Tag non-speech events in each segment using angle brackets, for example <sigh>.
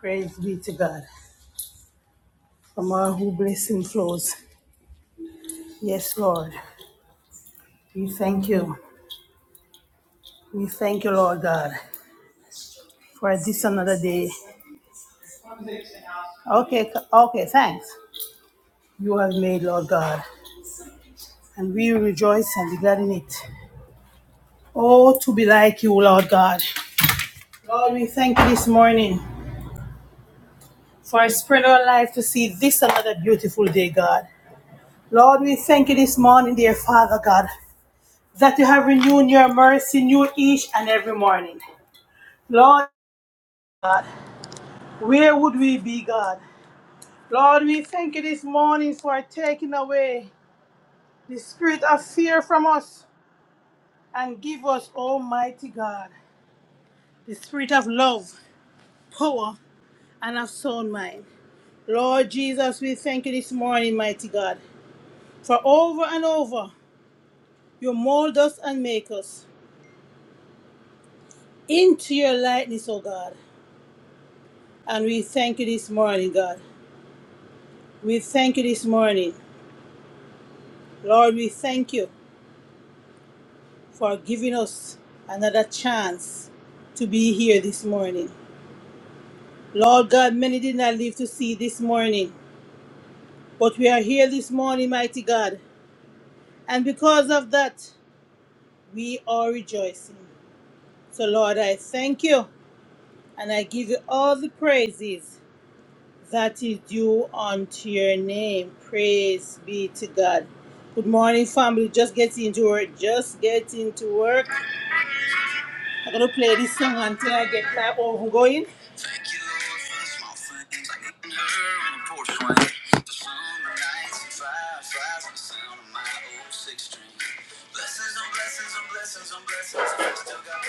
Praise be to God. From all who blessing flows. Yes, Lord. We thank you. We thank you, Lord God, for this another day. Okay, okay, thanks. You have made, Lord God. And we rejoice and be glad in it. Oh, to be like you, Lord God. Lord, we thank you this morning for spreading our life to see this another beautiful day, God. Lord, we thank you this morning, dear Father God, that you have renewed your mercy new each and every morning. Lord, God. Where would we be, God? Lord, we thank you this morning for taking away the spirit of fear from us and give us, Almighty God, the spirit of love, power, and of sound mind. Lord Jesus, we thank you this morning, mighty God, for over and over you mold us and make us into your likeness, O God. And we thank you this morning, God. We thank you this morning. Lord, we thank you for giving us another chance to be here this morning. Lord God, many did not live to see this morning, but we are here this morning, mighty God. And because of that, we are rejoicing. So, Lord, I thank you and I give you all the praises that is due unto your name. Praise be to God. Good morning, family. Just get into work. Just get into work. I'm gonna play this song until I get my oven going. Like I still got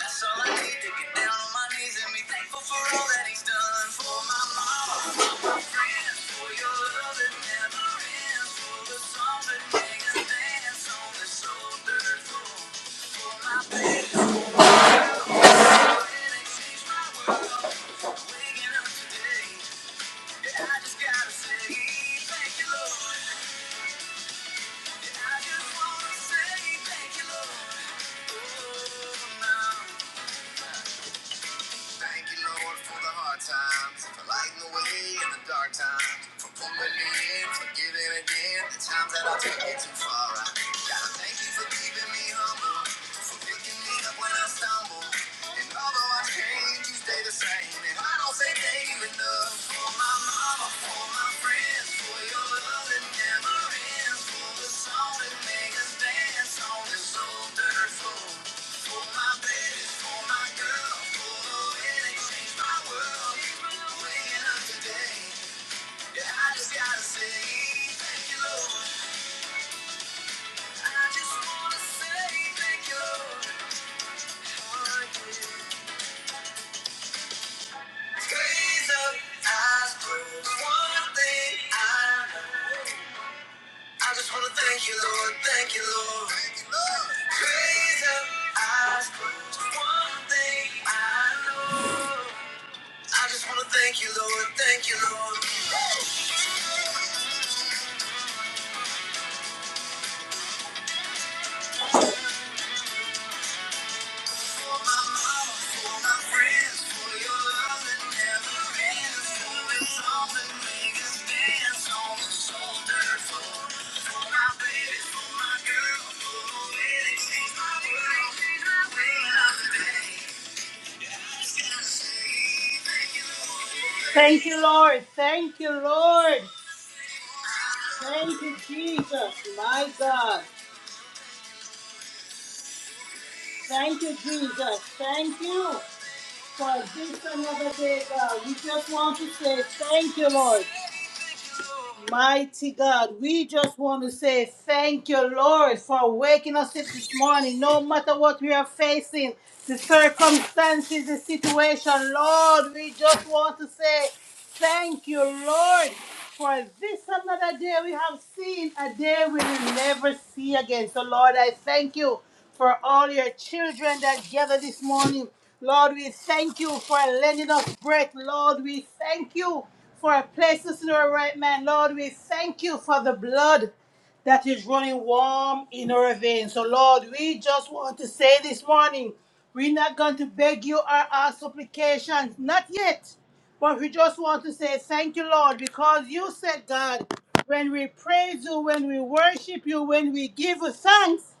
that's all I need to get down on my knees and be thankful for all that he's done for my mama. Thank you, Lord. Thank you, Lord, for the hard times, for lighting the way in the dark times, for pulling me in, for giving again the times that I took it too far. I gotta thank you for keeping me humble, for picking me up when I stumble. And although I change, you stay the same. And I don't say that. Gaze up, eyes closed, one thing I know. I just wanna thank you, Lord, thank you, Lord. Thank you, Lord. Praise up, eyes closed. One thing I know. I just wanna thank you, Lord, thank you, Lord. For my mama, for my friends, for your love that never ends. For the song that make us dance on the shoulder. For, for my baby, for my girl, for the way they changed my world. Way of the day. Thank you, Lord. Thank you, Lord. Thank you, Jesus. My God. Thank you, Jesus. Thank you. for this another day, God. We just want to say thank you, Lord. Mighty God, we just want to say thank you, Lord, for waking us up this morning. No matter what we are facing, the circumstances, the situation, Lord, we just want to say thank you, Lord, for this another day we have seen, a day we will never see again. So, Lord, I thank you for all your children that gather this morning. Lord, we thank you for lending us breath. Lord, we thank you for a place to sit our right man. Lord, we thank you for the blood that is running warm in our veins. So, Lord, we just want to say this morning, we're not going to beg you or ask supplications, not yet. But we just want to say thank you, Lord, because you said, God, when we praise you, when we worship you, when we give you thanks,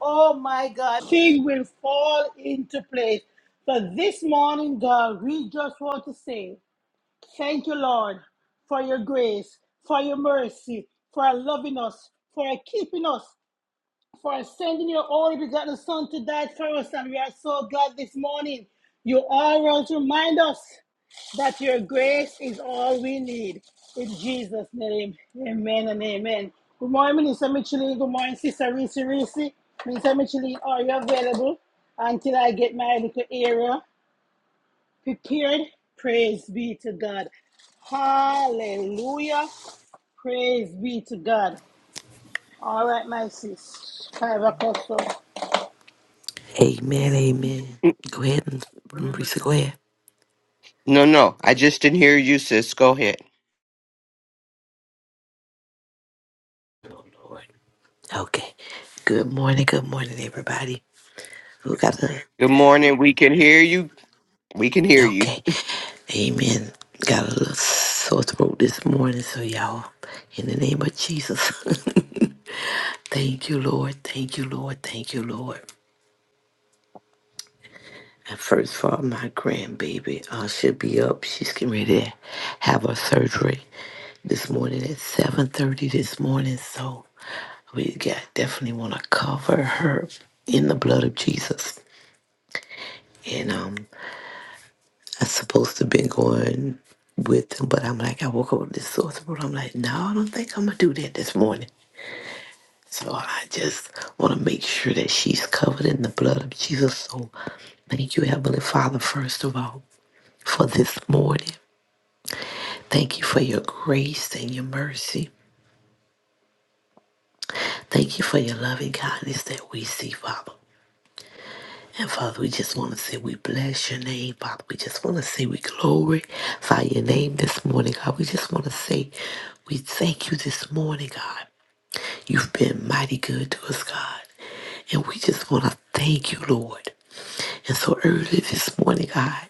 Oh my God, things will fall into place. So this morning, God, we just want to say thank you, Lord, for your grace, for your mercy, for loving us, for keeping us for sending your only begotten Son to die for us. And we are so glad this morning. You always remind us that your grace is all we need. In Jesus' name, amen and amen. Good morning, Minister Michelin. Good morning, Sister Reese Reese. Minister Michelin, are you available until I get my little area prepared? Praise be to God. Hallelujah. Praise be to God. All right, my sis. Five o'clock. so Amen, amen. Go ahead and Marisa, go ahead. No, Okay. Good morning, good morning, everybody. Who got a good morning. We can hear you. We can hear you. okay. Amen. Got a little sore throat this morning, so y'all, in the name of Jesus. <laughs> thank you, Lord. Thank you, Lord. Thank you, Lord. I first for my grandbaby. Uh, she'll be up. She's getting ready to have her surgery this morning at 7.30 this morning. So we got, definitely want to cover her in the blood of Jesus. And um, I supposed to been going with them, but I'm like, I woke up with this sore throat. I'm like, no, I don't think I'm going to do that this morning. So I just want to make sure that she's covered in the blood of Jesus. So thank you, Heavenly Father, first of all, for this morning. Thank you for your grace and your mercy. Thank you for your loving kindness that we see, Father. And Father, we just want to say we bless your name, Father. We just want to say we glorify your name this morning, God. We just want to say we thank you this morning, God. You've been mighty good to us, God. And we just want to thank you, Lord. And so early this morning, God,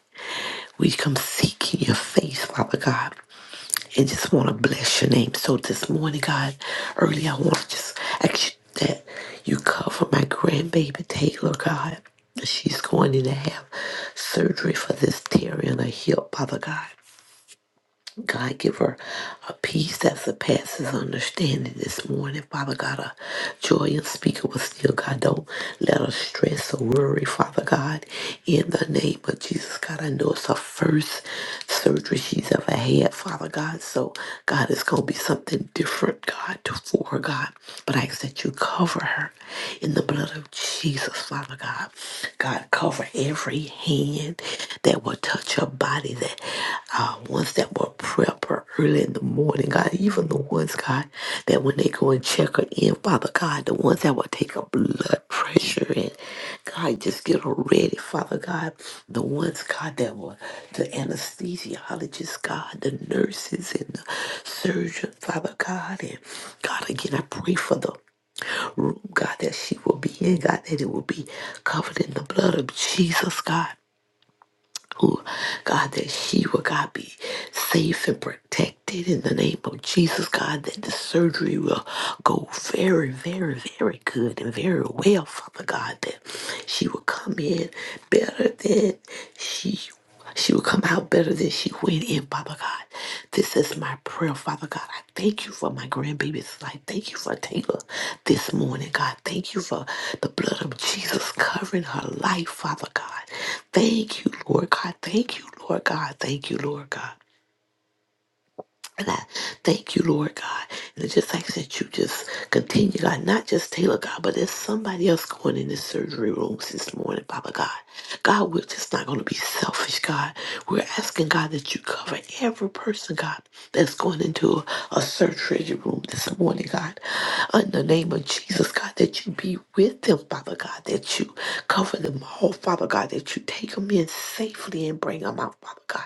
we come seeking your face, Father God. and just want to bless your name. So this morning, God, early I want to just ask you that you cover my grandbaby Taylor, God. She's going in to have surgery for this tear in her hip, Father God. God, give her a peace that surpasses understanding this morning. Father God, a joy unspeakable still. God, don't let her stress or worry, Father God, in the name of Jesus. God, I know it's her first surgery she's ever had, Father God. So, God, it's going to be something different, God, to- for her, God. But I ask that you cover her in the blood of Jesus, Father God. God, cover every hand that will touch her body, that uh, ones that will prep her early in the morning, God, even the ones, God, that when they go and check her in, Father God, the ones that will take her blood pressure and, God, just get her ready, Father God, the ones, God, that will, the anesthesiologists, God, the nurses and the surgeon, Father God, and God, again, I pray for the room, God, that she will be in, God, that it will be covered in the blood of Jesus, God. Who, God, that she will, God, be safe and protected in the name of Jesus, God, that the surgery will go very, very, very good and very well, Father God, that she will come in better than she she will come out better than she went in, Father God. This is my prayer, Father God. I thank you for my grandbaby's life. Thank you for Taylor this morning, God. Thank you for the blood of Jesus covering her life, Father God. Thank you, Lord God. Thank you, Lord God. Thank you, Lord God. And I thank you, Lord God. And it's just like that you just continue, God, not just Taylor, God, but there's somebody else going in this surgery room this morning, Papa God. God, we're just not going to be selfish, God. We're asking, God, that you cover every person, God, that's going into a, a surgery room this morning, God. In the name of Jesus, God, that you that you be with them, Father God, that you cover them all, Father God, that you take them in safely and bring them out, Father God.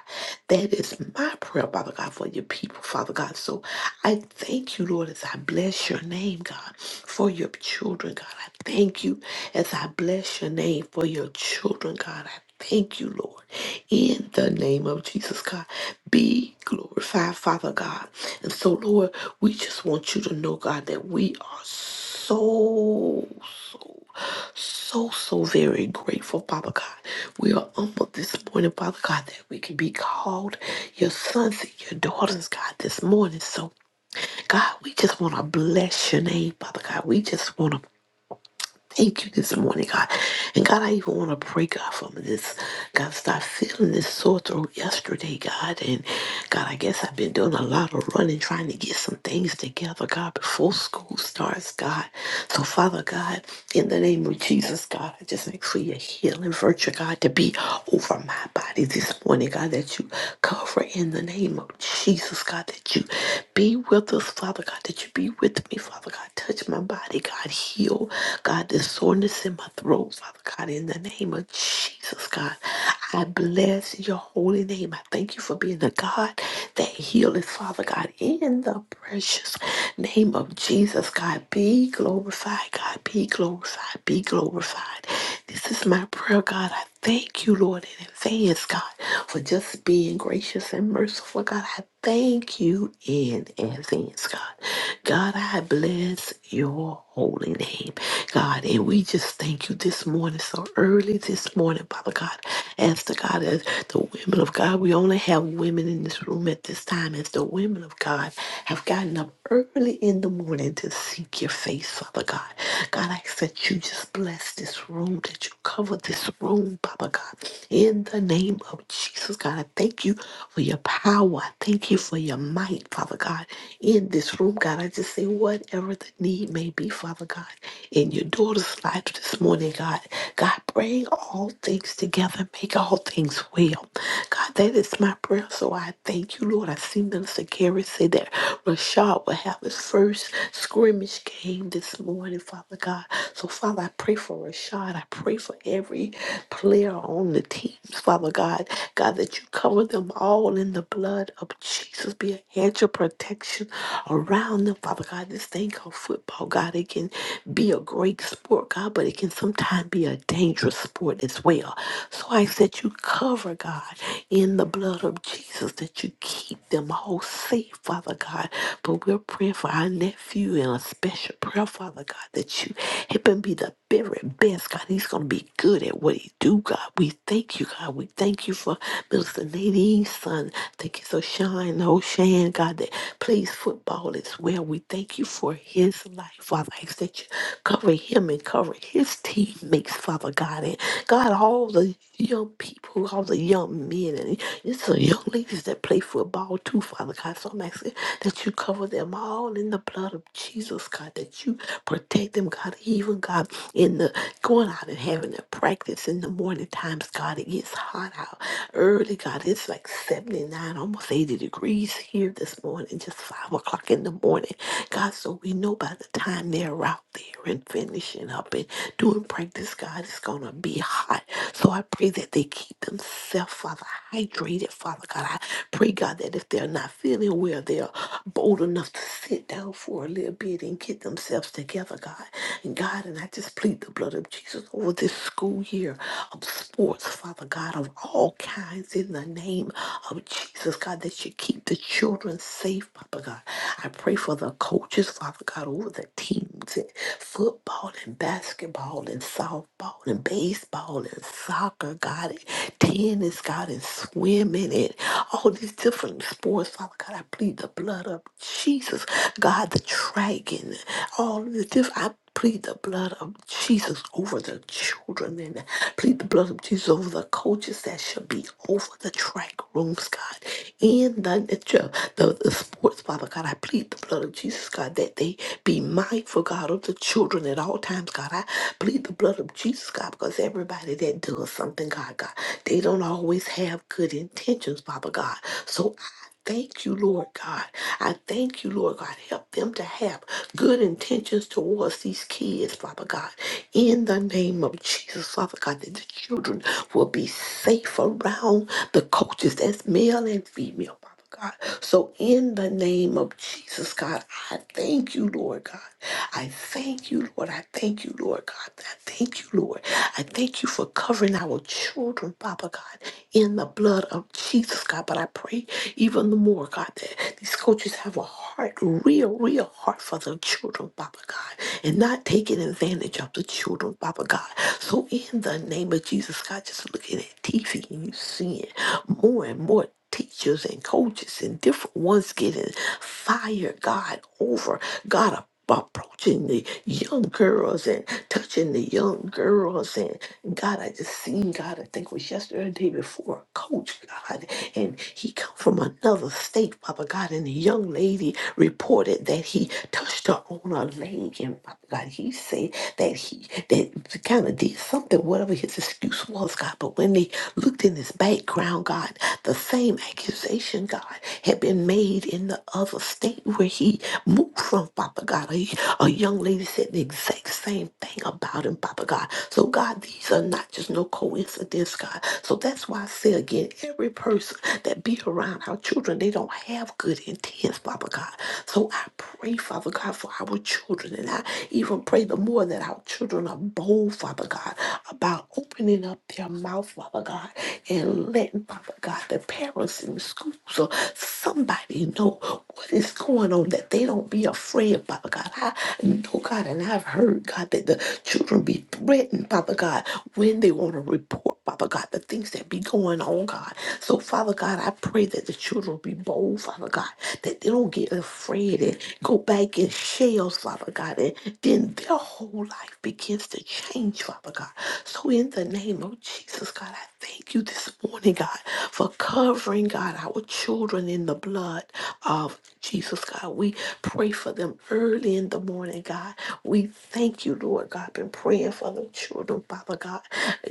That is my prayer, Father God, for your people, Father God. So I thank you, Lord, as I bless your name, God, for your children, God. I thank you as I bless your name for your children, God. I thank you, Lord. In the name of Jesus, God, be glorified, Father God. And so, Lord, we just want you to know, God, that we are so, so, so, so very grateful, Father God. We are humbled this morning, Father God, that we can be called your sons and your daughters, God, this morning. So, God, we just want to bless your name, Father God. We just want to Thank you this morning, God. And God, I even want to pray, God, for this. God, stop feeling this sore throat yesterday, God. And God, I guess I've been doing a lot of running, trying to get some things together, God, before school starts, God. So, Father God, in the name of Jesus, God, I just ask for your healing virtue, God, to be over my body this morning, God, that you cover in the name of Jesus, God, that you be with us, Father God, that you be with me, Father God. Touch my body, God heal, God, the soreness in my throat, Father God, in the name of Jesus, God. I bless your holy name. I thank you for being the God that healeth, Father God, in the precious name of Jesus, God. Be glorified, God. Be glorified. Be glorified. This is my prayer, God. I thank you, Lord, in advance, God, for just being gracious and merciful, God. I thank you in advance, God. God, I bless your holy name, God. And we just thank you this morning, so early this morning, Father God. As the God, as the women of God, we only have women in this room at this time. As the women of God have gotten up early in the morning to seek your face, Father God. God, I ask that you just bless this room, that you cover this room, Father God. In the name of Jesus, God, I thank you for your power. I thank you for your might, Father God. In this room, God, I just see whatever the need may be, Father God, in your daughter's life this morning, God. God, bring all things together, make all things well. God, that is my prayer, so I thank you, Lord. I see Minister Gary say that Rashad will have his first scrimmage game this morning, Father God. So, Father, I pray for Rashad. I pray for every player on the teams, Father God. God, that you cover them all in the blood of Jesus. Be a hedge of protection around them, Father God. This thing called football, God, it can be a great sport, God, but it can sometimes be a dangerous sport as well. So I ask that you cover, God, in the blood of Jesus, that you keep them all safe, Father God. But we're praying for our nephew in a special prayer, Father God, that you help him be the very best, God. He's going to be good at what he do, God. We thank you, God. We thank you for Minister Nadine's son. Thank you so shine, oh Shan, God. God, that plays football as well. We thank you for his life, Father. I ask that you cover him and cover his teammates, Father God. And God, all the young people, all the young men, and it's the young ladies that play football too, Father God. So I'm asking that you cover them all in the blood of Jesus, God, that you protect them, God, even God, in the going out and having a practice in the morning times, God, it gets hot out early, God. It's like 79, almost 80 degrees degrees here this morning, just 5 o'clock in the morning. God, so we know by the time they're out there and finishing up and doing practice, God, it's going to be hot. So I pray that they keep themselves, Father, hydrated, Father God. I pray, God, that if they're not feeling well, they're bold enough to sit down for a little bit and get themselves together, God. And God, and I just plead the blood of Jesus over this school year of sports, Father God, of all kinds in the name of of Jesus, God, that you keep the children safe, Papa God. I pray for the coaches, Father God, over the teams in football and basketball and softball and baseball and soccer, God, and tennis, God, and swimming and all these different sports, Father God. I plead the blood of Jesus, God, the dragon, all of the different. Plead the blood of Jesus over the children and plead the blood of Jesus over the coaches that should be over the track rooms, God. In the, the, the, the sports, Father God, I plead the blood of Jesus, God, that they be mindful, God, of the children at all times, God. I plead the blood of Jesus, God, because everybody that does something, God, God, they don't always have good intentions, Father God. So Thank you, Lord God. I thank you, Lord God. Help them to have good intentions towards these kids, Father God. In the name of Jesus, Father God, that the children will be safe around the coaches, as male and female, Father. God. So, in the name of Jesus, God, I thank you, Lord God. I thank you, Lord. I thank you, Lord God. I thank you, Lord. I thank you for covering our children, Father God, in the blood of Jesus, God. But I pray even the more, God, that these coaches have a heart, real, real heart for the children, Papa God, and not taking advantage of the children, Papa God. So in the name of Jesus, God, just looking at TV and you seeing more and more teachers and coaches and different ones getting fired, God, over God approaching the young girls and touching the young girls and God, I just seen God. I think it was yesterday, or the day before, a coach God, and he come from another state, Papa God, and the young lady reported that he touched her on her leg, and Papa God, he said that he that kind of did something, whatever his excuse was, God. But when they looked in his background, God, the same accusation, God, had been made in the other state where where he moved from, Father God. A, a young lady said the exact same thing about him, Father God. So, God, these are not just no coincidence, God. So that's why I say again, every person that be around our children, they don't have good intents, Father God. So I pray, Father God, for our children. And I even pray the more that our children are bold, Father God, about opening up their mouth, Father God, and letting, Father God, the parents in the schools or somebody somebody know what is going on that they don't be afraid, Papa God. I know, God, and I've heard, God, that the children be threatened, Papa God, when they want to report, Papa God, the things that be going on, God. So, Father God, I pray that the children be bold, Father God, that they don't get afraid and go back in shells, Father God, and then their whole life begins to change, Father God. So, in the name of Jesus, God, I thank you this morning, God, for covering bring, God, our children in the blood of Jesus, God. We pray for them early in the morning, God. We thank you, Lord God. Been praying for the children, Father God.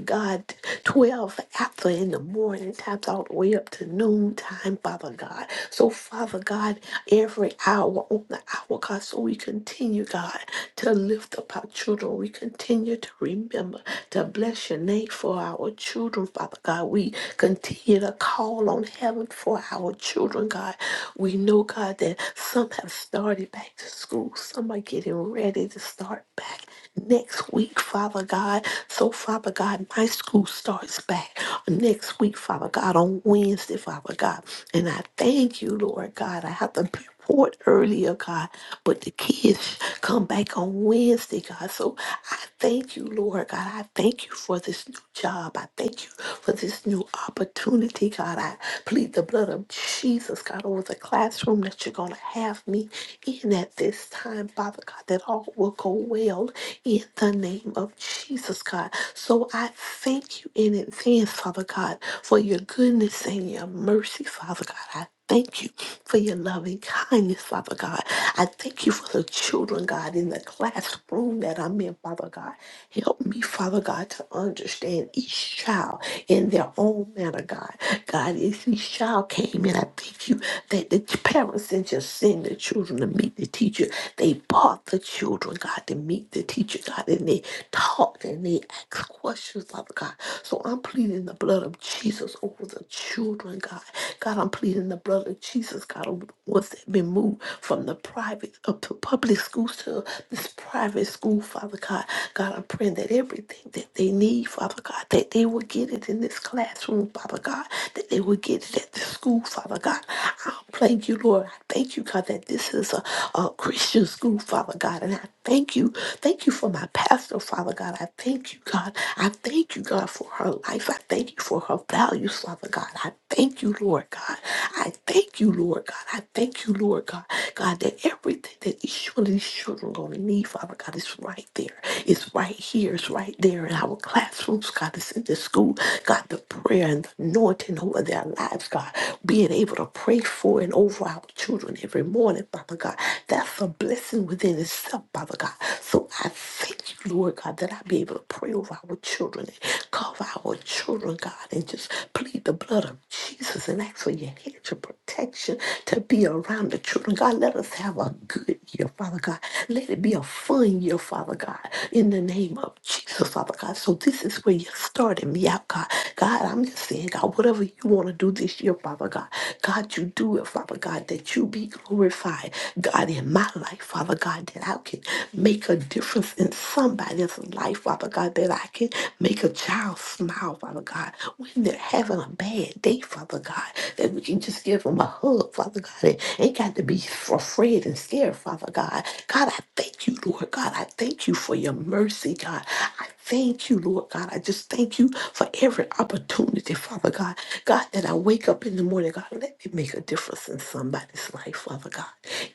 God, 12 after in the morning times all the way up to noon time, Father God. So, Father God, every hour on the hour, God, so we continue, God, to lift up our children. We continue to remember to bless your name for our children, Father God. We continue to call on heaven for our children, God. We know, God, that some have started back to school, some are getting ready to start back next week, Father God. So, Father God, my school starts back next week, Father God, on Wednesday, Father God. And I thank you, Lord God. I have to be poured earlier, God, but the kids come back on Wednesday, God. So I thank you, Lord God. I thank you for this new job. I thank you for this new opportunity, God. I plead the blood of Jesus, God, over the classroom that you're going to have me in at this time, Father God, that all will go well in the name of Jesus, God. So I thank you in advance, Father God, for your goodness and your mercy, Father God thank you for your loving kindness, Father God. I thank you for the children, God, in the classroom that I'm in, Father God. Help me, Father God, to understand each child in their own manner, God. God, if each child came in, I thank you that the parents didn't just send the children to meet the teacher. They brought the children, God, to meet the teacher, God, and they talked and they asked questions, Father God. So I'm pleading the blood of Jesus over the children, God. God, God, I'm pleading the blood of Jesus, God, over the ones that have been moved from the private up to public schools to this private school, Father God. God, I'm praying that everything that they need, Father God, that they will get it in this classroom, Father God, that they will get it at the school, Father God. I thank you, Lord. I thank you, God, that this is a, a Christian school, Father God. And I thank you. Thank you for my pastor, Father God. I thank you, God. I thank you, God, for her life. I thank you for her values, Father God. I thank thank you, Lord God. I thank you, Lord God. I thank you, Lord God. God, that everything that each one of these children gonna need, Father God, is right there. It's right here. It's right there in our classrooms, God. It's in the school. God, the prayer and the anointing over their lives, God. Being able to pray for and over our children every morning, Father God. That's a blessing within itself, Father God. So I thank you, Lord God, that I be able to pray over our children and cover our children, God, and just plead the plead the blood of Jesus and ask for your hedge of protection to be around the children. God, let us have a good year, Father God. Let it be a fun year, Father God, in the name of Jesus, Father God. So this is where you started me out, God. God, I'm just saying, God, whatever you want to do this year, Father God, God, you do it, Father God, that you be glorified, God, in my life, Father God, that I can make a difference in somebody's life, Father God, that I can make a child smile, Father God, When that are having a bad day, Father God, that we can just give them a hug, Father God. It ain't got to be f- afraid and scared, Father God. God, I thank you, Lord God. I thank you for your mercy, God. I thank you, Lord God. I just thank you for every opportunity, Father God. God, that I wake up in the morning, God, let me make a difference in somebody's life, Father God.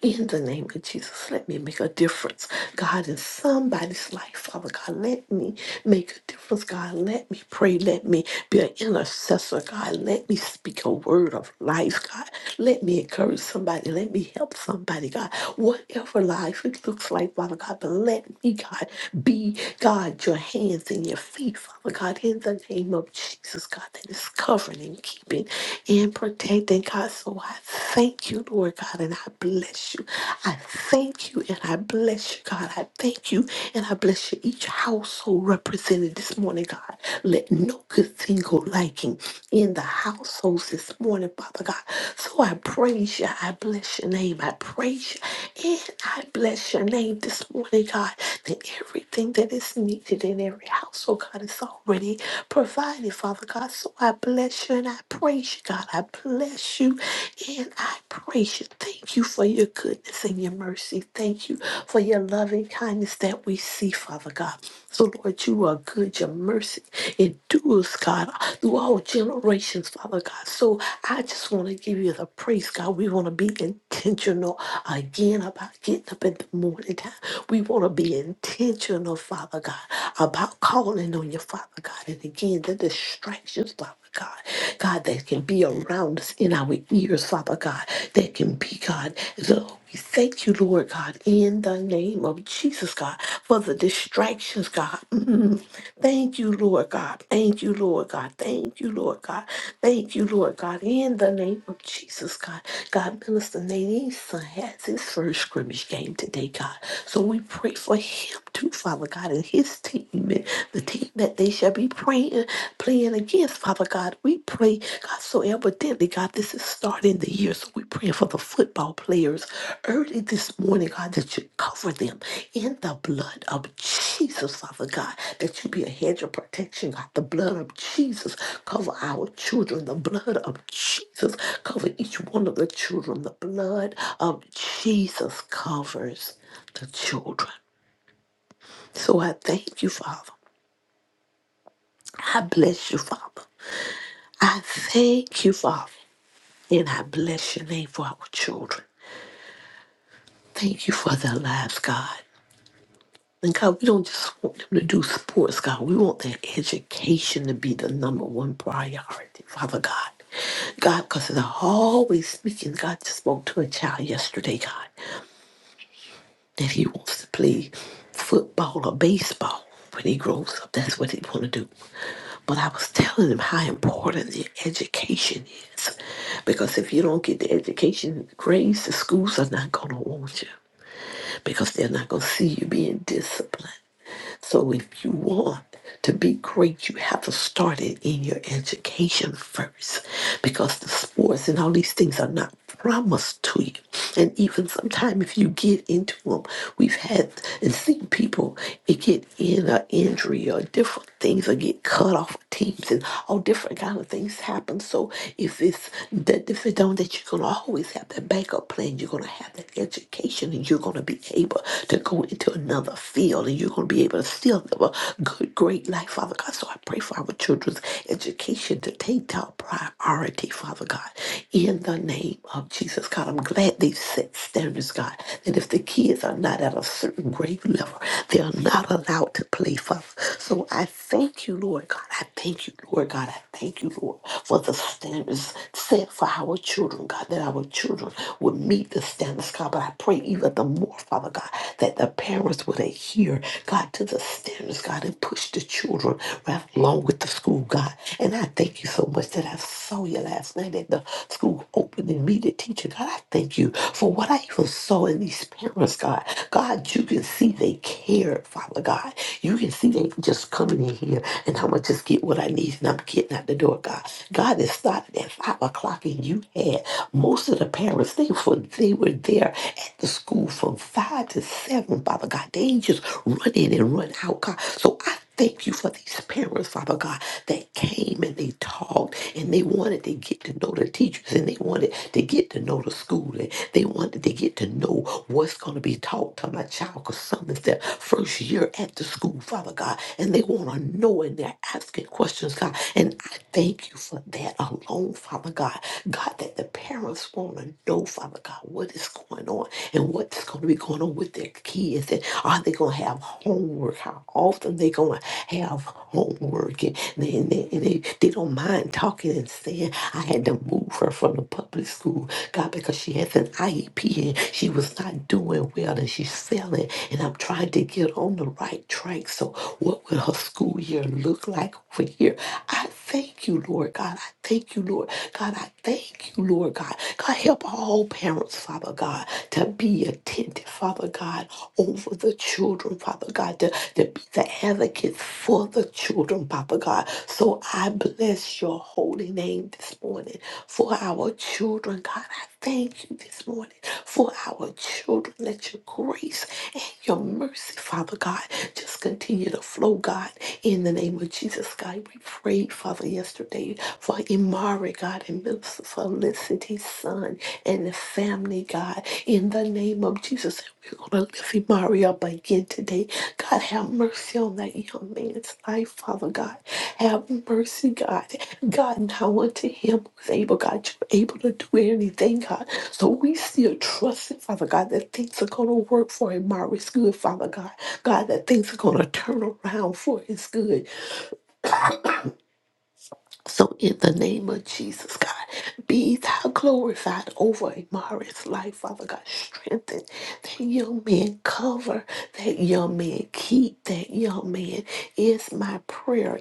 In the name of Jesus, let me make a difference, God, in somebody's life, Father God. Let me make a difference, God. Let me pray. Let me me be an intercessor, God. Let me speak a word of life, God. Let me encourage somebody. Let me help somebody, God. Whatever life it looks like, Father God, but let me, God, be, God, your hands and your feet, Father God, in the name of Jesus, God, that is covering and keeping and protecting, God. So I thank you, Lord God, and I bless you. I thank you and I bless you, God. I thank you and I bless you. Each household represented this morning, God. Let no good thing go lacking in the households this morning, Father God. So I praise you. I bless your name. I praise you. And I bless your name this morning, God, that everything that is needed in every household, God, is already provided, Father God. So I bless you and I praise you, God. I bless you and I praise you. Thank you for your goodness and your mercy. Thank you for your loving kindness that we see, Father God. So, Lord, you are good. Your mercy endures, God, through all generations, Father God. So, I just want to give you the praise, God. We want to be intentional again about getting up in the morning time. We want to be intentional, Father God, about calling on you, Father God. And again, the distractions, Father God, God, that can be around us in our ears, Father God, that can be, God, the we thank you, Lord God, in the name of Jesus, God, for the distractions, God. Mm. Thank you, Lord God. Thank you, Lord God. Thank you, Lord God. Thank you, Lord God, in the name of Jesus, God. God, Minister Nadine's son has his first scrimmage game today, God. So we pray for him too, Father God, and his team, and the team that they shall be praying, playing against, Father God. We pray, God, so evidently, God, this is starting the year. So we're praying for the football players early this morning, God, that you cover them in the blood of Jesus, Father God, that you be a hedge of protection, God. The blood of Jesus cover our children. The blood of Jesus cover each one of the children. The blood of Jesus covers the children. So I thank you, Father. I bless you, Father. I thank you, Father. And I bless your name for our children. Thank you for their lives, God. And God, we don't just want them to do sports, God. We want their education to be the number one priority, Father God. God, because they're always speaking. God just spoke to a child yesterday, God, that he wants to play football or baseball when he grows up. That's what he want to do. But I was telling him how important the education is. Because if you don't get the education grades, the schools are not going to want you because they're not going to see you being disciplined. So if you want to be great, you have to start it in your education first because the sports and all these things are not promised to you. And even sometimes if you get into them, we've had and seen people it get in an injury or different things or get cut off of teams and all different kind of things happen. So if it's that if it don't that you're gonna always have that backup plan, you're gonna have that education and you're gonna be able to go into another field and you're going to be able to still live a good, great life, Father God. So I pray for our children's education to take top priority, Father God, in the name of Jesus. God, I'm glad they've set standards, God, that if the kids are not at a certain grade level, they are not allowed to play, Father. So I thank you, Lord God. I thank you, Lord God. I thank you, Lord, for the standards set for our children, God, that our children would meet the standards, God God, but I pray even the more, Father God, that the parents would adhere, God, to the standards, God, and push the children right along with the school, God. And I thank you so much that I saw you last night at the school opening meeting teacher. God, I thank you for what I even saw in these parents, God. God, you can see they care. Father God. You can see they just coming in here and I'm gonna just get what I need and I'm getting out the door, God. God, it started at five o'clock and you had more. Most of the parents, they were, they were there at the school from five to seven, Father God. They just run in and run out, God. So I thank you for these parents, Father God, that came and they talked and they wanted to get to know the teachers and they wanted to get to know the school and they wanted to get to know what's going to be taught to my child because some is their first year at the school, Father God, and they want to know and they're asking questions, God. And I thank you for that alone, alone, Father God. God, that the parents want to know, Father God, what is going on and what's going to be going on with their kids. And are they going to have homework? How often they going to have homework? And they, and they, and they, they don't mind talking and saying, I had to move her from the public school, God, because she has an IEP and she was not doing well and she's failing. And I'm trying to get on the right track. So, what will her school year look like over here? I thank you, Lord God. I thank you, Lord God. I thank you, Lord God. God, help all parents, Father God, to be attentive, Father God, over the children, Father God, to, to be the advocates for the children, Father God. So I bless your holy name this morning for our children, God. I thank you this morning for our children. Let your grace and your mercy, Father God, just continue to flow, God, in the name of Jesus, God. We prayed, Father, yesterday for Imari, God, and Minister Felicity's son and the family, God, in the name of Jesus said, we're going to lift him up again today. God, have mercy on that young man's life, Father God. Have mercy, God. God, now unto him who's able, God, you're able to do anything, God. So we still trust it, Father God, that things are going to work for him, Mari's good, Father God. God, that things are going to turn around for his good. <coughs> So in the name of Jesus, God, be thou glorified over Amari's life, Father God. Strengthen that young man, cover that young man, keep that young man is my prayer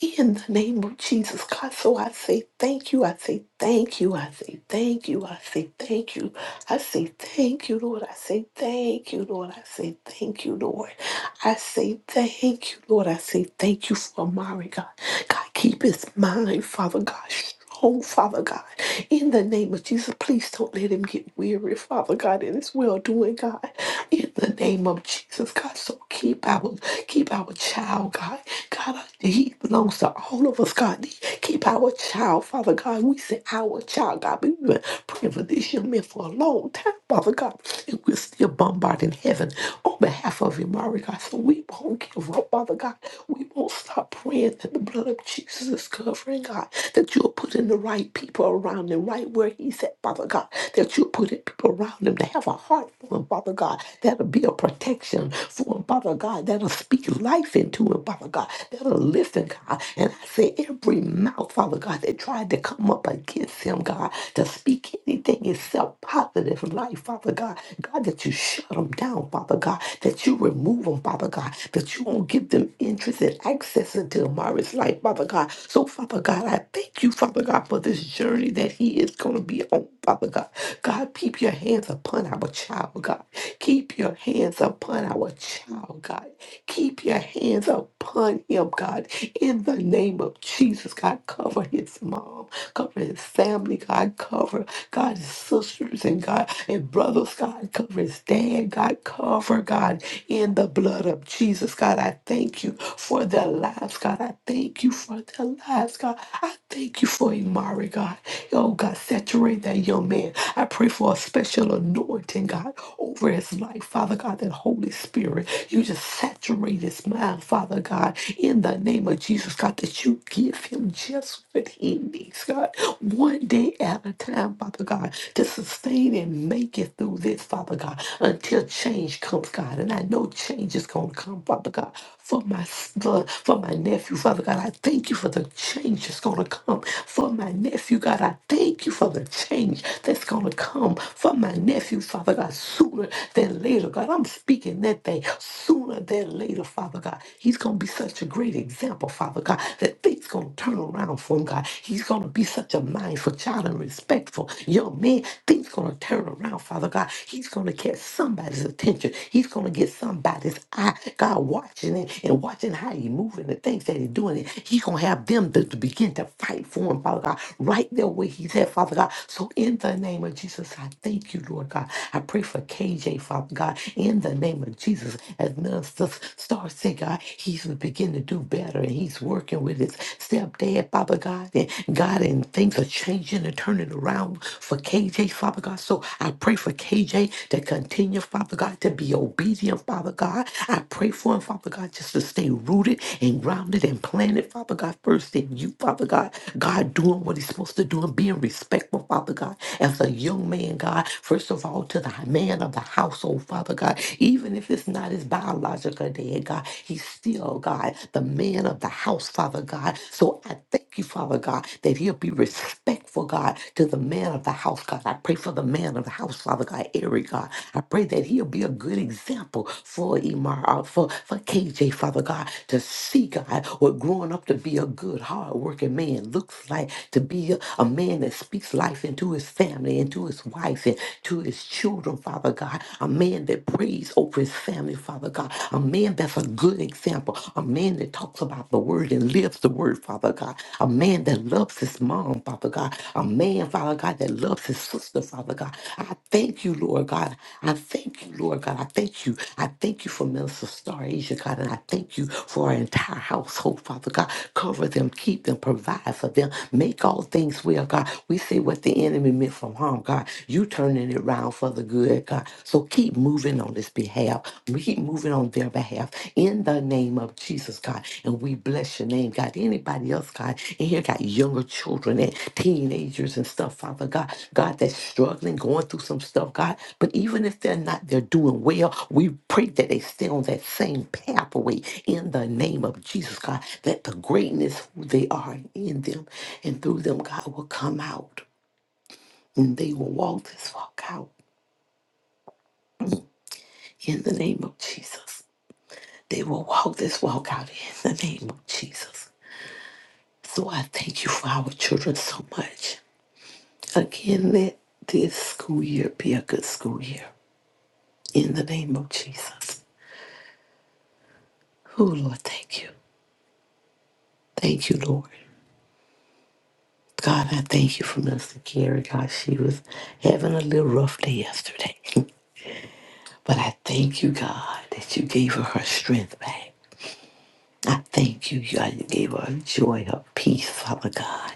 in the name of Jesus, God. So I say thank you. I say thank you. I say thank you. I say thank you. I say thank you, Lord. I say thank you, Lord. I say thank you, Lord. I say thank you, Lord. I say thank you for Amari, God. God, keep his mind, Father God. Oh, Father God, in the name of Jesus, please don't let him get weary, Father God, in his well doing, God. In the name of Jesus, God, so keep our keep our child, God. God, I- he belongs to all of us, God. Keep our child, Father God. We say our child, God. but We've been praying for this young man for a long time, Father God, and we're still bombarding heaven on behalf of him, Lord God. So we won't give up, Father God. We won't stop praying that the blood of Jesus is covering, God, that you're putting the right people around him, right where he's at, Father God, that you're putting people around him to have a heart for him, Father God, that'll be a protection for him, Father God, that'll speak life into him, Father God, that'll listen, God. And I say every mouth, Father God, that tried to come up against him, God, to speak anything except positive life, Father God, God, that you shut them down, Father God, that you remove them, Father God, that you won't give them interest and access into Amari's life, Father God. So, Father God, I thank you, Father God, for this journey that he is going to be on, Father God. God, keep your hands upon our child, God. Keep your hands upon our child, God. Keep your hands upon him, God. In the name of Jesus, God, cover his mom, cover his family, God, cover God, his sisters and God, and brothers, God, cover his dad, God God, cover, God, in the blood of Jesus. God, I thank you for their lives, God. I thank you for their lives, God. I thank you for Imari, God. Oh, God, saturate that young man. I pray for a special anointing, God, over his life, Father God, that Holy Spirit. You just saturate his mind, Father God, in the name of Jesus, God, that you give him just what he needs, God, one day at a time, Father God, to sustain sustain and make it through this, Father God, until change comes, God. And I know change is going to come, Father God, for my son, for my nephew, Father God. I thank you for the change that's going to come for my nephew, God. I thank you for the change that's going to come for my nephew, Father God, sooner than later, God. I'm speaking that thing sooner than later, Father God. He's going to be such a great example, Father God, that things going to turn around for him, God. He's going to be such a mind mindful, child, and respectful young man, things gonna turn around, Father God. He's gonna catch somebody's attention. He's gonna get somebody's eye. God watching it and watching how he moving the things that he's doing. It. He gonna have them to, to begin to fight for him, Father God, right there where he's at, Father God. So in the name of Jesus, I thank you, Lord God. I pray for KJ, Father God, in the name of Jesus, as ministers start saying, God, he's begin to do better and he's working with his stepdad, Father God, and God, and things are changing and turning around for KJ, Father God. So I pray for KJ to continue, Father God, to be obedient, Father God. I pray for him, Father God, just to stay rooted and grounded and planted, Father God, first in you, Father God. God doing what he's supposed to do and being respectful, Father God, as a young man, God, first of all, to the man of the household, Father God, even if it's not his biological dad, God, he's seal, God, the man of the house, Father God. So I thank you, Father God, that he'll be respectful, God, to the man of the house, God. I pray for the man of the house, Father God, Eric, God. I pray that he'll be a good example for Imar, uh, for, for KJ, Father God, to see, God, what growing up to be a good, hardworking man looks like, to be a, a man that speaks life into his family, into his wife, and to his children, Father God, a man that prays hope his family, Father God. A man that's a good example. A man that talks about the word and lives the word, Father God. A man that loves his mom, Father God. A man, Father God, that loves his sister, Father God. I thank you, Lord God. I thank you, Lord God. I thank you. I thank you for Minister Star Asia, God. And I thank you for our entire household, Father God. Cover them, keep them, provide for them. Make all things well, God. We say what the enemy meant for harm, God. You turning it around out for the good, God. So keep moving on this behalf. We keep moving on their behalf in the name of Jesus, God. And we bless your name, God. Anybody else, God, in here got younger children and teenagers and stuff, Father God. God, that's struggling, going through some stuff, God. But even if they're not, they're doing well. We pray that they stay on that same pathway in the name of Jesus, God. That the greatness who they are in them and through them, God, will come out. And they will walk this walk out in the name of Jesus. They will walk this walk out in the name of Jesus. So I thank you for our children so much. Again, let this school year be a good school year in the name of Jesus. Oh, Lord, thank you. Thank you, Lord. God, I thank you for Mr. Carrie. God, she was having a little rough day yesterday. <laughs> But I thank you, God, that you gave her her strength back. I thank you, God, you gave her joy, her peace, Father God.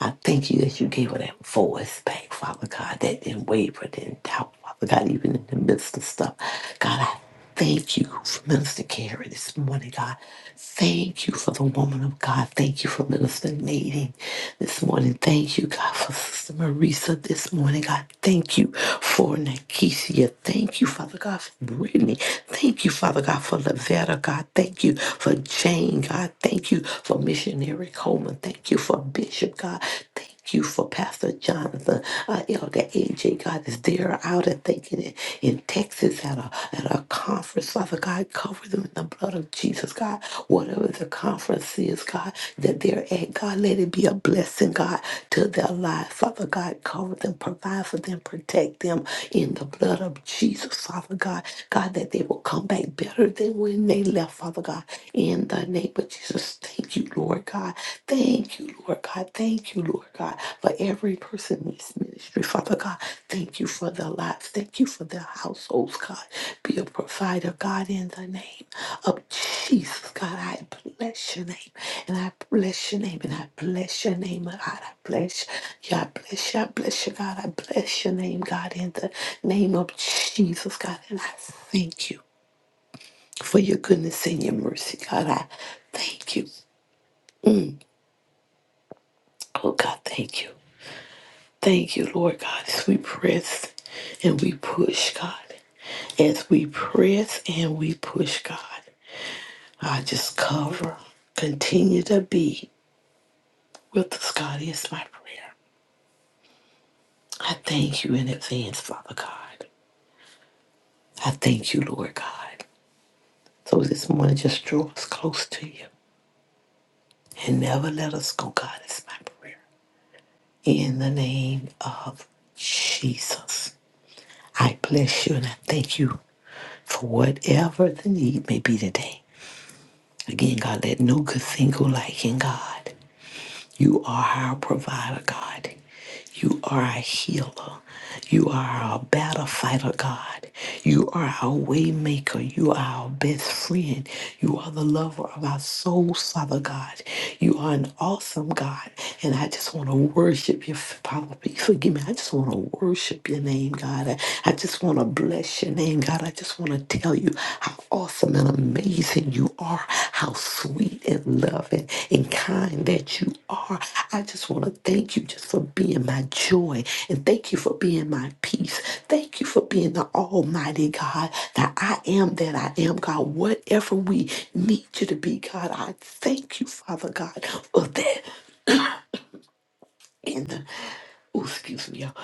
I thank you that you gave her that voice back, Father God, that didn't waver, didn't doubt, Father God, even in the midst of stuff. God, I thank you for Minister Carey this morning, God. Thank you for the woman of God. Thank you for Minister Nadine this morning. Thank you, God, for Sister Marisa this morning. God, thank you for Nakesia. Thank you, Father God, for Brittany. Thank you, Father God, for Lavetta. God, God, thank you for Jane. God, thank you for Missionary Coleman. Thank you for Bishop. God, thank you for Pastor Jonathan, uh, Elder AJ. God, is there out and thinking it in Texas at a at a conference. Father God, cover them in the blood of Jesus. God, whatever the conference is, God, that they're at, God, let it be a blessing, God, to their lives. Father God, cover them, provide for them, protect them in the blood of Jesus. Father God, God, that they will come back better than when they left, Father God. In the name of Jesus, thank you, Lord God. Thank you, Lord God. Thank you, Lord God, for every person in this ministry, Father God. Thank you for their lives. Thank you for their households, God. Be a provider, God, in the name of Jesus, God. I bless your name, and I bless your name, and I bless your name, God. I bless you, I bless you, I bless you, God. I bless your name, God, in the name of Jesus, God. And I thank you for your goodness and your mercy. God, I thank you. Oh, God, thank you. Thank you, Lord God, as we press and we push, God. As we press and we push, God. I just cover, continue to be with us, God, is my prayer. I thank you in advance, Father God. I thank you, Lord God. So this morning, just draw us close to you and never let us go, God, is my prayer. In the name of Jesus. I bless you and I thank you for whatever the need may be today. Again, God, let no good thing go lacking. God. You are our provider, God. You are our healer. You are our battle fighter, God. You are our way maker. You are our best friend. You are the lover of our souls, Father God. You are an awesome God. And I just want to worship you, Father. Please Forgive me. I just want to worship your name, God. I I just want to bless your name. God, I just want to tell you how awesome and amazing you are, how sweet and loving and kind that you are. I just want to thank you just for being my joy and thank you for being my peace. Thank you for being the Almighty God that I am that I am, God. Whatever we need you to be, God, I thank you, Father God, for that. In the, oh, excuse me, y'all.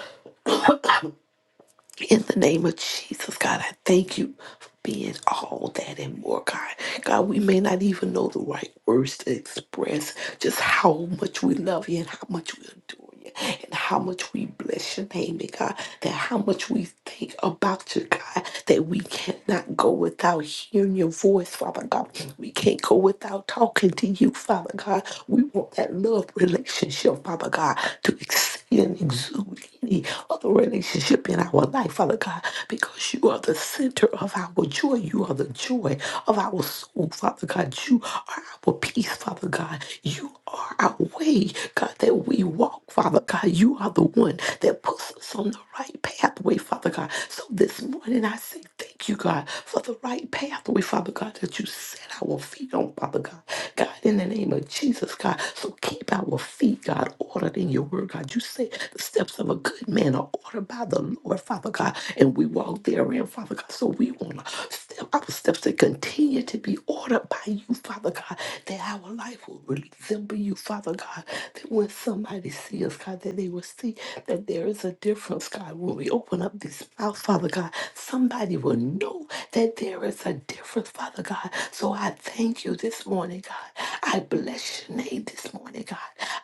In the name of Jesus, God, I thank you for being all that and more, God. God, we may not even know the right words to express just how much we love you and how much we adore you and how much we bless your name, and God, that how much we think about you, God, that we cannot go without hearing your voice, Father God. We can't go without talking to you, Father God. We want that love relationship, Father God, to and exude any other relationship in our life, Father God, because you are the center of our joy. You are the joy of our soul, Father God. You are our peace, Father God. You are our way, God, that we walk, Father God. You are the one that puts us on the right pathway, Father God. So this morning I say thank you, God, for the right pathway, Father God, that you set our feet on, Father God. God, in the name of Jesus, God. So keep our feet, God. God, ordered in your word, God. You say the steps of a good man are ordered by the Lord, Father God, and we walk therein, Father God. So we want to step our steps to continue to be ordered by you, Father God, that our life will resemble you, Father God. That when somebody sees us, God, that they will see that there is a difference, God. When we open up this mouth, Father God, somebody will know that there is a difference, Father God. So I thank you this morning, God. I bless your name this morning, God.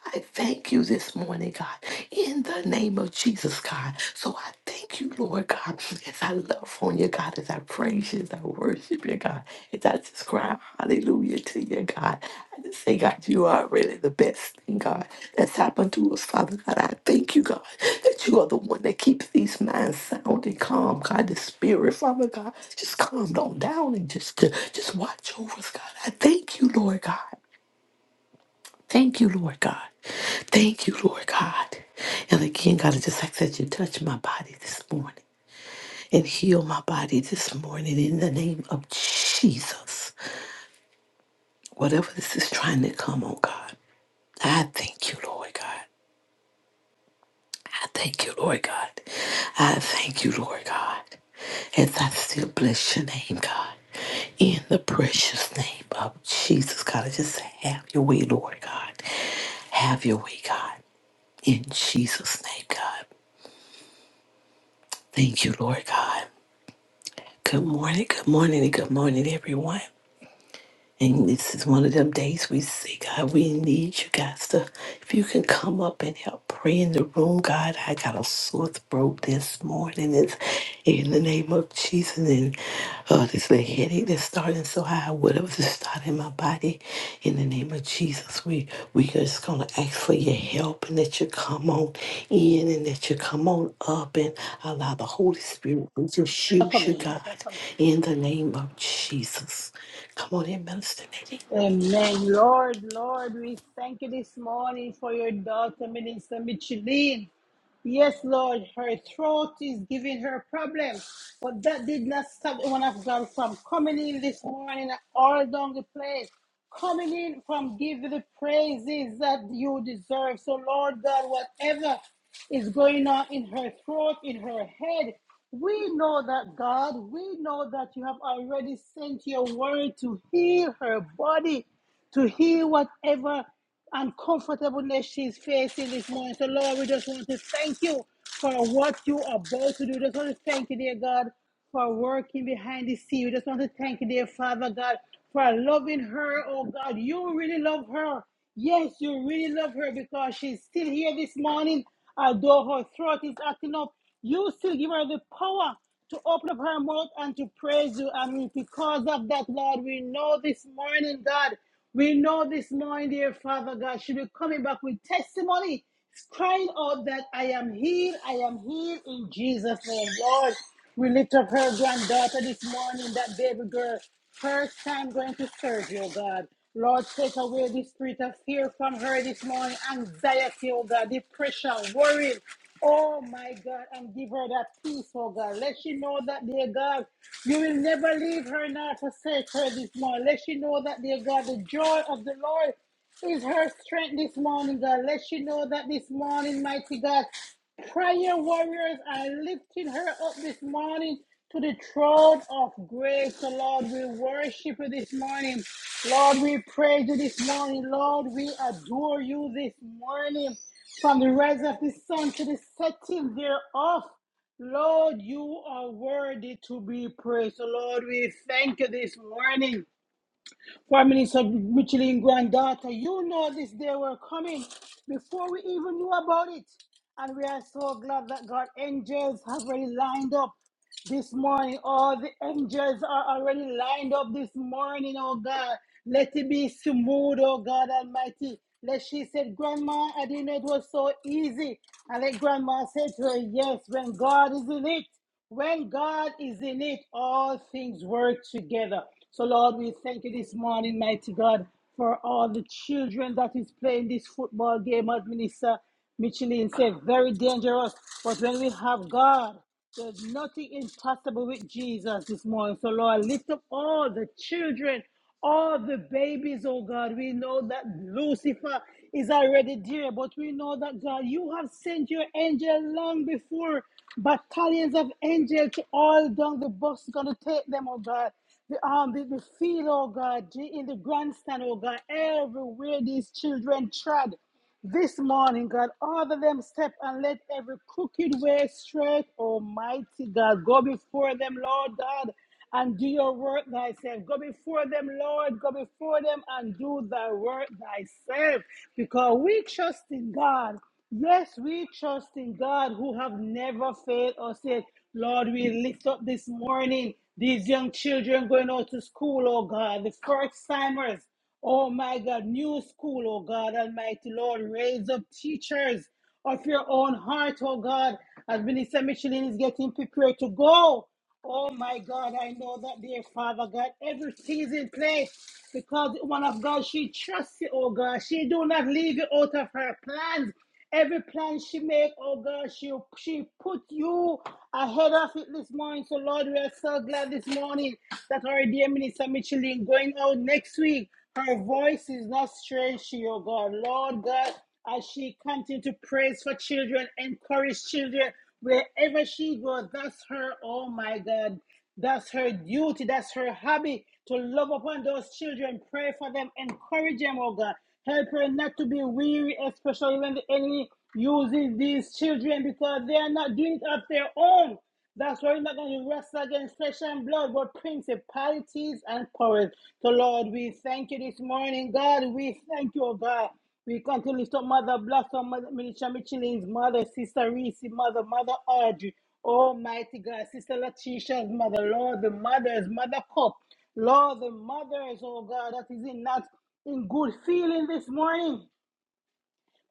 I thank you this morning, God, in the name of Jesus, God. So I thank you, Lord God, as I love on you, God, as I praise you, as I worship you, God, as I just cry hallelujah to you, God. I just say, God, you are really the best thing, God, that's happened to us, Father God. I thank you, God, that you are the one that keeps these minds sound and calm, God. The spirit, Father God, just calm on down and just, just watch over us, God. I thank you, Lord God. Thank you, Lord God. Thank you, Lord God. And again, God, I just ask that you touch my body this morning and heal my body this morning in the name of Jesus. Whatever this is trying to come, oh God, I thank you, Lord God. I thank you, Lord God. I thank you, Lord God. As I still bless your name, God. In the precious name of Jesus, God, I just say, have your way, Lord God. Have your way, God. In Jesus' name, God. Thank you, Lord God. Good morning, good morning, and good morning, everyone. And this is one of them days we see, God, we need you guys to, if you can come up and help pray in the room, God, I got a sore throat this morning. It's in the name of Jesus. And uh, this little headache that's starting so high, whatever is starting our body in the name of Jesus. We we just gonna ask for your help and that you come on in and that you come on up and allow the Holy Spirit to just They're use you, coming. They're God, coming. in the name of Jesus. Come on in, Minister Nadine. Amen. Lord, Lord, we thank you this morning for your daughter, Minister Micheline. Yes, Lord, her throat is giving her problems, but that did not stop the one of God from coming in this morning all down the place, coming in from giving the praises that you deserve. So, Lord God, whatever is going on in her throat, in her head, we know that God, we know that you have already sent your word to heal her body to heal whatever uncomfortableness she's facing this morning. So, Lord, we just want to thank you for what you are about to do. Just want to thank you, dear God, for working behind the scene. We just want to thank you, dear Father God, for loving her. Oh, God, you really love her. Yes, you really love her because she's still here this morning. Although her throat is acting up, you still give her the power to open up her mouth and to praise you. And because of that, Lord, we know this morning, God, we know this morning, dear Father God, she will be coming back with testimony, crying out that I am healed, I am healed in Jesus' name. Lord, we lift up her granddaughter this morning, that baby girl, first time going to surgery, oh God. Lord, take away the spirit of fear from her this morning, anxiety, oh God, depression, worry. Oh my God, and give her that peace, oh God. Let she know that, dear God, you will never leave her nor forsake her this morning. Let she know that, dear God, the joy of the Lord is her strength this morning, God. Let she know that this morning, mighty God, prayer warriors are lifting her up this morning to the throne of grace. So, Lord, we worship you this morning. Lord, we praise you this morning. Lord, we adore you this morning. From the rise of the sun to the setting thereof, Lord, you are worthy to be praised. So, Lord, we thank you this morning. Prime Minister Micheline granddaughter, you know this day were coming before we even knew about it. And we are so glad that God angels have already lined up this morning. All the angels are already lined up this morning, oh God. Let it be smooth, oh God Almighty. Let she said, Grandma, I didn't know it was so easy. And let Grandma said to her, Yes, when God is in it. When God is in it, all things work together. So, Lord, we thank you this morning, mighty God, for all the children that is playing this football game, as Minister Michelin said, very dangerous. But when we have God, there's nothing impossible with Jesus this morning. So, Lord, lift up all the children all the babies, oh God, we know that Lucifer is already there, but we know that God, you have sent your angel long before battalions of angels to all down the bus gonna take them, oh God. The um the, the field, oh God, the- in the grandstand, oh God, everywhere these children trod this morning, God. Order them step and let every crooked way straight, Almighty God. Go before them, Lord God and do your work thyself. Go before them, Lord. Go before them and do thy work thyself. Because we trust in God. Yes, we trust in God who have never failed us yet. Lord, we lift up this morning these young children going out to school, oh God, the first timers. Oh my God, new school, oh God, Almighty Lord, raise up teachers of your own heart, oh God, as Minister Michelin is getting prepared to go. Oh my God, I know that, dear Father God, everything is in place because the woman of God, she trusts you, oh God. She do not leave you out of her plans. Every plan she make, oh God, she she put you ahead of it this morning. So Lord, we are so glad this morning that our dear minister Micheline going out next week. Her voice is not strange to you, oh God. Lord God, as she continue to praise for children, encourage children. Wherever she goes, that's her, oh my God, that's her duty, that's her hobby to love upon those children, pray for them, encourage them, oh God. Help her not to be weary, especially when the enemy uses these children because they are not doing it of their own. That's why we're not going to wrestle against flesh and blood, but principalities and powers. So, Lord, we thank you this morning, God. We thank you, oh God. We come to lift up Mother Blossom, Mother Militia Michelin's mother, Sister Reese, mother, Mother Audrey, Almighty God, Sister Latisha's mother, Lord, the mother's mother cup. Lord, the mothers, oh God, that is in not in good feeling this morning.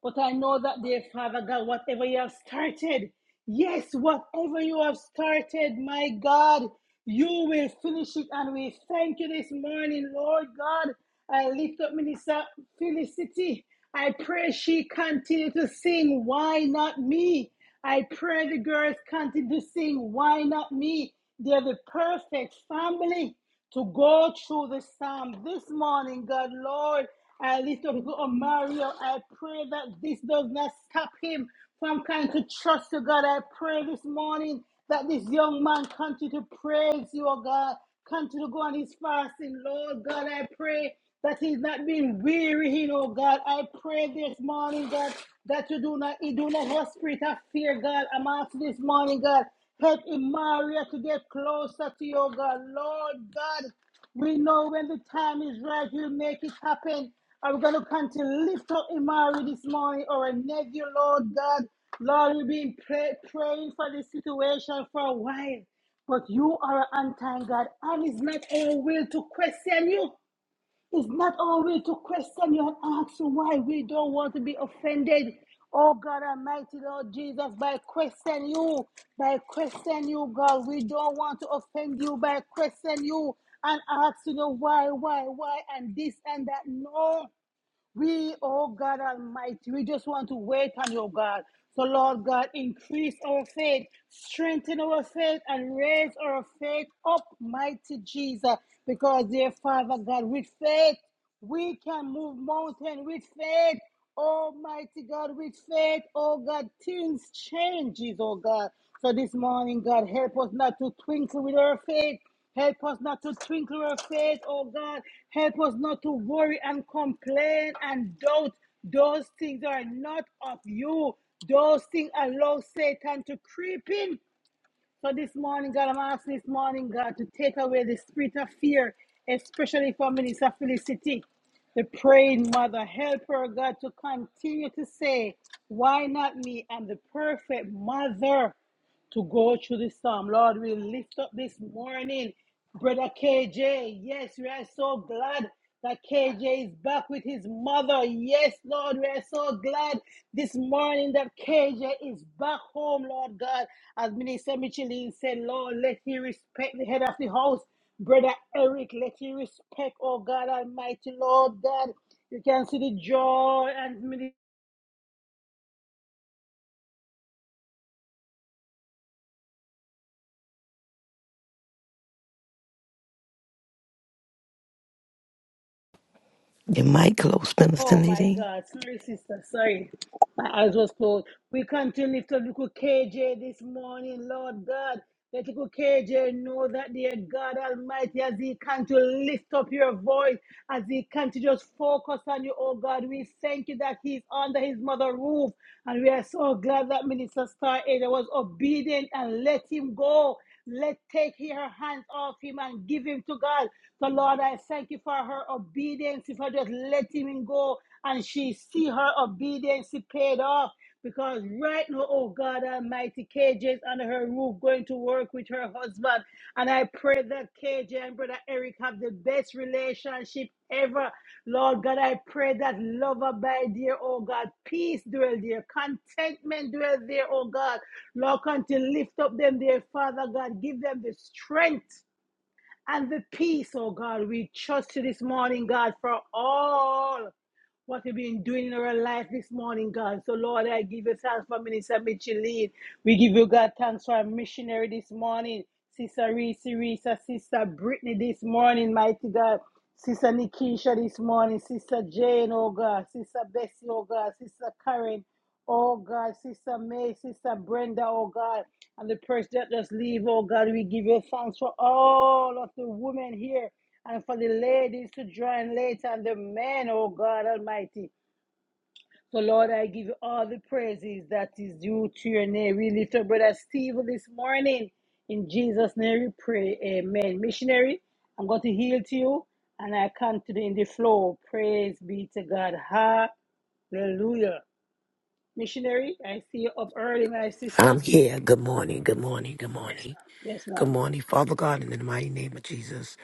But I know that, dear Father God, whatever you have started, yes, whatever you have started, my God, you will finish it. And we thank you this morning, Lord God. I lift up Minister Felicity. I pray she continue to sing, Why Not Me? I pray the girls continue to sing, Why Not Me? They're the perfect family to go through the psalm this morning, God, Lord. I lift up Mario. I pray that this does not stop him from trying to trust you, God. I pray this morning that this young man continue to praise you, oh God. Continue to go on his fasting, Lord God. I pray that he's not being weary, you know, God. I pray this morning, God, that you do not, you do not have spirit of fear, God. I'm asking this morning, God, help Imaria to get closer to you, oh God. Lord God, we know when the time is right, you'll make it happen. I'm going to come to lift up Imari this morning or a nephew, Lord God. Lord, we've been pray, praying for this situation for a while, but you are an time, God, and it's not our will to question you. It's not always to question you and ask you why we don't want to be offended. Oh God Almighty, Lord Jesus, by question you, by question you, God, we don't want to offend you by question you and ask you why, why, why, and this and that. No. We, oh God Almighty, we just want to wait on you, God. So, Lord God, increase our faith, strengthen our faith, and raise our faith up, mighty Jesus. Because, dear Father God, with faith, we can move mountains. with faith. Almighty God, with faith, oh God, things changes, oh God. So this morning, God, help us not to twinkle with our faith. Help us not to twinkle our faith, oh God. Help us not to worry and complain and doubt. Those things are not of you. Those things allow Satan to creep in. So this morning, God, I'm asking this morning, God, to take away the spirit of fear, especially for Minister Felicity the praying mother. Help her, God, to continue to say, Why not me? I'm the perfect mother to go through this psalm. Lord, we lift up this morning, Brother KJ. Yes, we are so glad that KJ is back with his mother. Yes, Lord, we are so glad this morning that KJ is back home, Lord God. As Minister Michelin said, Lord, let he respect the head of the house. Brother Eric, let he respect, oh God Almighty, Lord God. You can see the joy and minister. Your mic close, Minister Oh my Nadine. God, sorry, sister, sorry. My eyes was closed. We come to lift up little KJ this morning, Lord God. Let little KJ know that dear God Almighty, as he can to lift up your voice, as he can to just focus on you, oh God. We thank you that he's under his mother roof. And we are so glad that Minister Star Ada was obedient and let him go. Let take her hands off him and give him to God. So Lord, I thank you for her obedience. If I just let him go and she see her obedience paid off because right now, oh God Almighty, KJ is under her roof going to work with her husband. And I pray that KJ and Brother Eric have the best relationship ever. Lord God, I pray that love abide there, oh God. Peace dwell there. Contentment dwell there, oh God. Lord, come to lift up them there, Father God. Give them the strength. And the peace, oh God, we trust you this morning, God, for all what we've been doing in our life this morning, God. So, Lord, I give you thanks for Minister Micheline. We give you, God, thanks for our missionary this morning, Sister Reese, Reese, Sister Brittany this morning, mighty God. Sister Nikisha this morning, Sister Jane, oh God, Sister Bessie, oh God, Sister Karen, Oh God, Sister May, Sister Brenda, oh God, and the person that just leave, oh God, we give you thanks for all of the women here and for the ladies to join later and the men, oh God Almighty. So Lord, I give you all the praises that is due to your name. We lift up Brother Steve this morning. In Jesus' name we pray. Amen. Missionary, I'm going to heal to you and I come to the in the flow. Praise be to God. Hallelujah. Missionary, I see you up early, my sister. I'm here. Good morning. Good morning. Good morning. Yes, Good ma'am. morning, Father God, in the mighty name of Jesus.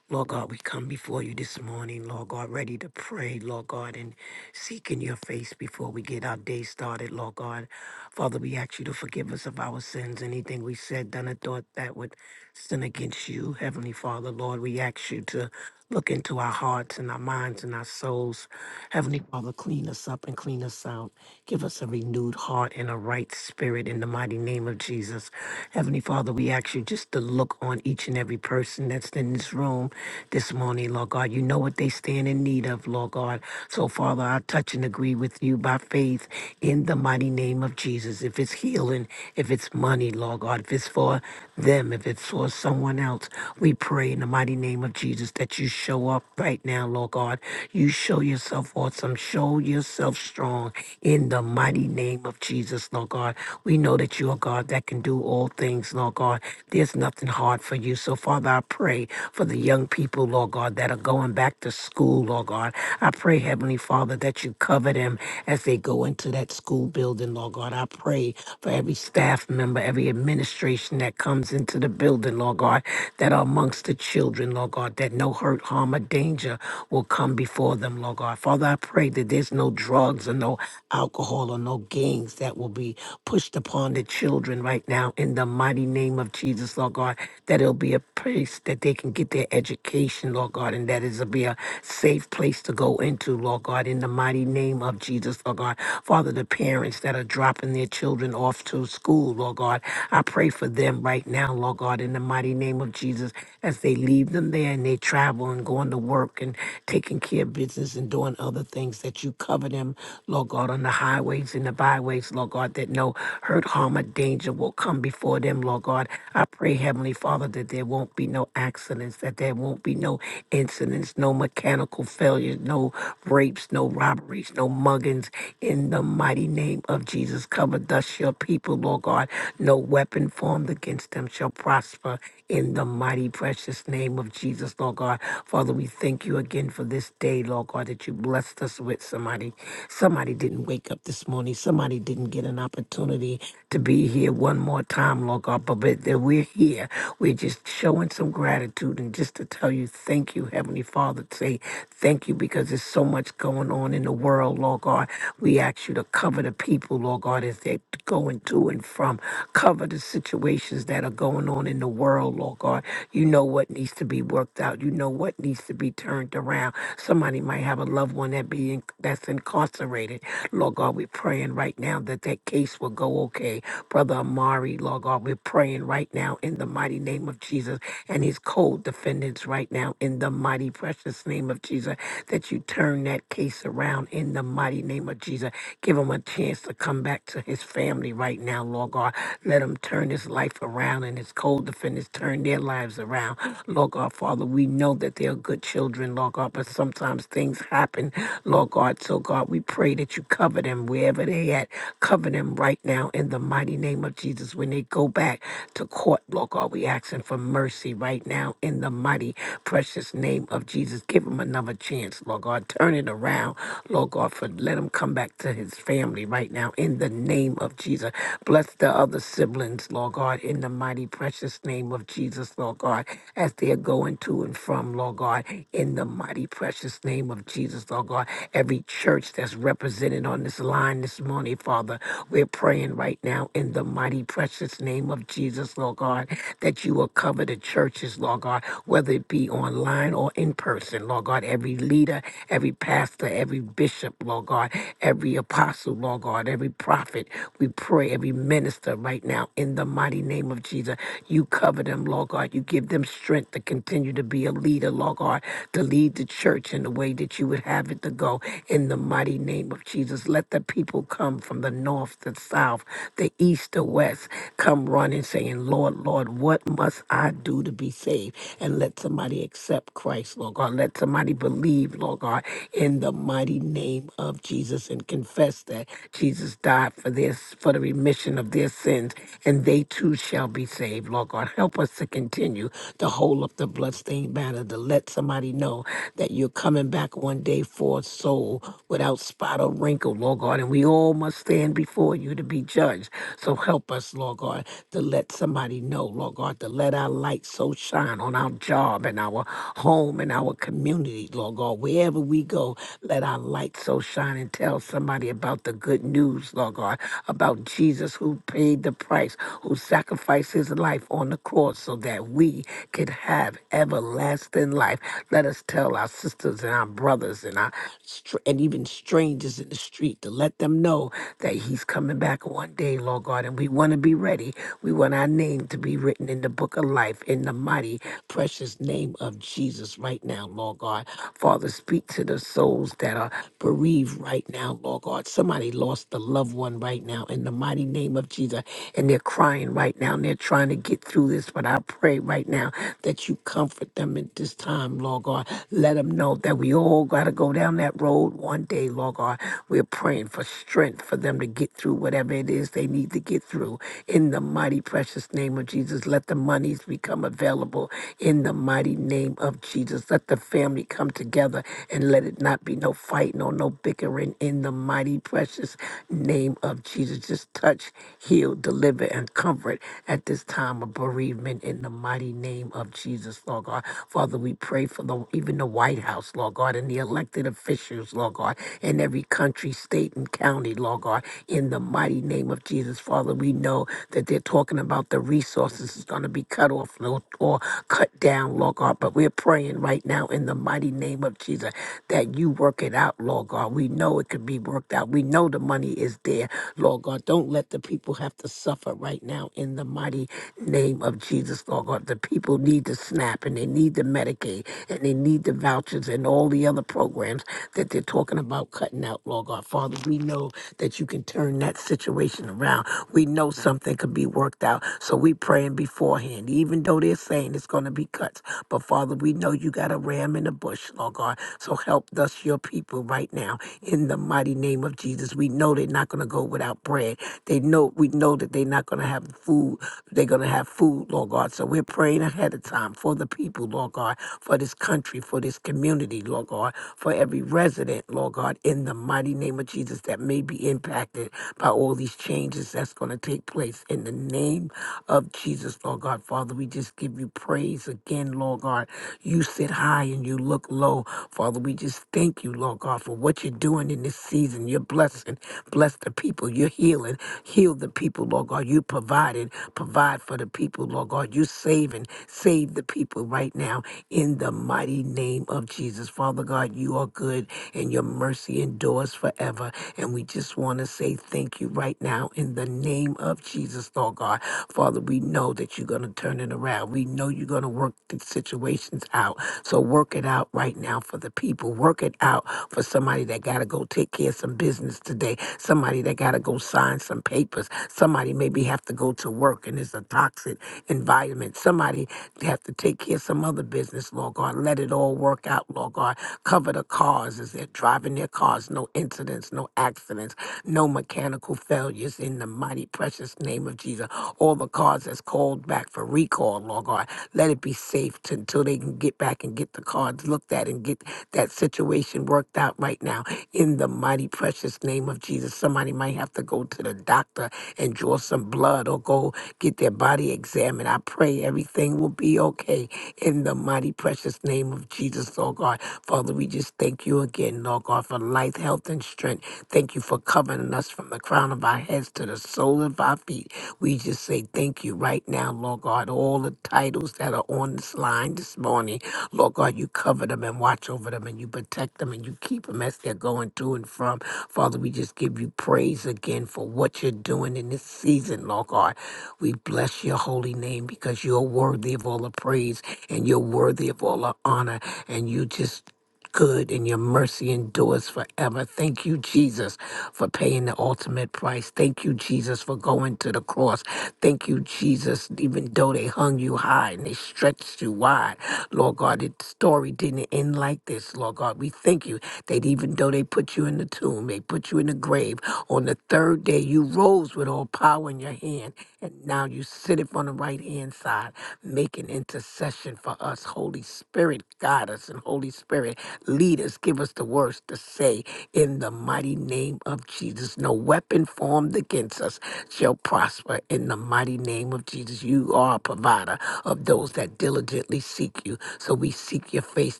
Lord God, we come before you this morning, Lord God, ready to pray, Lord God, and seeking your face before we get our day started, Lord God. Father, we ask you to forgive us of our sins, anything we said, done, or thought that would sin against you, Heavenly Father, Lord. We ask you to look into our hearts and our minds and our souls. Heavenly Father, clean us up and clean us out. Give us a renewed heart and a right spirit in the mighty name of Jesus. Heavenly Father, we ask you just to look on each and every person that's in in this room this morning, Lord God. You know what they stand in need of, Lord God. So, Father, I touch and agree with you by faith in the mighty name of Jesus. If it's healing, if it's money, Lord God, if it's for them, if it's for someone else, we pray in the mighty name of Jesus that you show up right now, Lord God. You show yourself awesome. Show yourself strong in the mighty name of Jesus, Lord God. We know that you are God that can do all things, Lord God. There's nothing hard for you. So, Father, Father, I pray for the young people, Lord God, that are going back to school, Lord God. I pray, Heavenly Father, that you cover them as they go into that school building, Lord God. I pray for every staff member, every administration that comes into the building, Lord God, that are amongst the children, Lord God, that no hurt, harm, or danger will come before them, Lord God. Father, I pray that there's no drugs or no alcohol or no gangs that will be pushed upon the children right now in the mighty name of Jesus, Lord God, that it'll that it'll be a place that they can get their education, Lord God, and that it'll be a safe place to go into, Lord God, in the mighty name of Jesus, Lord God. Father, the parents that are dropping their children off to school, Lord God, I pray for them right now, Lord God, in the mighty name of Jesus, as they leave them there and they travel and going to work and taking care of business and doing other things that you cover them, Lord God, on the highways and the byways, Lord God, that no hurt, harm, or danger will come before them, Lord God. I pray, Heavenly Father, that there won't be no accidents, that there won't be no incidents, no mechanical failures, no rapes, no robberies, no muggings. In the mighty name of Jesus, cover thus your people, Lord God. No weapon formed against them shall prosper. Father, in the mighty precious name of Jesus, Lord God. Father, we thank you again for this day, Lord God, that you blessed us with somebody. Somebody didn't wake up this morning. Somebody didn't get an opportunity to be here one more time, Lord God. But, but that we're here. We're just showing some gratitude and just to tell you thank you, Heavenly Father. Say thank you because there's so much going on in the world, Lord God. We ask you to cover the people, Lord God, as they're going to and from. Cover the situations that are going on in the world, Lord God. You know what needs to be worked out. You know what needs to be turned around. Somebody might have a loved one that be in, that's incarcerated. Lord God, we're praying right now that that case will go okay. Brother Amari, Lord God, we're praying right now in the mighty name of Jesus and his co-defendants right now in the mighty precious name of Jesus that you turn that case around in the mighty name of Jesus. Give him a chance to come back to his family family right now, Lord God. Let them turn this life around and his cold defendants turn their lives around. Lord God, Father, we know that they are good children, Lord God, but sometimes things happen, Lord God. So, God, we pray that you cover them wherever they at. Cover them right now in the mighty name of Jesus. When they go back to court, Lord God, we asking for mercy right now in the mighty, precious name of Jesus. Give them another chance, Lord God. Turn it around, Lord God, for let him come back to his family family right now in the name of Jesus. Bless the other siblings, Lord God, in the mighty precious name of Jesus, Lord God, as they are going to and from, Lord God, in the mighty precious name of Jesus, Lord God. Every church that's represented on this line this morning, Father, we're praying right now in the mighty precious name of Jesus, Lord God, that you will cover the churches, Lord God, whether it be online or in person, Lord God, every leader, every pastor, every bishop bishop, Lord God, every apostle, Lord God, every prophet. We pray every minister right now in the mighty name of Jesus. You cover them, Lord God. You give them strength to continue to be a leader, Lord God, to lead the church in the way that you would have it to go in the mighty name of Jesus. Let the people come from the north, the south, the east, the west, come running saying, Lord, Lord, what must I do to be saved? And let somebody accept Christ, Lord God. Let somebody believe believe, Lord God, in the mighty name of Jesus and confess that Jesus died for this, for the remission of their sins, and they too shall be saved, Lord God. Help us to continue to hold up the bloodstained banner, to let somebody know that you're coming back one day for a soul without spot or wrinkle, Lord God, and we all must stand before you to be judged. So help us, Lord God, to let somebody know, Lord God, to let our light so shine on our job and our home, in our community, Lord God. Wherever we go, let our light so shine and tell somebody about the good news, Lord God, about Jesus who paid the price, who sacrificed his life on the cross so that we could have everlasting life. Let us tell our sisters and our brothers and our str- and even strangers in the street to let them know that he's coming back one day, Lord God, and we want to be ready. We want our name to be written in the book of life in the mighty mighty, precious name of Jesus right now, Lord God. Father, speak to the souls that are bereaved right now, Lord God. Somebody lost a loved one right now in the mighty name of Jesus, and they're crying right now and they're trying to get through this. But I pray right now that you comfort them at this time, Lord God. Let them know that we all got to go down that road one day, Lord God. We're praying for strength for them to get through whatever it is they need to get through in the mighty, precious name of Jesus. Jesus. Let the monies become available in the mighty name of Jesus. Let the family come together and let it not be no fighting or no bickering in the mighty, precious name of Jesus. Just touch, heal, deliver, and comfort at this time of bereavement in the mighty name of Jesus, Lord God. Father, we pray for the even the White House, Lord God, and the elected officials, Lord God, in every country, state, and county, Lord God, in the mighty name of Jesus, Father. We know know that they're talking about the resources is going to be cut off Lord, or cut down, Lord God. But we're praying right now in the mighty name of Jesus that you work it out, Lord God. We know it could be worked out. We know the money is there, Lord God. Don't let the people have to suffer right now in the mighty name of Jesus, Lord God. The people need the SNAP and they need the Medicaid and they need the vouchers and all the other programs that they're talking about cutting out, Lord God. Father, we know that you can turn turn that situation around. We know something could be worked out. So we praying beforehand, even though they're saying it's going to be cuts. But Father, we know you got a ram in the bush, Lord God. So help us, your people, right now in the mighty name of Jesus. We know they're not going to go without bread. They know we know that they're not going to have food. They're going to have food, Lord God. So we're praying ahead of time for the people, Lord God, for this country, for this community, Lord God, for every resident, Lord God, in the mighty name of name of Jesus that may be impacted by all these changes that's going to take place. In the name of Jesus, Lord God, Father, we just give you praise again, Lord God. You sit high and you look low. Father, we just thank you, Lord God, for what you're doing in this season. You're blessing. Bless the people. You're healing. Heal the people, Lord God. You provided. Provide for the people, Lord God. You're saving. Save the people right now in the mighty name of Jesus. Father God, you are good and your mercy endures forever. And we just want to say thank you right now in the name of Jesus, Lord God. Father, we know that you're going to turn it around. We know you're going to work the situations out. So work it out right now for the people. Work it out for somebody that got to go take care of some business today, somebody that got to go sign some papers, somebody maybe have to go to work and it's a toxic environment, somebody they have to take care of some other business, Lord God. Let it all work out, Lord God. Cover the cars as they're driving their cars. No incidents, no accidents, no mechanical failures in the mighty, precious name of Jesus. All the cars that's called back for recall, Lord God. Let it be safe t- until they can get back and get the cards looked at and get that situation worked out right now in the mighty, precious name of Jesus. Somebody might have to go to the doctor and draw some blood or go get their body examined. I pray everything will be okay in the mighty precious name of Jesus, Lord God. Father, we just thank you again, Lord God, for life, health, and strength. Thank you for covering us from the crown of our heads to the sole of our feet. We just say thank you right now, Lord God. All the titles that are on this line this morning. Lord God, you cover them and watch over them and you protect them and you keep them as they're going to and from. Father, we just give you praise again for what you're doing in this season, Lord God. We bless your holy name because you're worthy of all the praise and you're worthy of all the honor. And you just good and your mercy endures forever. Thank you, Jesus, for paying the ultimate price. Thank you, Jesus, for going to the cross. Thank you, Jesus, even though they hung you high and they stretched you wide. Lord God, the story didn't end like this, Lord God. We thank you that even though they put you in the tomb, they put you in the grave, on the third day you rose with all power in your hand, and now you sit upon the right hand side, making making intercession for us. Holy Spirit, guide us, and Holy Spirit, lead us. Give us the words to say in the mighty name of Jesus. No weapon formed against us shall prosper in the mighty name of Jesus. You are a provider of those that diligently seek you. So we seek your face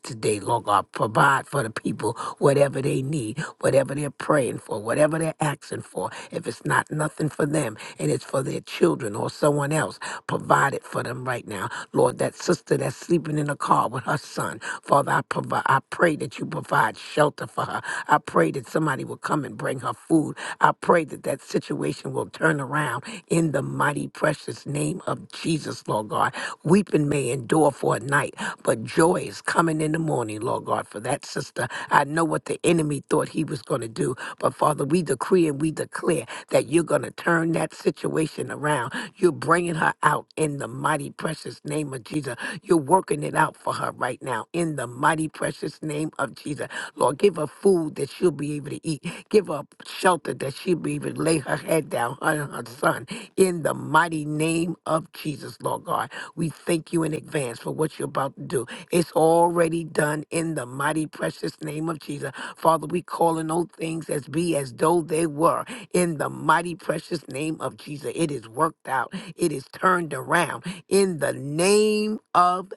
today, Lord God. Provide for the people whatever they need, whatever they're praying for, whatever they're asking for. If it's not nothing for them and it's for their children or someone else, provide it for them right now. Lord, that sister that's sleeping in the car with her son. Father, I provide I pray that you provide shelter for her. I pray that somebody will come and bring her food. I pray that that situation will turn around in the mighty precious name of Jesus, Lord God. Weeping may endure for a night, but joy is coming in the morning, Lord God, for that sister. I know what the enemy thought he was going to do, but Father, we decree and we declare that you're going to turn that situation around you're bringing her out in the mighty, precious name of Jesus. You're working it out for her right now in the mighty, precious name of Jesus. Lord, give her food that she'll be able to eat. Give her shelter that she'll be able to lay her head down, her and her son, in the mighty name of Jesus, Lord God. We thank you in advance for what you're about to do. It's already done in the mighty, precious name of Jesus. Father, we call in all things as be as though they were in the mighty precious name of Jesus. It is worked out, it is turned around in the name of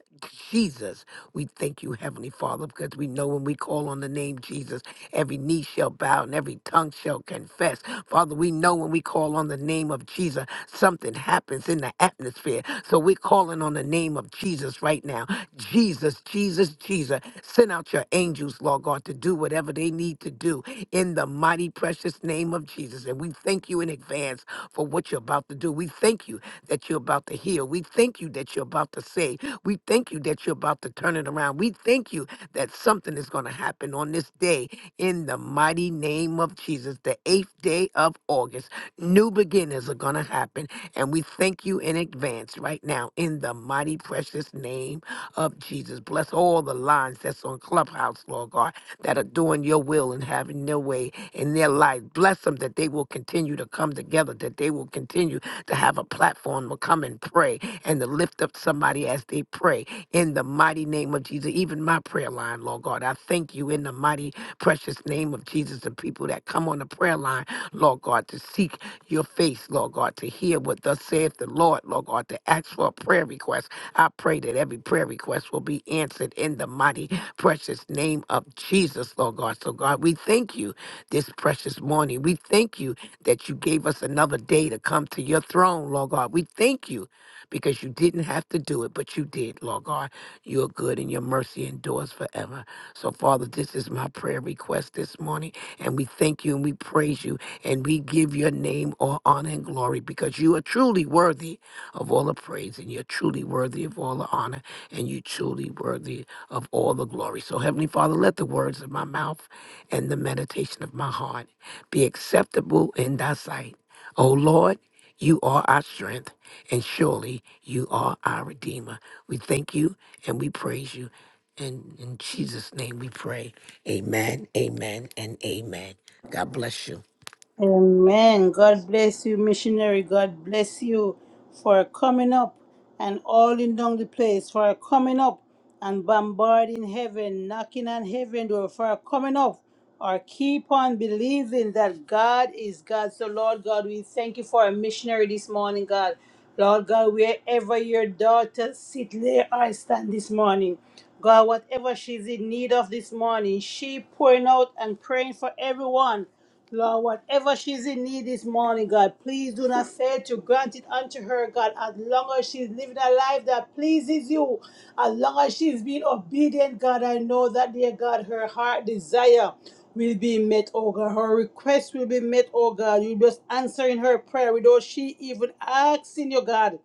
Jesus. We thank you, Heavenly Father, because we know when we call on the name Jesus, every knee shall bow and every tongue shall confess. Father, we know when we call on the name of Jesus, something happens in the atmosphere. So we're calling on the name of Jesus right now. Jesus, Jesus. Jesus. Send out your angels, Lord God, to do whatever they need to do in the mighty, precious name of Jesus. And we thank you in advance for what you're about to do. We thank you that you're about to heal. We thank you that you're about to save. We thank you that you're about to turn it around. We thank you that something is going to happen on this day in the mighty name of Jesus, the eighth day of August. New beginnings are going to happen. And we thank you in advance right now in the mighty, precious name of Jesus. Bless all the lines that's on Clubhouse, Lord God, that are doing your will and having their way in their life. Bless them that they will continue to come together, that they will continue to have a platform to come and pray and to lift up somebody as they pray. In the mighty name of Jesus, even my prayer line, Lord God, I thank you in the mighty, precious name of Jesus, the people that come on the prayer line, Lord God, to seek your face, Lord God, to hear what thus saith the Lord, Lord God, to ask for a prayer request. I pray that every prayer request will be answered in the mighty, precious name of Jesus, Lord God. So, God, we thank you this precious morning. We thank you that you gave us another day to come to your throne, Lord God. We thank you because you didn't have to do it, but you did, Lord God. You're good and your mercy endures forever. So, Father, this is my prayer request this morning, and we thank you and we praise you and we give your name all honor and glory because you are truly worthy of all the praise, and you're truly worthy of all the honor, and you're truly worthy of all the glory. So, Heavenly Father, let the words of my mouth and the meditation of my heart be acceptable in thy sight. O Lord, you are our strength, and surely you are our Redeemer. We thank you and we praise you. And in Jesus' name we pray. Amen, amen, and amen. God bless you. Amen. God bless you, missionary. God bless you for coming up and all in down the place, for coming up and bombarding heaven, knocking on heaven door, for coming up or keep on believing that God is God. So, Lord God, we thank you for a missionary this morning, God. Lord God, wherever your daughter sit, lay or stand this morning. God, whatever she's in need of this morning, she pouring out and praying for everyone. Lord, whatever she's in need this morning, God, please do not fail to grant it unto her, God, as long as she's living a life that pleases you, as long as she's being obedient, God, I know that, dear God, her heart desire will be met, oh God. Her request will be met, oh God. You just answering her prayer without she even asking you, God.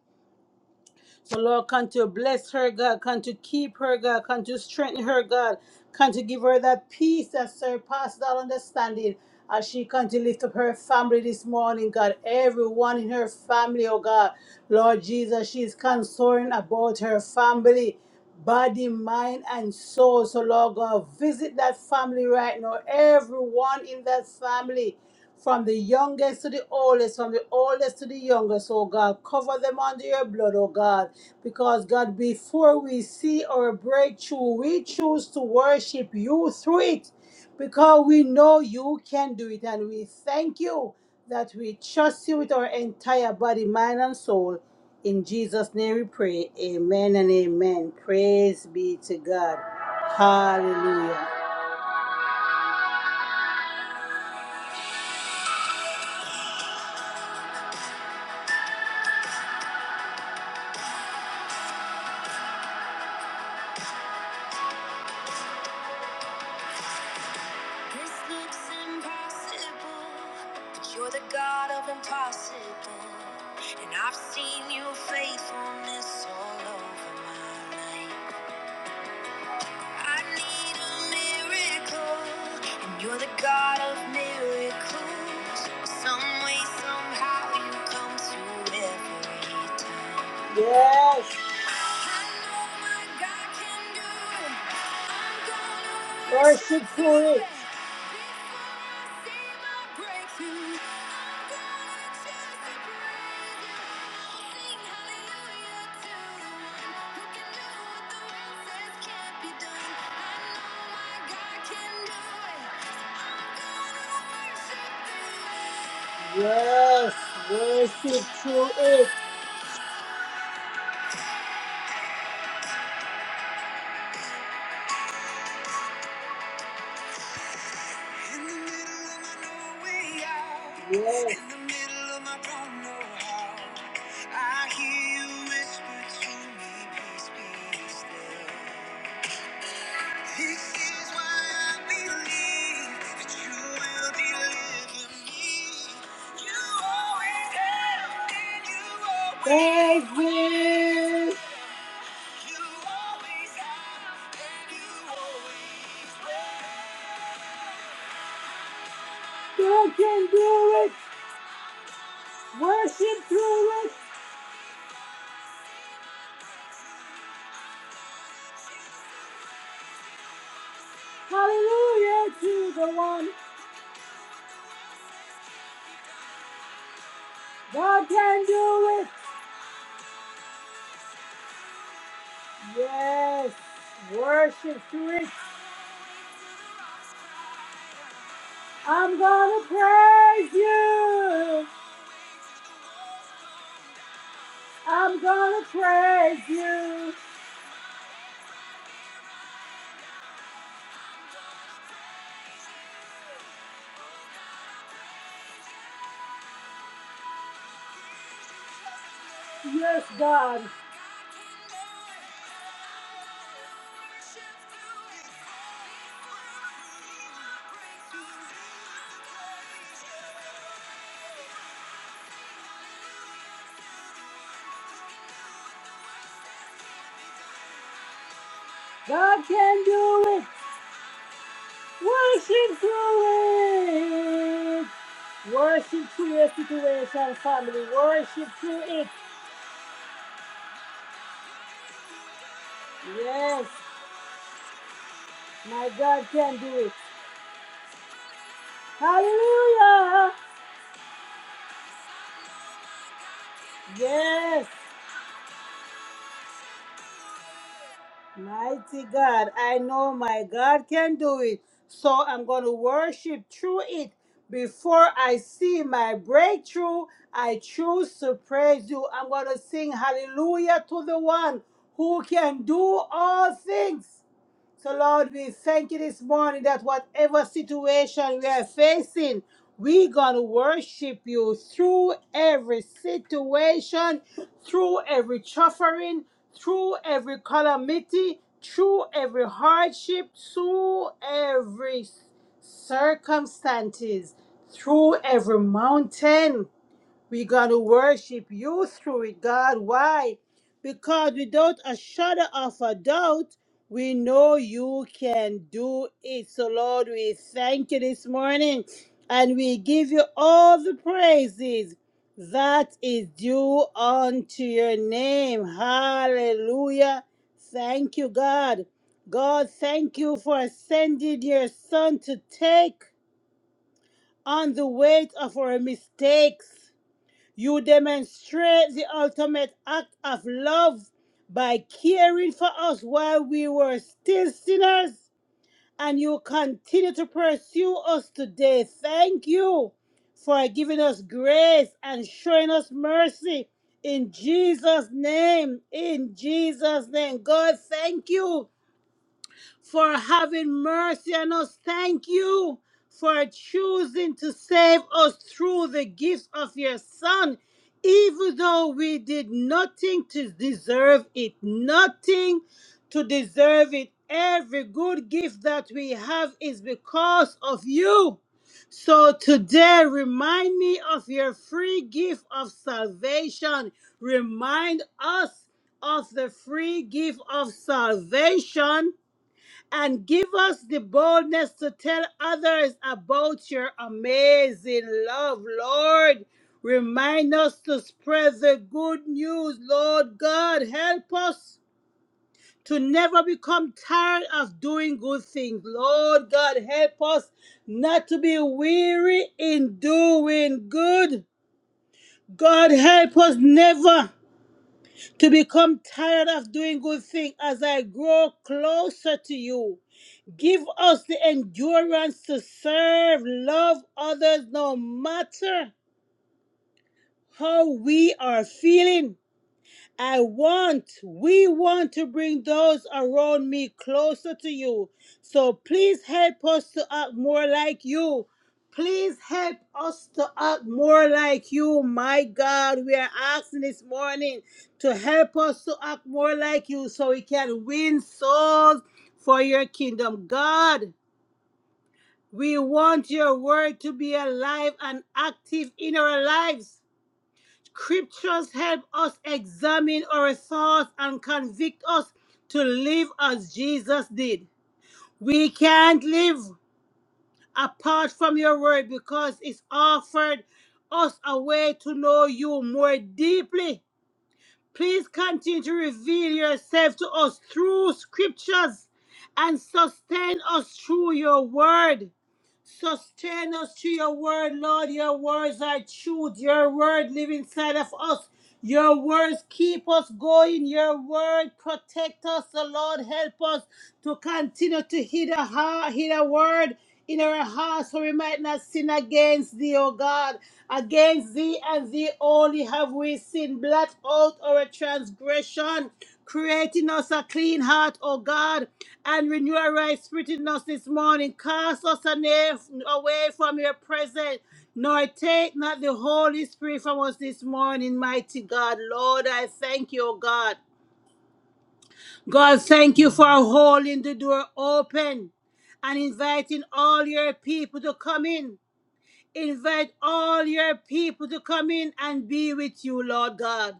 So, Lord, come to bless her, God. Come to keep her, God. Come to strengthen her, God. Come to give her that peace that surpasses all understanding. As she comes to lift up her family this morning, God, everyone in her family, oh God, Lord Jesus, she she's concerned about her family, body, mind, and soul. So, Lord God, visit that family right now, everyone in that family from the youngest to the oldest, from the oldest to the youngest, oh God. Cover them under your blood, oh God. Because, God, before we see our breakthrough, we choose to worship you through it because we know you can do it. And we thank you that we trust you with our entire body, mind, and soul. In Jesus' name we pray. Amen and amen. Praise be to God. Hallelujah. This looks impossible, but you're the God of impossible. And I've seen your faithfulness all over my life. I need a miracle, and you're the God of miracles. Some way, somehow, you come through every time. Yes! I know my God can do it. I'm gonna Worship for it. Yes, worship through it. In the middle of my no Yes. don't know how. I hear you whisper to me, peace be still. This is why I believe that you will deliver me. You always have and you always will. You always have and you always will. You can do it. Worship through it. Hallelujah to the one God can do it. Yes, worship to it. I'm gonna praise you. I'm gonna praise you. Yes, God. God can do it. Worship through it. Worship through your situation, family. Worship through it. Yes, my God can do it. Hallelujah. Yes, mighty God. I know my God can do it. So I'm going to worship through it. Before I see my breakthrough, I choose to praise you. I'm going to sing hallelujah to the one who can do all things. So, Lord, we thank you this morning that whatever situation we are facing, we're going to worship you through every situation, through every suffering, through every calamity, through every hardship, through every circumstances, through every mountain. We're going to worship you through it, God. Why? Because without a shadow of a doubt, we know you can do it. So, Lord, we thank you this morning and we give you all the praises that is due unto your name. Hallelujah. Thank you, God. God, thank you for sending your son to take on the weight of our mistakes you demonstrate the ultimate act of love by caring for us while we were still sinners, and you continue to pursue us today. Thank you for giving us grace and showing us mercy. In Jesus' name, in Jesus' name, God, thank you for having mercy on us. Thank you for choosing to save us through the gift of your Son, even though we did nothing to deserve it, nothing to deserve it. Every good gift that we have is because of you. So today, remind me of your free gift of salvation. Remind us of the free gift of salvation and give us the boldness to tell others about your amazing love, Lord. Remind us to spread the good news, Lord God. Help us to never become tired of doing good things. Lord God, help us not to be weary in doing good. God, help us never to become tired of doing good things as I grow closer to you. Give us the endurance to serve, love others no matter how we are feeling. I want, we want to bring those around me closer to you. So please help us to act more like you. Please help us to act more like you. My God, we are asking this morning to help us to act more like you so we can win souls for your kingdom. God. We want your word to be alive and active in our lives. Scriptures help us examine our thoughts and convict us to live as Jesus did. We can't live apart from your word because it's offered us a way to know you more deeply. Please continue to reveal yourself to us through scriptures and sustain us through your word. Sustain us through your word, Lord. Your words are truth. Your word live inside of us. Your words keep us going. Your word protect us. The Lord help us to continue to hear the, heart, hear the word in our hearts so we might not sin against thee, O God. Against thee and thee only have we sinned. Blot out our transgression. Create in us a clean heart, O God, and renew a right spirit in us this morning. Cast us ana- away from your presence, nor take not the Holy Spirit from us this morning, mighty God. Lord, I thank you, O God. God, thank you for holding the door open and inviting all your people to come in. Invite all your people to come in and be with you, Lord God.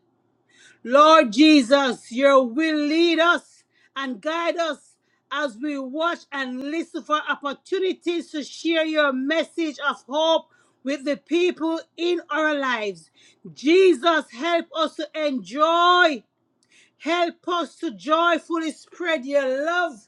Lord Jesus, your will lead us and guide us as we watch and listen for opportunities to share your message of hope with the people in our lives. Jesus, help us to enjoy. Help us to joyfully spread your love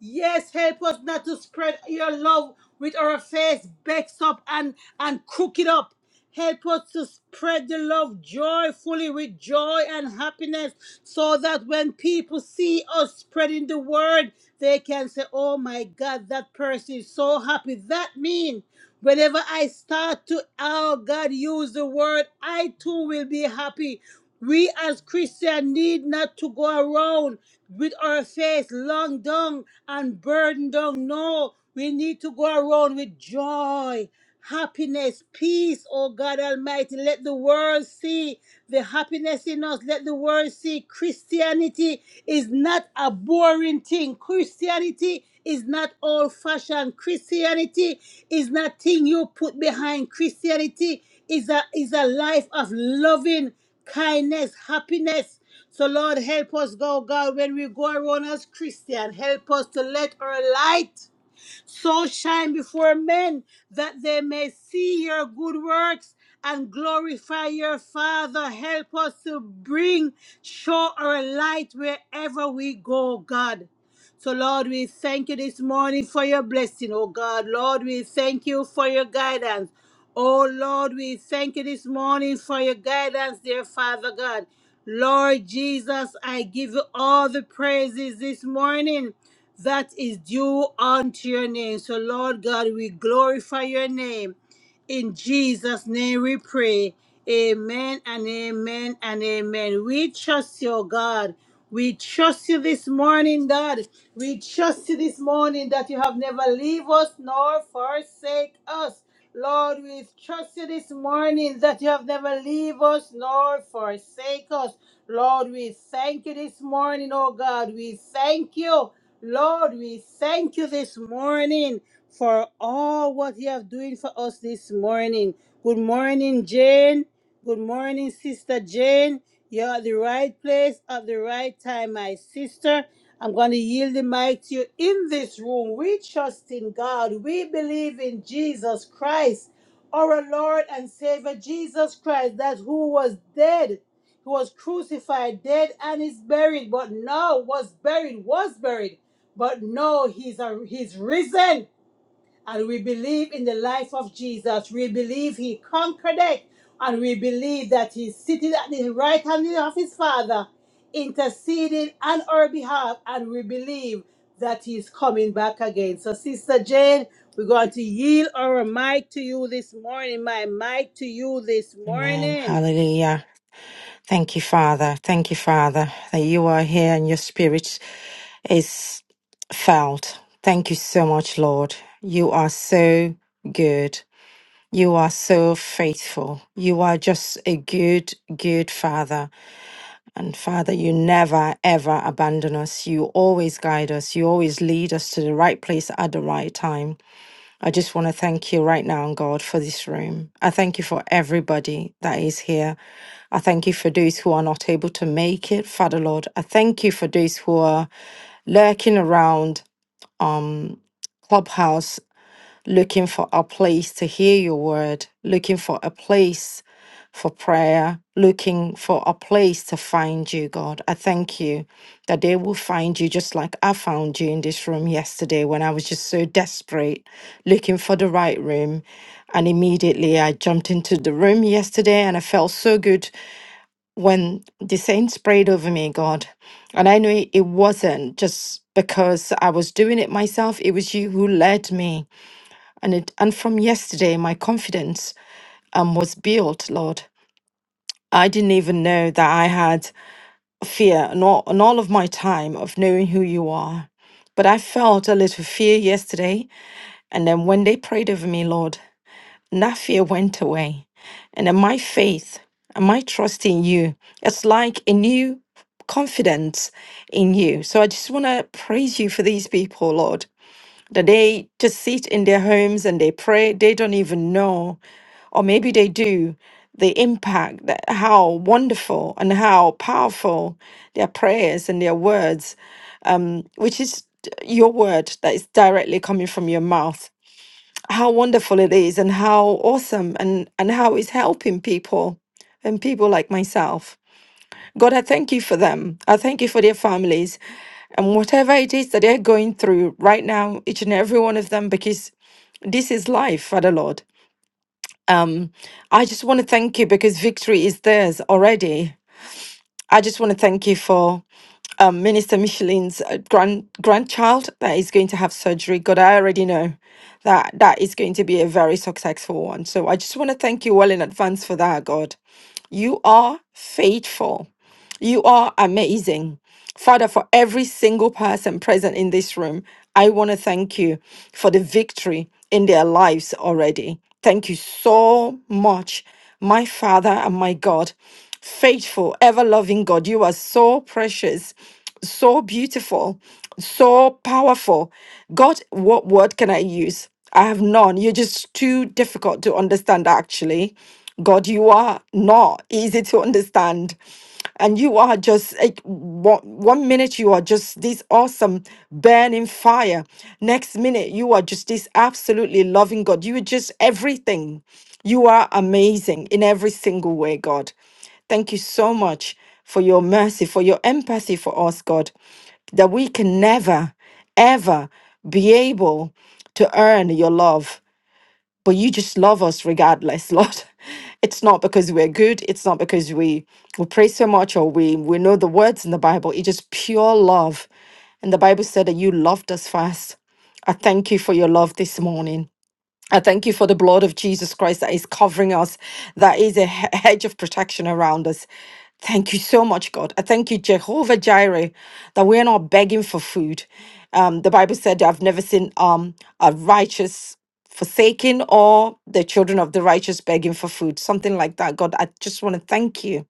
Yes, help us not to spread your love with our face vexed up and, and crooked up. Help us to spread the love joyfully with joy and happiness so that when people see us spreading the word, they can say, Oh my God, that person is so happy. That means whenever I start to, oh God, use the word, I too will be happy. We as Christians need not to go around with our face long down and burdened down. No, we need to go around with joy happiness, peace, oh God Almighty. Let the world see the happiness in us. Let the world see Christianity is not a boring thing. Christianity is not old fashioned. Christianity is not thing you put behind. Christianity is a is a life of loving kindness, happiness. So Lord help us go God when we go around as Christian. Help us to let our light so shine before men that they may see your good works and glorify your Father. Help us to bring, show our light wherever we go, God. So, Lord, we thank you this morning for your blessing, oh God. Lord, we thank you for your guidance. Oh, Lord, we thank you this morning for your guidance, dear Father God. Lord Jesus, I give you all the praises this morning that is due unto your name. So, Lord God, we glorify your name. In Jesus' name we pray. Amen and amen and amen. We trust you, oh God. We trust you this morning, God. We trust you this morning that you have never leave us nor forsake us. Lord, we trust you this morning that you have never leave us nor forsake us. Lord, we thank you this morning, oh God. We thank you. Lord, we thank you this morning for all what you have doing for us this morning. Good morning, Jane. Good morning, Sister Jane. You're at the right place at the right time, my sister. I'm going to yield the mic to you in this room. We trust in God. We believe in Jesus Christ, our Lord and Savior, Jesus Christ, that who was dead, who was crucified, dead, and is buried, but now was buried, was buried, but no, he's, a, he's risen and we believe in the life of Jesus. We believe he conquered it. And we believe that he's seated at the right hand of his Father, interceding on our behalf. And we believe that he's coming back again. So, Sister Jane, we're going to yield our mic to you this morning. My mic to you this Amen. morning. Hallelujah. Thank you, Father. Thank you, Father, that you are here and your spirit is felt. Thank you so much, Lord. You are so good. You are so faithful. You are just a good, good Father. And Father, you never, ever abandon us. You always guide us. You always lead us to the right place at the right time. I just want to thank you right now, God, for this room. I thank you for everybody that is here. I thank you for those who are not able to make it, Father Lord. I thank you for those who are lurking around Clubhouse looking for a place to hear your word, looking for a place for prayer, looking for a place to find you, God. I thank you that they will find you just like I found you in this room yesterday when I was just so desperate looking for the right room. And immediately I jumped into the room yesterday and I felt so good when the saints prayed over me, God. And I knew it wasn't just because I was doing it myself, it was you who led me and it, and from yesterday, my confidence um, was built, Lord. I didn't even know that I had fear and all, and all of my time of knowing who you are. But I felt a little fear yesterday. And then when they prayed over me, Lord, and that fear went away. And then my faith and my trust in you, it's like a new confidence in you. So I just want to praise you for these people, Lord, that they just sit in their homes and they pray. They don't even know. or maybe they do, the impact that how wonderful and how powerful their prayers and their words, which is d- your word that is directly coming from your mouth, how wonderful it is and how awesome and, and how it's helping people and people like myself. God, I thank you for them. I thank you for their families and whatever it is that they're going through right now, each and every one of them, because this is life, Father Lord. Um, I just want to thank you because victory is theirs already. I just want to thank you for um, Minister Michelin's uh, grand grandchild that is going to have surgery. God, I already know that that is going to be a very successful one. So I just want to thank you well in advance for that, God. You are faithful. You are amazing. Father, for every single person present in this room, I want to thank you for the victory in their lives already. Thank you so much, my Father and my God. Faithful, ever loving God, you are so precious, so beautiful, so powerful. God, what word can I use? I have none. You're just too difficult to understand, actually. God, you are not easy to understand and you are just like one, one minute you are just this awesome burning fire next minute you are just this absolutely loving god you are just everything you are amazing in every single way god thank you so much for your mercy for your empathy for us god that we can never ever be able to earn your love but you just love us regardless, <laughs> Lord. It's not because we're good. It's not because we we pray so much or we we know the words in the Bible. It's just pure love. And the Bible said that you loved us first. I thank you for your love this morning. I thank you for the blood of Jesus Christ that is covering us, that is a he- <laughs> hedge of protection around us. Thank you so much, God. I thank you, Jehovah Jireh, that we're not begging for food. Um, the Bible said, I've never seen um, a righteous forsaken or the children of the righteous begging for food, something like that. God, I just want to thank you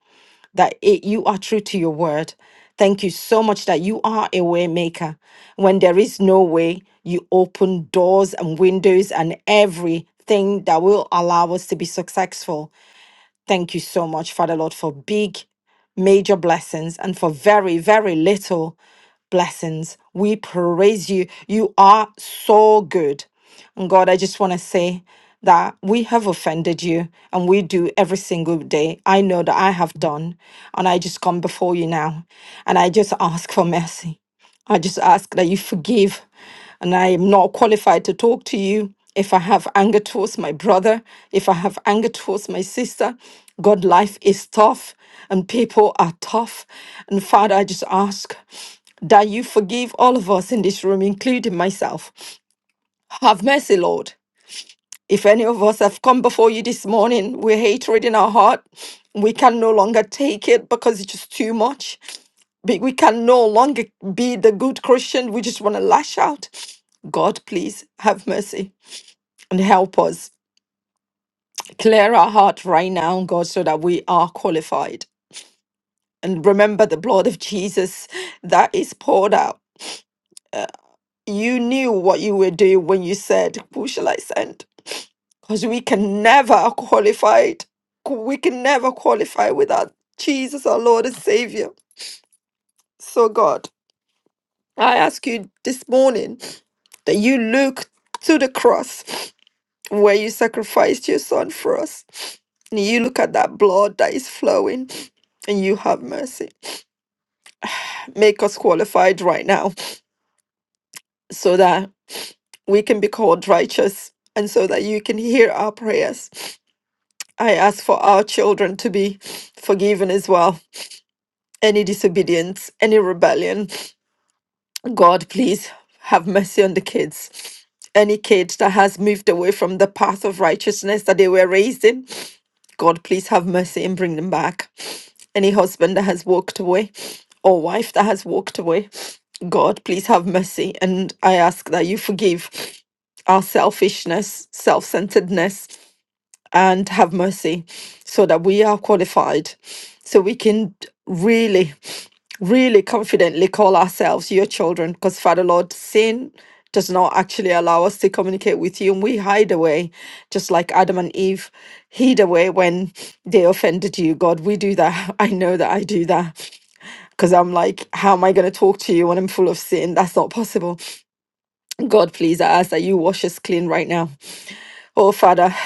that it, you are true to your word. Thank you so much that you are a way maker. When there is no way, you open doors and windows and everything that will allow us to be successful. Thank you so much, Father Lord, for big, major blessings and for very, very little blessings. We praise you. You are so good. And God, I just want to say that we have offended you and we do every single day. I know that I have done. And I just come before you now and I just ask for mercy. I just ask that you forgive. And I am not qualified to talk to you. If I have anger towards my brother, if I have anger towards my sister, God, life is tough and people are tough. And Father, I just ask that you forgive all of us in this room, including myself. Have mercy, Lord. If any of us have come before you this morning with hatred in our heart, we can no longer take it because it's just too much. Be- We can no longer be the good Christian. We just want to lash out. God, please have mercy and help us. Clear our heart right now, God, so that we are qualified. And remember the blood of Jesus that is poured out. You knew what you were doing when you said, Who shall I send? Because we can never qualify. We can never qualify without Jesus, our Lord and Savior. So, God, I ask you this morning that you look to the cross where you sacrificed your son for us. And you look at that blood that is flowing and you have mercy. Make us qualified right now so that we can be called righteous and so that you can hear our prayers. I ask for our children to be forgiven as well. Any disobedience, any rebellion. God, please have mercy on the kids. Any kid that has moved away from the path of righteousness that they were raised in, God, please have mercy and bring them back. Any husband that has walked away or wife that has walked away, God, please have mercy. And I ask that you forgive our selfishness, self centeredness and have mercy so that we are qualified so we can really really confidently call ourselves your children because father lord sin does not actually allow us to communicate with you and we hide away just like adam and eve hid away when they offended you god we do that <laughs> i know that i do that because i'm like how am i going to talk to you when i'm full of sin that's not possible god please i ask that you wash us clean right now Oh, Father,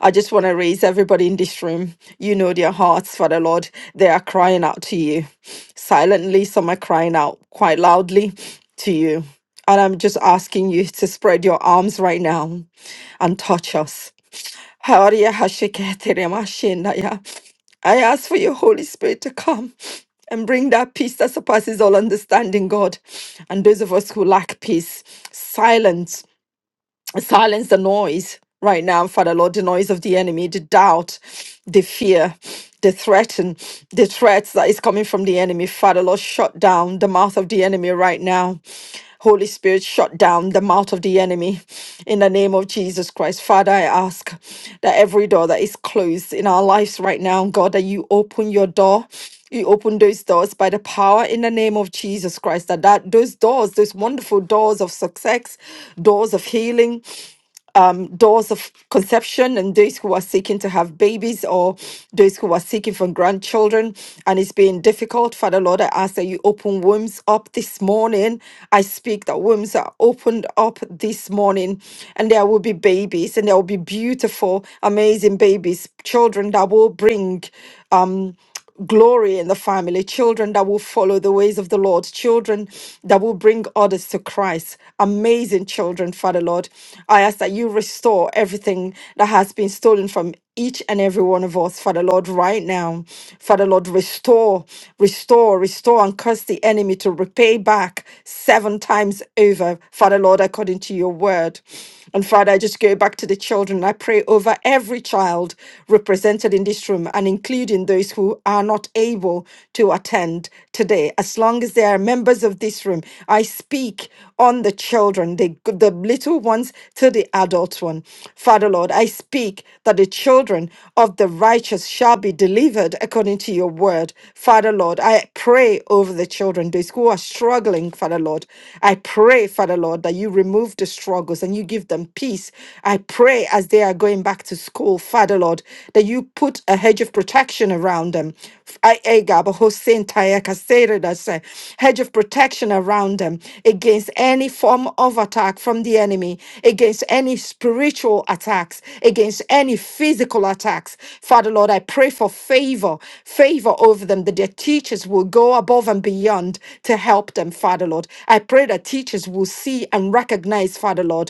I just want to raise everybody in this room. You know their hearts, Father Lord. They are crying out to you. Silently, some are crying out quite loudly to you. And I'm just asking you to spread your arms right now and touch us. Haria Hashiketerema Shindaya. I ask for your Holy Spirit to come and bring that peace that surpasses all understanding, God. And those of us who lack peace, silence silence the noise right now, Father Lord, the noise of the enemy, the doubt, the fear, the threaten, the threats that is coming from the enemy. Father Lord, shut down the mouth of the enemy right now. Holy Spirit, shut down the mouth of the enemy in the name of Jesus Christ. Father, I ask that every door that is closed in our lives right now, God, that you open your door you open those doors by the power in the name of Jesus Christ. That, that those doors, those wonderful doors of success, doors of healing, doors of conception and those who are seeking to have babies or those who are seeking for grandchildren and it's been difficult. Father Lord, I ask that you open wombs up this morning. I speak that wombs are opened up this morning and there will be babies and there will be beautiful, amazing babies, children that will bring. Um, glory in the family, children that will follow the ways of the Lord, children that will bring others to Christ. Amazing children, Father Lord. I ask that you restore everything that has been stolen from each and every one of us, Father Lord, right now. Father Lord, restore, restore, restore, and curse the enemy to repay back seven times over, Father Lord, according to your word. And Father, I just go back to the children. I pray over every child represented in this room and including those who are not able to attend today. As long as they are members of this room, I speak on the children, the, the little ones to the adult one. Father, Lord, I speak that the children of the righteous shall be delivered according to your word. Father, Lord, I pray over the children, those who are struggling, Father, Lord. I pray, Father, Lord, that you remove the struggles and you give them peace. I pray as they are going back to school, Father Lord, that you put a hedge of protection around them. I Agab, Hossein, Taya, Kasere, that's a hedge of protection around them against any form of attack from the enemy, against any spiritual attacks, against any physical attacks. Father Lord, I pray for favor, favor over them, that their teachers will go above and beyond to help them, Father Lord. I pray that teachers will see and recognize, Father Lord,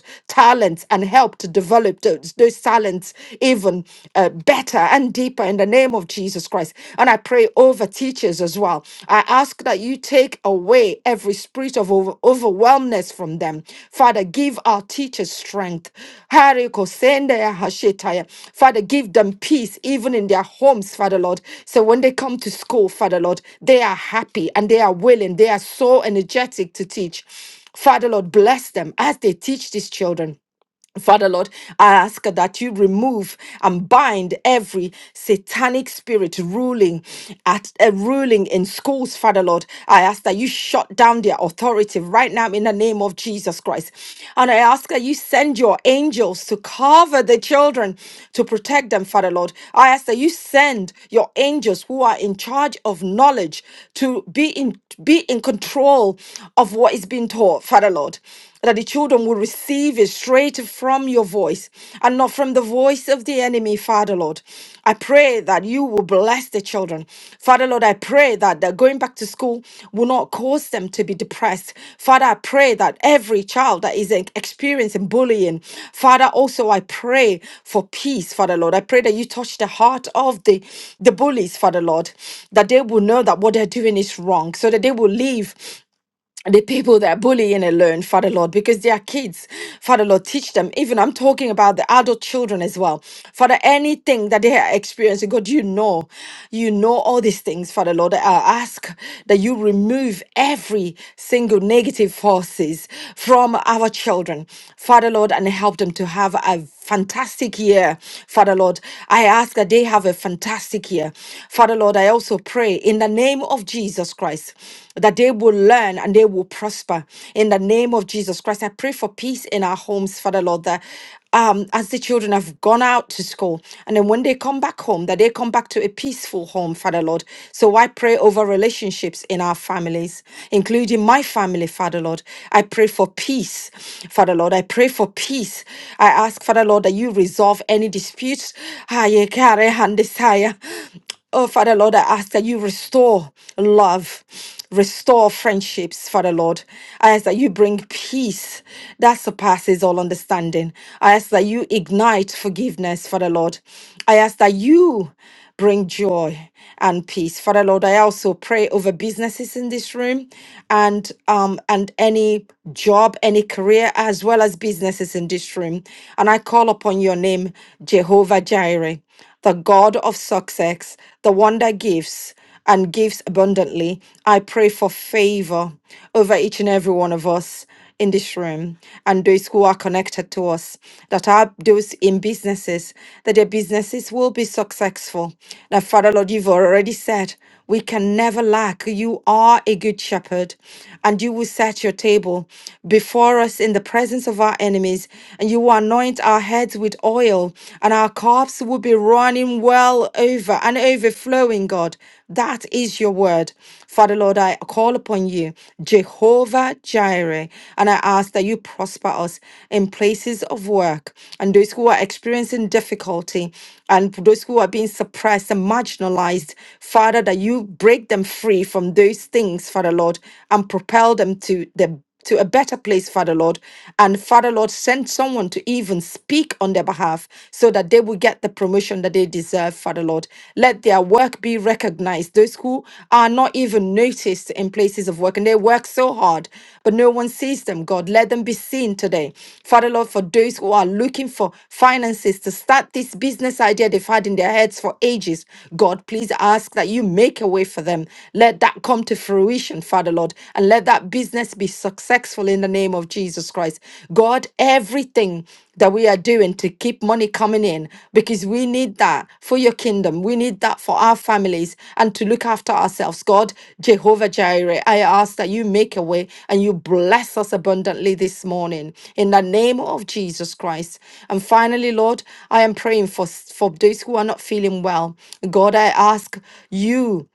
talents and help to develop those, those talents even uh, better and deeper in the name of Jesus Christ. And I pray over teachers as well. I ask that you take away every spirit of over, overwhelmness from them. Father, give our teachers strength. Hariko sende hashetaya. Father, give them peace even in their homes, Father Lord. So when they come to school, Father Lord, they are happy and they are willing. They are so energetic to teach. Father Lord, bless them as they teach these children. Father Lord, I ask that you remove and bind every satanic spirit ruling at uh, ruling in schools, Father Lord. I ask that you shut down their authority right now in the name of Jesus Christ. And I ask that you send your angels to cover the children to protect them, Father Lord. I ask that you send your angels who are in charge of knowledge to be in be in control of what is being taught, Father Lord that the children will receive it straight from your voice and not from the voice of the enemy, Father Lord. I pray that you will bless the children. Father Lord, I pray that they're going back to school will not cause them to be depressed. Father, I pray that every child that is en- experiencing bullying, Father, also I pray for peace, Father Lord. I pray that you touch the heart of the, the bullies, Father Lord, that they will know that what they're doing is wrong, so that they will leave the people that bully in and learn, Father Lord, because they are kids. Father Lord, teach them. Even I'm talking about the adult children as well. Father, anything that they are experiencing, God, you know. You know all these things, Father Lord. I ask that you remove every single negative forces from our children, Father Lord, and help them to have a fantastic year, Father Lord. I ask that they have a fantastic year. Father Lord, I also pray in the name of Jesus Christ that they will learn and they will prosper. In the name of Jesus Christ, I pray for peace in our homes, Father Lord, that um, as the children have gone out to school and then when they come back home, that they come back to a peaceful home, Father Lord. So I pray over relationships in our families, including my family, Father Lord. I pray for peace, Father Lord. I pray for peace peace. I ask, Father Lord, that you resolve any disputes. Aye, care, hand desire. Oh, Father Lord, I ask that you restore love, restore friendships, Father Lord. I ask that you bring peace that surpasses all understanding. I ask that you ignite forgiveness, Father Lord. I ask that you bring joy and peace. Father Lord, I also pray over businesses in this room and um and any job, any career, as well as businesses in this room. And I call upon your name, Jehovah Jireh, the God of success, the one that gives and gives abundantly. I pray for favor over each and every one of us in this room and those who are connected to us that are those in businesses that their businesses will be successful. Now, Father Lord, you've already said. We can never lack. You are a good shepherd, and you will set your table before us in the presence of our enemies, and you will anoint our heads with oil, and our cups will be running well over and overflowing, God. That is your word. Father Lord, I call upon you, Jehovah Jireh, and I ask that you prosper us in places of work and those who are experiencing difficulty and those who are being suppressed and marginalized. Father, that you you break them free from those things, Father Lord, and propel them to the to a better place, Father Lord. And Father Lord, send someone to even speak on their behalf so that they will get the promotion that they deserve, Father Lord. Let their work be recognized. Those who are not even noticed in places of work and they work so hard, but no one sees them, God. Let them be seen today. Father Lord, for those who are looking for finances to start this business idea they've had in their heads for ages, God, please ask that you make takeaway for them. Let that come to fruition, Father Lord, and let that business be successful in the name of Jesus Christ. God, everything that we are doing to keep money coming in, because we need that for your kingdom. We need that for our families and to look after ourselves. God, Jehovah Jireh, I ask that you make a way and you bless us abundantly this morning in the name of Jesus Christ. And finally, Lord, I am praying for, for those who are not feeling well. God, I ask you.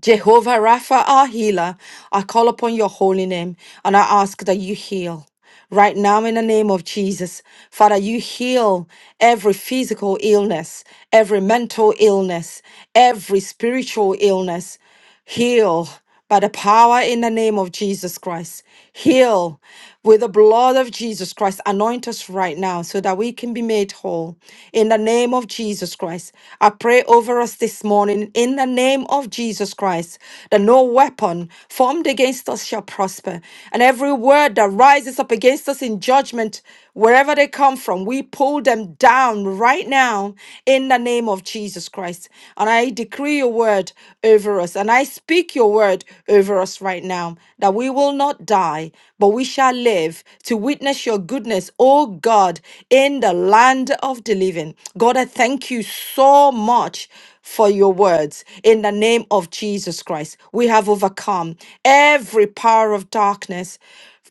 Jehovah Rapha, our healer, I call upon your holy name and I ask that you heal. Right now, in the name of Jesus, Father, you heal every physical illness, every mental illness, every spiritual illness. Heal by the power in the name of Jesus Christ. Heal with the blood of Jesus Christ. Anoint us right now so that we can be made whole. In the name of Jesus Christ, I pray over us this morning. In the name of Jesus Christ, that no weapon formed against us shall prosper, and every word that rises up against us in in judgment, wherever they come from, we pull them down right now in the name of Jesus Christ. And I decree your word over us, and I speak your word over us right now that we will not die, but we shall live to witness your goodness, oh God, in the land of the living. God, I thank you so much for your words in the name of Jesus Christ. We have overcome every power of darkness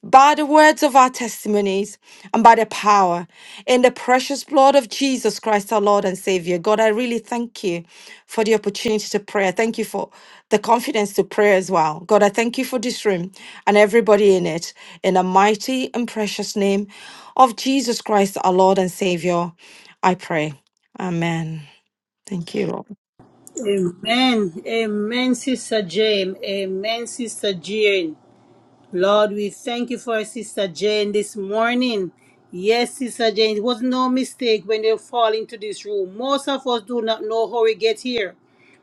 by the words of our testimonies and by the power in the precious blood of Jesus Christ, our Lord and Savior. God, I really thank you for the opportunity to pray. I thank you for the confidence to pray as well. God, I thank you for this room and everybody in it. In the mighty and precious name of Jesus Christ, our Lord and Savior, I pray. Amen. Thank you, Lord. Amen. Amen, Sister Jane. Amen, Sister Jane. Lord, we thank you for Sister Jane this morning. Yes, Sister Jane, it was no mistake when they fall into this room. Most of us do not know how we get here,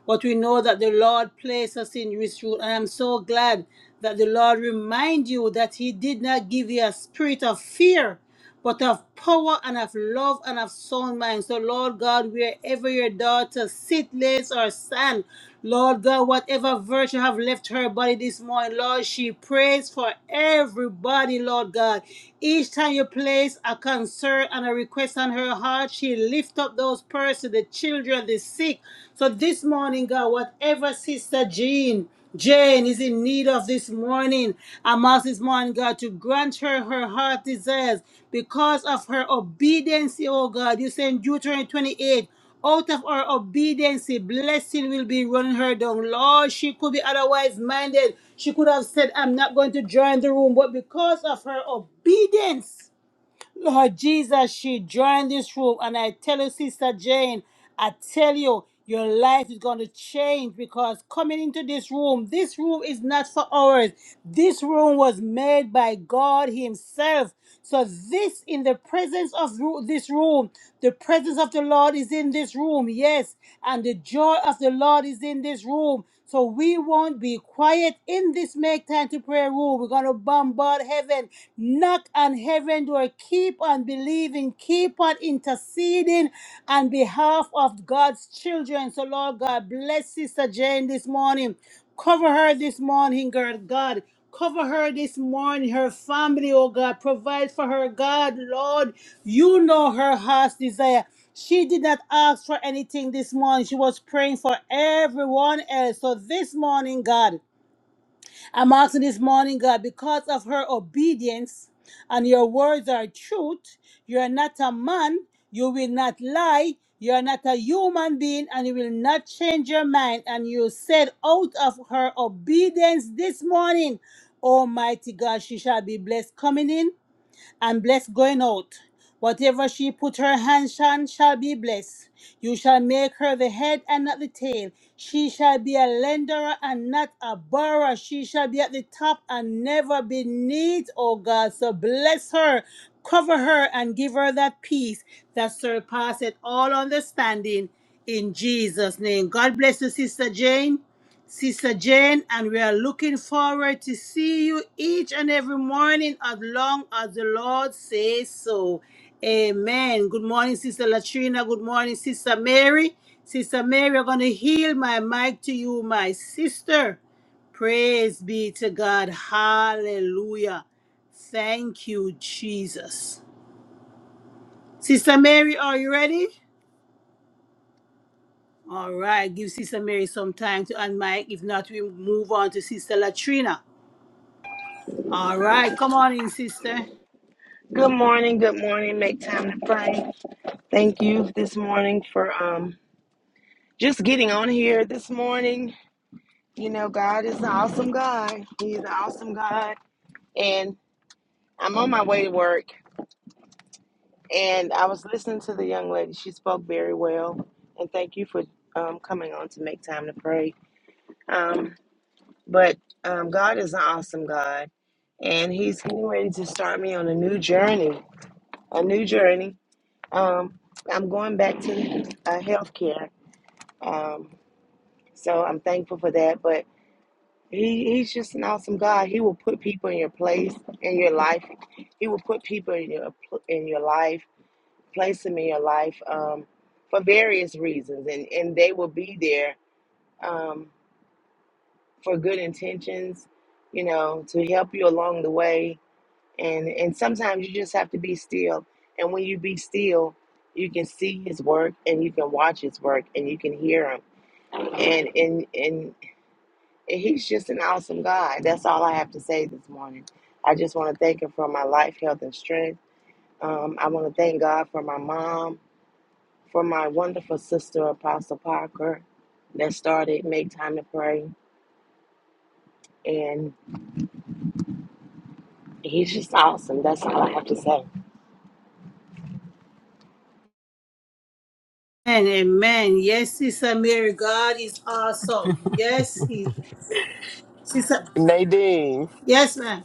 but we know that the Lord placed us in this room. And I'm so glad that the Lord remind you that He did not give you a spirit of fear, but of power and of love and of sound mind. So, Lord God, wherever your daughter sit, lays, or stand, Lord God, whatever virtue have left her body this morning, Lord, she prays for everybody, Lord God. Each time you place a concern and a request on her heart, she lift up those persons, the children, the sick. So this morning, God, whatever Sister Jean, Jane is in need of this morning. I'm asking this morning, God, to grant her her heart desires because of her obedience, oh God. You say in Deuteronomy 28. Out of her obedience, blessing will be running her down. Lord, she could be otherwise minded. She could have said, I'm not going to join the room. But because of her obedience, Lord Jesus, she joined this room, and I tell you, Sister Jane, I tell you, your life is going to change because coming into this room, this room is not for ours. This room was made by God Himself. So, this in the presence of ru- this room, the presence of the Lord is in this room, yes, and the joy of the Lord is in this room. So we won't be quiet in this make time to pray room. We're going to bombard heaven, knock on heaven door, keep on believing, keep on interceding on behalf of God's children. So Lord God, bless Sister Jane this morning. Cover her this morning, girl God. Cover her this morning, her family, oh God. Provide for her, God, Lord. You know her heart's desire. She did not ask for anything this morning. She was praying for everyone else. So this morning, God. I'm asking this morning, God, because of her obedience and your words are truth, you are not a man, you will not lie, you are not a human being, and you will not change your mind. And you said, out of her obedience this morning, Almighty God, she shall be blessed coming in and blessed going out. Whatever she put her hands on shall be blessed. You shall make her the head and not the tail. She shall be a lender and not a borrower. She shall be at the top and never beneath, oh God. So bless her, cover her, and give her that peace that surpasseth all understanding in Jesus' name. God bless you, Sister Jane. Sister Jane, and we are looking forward to see you each and every morning as long as the Lord says so. Amen. Good morning, Sister Latrina. Good morning, Sister Mary. Sister Mary, I'm going to yield my mic to you, my sister. Praise be to God. Hallelujah. Thank you, Jesus. Sister Mary, are you ready? All right. Give Sister Mary some time to unmic. If not, we move on to Sister Latrina. All right, come on in, sister. Good morning. Good morning. Make time to pray. Thank you this morning for um just getting on here this morning. You know, God is an awesome God. He's an awesome God. And I'm on my way to work and I was listening to the young lady. She spoke very well. And thank you for um, coming on to make time to pray. Um, but um, God is an awesome God and He's getting ready to start me on a new journey. A new journey. Um, I'm going back to uh, healthcare Um, so I'm thankful for that. But he, he's just an awesome God. He will put people in your place in your life. He will put people in your in your life, place them in your life um, for various reasons, and and they will be there um, for good intentions, you know, to help you along the way. And and sometimes you just have to be still. And when you be still, you can see His work, and you can watch His work, and you can hear Him and and and He's just an awesome guy. That's all I have to say this morning. I just want to thank him for my life, health, and strength. Um, I want to thank God for my mom, for my wonderful sister, Apostle Parker, that started Make Time to Pray. And he's just awesome. That's all I have to say. And amen. Yes, sister Mary, God is awesome. Yes, he, sister. Nadine, Yes, ma'am.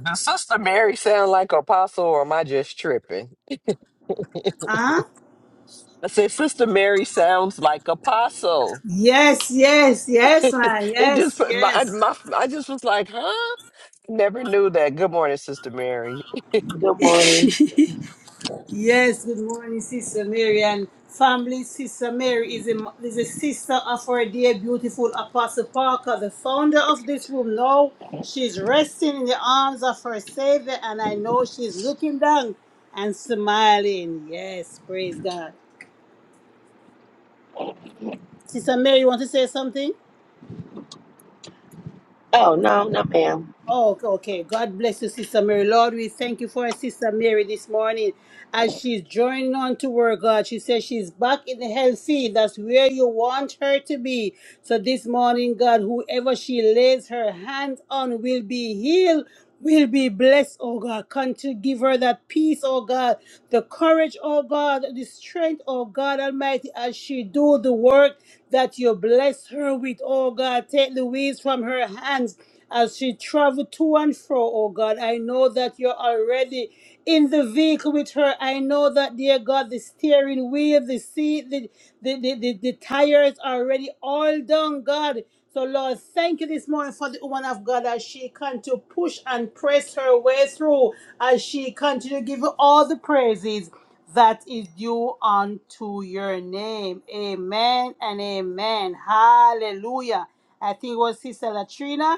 does Sister Mary sound like Apostle, or am I just tripping? Uh huh. I said Sister Mary sounds like Apostle. Yes, yes, <laughs> yes, ma'am. it just Yes, put my, my I just was like, huh? Never knew that. Good morning, Sister Mary. Good morning. yes. <laughs> Yes, good morning, Sister Mary and family. Sister Mary is a, is a sister of our dear, beautiful Apostle Parker, the founder of this room. Now she's resting in the arms of her Savior, and I know she's looking down and smiling. Yes, praise God. Sister Mary, you want to say something? Oh, no, no, ma'am. Oh, okay. okay. God bless you, Sister Mary. Lord, we thank you for our Sister Mary this morning as she's joining on to work, God. She says she's back in the health field. That's where you want her to be. So this morning, God, whoever she lays her hands on will be healed will be blessed, oh God. Continue to give her that peace, oh God, the courage, oh God, the strength, oh God Almighty, as she do the work that you bless her with, oh God. Take the weeds from her hands as she travel to and fro, oh God. I know that you're already in the vehicle with her. I know that, dear God, the steering wheel, the seat, the, the, the, the, the tires are already all done, God. So, Lord, thank you this morning for the woman of God as she can to push and press her way through, as she continue to give you all the praises that is due unto your name. Amen and amen. Hallelujah. I think it was Sister Latrina,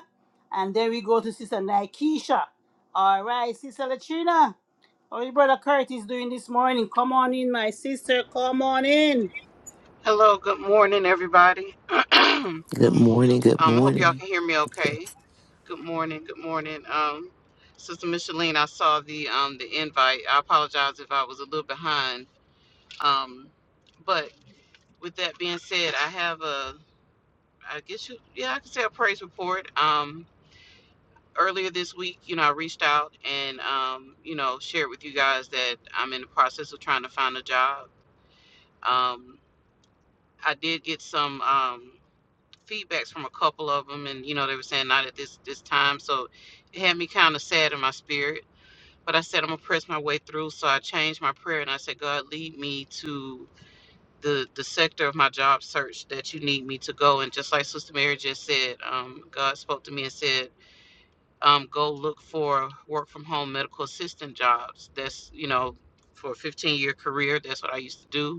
and then we go to Sister Nikesha. All right, Sister Latrina, how your brother Curtis doing this morning? Come on in, my sister. Come on in. Hello, good morning, everybody. <clears throat> um, Good morning. Good I hope y'all morning. can hear me Yes. okay. Good morning, good morning. Um, Sister Micheline, I saw the um the invite. I apologize if I was a little behind. Um, but with that being said, I have a I guess you yeah, I can say a praise report. Um earlier this week, you know, I reached out and um, you know, shared with you guys that I'm in the process of trying to find a job. Um I did get some um feedbacks from a couple of them, and you know they were saying not at this this time, so it had me kind of sad in my spirit. But I said I'm gonna press my way through, so I changed my prayer and I said, God, lead me to the the sector of my job search that you need me to go. And just like Sister Mary just said, um, God spoke to me and said, um, go look for work from home medical assistant jobs. That's you know for a 15 year career, that's what I used to do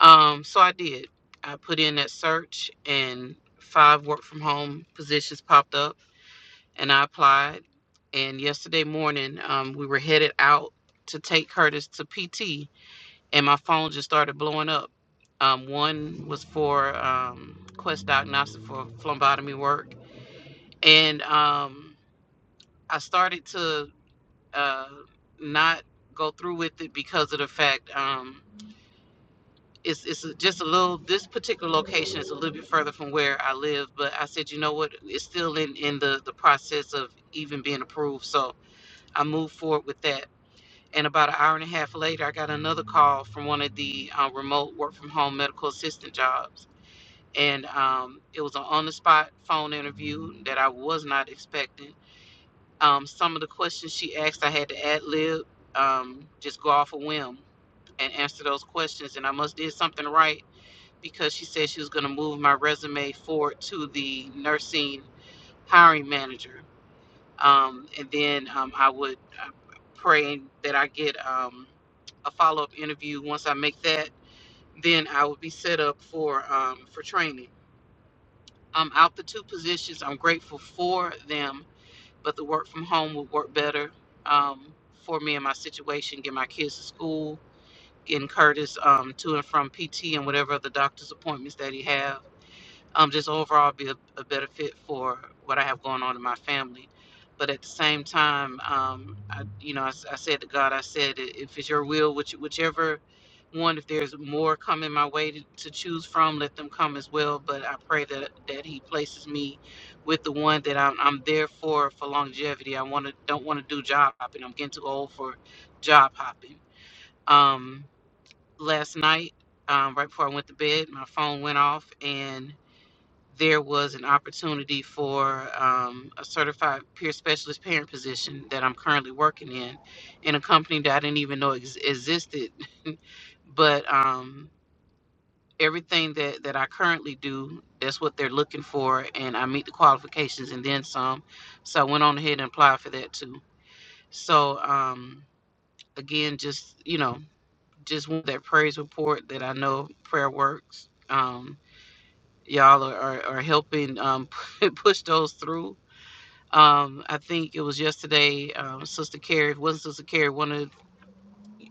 um, so I did. I put in that search, and five work from home positions popped up, and I applied. And yesterday morning, um, we were headed out to take Curtis to PT, and my phone just started blowing up. Um, one was for um, Quest Diagnostic for phlebotomy work, and um, I started to uh, not go through with it because of the fact. um, it's it's just a little this particular location is a little bit further from where I live, but I said, you know what, it's still in in the the process of even being approved. So I moved forward with that. And about an hour and a half later, I got another call from one of the uh, remote work from home medical assistant jobs, and um, it was an on the spot phone interview that I was not expecting. Um, some of the questions she asked, I had to ad lib, um, just go off a whim and answer those questions, and I must did something right because she said she was going to move my resume forward to the nursing hiring manager. Um, and then um, I would uh, pray that I get um, a follow up interview. Once I make that, then I would be set up for um, for training. i out the two positions. I'm grateful for them, but the work from home would work better um, for me and my situation. Get my kids to school, getting Curtis um, to and from PT and whatever other doctor's appointments that he have um, just overall be a, a better fit for what I have going on in my family. But at the same time, um, I, you know, I, s- I said to God, I said, "I- if it's your will, which, whichever one, if there's more coming my way to, to choose from, let them come as well. But I pray that, that He places me with the one that I'm, I'm there for for longevity. I want to don't want to do job hopping. I'm getting too old for job hopping. Um, last night, um, right before I went to bed, my phone went off and there was an opportunity for um, a certified peer specialist parent position that I'm currently working in, in a company that I didn't even know ex- existed. But um, everything that, that I currently do, that's what they're looking for, and I meet the qualifications and then some. So I went on ahead and applied for that too. So um, again, just you know, just want that praise report that I know prayer works. Um, y'all are, are, are helping um, <laughs> push those through Um, I think it was yesterday, um, Sister Carrie, it wasn't Sister Carrie, one of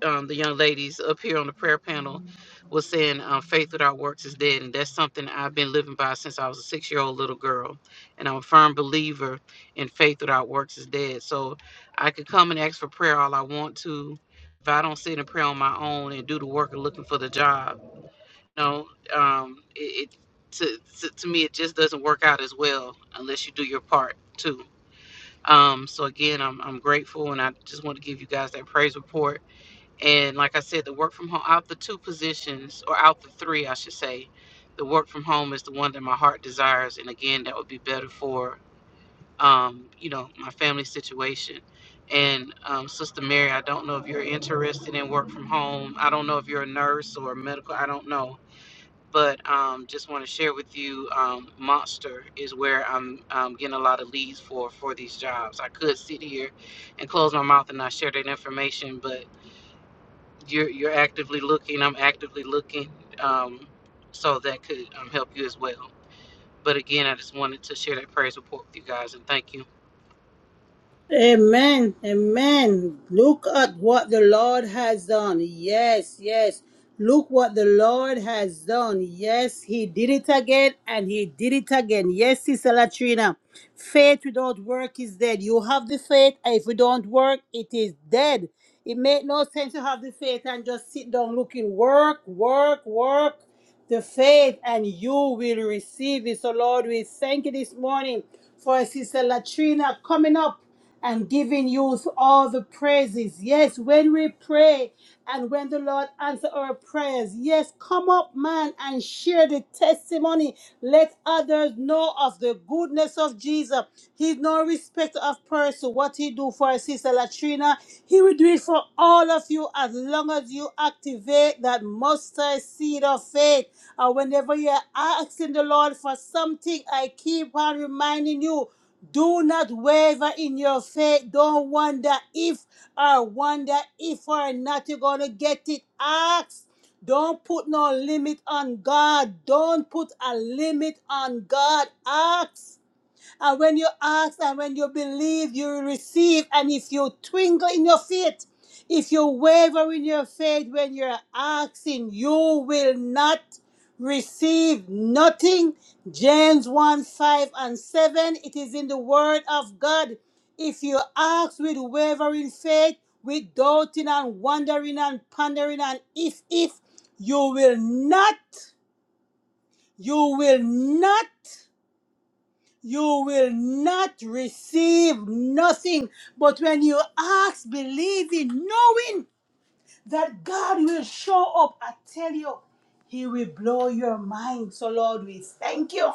um, the young ladies up here on the prayer panel was saying, um, faith without works is dead. And that's something I've been living by since I was a six year old little girl. And I'm a firm believer in faith without works is dead. So I could come and ask for prayer all I want to. If I don't sit and pray on my own and do the work of looking for the job, you know, um, it, it to, to, to me, it just doesn't work out as well unless you do your part too. Um, so again, I'm I'm grateful, and I just want to give you guys that praise report. And like I said, the work from home out the two positions, or out the three, I should say, the work from home is the one that my heart desires, and again, that would be better for um, you know my family situation. And um, Sister Mary, I don't know if you're interested in work from home. I don't know if you're a nurse or a medical. I don't know but um, just want to share with you um, monster is where i'm um, getting a lot of leads for for these jobs i could sit here and close my mouth and not share that information but you're you're actively looking i'm actively looking um, so that could um, help you as well but again i just wanted to share that praise report with you guys and thank you Amen. Amen. Look at what the Lord has done. Yes, yes. Look what the Lord has done. Yes, He did it again and He did it again. Yes, Sister Latrina. Faith without work is dead. You have the faith, and if you don't work, it is dead. It made no sense to have the faith and just sit down looking work, work, work the faith and you will receive it. So, Lord, we thank you this morning for Sister Latrina coming up and giving you all the praises. Yes, when we pray and when the Lord answer our prayers. Yes, come up, man, and share the testimony. Let others know of the goodness of Jesus. He's no respecter of person. What he do for our sister Latrina, he will do it for all of you as long as you activate that mustard seed of faith. And whenever you're asking the Lord for something, I keep on reminding you do not waver in your faith. Don't wonder if or wonder if or not you're going to get it. Ask. Don't put no limit on God. Don't put a limit on God. Ask. And when you ask and when you believe, you will receive. And if you twinkle in your feet, if you waver in your faith when you're asking, you will not receive nothing. James 1 5 and 7. It is in the word of God. If you ask with wavering faith, with doubting and wondering and pondering and if, if, you will not, you will not you will not receive nothing. But when you ask, believing, knowing that God will show up, I tell you, He will blow your mind. So, Lord, we thank you.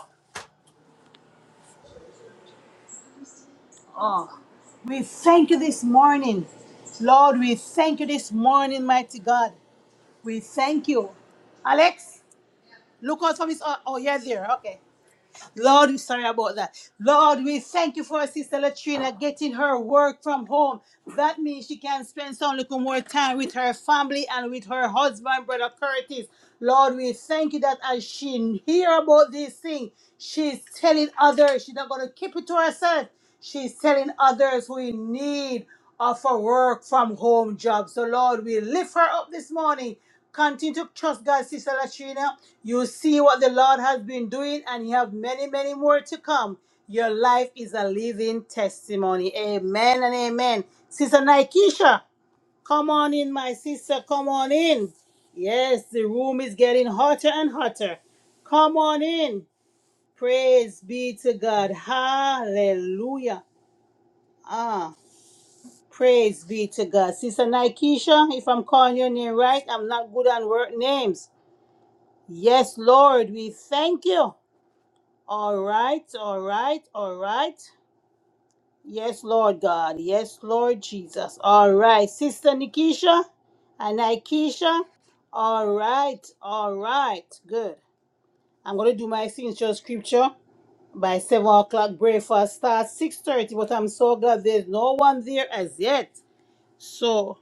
Oh, we thank you this morning. Lord, we thank you this morning, mighty God. We thank you. Alex, look out for this. Oh, oh, you're there. Okay. Lord, we're sorry about that. Lord, we thank you for Sister Latrina getting her work from home. That means she can spend some little more time with her family and with her husband, Brother Curtis. Lord, we thank you that as she hear about these things, she's telling others. She's not going to keep it to herself. She's telling others who in need of a work from home job. So, Lord, we lift her up this morning Continue to trust God, Sister Latrina. You see what the Lord has been doing, and you have many, many more to come. Your life is a living testimony. Amen and amen. Sister Nikesha, come on in, my sister. Come on in. Yes, the room is getting hotter and hotter. Come on in. Praise be to God. Hallelujah. Ah, praise be to God. Sister Nikesha, if I'm calling your name right, I'm not good on word names. Yes, Lord, we thank you. All right, all right, all right. Yes, Lord God. Yes, Lord Jesus. All right, Sister Nikisha and Aikisha. All right, all right. Good. I'm gonna do my signature scripture by seven o'clock. Breakfast starts six thirty, but I'm so glad there's no one there as yet. So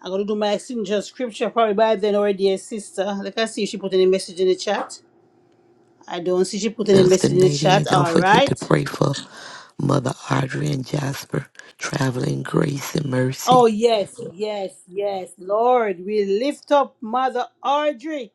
I'm gonna do my signature scripture probably by then already, dear sister. Let us see if she put any message in the chat. I don't see she put any Minister message in the Nadine, chat. don't All forget to right. pray for Mother Audrey and Jasper, traveling grace and mercy. Oh, yes, yes, yes. Lord, we lift up Mother Audrey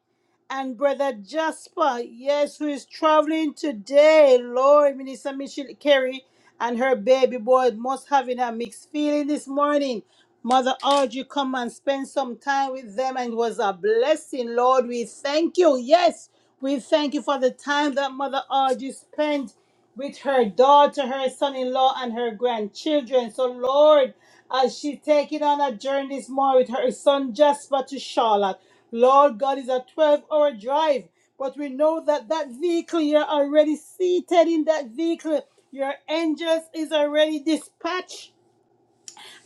and Brother Jasper. Yes, who is traveling today. Lord, Minister Michelle Carey and her baby boy must having a mixed feeling this morning. Mother Audrey, come and spend some time with them, and it was a blessing. Lord, we thank you. Yes, we thank you for the time that Mother Audrey spent with her daughter, her son in law, and her grandchildren. So, Lord, as she's taking on a journey this morning with her son Jasper to Charlotte. Lord God is a 12 hour drive, but we know that that vehicle, you're already seated in that vehicle. Your angels is already dispatched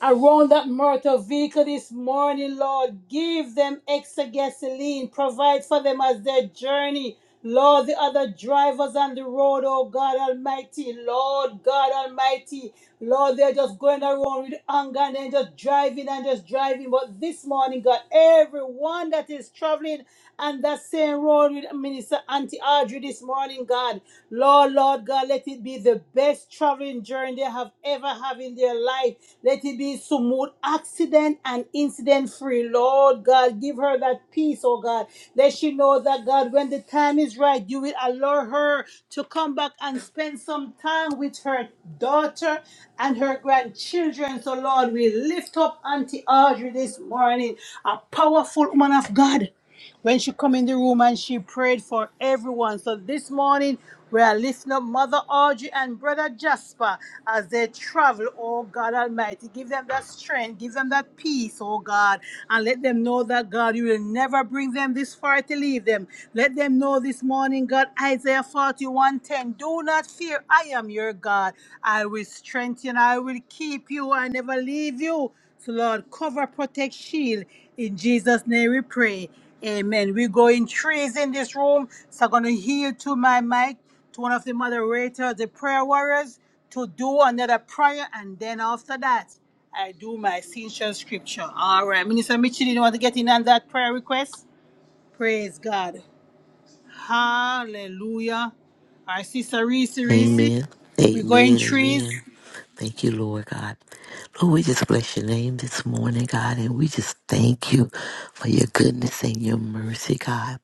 around that motor vehicle this morning, Lord. Give them extra gasoline. Provide for them as their journey. Lord, the other drivers on the road, oh God Almighty, Lord God Almighty, Lord, they're just going around with anger and then just driving and just driving. But this morning, God, everyone that is traveling on that same road with Minister Auntie Audrey this morning traveling, God. Lord, Lord God, let it be the best traveling journey they have ever have in their life. Let it be smooth, accident and incident free. Lord God, give her that peace, oh God. Let she know that God, when the time is right, you will allow her to come back and spend some time with her daughter and her grandchildren. So Lord, we lift up Auntie Audrey this morning, a powerful woman of God when she come in the room and she prayed for everyone. So this morning we are lifting up Mother Audrey and Brother Jasper as they travel, oh God Almighty. Give them that strength, give them that peace, oh God, and let them know that God, you will never bring them this far to leave them. Let them know this morning, God, Isaiah 41:10. do not fear, I am your God. I will strengthen, I will keep you, I never leave you. So Lord, cover, protect, shield. In Jesus' name we pray. Amen. We're going trees in this room. So I'm going to yield to my mic, to one of the moderators, the prayer warriors, to do another prayer. And then after that, I do my essential scripture. All right. Minister Mitchell, you want to get in on that prayer request? Praise God. Hallelujah. Our sister Reese, Reese, Amen. we're going Amen. trees. Amen. Thank you, Lord God. Lord, we just bless your name this morning, God, and we just thank you for your goodness and your mercy, God.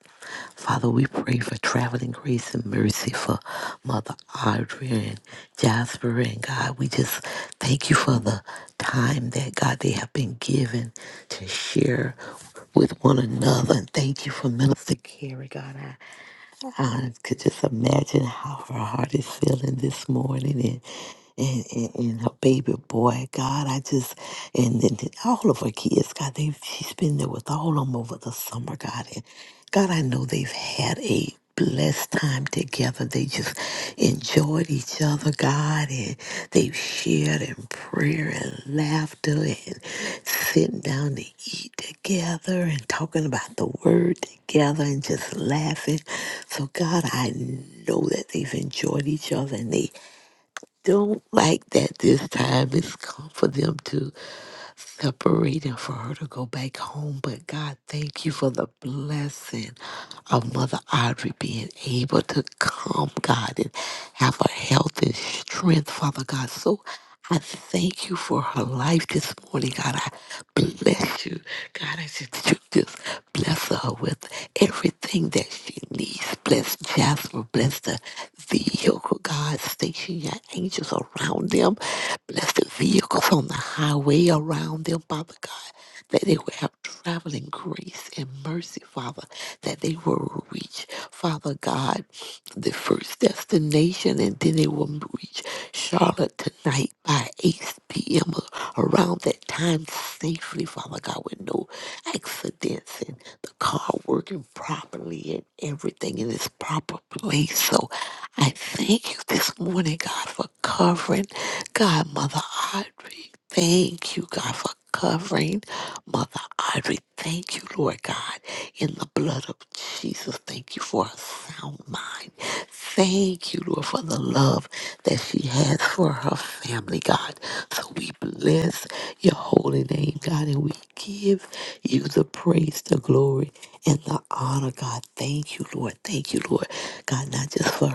Father, we pray for traveling grace and mercy for Mother Audrey and Jasper. And God, we just thank you for the time that, God, they have been given to share with one another. And thank you for Minister Carey, God. I could just imagine how her heart is feeling this morning and and, and, and her baby boy, God, I just and, then then all of her kids, God, they she's been there with all of them over the summer, God. And God, I know they've had a blessed time together. They just enjoyed each other, God, and they've shared in prayer and laughter and sitting down to eat together and talking about the word together and just laughing. So, God, I know that they've enjoyed each other and they don't like that this time. It's come for them too separating for her to go back home. But God, thank you for the blessing of Mother Audrey being able to come, God, and have her health and strength, Father God. So I thank you for her life this morning, God. I bless you. God, I said that you just bless Bless her with everything that she needs. Bless Jasper. Bless the vehicle, God. Station your angels around them. Bless the vehicles on the highway around them, Father God. That they will have traveling grace and mercy, Father. That they will reach, Father God the first destination, and then they will reach Charlotte tonight by 8 p.m. or around that time safely, Father God, with no accidents and the car working properly and everything in its proper place. So I thank you this morning, God, for covering God, Mother Audrey. Thank you, God, for covering Mother Audrey. Thank you, Lord God, in the blood of Jesus. Thank you for a sound mind. Thank you, Lord, for the love that she has for her family, God. So we bless your holy name, God, and we give you the praise, the glory, and the honor, God. Thank you, Lord. Thank you, Lord. God, not just for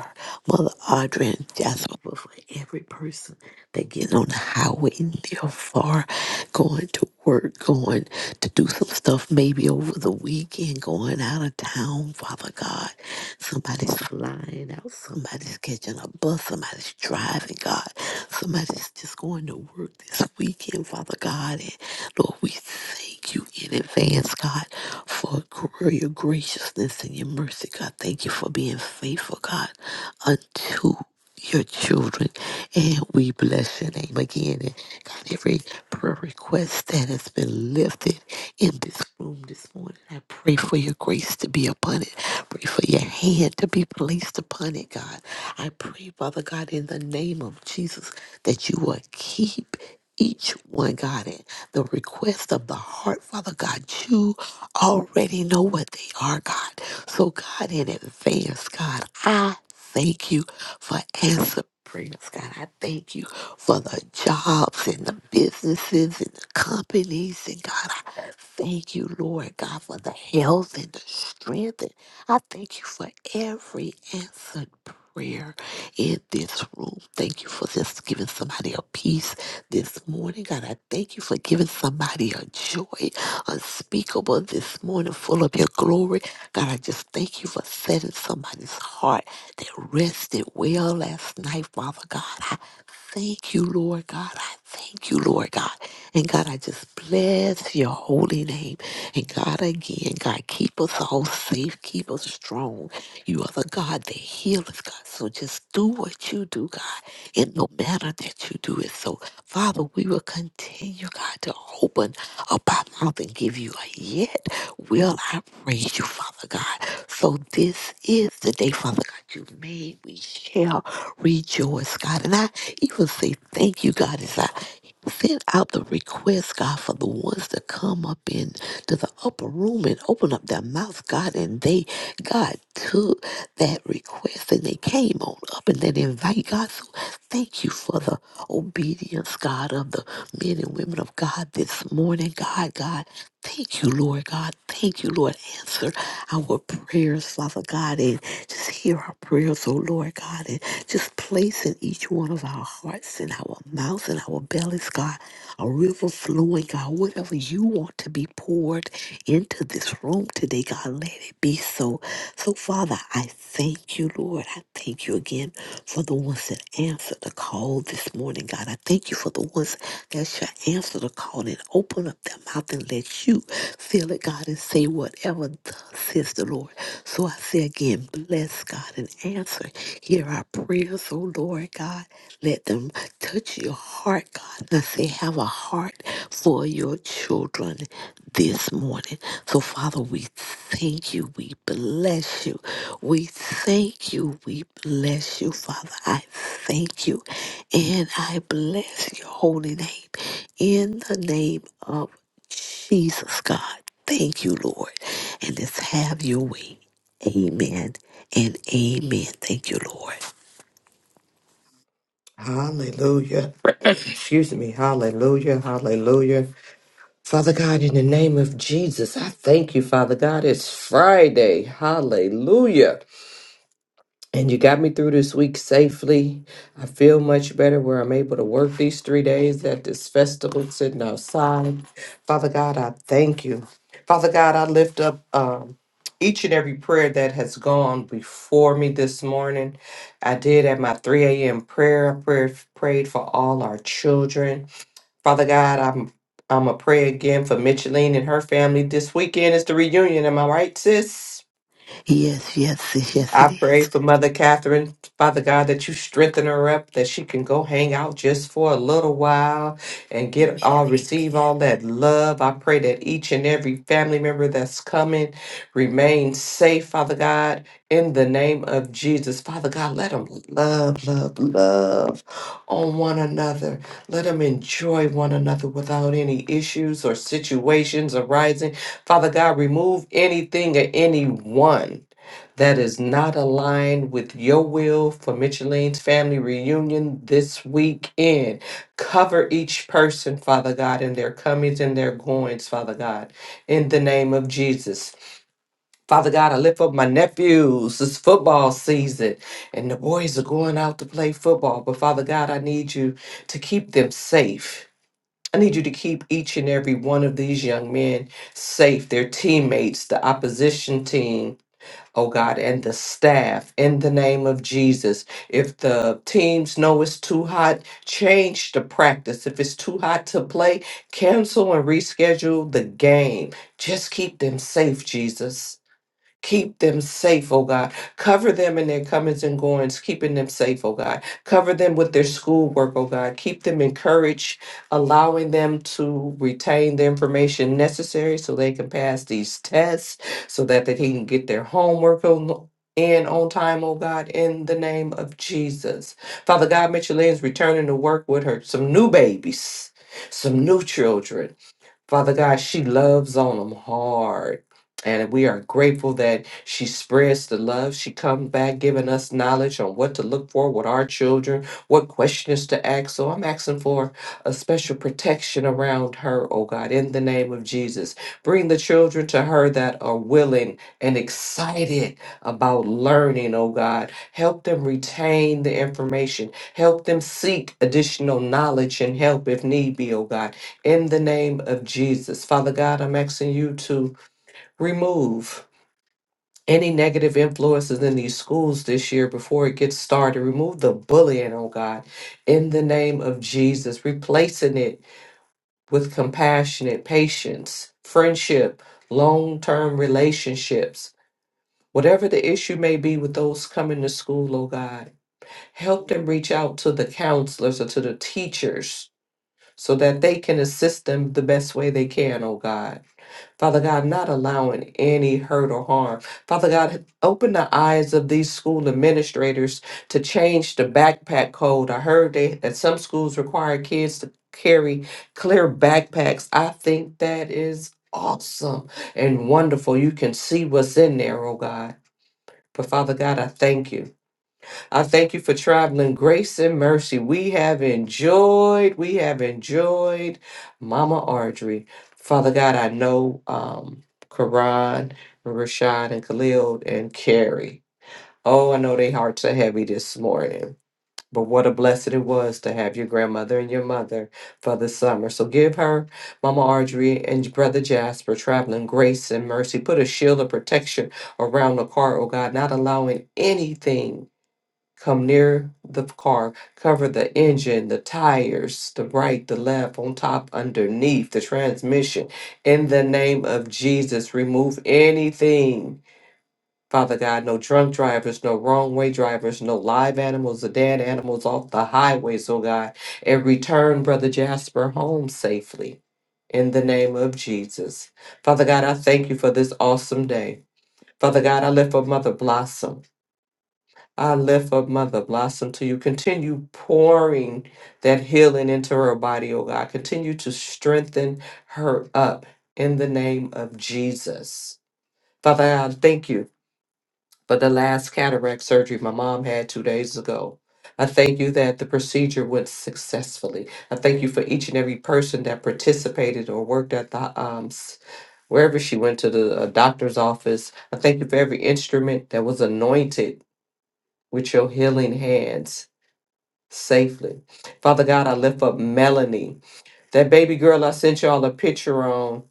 Mother Audrey and Jasper, but for every person that getting on the highway and they're far, going to work, going to do some stuff maybe over the weekend, going out of town, Father God. Somebody's flying out, somebody's catching a bus, somebody's driving, God. Somebody's just going to work this weekend, Father God. And Lord, we thank you in advance, God, for gr- your graciousness and your mercy, God. Thank you for being faithful, God, unto your children. And we bless your name again. And God, every prayer request that has been lifted in this room this morning, I pray for for your grace to be upon it. Pray for your hand to be placed upon it, God. I pray, Father God, in the name of Jesus, that you will keep each one, God, at the request of the heart, Father God. You already know what they are, God. So, God, in advance, God, I thank you for answer prayers, God. I thank you for the jobs and the businesses and the companies, and God. Thank you, Lord God, for the health and the strength. And I thank you for every answered prayer in this room. Thank you for just giving somebody a peace this morning. God, I thank you for giving somebody a joy unspeakable this morning, full of your glory. God, I just thank you for setting somebody's heart that rested well last night, Father God. I thank you, Lord God. I thank you, Lord God. And God, I just bless your holy name. And God, again, God, keep us all safe, keep us strong. You are the God that heals, God. So just do what you do, God, in the manner that you do it. So, Father, we will continue, God, to open up our mouth and give you a yes will I praise you, Father God. So this is the day, Father God, you made. We shall rejoice, God. And I even say thank you, God, as I send out the request, God, for the ones to come up in to the upper room and open up their mouths, God. And they, God, took that request and they came on up and they invite God. So thank you for the obedience, God, of the men and women of God this morning, God, God. Thank you, Lord God. Thank you, Lord. Answer our prayers, Father God, and just hear our prayers, oh Lord God, and just place in each one of our hearts and our mouths and our bellies, God, a river flowing, God, whatever you want to be poured into this room today, God, let it be so. So, Father, Father, I thank you, Lord. I thank you again for the ones that answered the call this morning, God. I thank you for the ones that shall answer the call and open up their mouth and let you fill it, God, and say whatever thus says the Lord. So I say again, bless God and answer. Hear our prayers, oh Lord God. Let them touch your heart, God. I say, have a heart for your children this morning. So, Father, we thank you. We bless you. We thank you. We bless you, Father. I thank you. And I bless your holy name in the name of Jesus, God. Thank you, Lord. And let's have your way. Amen and amen. Thank you, Lord. Hallelujah. <clears throat> Excuse me. Hallelujah. Hallelujah. Father God, in the name of Jesus, I thank you, Father God. It's Friday. Hallelujah. And you got me through this week safely. I feel much better where I'm able to work these three days at this festival sitting outside. Father God, I thank you. Father God, I lift up um, each and every prayer that has gone before me this morning. I did at my 3 a.m. prayer. I prayed, prayed for all our children. Father God, I'm I'm a pray again for Micheline and her family. This weekend is the reunion. Am I right, sis? Yes, yes, yes, yes, I it is. pray for Mother Catherine, Father God, that you strengthen her up, that she can go hang out just for a little while and Amen. get all Amen. receive all that love. I pray that each and every family member that's coming remain safe, Father God, in the name of Jesus. Father God, let them love, love, love on one another. Let them enjoy one another without any issues or situations arising. Father God, remove anything or anyone that is not aligned with your will for Micheline's family reunion this weekend. Cover each person, Father God, in their comings and their goings, Father God, in the name of Jesus. Father God, I lift up my nephews. It's football season, and the boys are going out to play football. But Father God, I need you to keep them safe. I need you to keep each and every one of these young men safe, their teammates, the opposition team, oh God, and the staff in the name of Jesus. If the teams know it's too hot, change the practice. If it's too hot to play, cancel and reschedule the game. Just keep them safe, Jesus. Keep them safe, oh God. Cover them in their comings and goings, keeping them safe, oh God. Cover them with their schoolwork, oh God. Keep them encouraged, allowing them to retain the information necessary so they can pass these tests, so that they can get their homework on in on time, oh God, in the name of Jesus. Father God, Mitchell Michelin's returning to work with her, some new babies, some new children. Father God, she loves on them hard. And we are grateful that she spreads the love. She comes back giving us knowledge on what to look for with our children, what questions to ask. So I'm asking for a special protection around her, oh God, in the name of Jesus. Bring the children to her that are willing and excited about learning, oh God. Help them retain the information. Help them seek additional knowledge and help if need be, oh God in the name of Jesus. Father God, I'm asking you to remove any negative influences in these schools this year before it gets started. Remove the bullying, oh God, in the name of Jesus, replacing it with compassionate patience, friendship, long term relationships. Whatever the issue may be with those coming to school, oh God, help them reach out to the counselors or to the teachers so that they can assist them the best way they can, oh God. Father God, not allowing any hurt or harm. Father God, open the eyes of these school administrators to change the backpack code. I heard they, that some schools require kids to carry clear backpacks. I think that is awesome and wonderful. You can see what's in there, oh God. But Father God, I thank you. I thank you for traveling grace and mercy. We have enjoyed, we have enjoyed Mama Audrey. Father God, I know um Karan, Rashad, and Khalil and Carrie. Oh, I know their hearts are heavy this morning. But what a blessed it was to have your grandmother and your mother for the summer. So give her, Mama Audrey and Brother Jasper, traveling grace and mercy. Put a shield of protection around the car, oh God, not allowing anything Come near the car, cover the engine, the tires, the right, the left, on top, underneath, the transmission. In the name of Jesus, remove anything. Father God, no drunk drivers, no wrong way drivers, no live animals or dead animals off the highways, oh God. And return Brother Jasper home safely. In the name of Jesus. Father God, I thank you for this awesome day. Father God, I lift up Mother Blossom. I lift up Mother Blossom to you. Continue pouring that healing into her body, oh God. Continue to strengthen her up in the name of Jesus. Father, I thank you for the last cataract surgery my mom had two days ago. I thank you that the procedure went successfully. I thank you for each and every person that participated or worked at the um, s- wherever she went to the uh, doctor's office. I thank you for every instrument that was anointed with your healing hands safely. Father God, I lift up Melanie. That baby girl I sent y'all a picture on,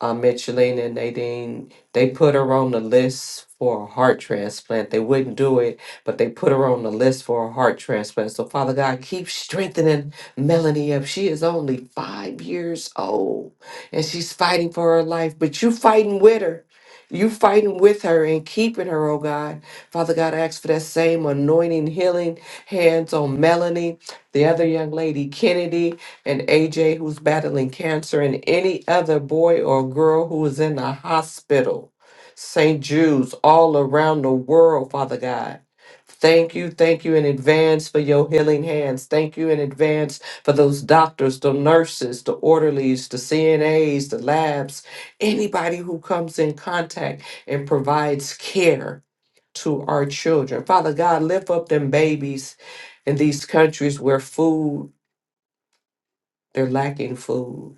uh, Micheline and Nadine, they put her on the list for a heart transplant. They wouldn't do it, but they put her on the list for a heart transplant. So, Father God, keep strengthening Melanie up. She is only five years old and she's fighting for her life, but you fighting with her. You fighting with her and keeping her, oh God. Father God, I ask for that same anointing, healing hands on Melanie, the other young lady, Kennedy and AJ who's battling cancer, and any other boy or girl who is in the hospital. St. Jude's all around the world, Father God. Thank you, thank you in advance for your healing hands. Thank you in advance for those doctors, the nurses, the orderlies, the CNAs, the labs, anybody who comes in contact and provides care to our children. Father God, lift up them babies in these countries where food, they're lacking food.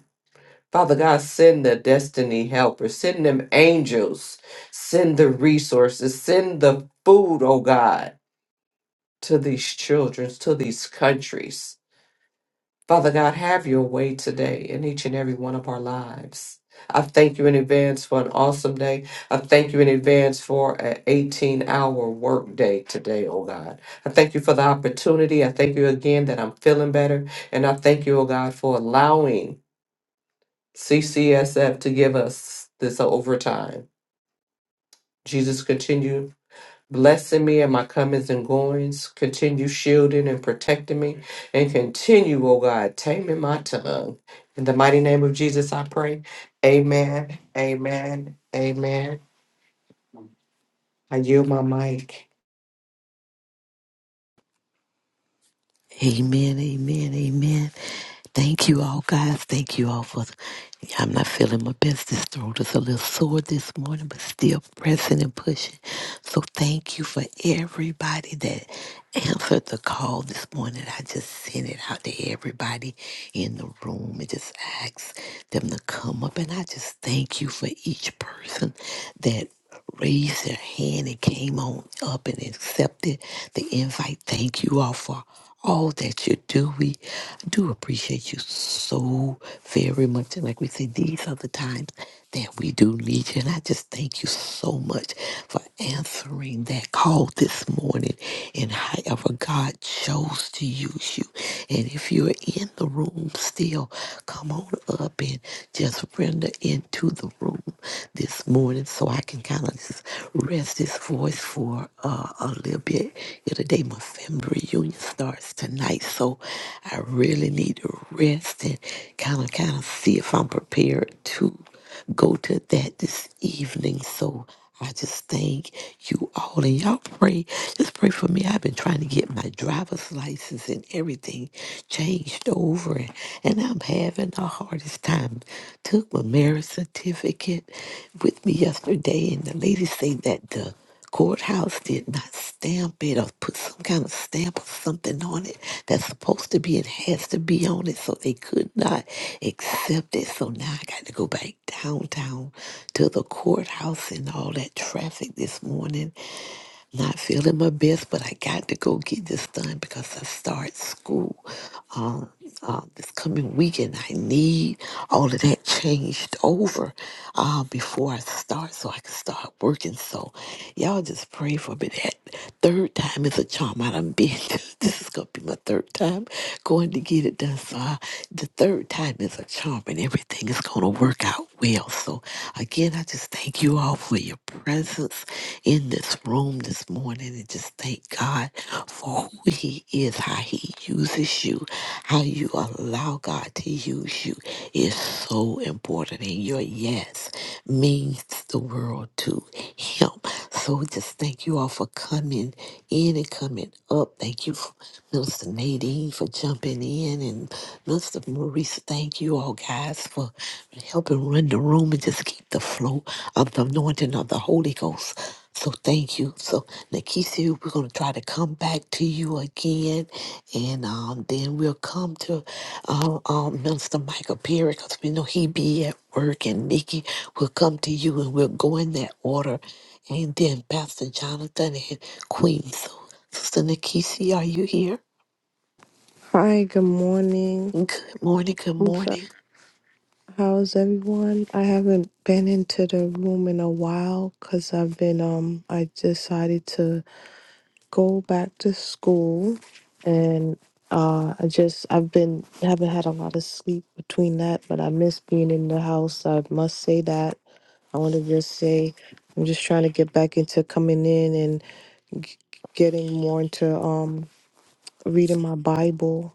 Father God, send the destiny helpers, send them angels, send the resources, send the food, oh God, to these children, to these countries. Father God, have your way today in each and every one of our lives. I thank you in advance for an awesome day. I thank you in advance for an 18 hour work day today, oh God. I thank you for the opportunity. I thank you again that I'm feeling better. And I thank you, oh God, for allowing CCSF to give us this overtime. Jesus, continue blessing me and my comings and goings. Continue shielding and protecting me. And continue, oh God, taming my tongue. In the mighty name of Jesus, I pray. Amen. Amen. Amen. I yield my mic. Amen, amen, amen. Thank you all, guys. Thank you all for. I'm not feeling my best. This throat is a little sore this morning, but still pressing and pushing. So thank you for everybody that answered the call this morning. I just sent it out to everybody in the room and just asked them to come up. And I just thank you for each person that raised their hand and came on up and accepted the invite. Thank you all for all that you do. We do appreciate you so very much. And like we said, these are the times that we do need you. And I just thank you so much for answering that call this morning. And however God chose to use you. And if you're in the room still, come on up and just render into the room this morning. So so I can kind of just rest this voice for uh, a little bit. Yeah, today my family reunion starts tonight, so I really need to rest and kind of kind of see if I'm prepared to go to that this evening. So I just thank you all. And y'all pray. Just pray for me. I've been trying to get my driver's license and everything changed over. And, and I'm having the hardest time. Took my marriage certificate with me yesterday. And the lady said that the Courthouse did not stamp it or put some kind of stamp or something on it that's supposed to be it has to be on it, so they could not accept it. So now I got to go back downtown to the courthouse and all that traffic this morning. Not feeling my best, but I got to go get this done because I start school um, uh, this coming weekend. I need all of that changed over uh, before I start so I can start working. So y'all just pray for me. That third time is a charm. I done been, <laughs> this is going to be my third time going to get it done. So I, the third time is a charm and everything is going to work out well. So again, I just thank you thank you all for your presence in this room this morning and just thank God for who He is, how He uses you, how you allow God to use you is so important. And your yes means the world to Him. So just thank you all for coming in and coming up. Thank you, Mr. Nadine, for jumping in. And Mr. Maurice, thank you all guys for Help him run the room and just keep the flow of the anointing of the Holy Ghost. So thank you. So Nikisi, we're gonna try to come back to you again, and um, then we'll come to uh, um, Minister Michael Perry because we know he be at work, and Nikki will come to you, and we'll go in that order, and then Pastor Jonathan and Queen. So Sister Nikisi, are you here? Hi, good morning. Good morning. Good I'm morning. sorry. How's everyone? I haven't been into the room in a while because I've been, um, I decided to go back to school and uh, I just, I've been, haven't had a lot of sleep between that, but I miss being in the house. I must say that. I want to just say, I'm just trying to get back into coming in and g- getting more into, um, reading my Bible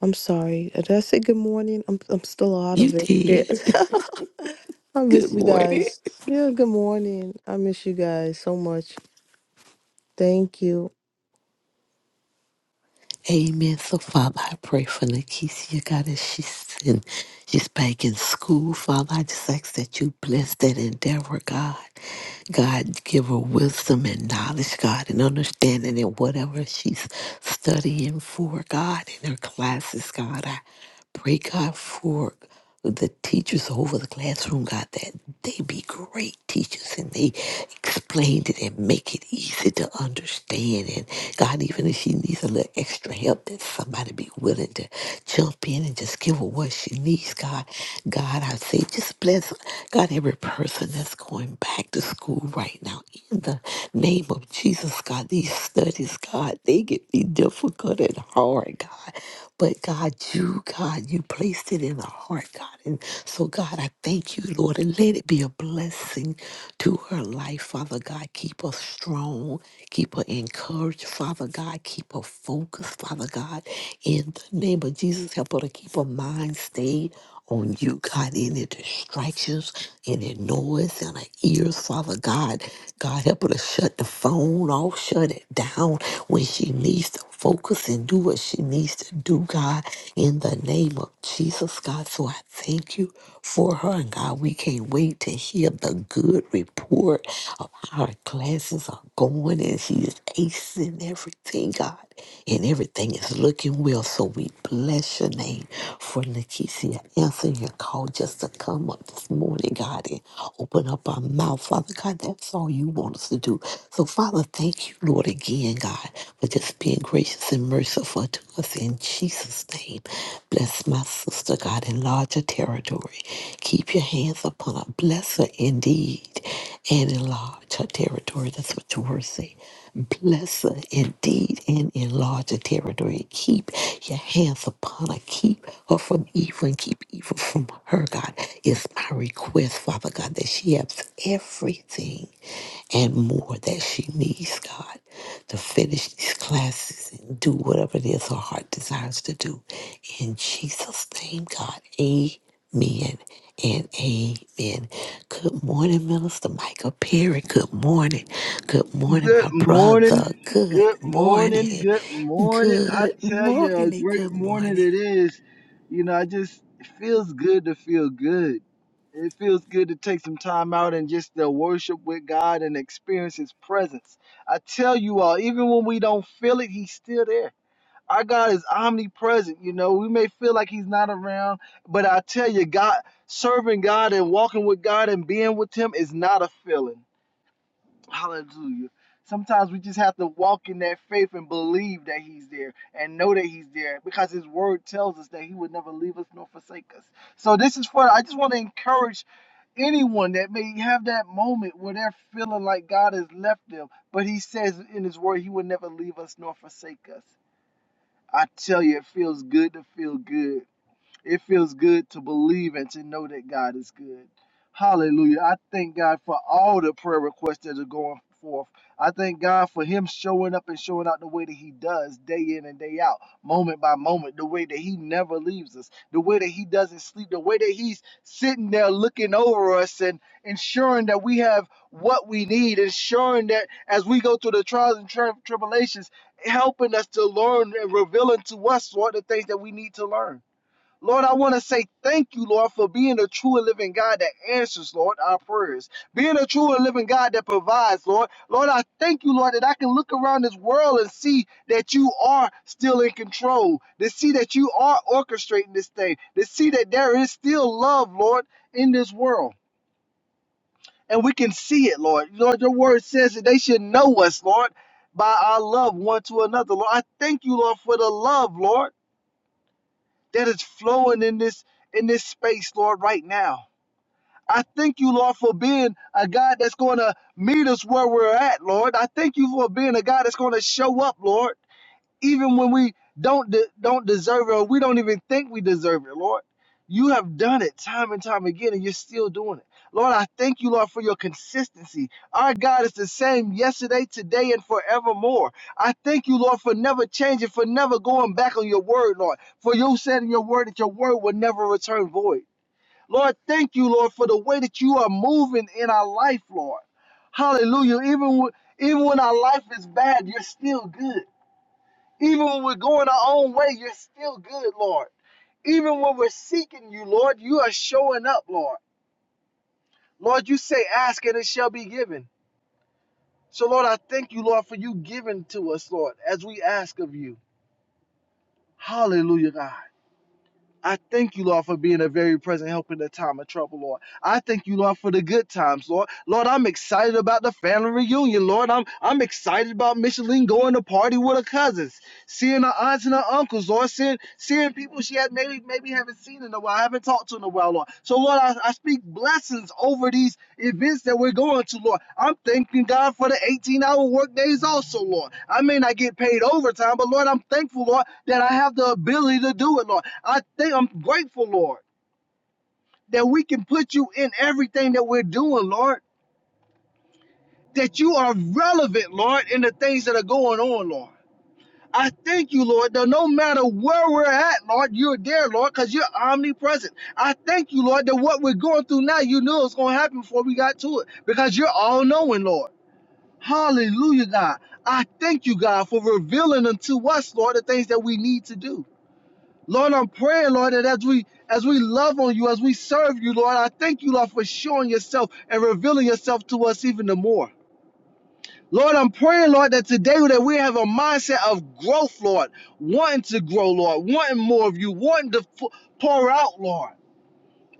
I'm sorry. uh, Did I say good morning? I'm I'm still out You of it. did. Yes. <laughs> I Good miss you morning. guys. Yeah, good morning. I miss you guys so much. Thank you. Amen. So, Father, I pray for Nakeisha, God, as she's in, she's back in school. Father, I just ask that you bless that endeavor, God. God, give her wisdom and knowledge, God, and understanding in whatever she's studying for, God, in her classes, God. I pray, God, for the teachers over the classroom, God, that they be great teachers and they explain it and make it easy to understand. And God, even if she needs a little extra help, that somebody be willing to jump in and just give her what she needs, God. God, I say, just bless God, every person that's going back to school right now, in the name of Jesus, God, these studies, God, they get be difficult and hard, God. But God, you, God, you placed it in the heart, God. And so, God, I thank you, Lord, and let it be a blessing to her life, Father God. Keep her strong, keep her encouraged, Father God. Keep her focused, Father God. In the name of Jesus, help her to keep her mind stayed on you, God, any distractions, any noise in our ears, Father God. God, help her to shut the phone off, shut it down when she needs to focus and do what she needs to do, God, in the name of Jesus, God. So I thank you for her, and God, we can't wait to hear the good report of how her classes are going and she's acing everything, God, and everything is looking well. So so we bless your name for Lakeisha answering your call just to come up this morning, God, and open up our mouth. Father God, that's all you want us to do. So, Father, thank you, Lord, again, God, for just being gracious and merciful to us in Jesus' name. Bless my sister, God, enlarge her territory. Keep your hands upon her. Bless her indeed and enlarge her territory. That's what your word says. Bless her indeed and enlarge her territory. Keep your hands upon her. Keep her from evil and keep evil from her, God. It's my request, Father God, that she has everything and more that she needs, God, to finish these classes and do whatever it is her heart desires to do. In Jesus' name, God. Amen and amen. Good morning, Minister Michael Perry. Good morning. Good morning, my Good morning. brother. Good Good morning. morning. Good morning. I Good tell you, a morning. great Good morning. morning it is. You know, I just it feels good to feel good. It feels good to take some time out and just to worship with God and experience His presence. I tell you all, even when we don't feel it, He's still there. Our God is omnipresent. You know, we may feel like He's not around, but I tell you, God, serving God and walking with God and being with Him is not a feeling. Hallelujah. Sometimes we just have to walk in that faith and believe that He's there and know that He's there because His Word tells us that He would never leave us nor forsake us. So, this is for, I just want to encourage anyone that may have that moment where they're feeling like God has left them, but He says in His Word, He would never leave us nor forsake us. I tell you, it feels good to feel good. It feels good to believe and to know that God is good. Hallelujah. I thank God for all the prayer requests that are going forth. I thank God for Him showing up and showing out the way that He does day in and day out, moment by moment, the way that He never leaves us, the way that He doesn't sleep, the way that He's sitting there looking over us and ensuring that we have what we need, ensuring that as we go through the trials and tri- tribulations, helping us to learn and revealing to us what the things that we need to learn. Lord, I want to say thank you, Lord, for being a true and living God that answers, Lord, our prayers. Being a true and living God that provides, Lord. Lord, I thank you, Lord, that I can look around this world and see that you are still in control, to see that you are orchestrating this thing, to see that there is still love, Lord, in this world. And we can see it, Lord. Lord, your word says that they should know us, Lord, by our love one to another. Lord, I thank you, Lord, for the love, Lord that is flowing in this in this space, Lord, right now. I thank you, Lord, for being a God that's going to meet us where we're at, Lord. I thank you for being a God that's going to show up, Lord even when we don't de- don't deserve it or we don't even think we deserve it, Lord. You have done it time and time again, and you're still doing it. Lord, I thank you, Lord, for your consistency. Our God is the same yesterday, today, and forevermore. I thank you, Lord, for never changing, for never going back on your word, Lord. For you said in your word that your word will never return void. Lord, thank you, Lord, for the way that you are moving in our life, Lord. Hallelujah. Even, when- even when our life is bad, you're still good. Even when we're going our own way, you're still good, Lord. Even when we're seeking you, Lord, you are showing up, Lord. Lord, you say, ask and it shall be given. So, Lord, I thank you, Lord, for you giving to us, Lord, as we ask of you. Hallelujah, God. I thank you, Lord, for being a very present help in the time of trouble, Lord. I thank you, Lord, for the good times, Lord. Lord, I'm excited about the family reunion, Lord. I'm I'm excited about Micheline going to party with her cousins, seeing her aunts and her uncles, Lord, seeing seeing people she had maybe maybe haven't seen in a while, haven't talked to in a while, Lord. So, Lord, I, I speak blessings over these events that we're going to, Lord. I'm thanking God for the 18-hour work days also, Lord. I may not get paid overtime, but Lord, I'm thankful, Lord, that I have the ability to do it, Lord. I think I'm grateful, Lord, that we can put you in everything that we're doing, Lord, that you are relevant, Lord, in the things that are going on, Lord. I thank you, Lord, that no matter where we're at, Lord, you're there, Lord, because you're omnipresent. I thank you, Lord, that what we're going through now, you knew it was going to happen before we got to it, because you're all knowing, Lord. Hallelujah, God. I thank you, God, for revealing unto us, Lord, the things that we need to do. Lord, I'm praying, Lord, that as we as we love on you, as we serve you, Lord, I thank you, Lord, for showing yourself and revealing yourself to us even the more. Lord, I'm praying, Lord, that today that we have a mindset of growth, Lord, wanting to grow, Lord, wanting more of you, wanting to pour out, Lord,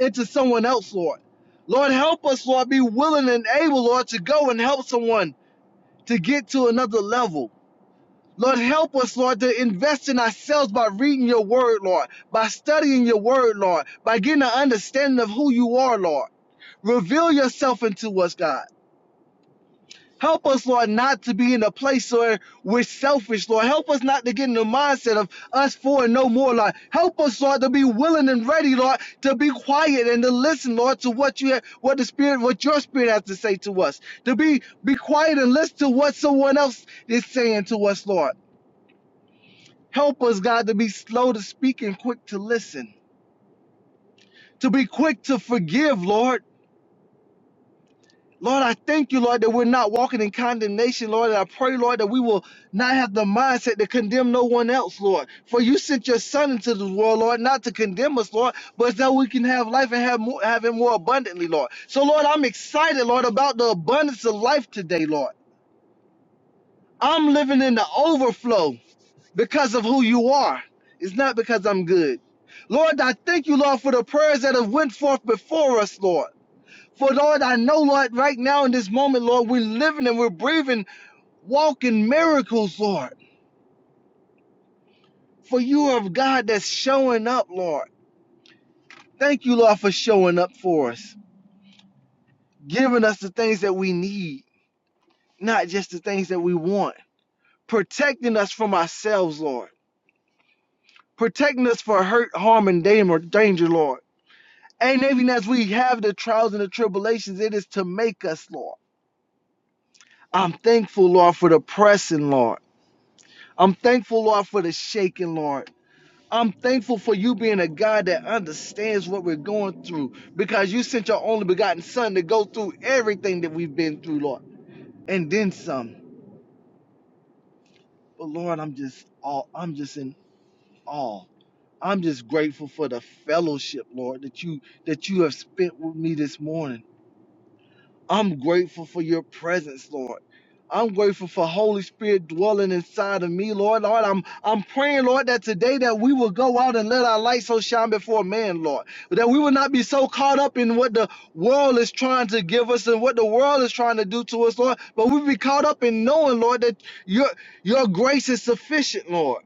into someone else, Lord. Lord, help us, Lord, be willing and able, Lord, to go and help someone to get to another level. Lord, help us, Lord, to invest in ourselves by reading your word, Lord, by studying your word, Lord, by getting an understanding of who you are, Lord. Reveal yourself into us, God. Help us, Lord, not to be in a place where we're selfish, Lord. Help us not to get in the mindset of us for and no more, Lord. Help us, Lord, to be willing and ready, Lord, to be quiet and to listen, Lord, to what you, have, what the Spirit, what your Spirit has to say to us. To be be quiet and listen to what someone else is saying to us, Lord. Help us, God, to be slow to speak and quick to listen, to be quick to forgive, Lord. Lord, I thank you, Lord, that we're not walking in condemnation, Lord. And I pray, Lord, that we will not have the mindset to condemn no one else, Lord. For you sent your Son into this world, Lord, not to condemn us, Lord, but that we can have life and have, more, have it more abundantly, Lord. So, Lord, I'm excited, Lord, about the abundance of life today, Lord. I'm living in the overflow. because of who you are. It's not because I'm good. Lord, I thank you, Lord, for the prayers that have went forth before us, Lord. For Lord, I know, Lord, right now in this moment, Lord, we're living and we're breathing, walking miracles, Lord. For you are God that's showing up, Lord. Thank you, Lord, for showing up for us, giving us the things that we need, not just the things that we want, protecting us from ourselves, Lord, protecting us for hurt, harm, and danger, Lord And even as we have the trials and the tribulations, it is to make us, Lord. I'm thankful, Lord, for the pressing, Lord. I'm thankful, Lord, for the shaking, Lord. I'm thankful for you being a God that understands what we're going through because you sent your only begotten Son to go through everything that we've been through, Lord, and then some. But Lord, I'm just all I'm just in awe. I'm just grateful for the fellowship, Lord, that you that you have spent with me this morning. I'm grateful for your presence, Lord. I'm grateful for Holy Spirit dwelling inside of me, Lord. Lord, I'm I'm praying, Lord, that today that we will go out and let our light so shine before man, Lord. That we will not be so caught up in what the world is trying to give us and what the world is trying to do to us, Lord. But we be caught up in knowing, Lord, that your your grace is sufficient, Lord.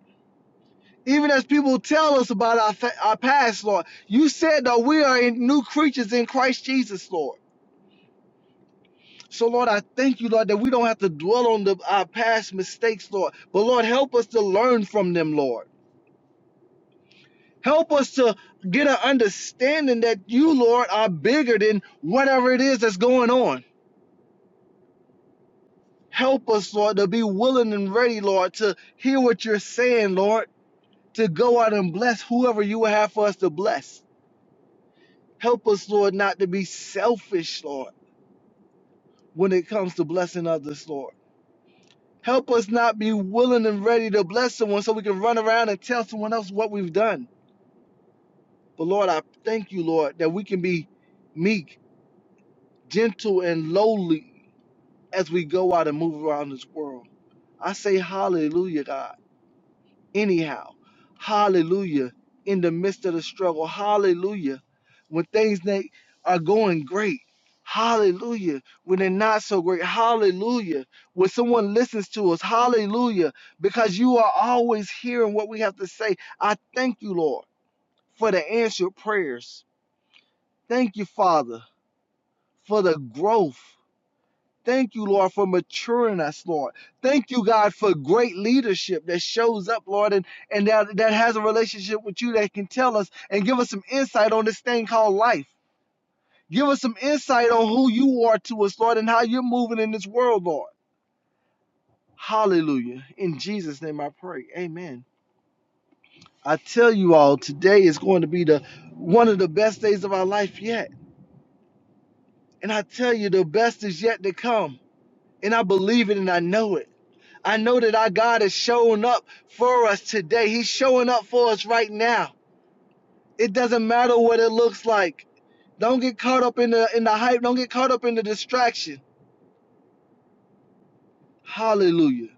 Even as people tell us about our, fa- our past, Lord, you said that we are in new creatures in Christ Jesus, Lord. So, Lord, I thank you, Lord, that we don't have to dwell on the, our past mistakes, Lord. But, Lord, help us to learn from them, Lord. Help us to get an understanding that you, Lord, are bigger than whatever it is that's going on. Help us, Lord, to be willing and ready, Lord, to hear what you're saying, Lord, to go out and bless whoever you would have for us to bless. Help us, Lord, not to be selfish, Lord, when it comes to blessing others, Lord. Help us not be willing and ready to bless someone so we can run around and tell someone else what we've done. But Lord, I thank you, Lord, that we can be meek, gentle, and lowly as we go out and move around this world. I say hallelujah, God. anyhow. Hallelujah. In the midst of the struggle. Hallelujah. When things are going great. Hallelujah. When they're not so great. Hallelujah. When someone listens to us. Hallelujah. Because you are always hearing what we have to say. I thank you, Lord, for the answered prayers. Thank you, Father, for the growth. Thank you, Lord, for maturing us, Lord. Thank you, God, for great leadership that shows up, Lord, and, and that, that has a relationship with you that can tell us and give us some insight on this thing called life. Give us some insight on who you are to us, Lord, and how you're moving in this world, Lord. Hallelujah. In Jesus' name I pray. Amen. I tell you all, today is going to be the one of the best days of our life yet. And I tell you, the best is yet to come. And I believe it and I know it. I know that our God is showing up for us today. He's showing up for us right now. It doesn't matter what it looks like. Don't get caught up in the in the hype. Don't get caught up in the distraction. Hallelujah.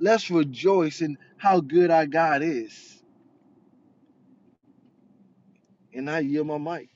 Let's rejoice in how good our God is. And I yield my mic.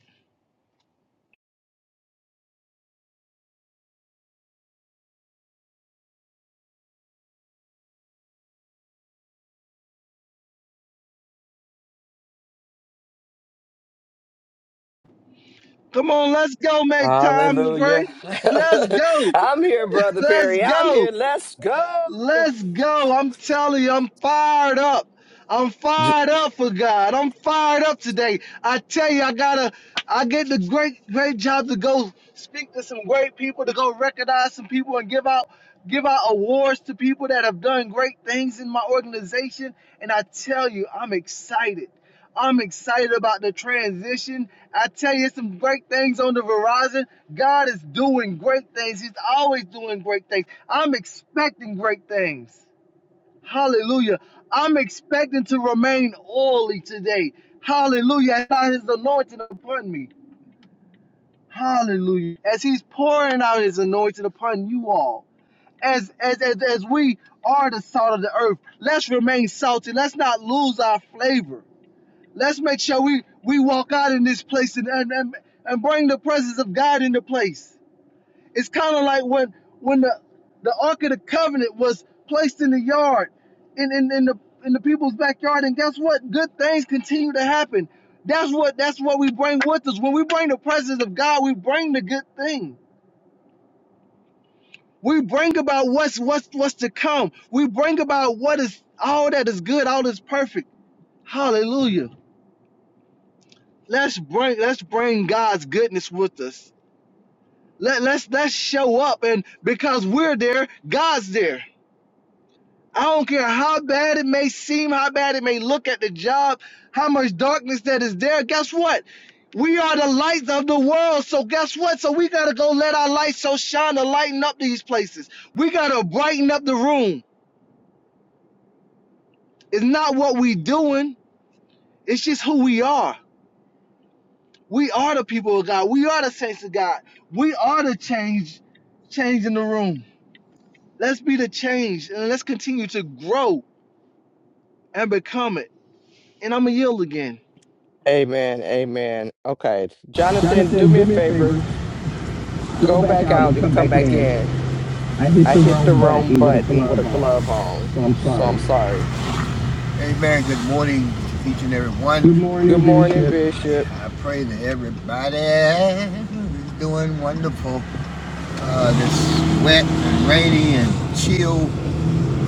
Come on, let's go make time to pray. Hallelujah. <laughs> Let's <laughs> go. I'm here, Brother Let's Perry. I'm go. here. Let's go. Let's go. I'm telling you, I'm fired up. I'm J- fired up for God. I'm fired up today. I tell you, I gotta I get the great, great job to go speak to some great people, to go recognize some people and give out give out awards to people that have done great things in my organization. And I tell you, I'm excited. I'm excited about the transition I tell you, it's some great things on the Verizon. God is doing great things. He's always doing great things. I'm expecting great things. Hallelujah. I'm expecting to remain oily today. Hallelujah. And His anointing upon me. Hallelujah. As He's pouring out His anointing upon you all. As, as, as, as we are the salt of the earth, let's remain salty. Let's not lose our flavor. Let's make sure we, we walk out in this place and, and, and, and bring the presence of God into place. It's kind of like when when the, the Ark of the Covenant was placed in the yard, in, in, in the in the people's backyard, and guess what? Good things continue to happen. That's what that's what we bring with us. When we bring the presence of God, we bring the good thing. We bring about what's what's what's to come. We bring about what is all that is good, all that's perfect. Hallelujah. let's bring let's bring God's goodness with us. Let let's let's show up and because we're there, God's there. I don't care how bad it may seem, how bad it may look at the job, how much darkness that is there. Guess what? We are the lights of the world. So guess what? So we gotta go let our light so shine to lighten up these places. We gotta brighten up the room. It's not what we doing, it's just who we are. We are the people of God. We are the saints of God. We are the change, change in the room. Let's be the change and let's continue to grow and become it. And I'm going to yield again. amen. Amen. Okay. Jonathan, do Jonathan, me do a me a favor. favor. Go Go back back out and out and come come back back in. in. I hit I the hit the wrong wrong button with a button with a glove glove on, on, so I'm so sorry. I'm sorry. Hey, man. Good morning to each and every one. Good morning, Good morning, Bishop. Bishop. I pray that everybody is doing wonderful uh, this wet and rainy and chill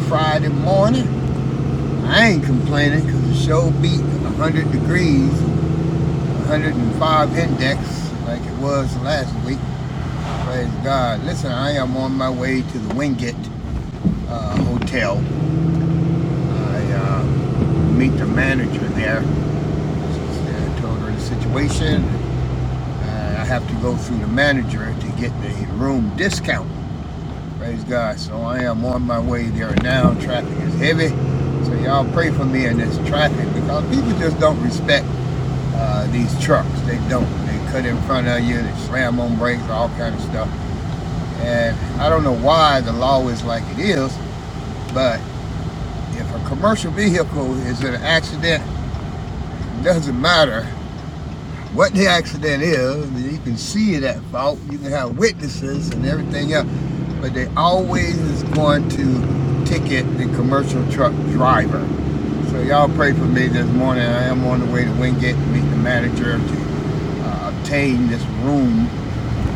Friday morning. I ain't complaining because the show beat 100 degrees, 105 index like it was last week. Praise God. Listen, I am on my way to the Wingate uh, Hotel. I uh, meet the manager there. I told her the situation. Uh, I have to go through the manager to get the room discount. Praise God. So I am on my way there now. Traffic is heavy. So y'all pray for me in this traffic because people just don't respect uh, these trucks. They don't. They cut in front of you. They slam on brakes, all kind of stuff. And I don't know why the law is like it is, But if a commercial vehicle is in an accident, it doesn't matter what the accident is, you can see it at fault, you can have witnesses and everything else, but they always is going to ticket the commercial truck driver. So y'all pray for me this morning. I am on the way to Wingate to meet the manager to uh, obtain this room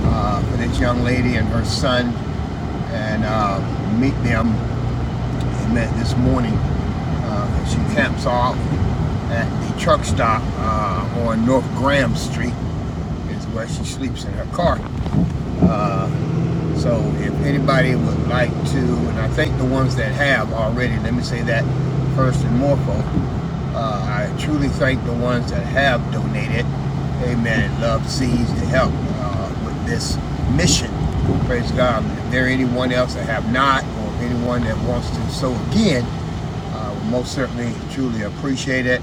uh, for this young lady and her son and uh, meet them I met this morning. Uh, she camps off at the truck stop uh, on North Graham Street, is where she sleeps in her car. Uh, so if anybody would like to, and I think the ones that have already, let me say that first and more folk, uh, I truly thank the ones that have donated. Amen. Love sees to help uh, with this mission. Praise God. If there anyone else that have not, or anyone that wants to sow again, uh, we most certainly truly appreciate it.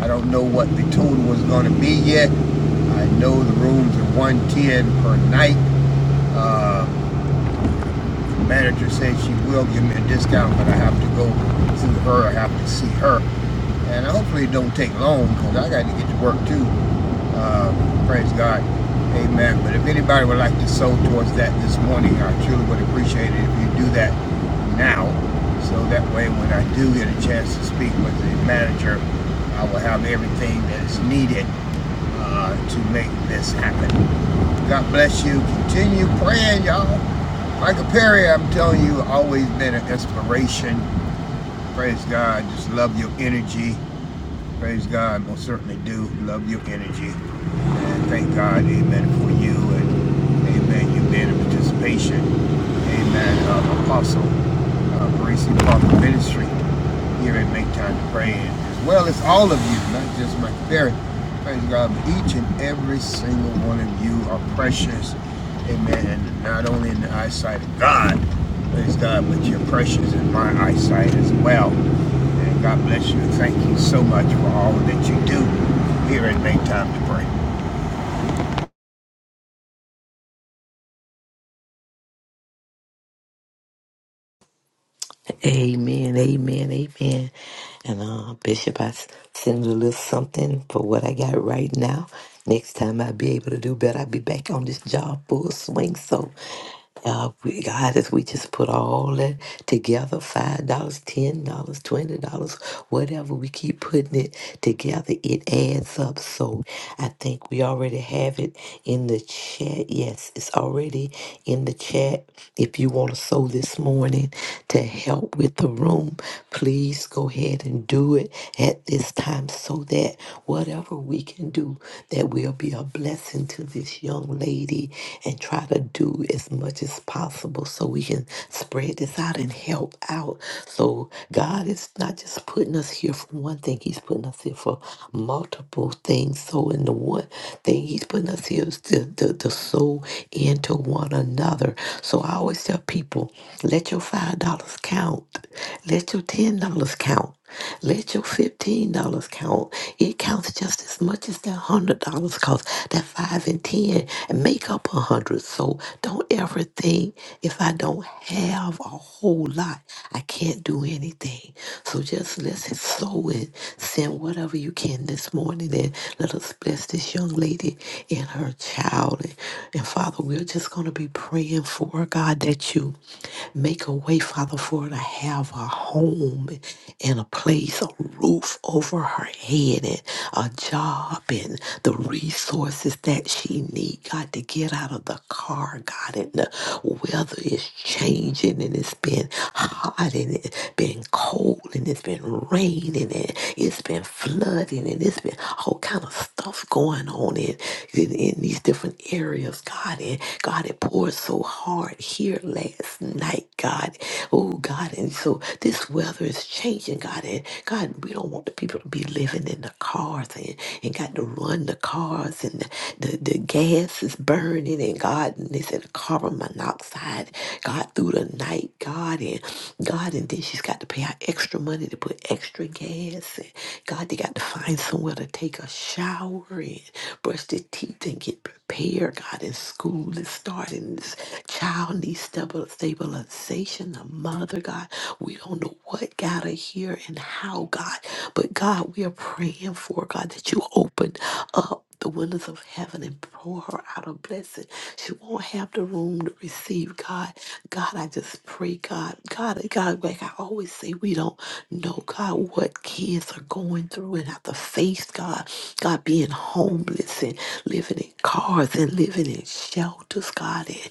I don't know what the total was going to be yet. I know the rooms are 110 per night. Uh, the manager said she will give me a discount, but I have to go through her. I have to see her, and hopefully it don't take long because I got to get to work too. Uh, praise God, Amen. But if anybody would like to sow towards that this morning, I truly would appreciate it if you do that now, so that way when I do get a chance to speak with the manager, I will have everything that is needed uh, to make this happen. God bless you. Continue praying, y'all. Michael Perry, I'm telling you, always been an inspiration. Praise God. Just love your energy. Praise God, most certainly do. Love your energy. And thank God, amen, for you and amen, you being a participation. Amen. Of Apostle uh, Parisi Parker Ministry here at Make Time to Pray, and as well as all of you, not just my very praise God, but each and every single one of you are precious. Amen. And not only in the eyesight of God, praise God, but you're precious in my eyesight as well. And God bless you. Thank you so much for all that you do here at Make Time to Amen, amen, amen. And uh, Bishop, I s- send you a little something for what I got right now. Next time I'll be able to do better. I'll be back on this job full swing. So, uh, we, God, if we just put all that together $5, dollars, $10, dollars, $20, whatever we keep putting it together, it adds up. So, I think we already have it in the chat. Yes, it's already in the chat. If you want to sow this morning, help with the room, please go ahead and do it at this time so that whatever we can do, that will be a blessing to this young lady and try to do as much as possible so we can spread this out and help out. So God is not just putting us here for one thing, He's putting us here for multiple things. So in the one thing He's putting us here is to, to, to sow into one another. So so I always tell people, let your $5 count. Let your $10 count. Let your $15 count. It counts just as much as that $100 cause that 5 and 10 make up a 100. So don't ever think if I don't have a whole lot, I can't do anything. So just let's sow it. Send whatever you can this morning and let us bless this young lady and her child morning. And Father, we're just going to be praying for God that you make a way, Father, for her to have a home and a place, a roof over her head, and a job, and the resources that she need, God, to get out of the car, God, and the weather is changing, and it's been hot, and it's been cold, and it's been raining, and it's been flooding, and it's been all kind of stuff stuff going on in, in, in these different areas, God. And God, it poured so hard here last night, God. Oh, God. And so this weather is changing, God. And God, we don't want the people to be living in the cars and, and got to run the cars and the, the, the gas is burning. And God, and they said carbon monoxide, God, through the night, God. And God, and then she's got to pay out extra money to put extra gas. God, they got to find somewhere to take a shower and brush their teeth and get prepared. God, in school is starting. This child needs stabil- stabilization. The mother, God, we don't know what got her here and how, God. But God, we are praying for, God, that you open up the windows of heaven and pour her out a blessing. She won't have the room to receive God. God, I just pray, God, God, God, like I always say, we don't know, God, what kids are going through and have to face, God, God being homeless and living in cars and living in shelters, God, and,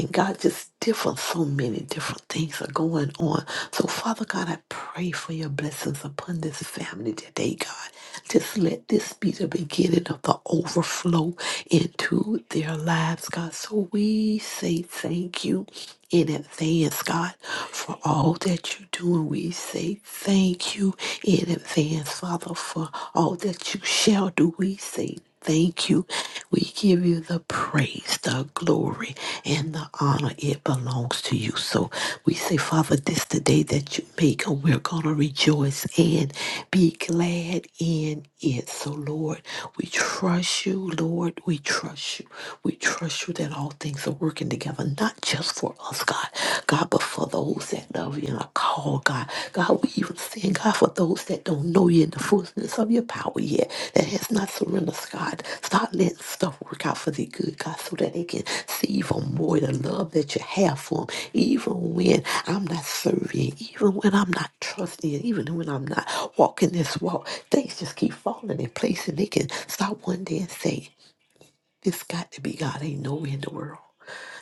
and God, just different, so many different things are going on. So, Father God, I pray for your blessings upon this family today, God. Just let this be the beginning of the overflow into their lives, God. So we say thank you in advance, God, for all that you do. And we say thank you in advance, Father, for all that you shall do. We say Thank you. We give you the praise, the glory, and the honor. It belongs to you. So we say, Father, this the day that you make, and we're going to rejoice and be glad in it. So, Lord, we trust you. Lord, we trust you. We trust you that all things are working together, not just for us, God, God, but for those that love in a call, God. God, we even sing God for those that don't know you in the fullness of your power yet, that has not surrendered, God. Start letting stuff work out for their good, God, so that they can see even more the love that you have for them, even when I'm not serving, even when I'm not trusting, even when I'm not walking this walk. Things just keep falling in place, and they can stop one day and say, This got to be God. Ain't no way in the world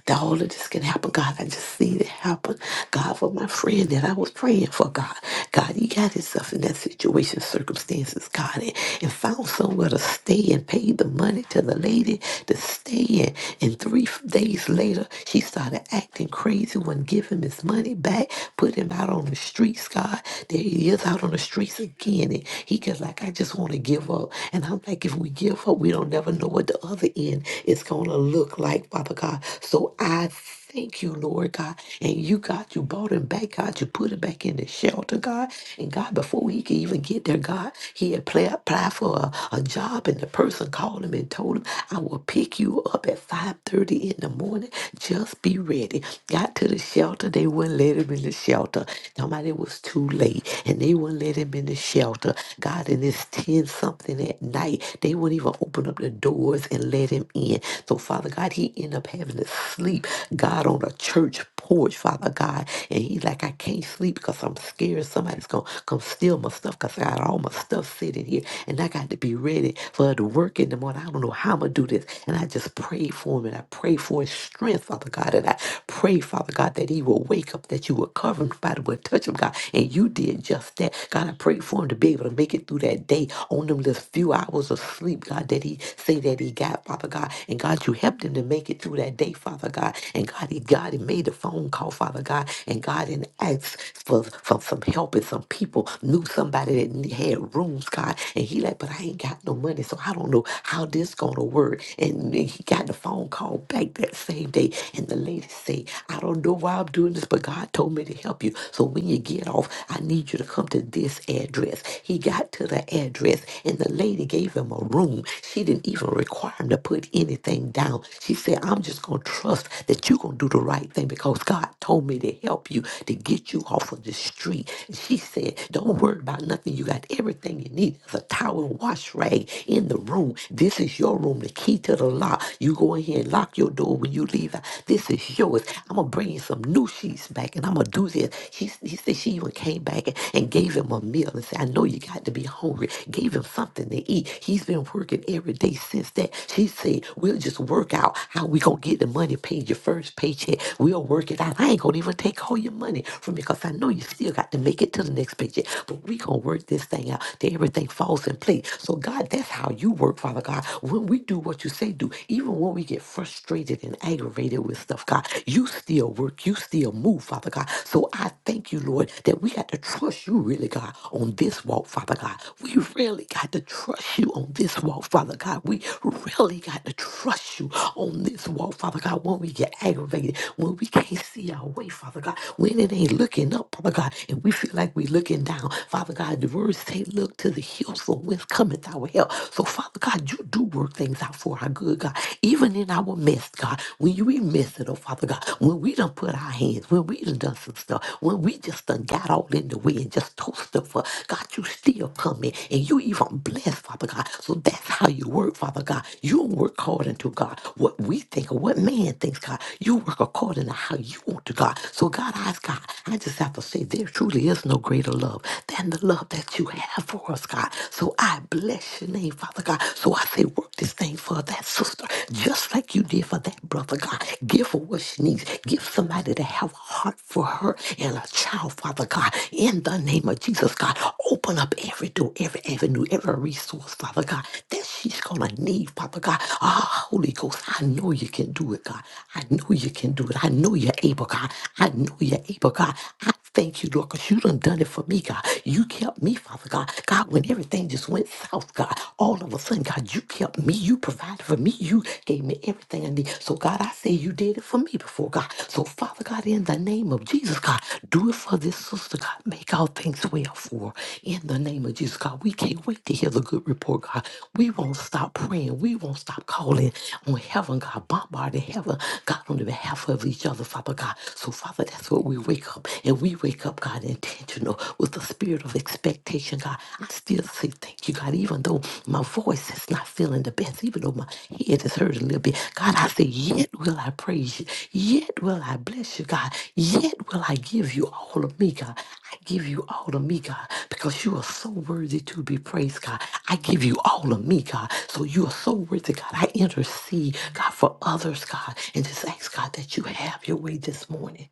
that all of this can happen. God, I just seen it happen. God, for my friend that I was praying for, God. God, you got yourself in that situation, circumstances, God, and, and found somewhere to stay and paid the money to the lady to stay in. And three f- days later, she started acting crazy, wouldn't give him his money back, put him out on the streets, God. There he is out on the streets again. And he goes like, I just want to give up. And I'm like, if we give up, we don't never know what the other end healing is going to look like, Father God. So I thank you, Lord God. And you, God, you brought him back, God. You put him back in the shelter, God. And God, before he could even get there, God, he had play, applied for a, a job, and the person called him and told him, I will pick you up at 5.30 in the morning. Just be ready. Got to the shelter. They wouldn't let him in the shelter. Nobody was too late, and they wouldn't let him in the shelter. God, and it's 10 something at night way. They wouldn't even open up the doors and let him in. So, Father God, he ended up having to sleep, God, on a church porch, Father God. And he's like, I can't sleep because I'm scared somebody's going to come steal my stuff because I got all my stuff sitting here. And I got to be ready for her to work in the morning. I don't know how I'm going to do this. And I just prayed for him and I prayed for his strength, Father God. And I pray, Father God, that he will wake up, that you will cover him, Father, will touch him, God. And you did just that. God, I prayed for him to be able to able to make it through that day on them little few hours of sleep, God, that he say that he got, Father God. And God, you helped him to make it through that day, Father God. And God, he God he made a phone call, Father God, and God and asked for, for some help and some people knew somebody that ne- had rooms, God. And he like, but I ain't got no money, so I don't know how this gonna work. And then he got the phone call back that same day, and the lady say, I don't know why I'm doing this, but God told me to help you. So when you get off off. I need you to come to this address. He got to the address and the lady gave him a room. She didn't even require him to put anything down. She said, I'm just going to trust that you're going to do the right thing because God told me to help you to get you off of the street. And she said, Don't worry about nothing. You got everything you need. There's a towel and wash rag in the room. This is your room, the key to the lock. You go in here and lock your door when you leave. This is yours. I'm going to bring you some new shoes peace back and I'm gonna do this. She, he said she even came back and, and gave him a meal and said, I know you got to be hungry. Gave him something to eat. He's been working every day since that. She said, We'll just work out how we gonna get the money paid your first paycheck. We'll work it out. I ain't gonna even take all your money from you because I know you still got to make it to the next paycheck. But we gonna work this thing out till everything falls in place. So God, that's how you work, Father God. When we do what you say do, even when we get frustrated and aggravated frustrated with stuff, God. You still work. You still move, Father God. So I thank you, Lord, that we got to trust you really, God, on this walk, Father God. We really got to trust you on this walk, Father God. We really got to trust you on this walk, Father God. When we get aggravated, when we can't see our way, Father God, when it ain't looking up, Father God, and we feel like we're looking down, Father God, the words say, look to the hills from whence cometh our help. So, Father God, you do work things out for our good good, God. Even in our mess, God, when you we mess it up, Father God, when we done put our hands, when we done done some stuff, when we just done got all in the way and just told stuff up, God, you still come in and you even bless, Father God. So that's how you work, Father God. You don't work according to God, what we think or what man thinks, God. You work according to how you want to, God. So God, I ask God, I just have to say there truly is no greater love than the love that you have for us, God. So I bless your name name, Father God. So I say, work this thing for that sister, just like you did for that brother, God. Give her what she needs. Give somebody to have a heart for her and a child, Father God. In the name of Jesus, God, open up every door, every avenue, every resource, Father God, that she's going to need, Father God. Ah, Holy Ghost, I know you can do it, God. I know you can do it. I know you're able, God. I know you're able, God. Thank you, Lord, because you done done it for me, God. You kept me, Father God. God, when everything just went south, God, all of a sudden, God, you kept me. You provided for me. You gave me everything I need. So, God, I say you did it for me before, God. So, Father God, in the name of Jesus, God, do it for this sister, God. Make all things well for her. In the name of Jesus, God, we can't wait to hear the good report, God. We won't stop praying. We won't stop calling on heaven, God, bombarding heaven, God, on the behalf of each other, Father God. So, Father, that's what we're waiting wake up and we wake up, God, intentional with the spirit of expectation, God, I still say thank you, God, even though my voice is not feeling the best, even though my head is hurting a little bit. God, I say, yet will I praise you. Yet will I bless you, God. Yet will I give you all of me, God. I give you all of me, God, because you are so worthy to be praised, God. I give you all of me, God. So you are so worthy, God. I intercede, God, for others, God, and just ask, God, that you have your way this morning.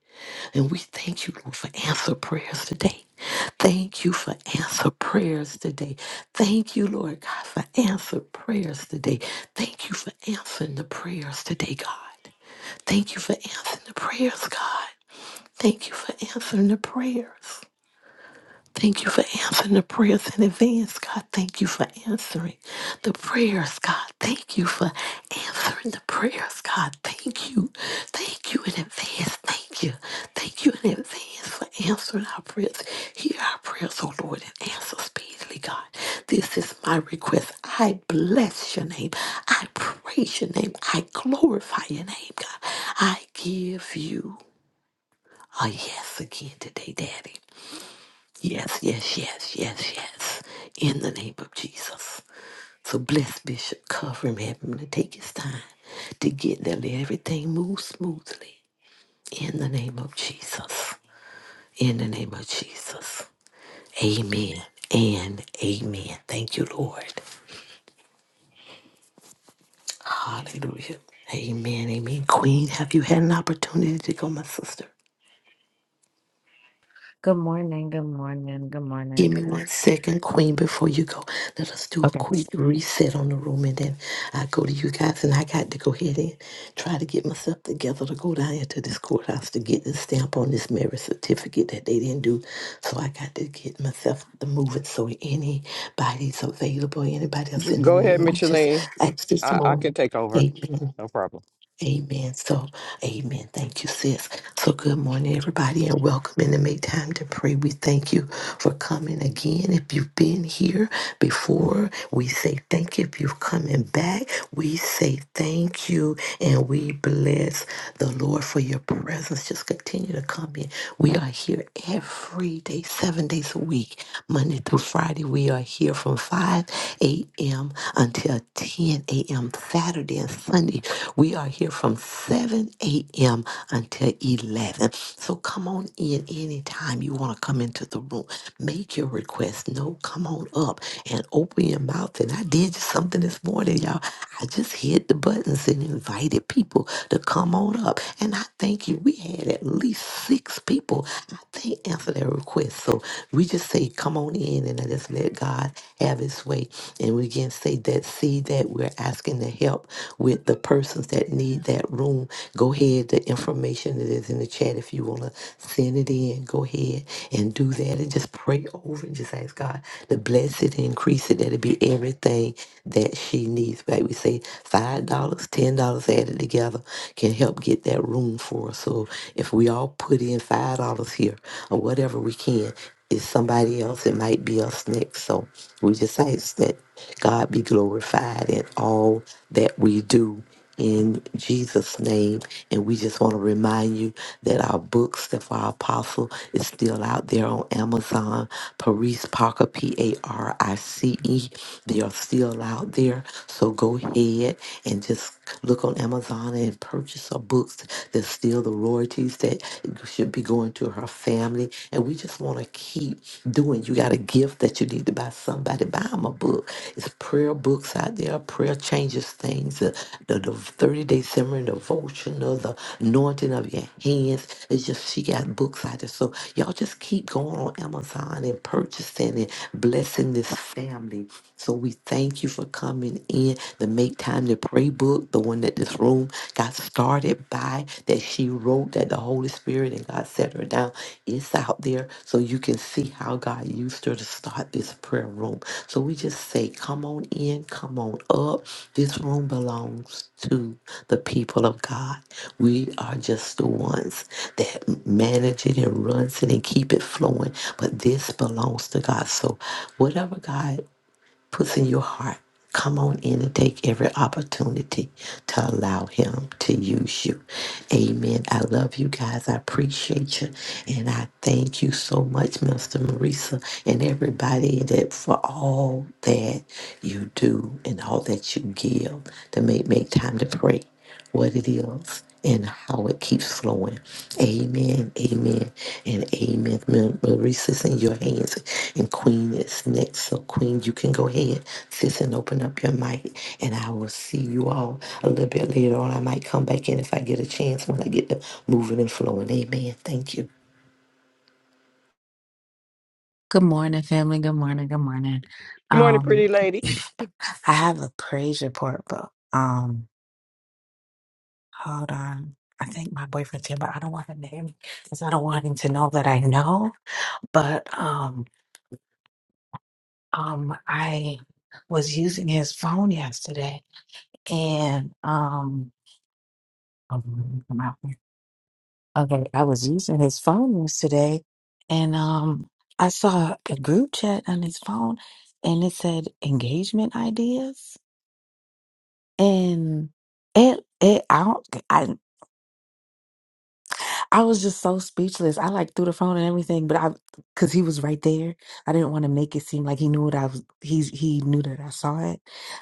And we thank you, Lord, for answer prayers today. Thank you for answer prayers today. Thank you, Lord God, for answer prayers today. Thank you for answering the prayers today, God. Thank you for answering the prayers, God. Thank you for answering the prayers. Thank you for answering the prayers in advance, God. Thank you for answering the prayers, God. Thank you for answering the prayers, God. Thank you. Thank you in advance. Thank you. Thank you in advance for answering our prayers. Hear our prayers, oh Lord, and answer speedily, God. This is my request. I bless your name. I praise your name. I glorify your name, God. I give you a yes again today, Daddy. Yes, yes, yes, yes, yes. In the name of Jesus. So bless Bishop, cover him, have him to take his time to get there. Let everything move smoothly. In the name of Jesus. In the name of Jesus. Amen and amen. Thank you, Lord. Hallelujah. Amen, amen. Queen, have you had an opportunity to go, my sister? Good morning, good morning, good Give morning. me one second, Queen, before you go. Let us do a Okay. quick reset on the room and then I go to you guys. And I got to go ahead and try to get myself together to go down into this courthouse to get the stamp on this marriage certificate that they didn't do. So I got to get myself the moving. So anybody's available, anybody else J- in the Go ahead, room, we just Micheline. ask this I, I can morning. take over. Amen. No problem. Amen. So, amen. Thank you, sis. So, good morning, everybody, and welcome in to Make Time to Pray. We thank you for coming again. If you've been here before, we say thank you. If you're coming back, we say thank you and we bless the Lord for your presence. Just continue to come in. We are here every day, seven days a week, Monday through Friday. We are here from 5 a.m. until till 10 a.m. Saturday and Sunday. We are here from 7 a.m. until 11. So come on in anytime you want to come into the room. Make your request. No, come on up and open your mouth. And I did something this morning, y'all. I just hit the buttons and invited people to come on up. And I thank you. We had at least six people, I think, answer their request. So we just say, come on in. and morning and just let God have his way. And we again say that See that we're asking to help with the persons that need that room. Go ahead. The information that is in the chat. If you want to send it in, go ahead and do that. And just pray over and just ask God to bless it and increase it. That it be everything that she needs. Like we say, $5, dollars, $10 added together can help get that room for us. So if we all put in $5 here or whatever we can, it's somebody else. It might be us next. So we just ask that God be glorified in all that we do in Jesus' name. And we just want to remind you that our book, Steph Our Apostle, is still out there on Amazon. Paris Parker, P A R I C E. They are still out there. So go ahead and just look on Amazon and purchase our books. There's still the Royal priorities that should be going to her family. And we just want to keep doing. You got a gift that you need to buy somebody, buy them a book. It's prayer books out there. Prayer changes things. The, the, the 30 day simmering devotional, the anointing of your hands. It's just, she got books out there. So y'all just keep going on Amazon and purchasing and blessing this family. So we thank you for coming in to make time to pray gray book, the one that this room got started by, that she wrote, that the Holy Spirit and God set her down, it's out there so you can see how God used her to start this prayer room. So we just say, come on in, come on up. This room belongs to the people of God. We are just the ones that manage it and runs it and keep it flowing. But this belongs to God. So whatever God puts in your heart. Come on in and take every opportunity to allow Him to use you. Amen. I love you guys. I appreciate you. And I thank you so much, Mr. Marisa, and everybody that for all that you do and all that you give to make, make time to pray what it is and how it keeps flowing. Amen, amen, and amen. Ma- Marissa's in your hands, and Queen is next. So, Queen, you can go ahead, sis, and open up your mic, and I will see you all a little bit later on. I might come back in if I get a chance when I get to moving and flowing. Amen. Thank you. Good morning, family. Good morning, good morning. Good morning, Um, pretty lady. <sniffs> <clears throat> I have a praise report, but um, hold on. I think my boyfriend's here, but I don't want to name because I don't want him to know that I know. But um, um, I was using his phone yesterday, and um, Okay, I was using his phone yesterday and um I saw a group chat on his phone and it said engagement ideas and it it I don't I I was just so speechless. I like threw the phone and everything, but I because he was right there. I didn't want to make it seem like he knew what I was he's he knew that I saw it.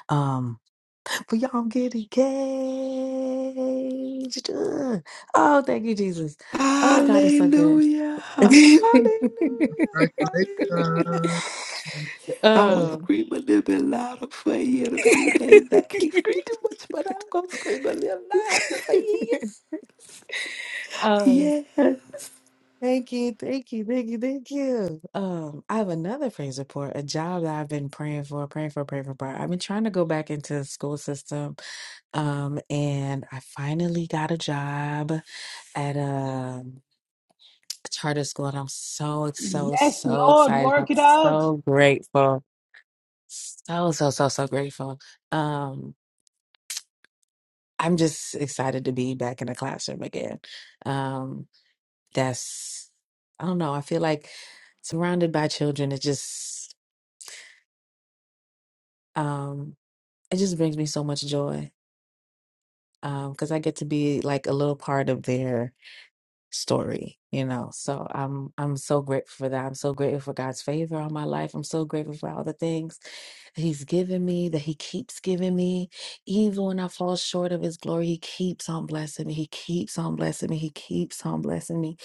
Um but y'all get engaged. Ugh. Oh, thank you, Jesus. Oh God, it's so good. Hallelujah. <laughs> Hallelujah. um, Pray. Hallelujah. Congratulations. I'm gonna scream a little bit louder for you in a few days. I can't scream too much, but I'm gonna scream a little louder for you. um, Yes. thank you, thank you, thank you, thank you. Um, I have another praise report, a job that I've been praying for, praying for, praying for. I've been trying to go back into the school system, um, and I finally got a job at a charter school, and I'm so, so, Yes, so Lord, excited. I'm work it out. so grateful. So, so, so, so grateful. Um, I'm just excited to be back in the classroom again. Um, that's, I don't know, I feel like surrounded by children, it just, um, it just brings me so much joy. Um, because I get to be like a little part of their story you know so i'm i'm so grateful for that i'm so grateful for god's favor on my life i'm so grateful for all the things that he's given me that he keeps giving me even when i fall short of his glory he keeps on blessing me he keeps on blessing me he keeps on blessing me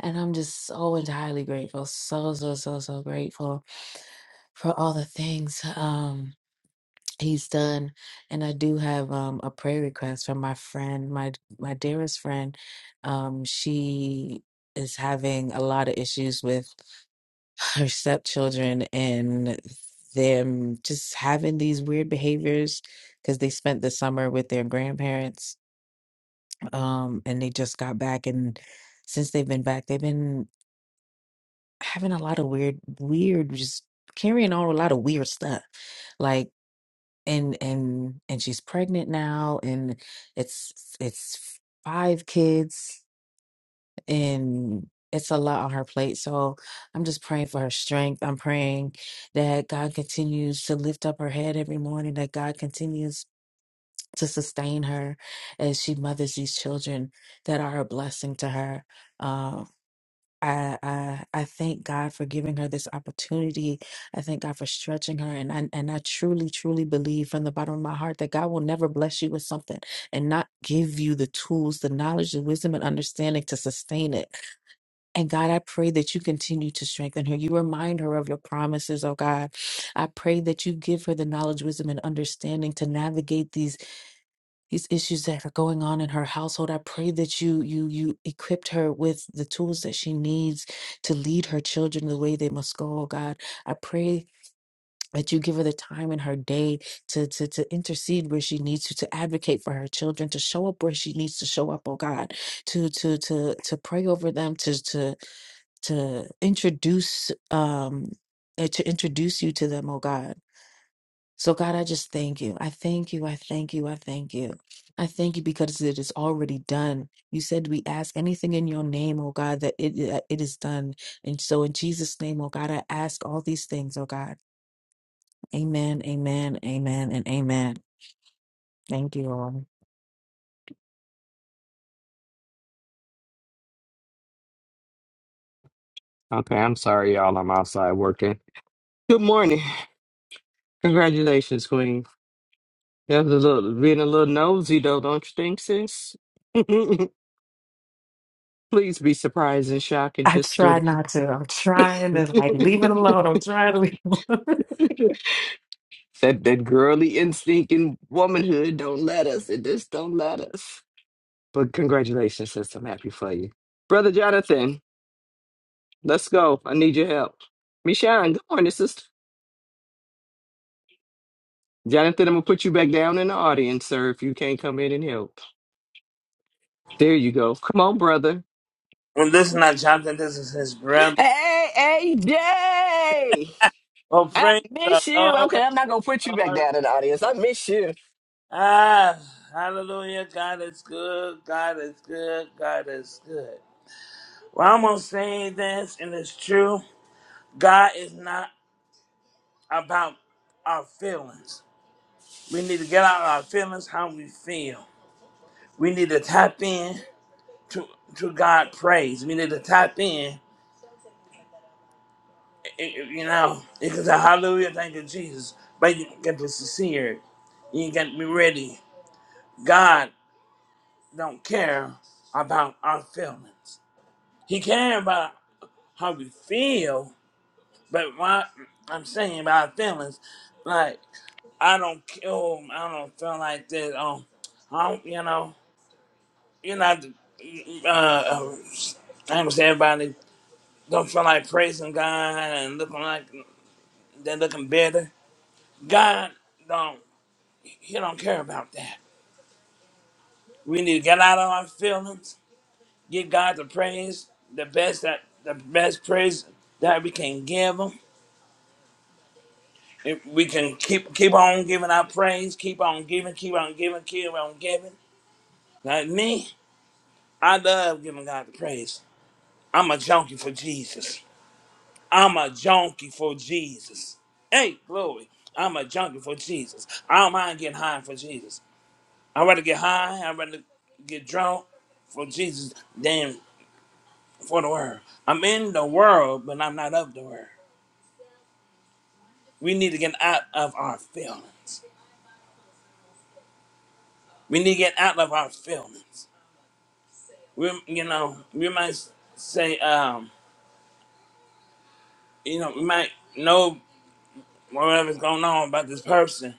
and i'm just so entirely grateful so so so so grateful for all the things Um. He's done, and I do have um, a prayer request from my friend, my my dearest friend. Um, she is having a lot of issues with <laughs> her stepchildren and them just having these weird behaviors because they spent the summer with their grandparents, um, and they just got back, and since they've been back, they've been having a lot of weird, weird, just carrying on a lot of weird stuff. like. and and and she's pregnant now and it's it's five kids and it's a lot on her plate so i'm just praying for her strength i'm praying that god continues to lift up her head every morning that god continues to sustain her as she mothers these children that are a blessing to her um, I, I I thank God for giving her this opportunity. I thank God for stretching her, and I and I truly truly believe from the bottom of my heart that God will never bless you with something and not give you the tools, the knowledge, the wisdom, and understanding to sustain it. And God, I pray that you continue to strengthen her. You remind her of your promises, oh God. I pray that you give her the knowledge, wisdom, and understanding to navigate these these issues that are going on in her household i pray that you you you equipped her with the tools that she needs to lead her children the way they must go oh god i pray that you give her the time in her day to, to to intercede where she needs to to advocate for her children to show up where she needs to show up oh god to to to to pray over them to to to introduce um uh, to introduce you to them oh god so, God, I just thank you. I thank you. I thank you. I thank you. I thank you because it is already done. You said we ask anything in your name, oh God, that it, that it is done. And so, in Jesus' name, oh God, I ask all these things, oh God. Amen, amen, amen, and amen. Thank you, Lord. Okay, I'm sorry, y'all. I'm outside working. Good morning. Congratulations, Queen. That was a little being a little nosy though, don't you think, sis? <laughs> Please be surprised and shocked and I just do try not to. I'm trying to like it. leave it alone. I'm trying to leave it alone. <laughs> That that girly instinct and womanhood don't let us. It just don't let us. But congratulations, sis. I'm happy for you. Brother Jonathan, let's go. I need your help. Michonne, good morning, sister. Jonathan, I'm gonna put you back down in the audience, sir, if you can't come in and help. There you go. Come on, brother. Well, this is not Jonathan. This is his brother. Hey, AJ! Oh, I praise the miss you. Lord, Okay, I'm not gonna put you back Lord. down in the audience. I miss you. Ah, hallelujah. God is good. God is good. God is good. Well, I'm going to say this, and it's true. God is not about our feelings. We need to get out of our feelings how we feel. We need to tap in to, to God praise. We need to tap in, eh, eh, you know, because hallelujah, thank you, Jesus. But you got to be sincere. You got to be ready. God don't care about our feelings. He cares about how we feel, but what I'm saying about our feelings, like I don't kill, I don't feel like this. Um, I don't, you know, you're not. Uh, uh, I understand everybody don't feel like praising God and looking like they're looking better. God don't, He don't care about that. We need to get out of our feelings give God the praise, the best that the best praise that we can give Him. If we can keep keep on giving our praise, keep on giving, keep on giving, keep on giving. Like me, I love giving God the praise. I'm a junkie for Jesus. I'm a junkie for Jesus. Hey, glory. I'm a junkie for Jesus. I don't mind getting high for Jesus. I'd rather get high, I'd rather get drunk for Jesus than for the world. I'm in the world, but I'm not of the world. We need to get out of our feelings. We need to get out of our feelings. We, you know, we might say, um, you know, we might know whatever's going on about this person.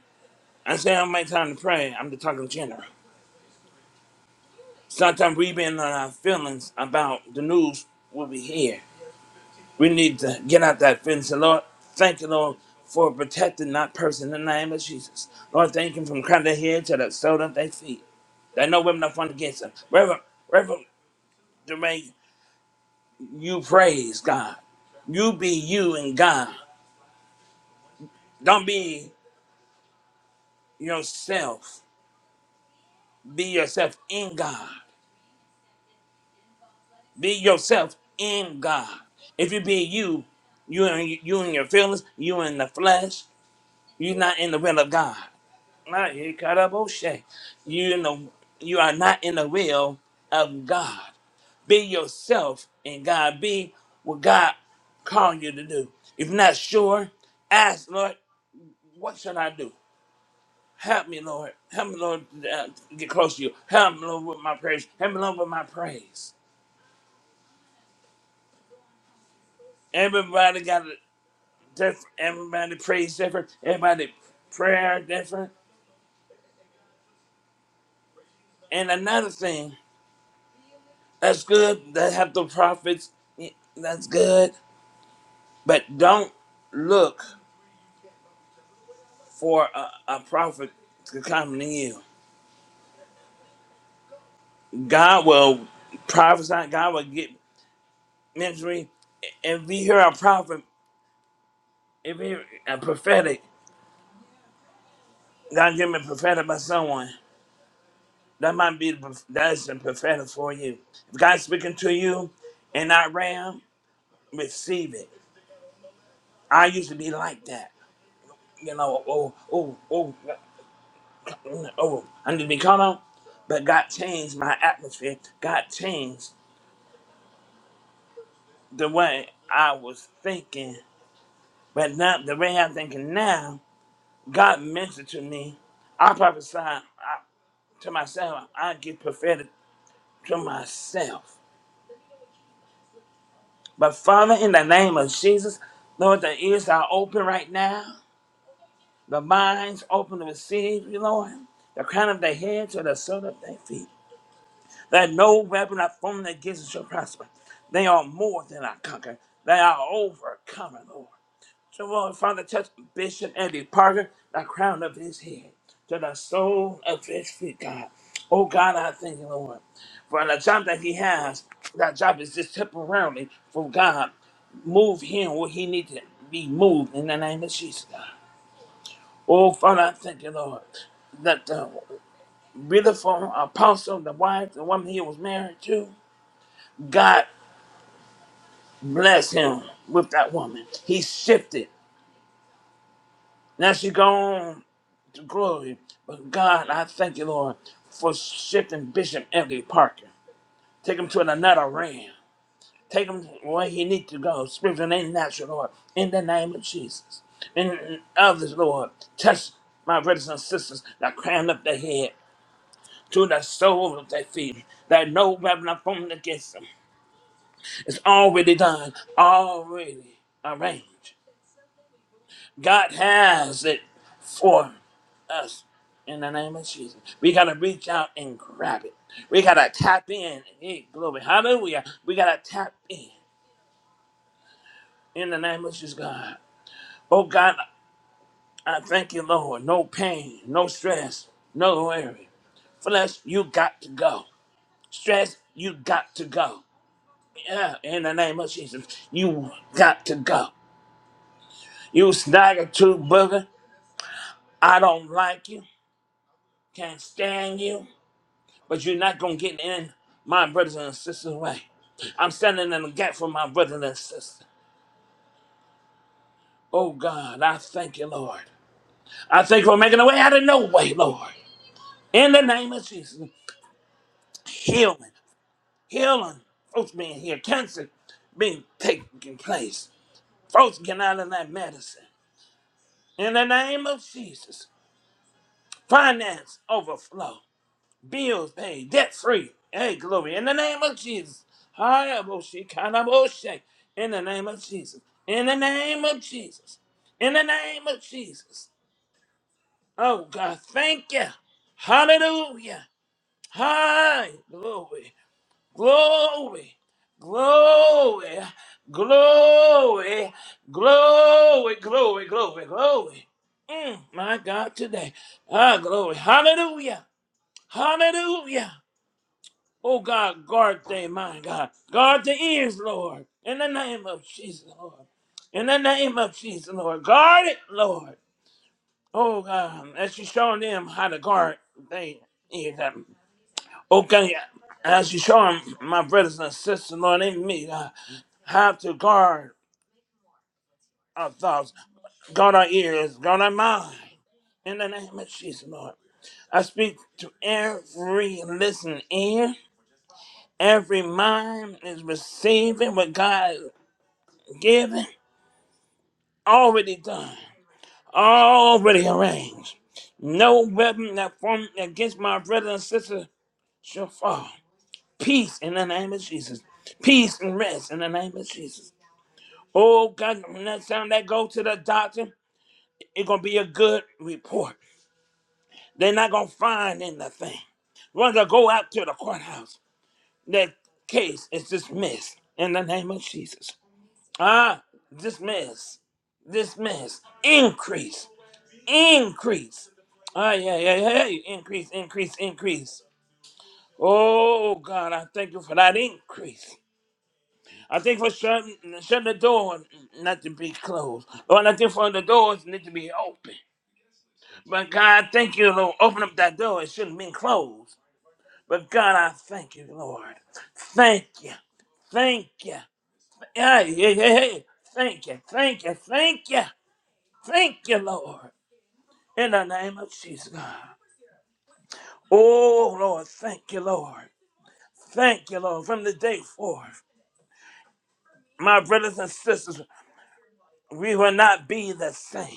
I say I don't make time to pray. I'm just talking general. Sometimes we been on our feelings about the news what we hear. We need to get out that fence. And Lord, thank you, Lord, for protecting that person in the name of Jesus. Lord, thank you from crown of their head to the sole of their feet. They know women are fun against them. Reverend, Reverend DeRay, You praise God. You be you in God. Don't be yourself. Be yourself in God. Be yourself in God. If you be you, you and you and your feelings, you in the flesh, you're not in the will of God. Not here, cut up, oh, shit. You in the you are not in the will of God. Be yourself in God. Be what God called you to do. If not sure, ask Lord, what should I do? Help me, Lord. Help me, Lord, uh, get close to you. Help me, Lord, with my praise. Help me, Lord, with my praise. Everybody got a different, everybody praise different, everybody prayer different. And another thing, that's good. They have the prophets. yeah, That's good. But don't look for a, a prophet to come to you. God will prophesy. God will get ministry. If we hear a prophet, if you hear a prophetic, God give me a prophetic by someone. That might be that's prophetic for you. If God's speaking to you in that realm, receive it. I used to be like that. You know, oh, oh, oh, mm, oh, I need to be caught on. But God changed my atmosphere. God changed the way I was thinking. But now the way I'm thinking now, God mentioned to me. I prophesy I, to myself. I get prophetic to myself. But Father, in the name of Jesus, Lord, the ears are open right now. The minds open to receive you, Lord. The crown of their head to the sole of their feet. That no weapon are formed against us shall prosper. They are more than I conquer. They are overcoming, Lord. So, Lord, Father, touch Bishop Eddie Parker, the crown of his head to the sole of his feet, God. Oh, God, I thank you, Lord, for the job that he has. That job is just temporarily from God. Move him where he needs to be moved in the name of Jesus. Oh, Father, I thank you, Lord, that the beautiful apostle, the wife, the woman he was married to, God bless him with that woman. He shifted. Now she gone to glory. But God, I thank you, Lord, for shifting Bishop F. D Parker. Take him to another realm. Take him where he needs to go, spiritual and natural, Lord, in the name of Jesus. And others, Lord, touch my brothers and sisters that crown up their head to the soles of their feet, that no weapon are formed against them. It's already done, already arranged. God has it for us in the name of Jesus. We got to reach out and grab it. We got to tap in. Hey, glory. Hallelujah. We got to tap in in the name of Jesus, God. Oh, God, I thank you, Lord. No pain, no stress, no worry. Flesh, you got to go. Stress, you got to go. Yeah, in the name of Jesus, you got to go. You snagger tooth booger. I don't like you. Can't stand you. But you're not gonna get in my brothers and sisters' way. I'm standing in the gap for my brothers and sisters. Oh God, I thank you, Lord. I thank you for making a way out of no way, Lord. In the name of Jesus, healing. Healing, folks being here, cancer being taking place. Folks get out of that medicine. In the name of Jesus, finance overflow, bills paid, debt free. Hey, glory. In the name of Jesus. Hayabushi, kanaboshe. In the name of Jesus. In the name of Jesus. In the name of Jesus. Oh, God, thank you. Hallelujah. Hi, glory. Glory, glory, glory, glory, glory, glory, glory. Mm, my God, today. Ah, glory. Hallelujah. Hallelujah. Oh, God, guard their mind, God. Guard the ears, Lord. In the name of Jesus, Lord. In the name of Jesus, Lord. Guard it, Lord. Oh, God, as you show them how to guard their ears. Okay, as you show him, my brothers and sisters, Lord, in me, uh, how to guard our thoughts, guard our ears, guard our mind. In the name of Jesus, Lord, I speak to every listening ear, every mind is receiving what God is giving, already done, already arranged. No weapon that formed against my brothers and sisters shall fall. Peace in the name of Jesus. Peace and rest in the name of Jesus. Oh God, next time they go to the doctor, it's gonna be a good report. They're not gonna find anything. When they go out to the courthouse, that case is dismissed in the name of Jesus. Ah, dismiss, dismiss, increase, increase. Ah, yeah, yeah, yeah, yeah. increase, increase, increase. Oh God, I thank you for that increase. I think for shutting shut the door not to be closed. Lord, I think for the doors need to be open. But God, thank you, Lord. Open up that door. It shouldn't have been closed. But God, I thank you, Lord. Thank you. Thank you. Yeah, yeah, yeah, yeah. Thank you. Thank you. Thank you. Thank you, Lord. In the name of Jesus, God. Oh, Lord. Thank you, Lord. Thank you, Lord. From the day forth, my brothers and sisters, we will not be the same.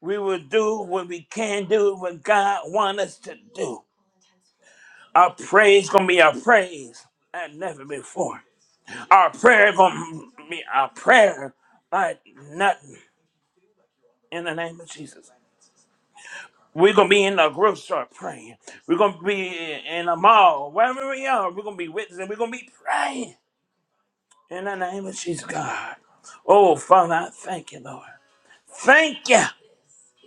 We will do what we can do, what God wants us to do. Our praise going to be our praise and never before. Our prayer gonna be our prayer like nothing in the name of Jesus. We're gonna be in the grocery store praying. We're gonna be in the mall, wherever we are. We're gonna be witnessing. We're gonna be praying in the name of Jesus, God. Oh, Father, I thank you, Lord. Thank you.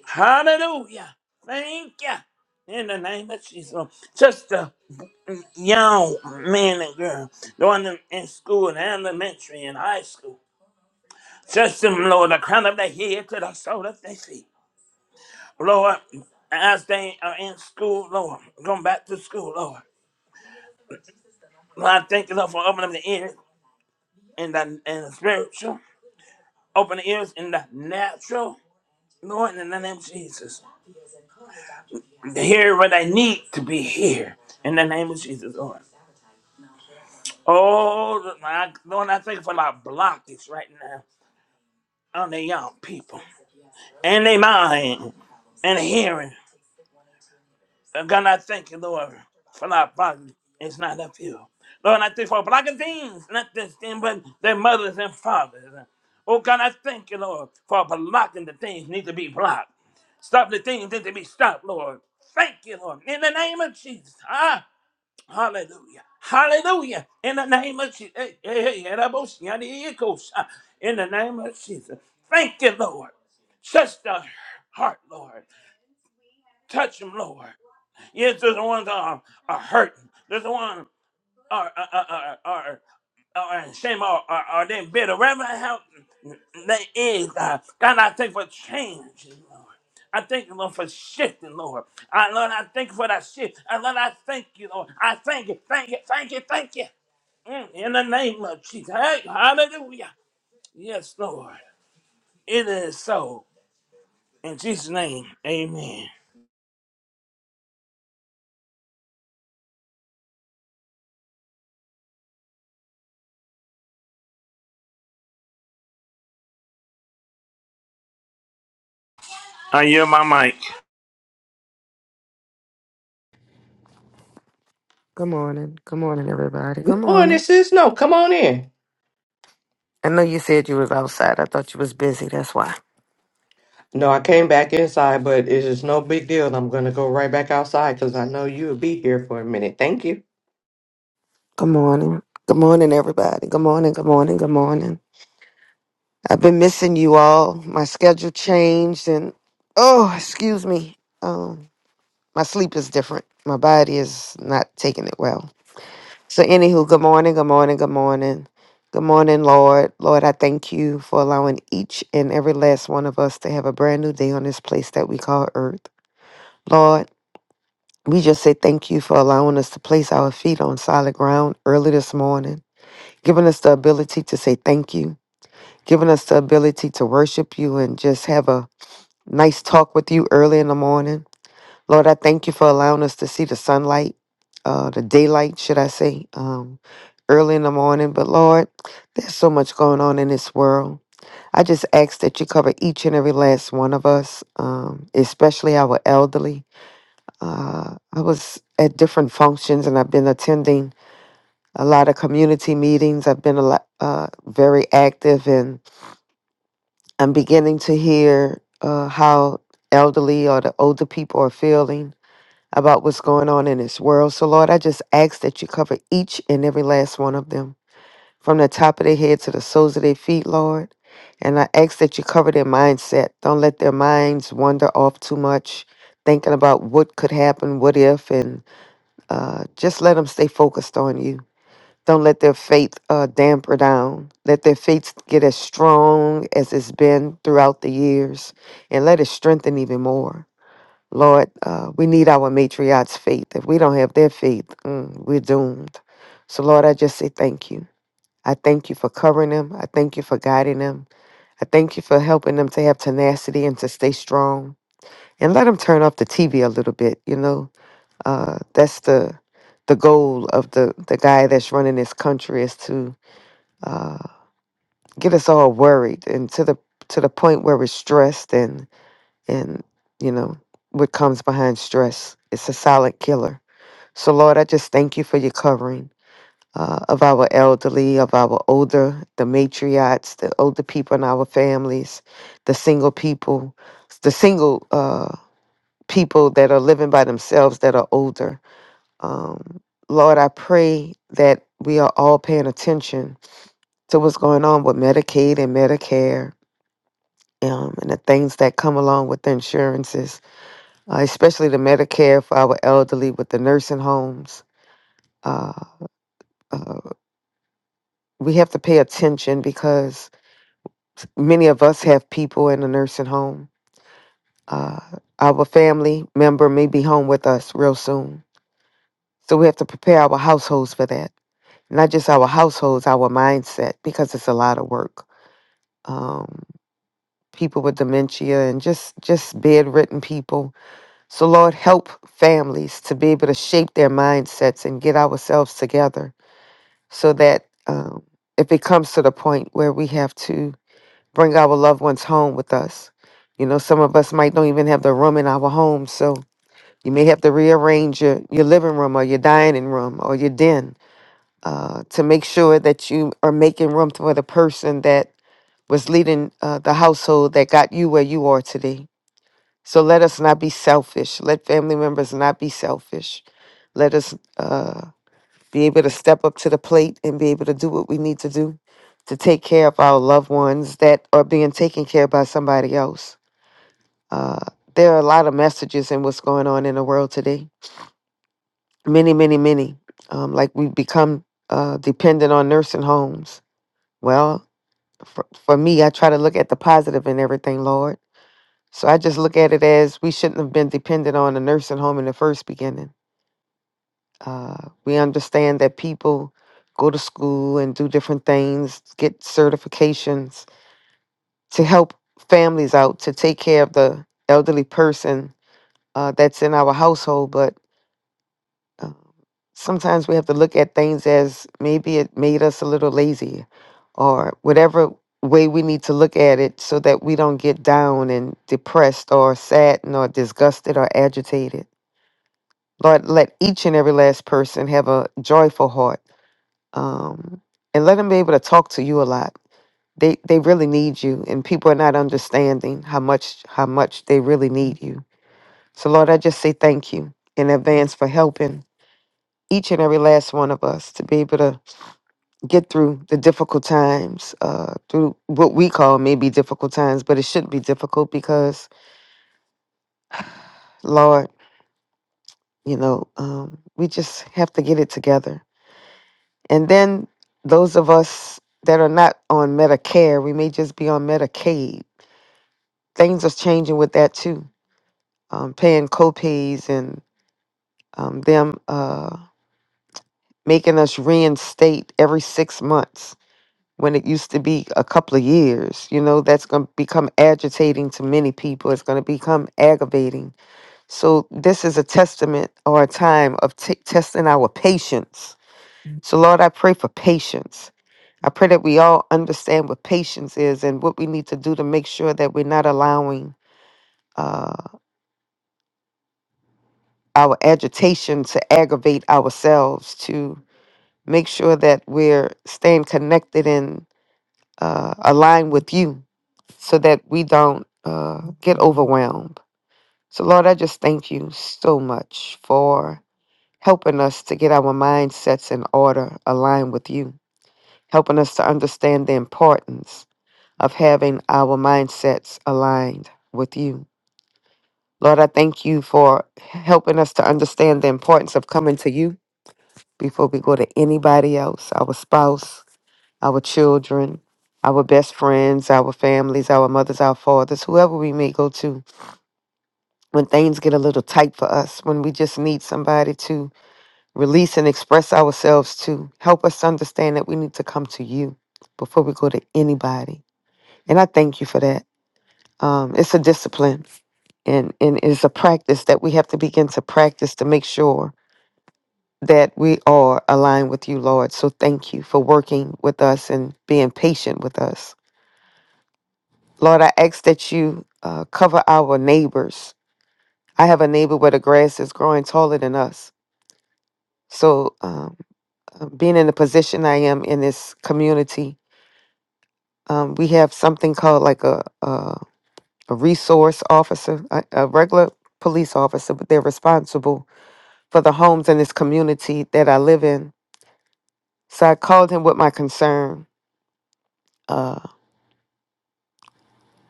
Hallelujah. Thank you. In the name of Jesus. Just the young man and girl, the one in in school, and elementary and high school. Touch them, Lord, the crown of their head to the sole of their feet. Lord, as they are in school, Lord, going back to school, Lord. Lord, I thank you, Lord, for opening the ears and the, and the spiritual, open the ears in the natural, Lord, in the name of Jesus. To hear what I need to be here, in the name of Jesus, Lord. Oh, my, Lord, I thank you for my blockage right now on the young people and their mind and hearing. Uh, God, I thank you, Lord, for our body. It's not of you. Lord, I thank you for black things, not this thing, but their mothers and fathers. Oh, God, I thank you, Lord, for blocking the things need to be blocked. Stop the things need to be stopped, Lord. Thank you, Lord. In the name of Jesus. Ah, hallelujah. Hallelujah. In the name of Jesus. Hey, hey, hey, yeah, that boy, yeah, the echoes. Ah, In the name of Jesus. Thank you, Lord. Touch the heart, Lord. Touch them, Lord. Yes, there's the ones that are, are hurt. There's the ones are are are are, are in shame or are, are they bitter. Whatever the hell that is, God, God, I thank you for change, Lord. I thank you, Lord, for shifting, Lord. I, Lord, I thank you for that shift. I, Lord, I thank you, Lord. I thank you, thank you, thank you, thank you. Mm, in the name of Jesus. Hey, hallelujah. Yes, Lord. It is so. In Jesus' name, amen. I yield my mic. Good morning. Good morning, everybody. Good Good morning, morning. sis. No, come on in. I know you said you was outside. I thought you was busy. That's why. No, I came back inside, but it's just no big deal. I'm gonna go right back outside because I know you'll be here for a minute. Thank you, Good morning. Good morning, everybody. Good morning. Good morning. Good morning. I've been missing you all. My schedule changed, and oh, excuse me. Um, my sleep is different. My body is not taking it well. So, anywho, good morning. Good morning. Good morning. Good morning, Lord. Lord, I thank you for allowing each and every last one of us to have a brand new day on this place that we call Earth. Lord. We just say thank you for allowing us to place our feet on solid ground early this morning, giving us the ability to say thank you, giving us the ability to worship you and just have a nice talk with you early in the morning. Lord, I thank you for allowing us to see the sunlight, uh, the daylight, should I say, um, early in the morning. But Lord, there's so much going on in this world. I just ask that you cover each and every last one of us, um, especially our elderly. Uh, I was at different functions and I've been attending a lot of community meetings. I've been a lot, uh, very active and I'm beginning to hear uh, how elderly or the older people are feeling about what's going on in this world. So, Lord, I just ask that you cover each and every last one of them from the top of their head to the soles of their feet, Lord. And I ask that you cover their mindset. Don't let their minds wander off too much, thinking about what could happen, what if, and uh, just let them stay focused on you. Don't let their faith uh, damper down. Let their faith get as strong as it's been throughout the years and let it strengthen even more. Lord, uh, we need our matriarch's faith. If we don't have their faith, mm, we're doomed. So, Lord, I just say thank you. I thank you for covering them. I thank you for guiding them. I thank you for helping them to have tenacity and to stay strong. And let them turn off the TV a little bit, you know uh, that's the the goal of the the guy that's running this country is to uh, get us all worried and to the to the point where we're stressed and and you know what comes behind stress. It's a silent killer. So Lord, I just thank you for your covering uh, of our elderly, of our older, the matriarchs, the older people in our families, the single people, the single uh, people that are living by themselves that are older. Um, Lord, I pray that we are all paying attention to what's going on with Medicaid and Medicare um, and the things that come along with the insurances, uh, especially the Medicare for our elderly with the nursing homes. Uh, uh, we have to pay attention because many of us have people in the nursing home. Uh, our family member may be home with us real soon. So we have to prepare our households for that. Not just our households, our mindset, because it's a lot of work um, people with dementia and just just bedridden people. So Lord, help families to be able to shape their mindsets and get ourselves together so that um, if it comes to the point where we have to bring our loved ones home with us, you know, some of us might don't even have the room in our home, so you may have to rearrange your, your living room or your dining room or your den uh, to make sure that you are making room for the person that was leading uh, the household that got you where you are today. So let us not be selfish. Let family members not be selfish. Let us uh, be able to step up to the plate and be able to do what we need to do to take care of our loved ones that are being taken care of by somebody else. Uh, there are a lot of messages in what's going on in the world today. Many, many, many. Um, like we become uh, dependent on nursing homes. Well, for, for me, I try to look at the positive in everything, Lord. So I just look at it as we shouldn't have been dependent on a nursing home in the first beginning. Uh, we understand that people go to school and do different things, get certifications to help families out to take care of the elderly person uh, that's in our household. But uh, sometimes we have to look at things as maybe it made us a little lazy or whatever way we need to look at it so that we don't get down and depressed or saddened or disgusted or agitated Lord, let each and every last person have a joyful heart, um, and let them be able to talk to you a lot. They they really need you, and people are not understanding how much how much they really need you. So, Lord, I just say thank you in advance for helping each and every last one of us to be able to get through the difficult times, uh, through what we call maybe difficult times, but it shouldn't be difficult because, Lord, you know, um, we just have to get it together And then those of us that are not on Medicare, we may just be on Medicaid. Things are changing with that too. Um, paying copays and um, them uh, making us reinstate every six months when it used to be a couple of years. You know, that's going to become agitating to many people. It's going to become aggravating. So, this is a testament or a time of t- testing our patience So, Lord, I pray for patience. I pray that we all understand what patience is and what we need to do to make sure that we're not allowing uh, our agitation to aggravate ourselves, to make sure that we're staying connected and uh, aligned with you so that we don't uh, get overwhelmed. So, Lord, I just thank you so much for helping us to get our mindsets in order, aligned with you, helping us to understand the importance of having our mindsets aligned with you. Lord, I thank you for helping us to understand the importance of coming to you before we go to anybody else, our spouse, our children, our best friends, our families, our mothers, our fathers, whoever we may go to. When things get a little tight for us, when we just need somebody to release and express ourselves to, help us understand that we need to come to you before we go to anybody. And I thank you for that. Um, it's a discipline and, and it's a practice that we have to begin to practice to make sure that we are aligned with you, Lord. So thank you for working with us and being patient with us. Lord, I ask that you uh, cover our neighbors. I have a neighbor where the grass is growing taller than us. So, um, uh, being in the position I am in this community, um, we have something called like a, a, a resource officer, a, a regular police officer, but they're responsible for the homes in this community that I live in. So I called him with my concern. Uh,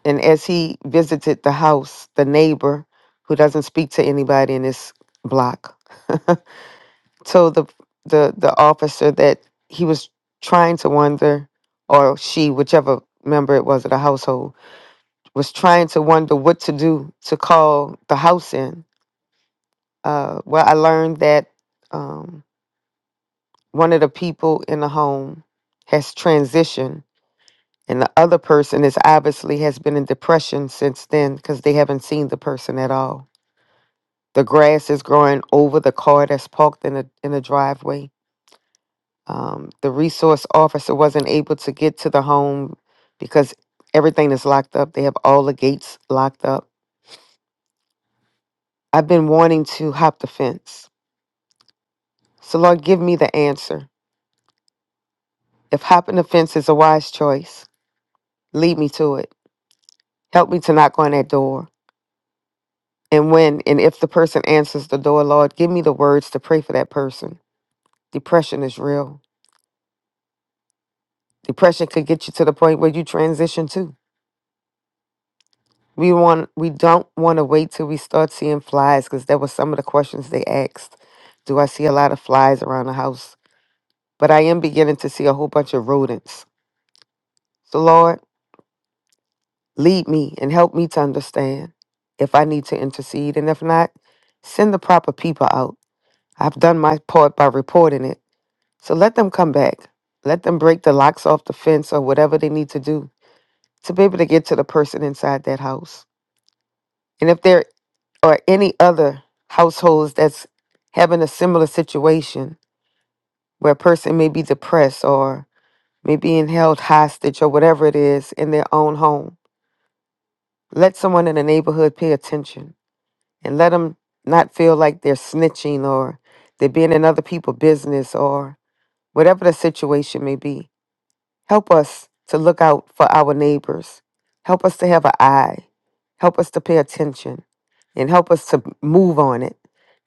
and as he visited the house, the neighbor, who doesn't speak to anybody in this block, <laughs> told the, the, the officer that he was trying to wonder, or she, whichever member it was of the household, was trying to wonder what to do to call the house in. Uh, well, I learned that um, one of the people in the home has transitioned And the other person is obviously has been in depression since then because they haven't seen the person at all. The grass is growing over the car that's parked in a in a driveway. Um, the resource officer wasn't able to get to the home because everything is locked up. They have all the gates locked up. I've been wanting to hop the fence. So Lord, give me the answer. If hopping the fence is a wise choice, lead me to it. Help me to knock on that door. And when and if the person answers the door, Lord, give me the words to pray for that person. Depression is real. Depression could get you to the point where you transition too. We want we don't want to wait till we start seeing flies because that was some of the questions they asked. Do I see a lot of flies around the house? But I am beginning to see a whole bunch of rodents. So Lord, lead me and help me to understand if I need to intercede. And if not, send the proper people out. I've done my part by reporting it So let them come back. Let them break the locks off the fence or whatever they need to do to be able to get to the person inside that house. And if there are any other households that's having a similar situation where a person may be depressed or may being held hostage or whatever it is in their own home, let someone in the neighborhood pay attention and let them not feel like they're snitching or they're being in other people's business or whatever the situation may be Help us to look out for our neighbors. Help us to have an eye. Help us to pay attention and help us to move on it.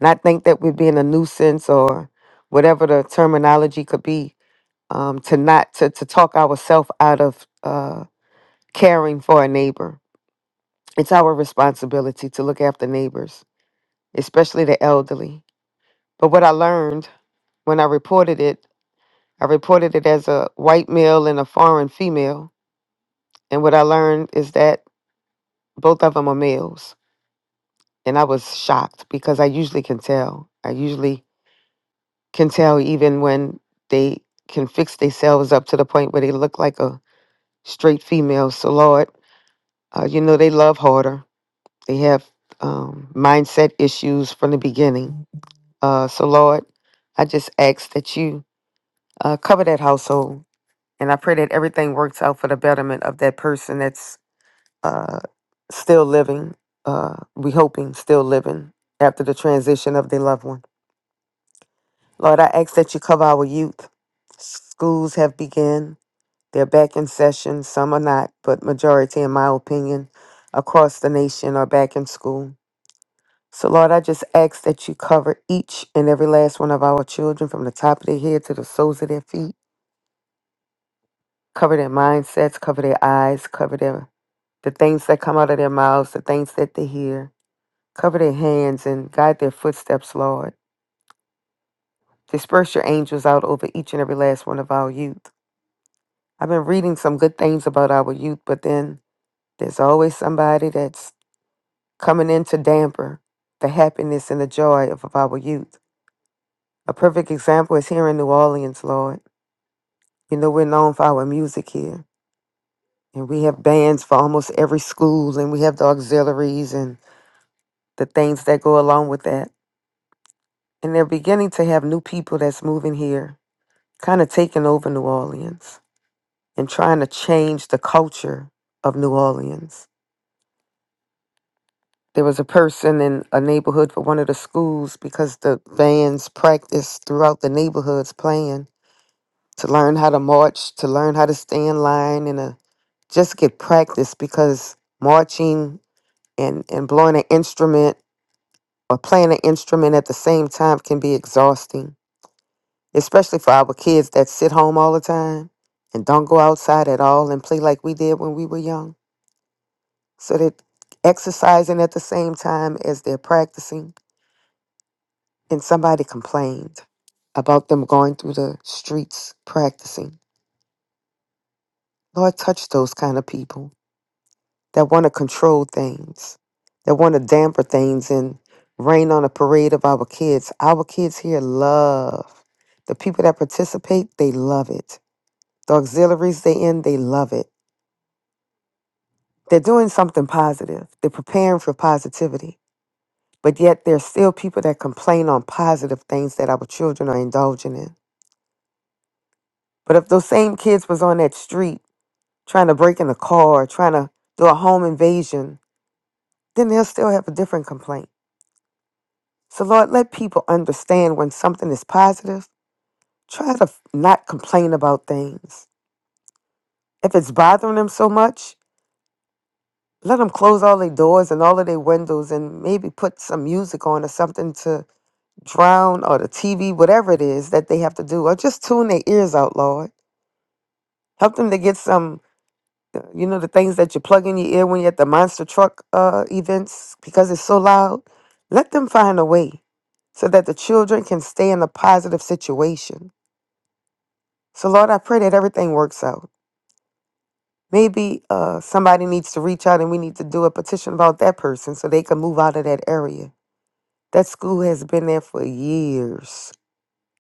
Not think that we're being a nuisance or whatever the terminology could be um, to not to, to talk ourselves out of uh, caring for a neighbor. It's our responsibility to look after neighbors, especially the elderly. But what I learned when I reported it, I reported it as a white male and a foreign female. And what I learned is that both of them are males and i was shocked because i usually can tell i usually can tell even when they can fix themselves up to the point where they look like a straight female so lord uh, you know they love harder they have um, mindset issues from the beginning uh, so lord i just ask that you uh, cover that household and i pray that everything works out for the betterment of that person that's uh, still living, uh, we hoping still living after the transition of their loved one. Lord, I ask that you cover our youth. Schools have begun. They're back in session. Some are not, but majority, in my opinion, across the nation are back in school. So, Lord, I just ask that you cover each and every last one of our children from the top of their head to the soles of their feet. Cover their mindsets, cover their eyes, cover their the things that come out of their mouths, the things that they hear Cover their hands and guide their footsteps, Lord. Disperse your angels out over each and every last one of our youth. I've been reading some good things about our youth, but then there's always somebody that's coming in to damper the happiness and the joy of, of our youth. A perfect example is here in New Orleans, Lord. You know, we're known for our music here, and we have bands for almost every school, and we have the auxiliaries and the things that go along with that. And they're beginning to have new people that's moving here kind of taking over New Orleans and trying to change the culture of New Orleans. There was a person in a neighborhood for one of the schools because the bands practiced throughout the neighborhoods playing to learn how to march, to learn how to stay in line, and to just get practice because marching and, and blowing an instrument or playing an instrument at the same time can be exhausting especially for our kids that sit home all the time and don't go outside at all and play like we did when we were young. So they're exercising at the same time as they're practicing. And somebody complained about them going through the streets practicing. Lord, touch those kind of people that want to control things, that want to damper things and rain on a parade of our kids. Our kids here love the people that participate, they love it. The auxiliaries they in, they love it They're doing something positive. They're preparing for positivity. But yet there's still people that complain on positive things that our children are indulging in. But if those same kids was on that street trying to break in a car, trying to do a home invasion, then they'll still have a different complaint. So Lord, let people understand when something is positive, try to f- not complain about things. If it's bothering them so much, let them close all their doors and all of their windows and maybe put some music on or something to. drown or the TV, whatever it is that they have to do, or just tune their ears out, Lord. Help them to get some, uh, you know, the things that you plug in your ear when you're at the monster truck uh, events because it's so loud. Let them find a way so that the children can stay in a positive situation. So, Lord, I pray that everything works out. Maybe uh, somebody needs to reach out and we need to do a petition about that person so they can move out of that area. That school has been there for years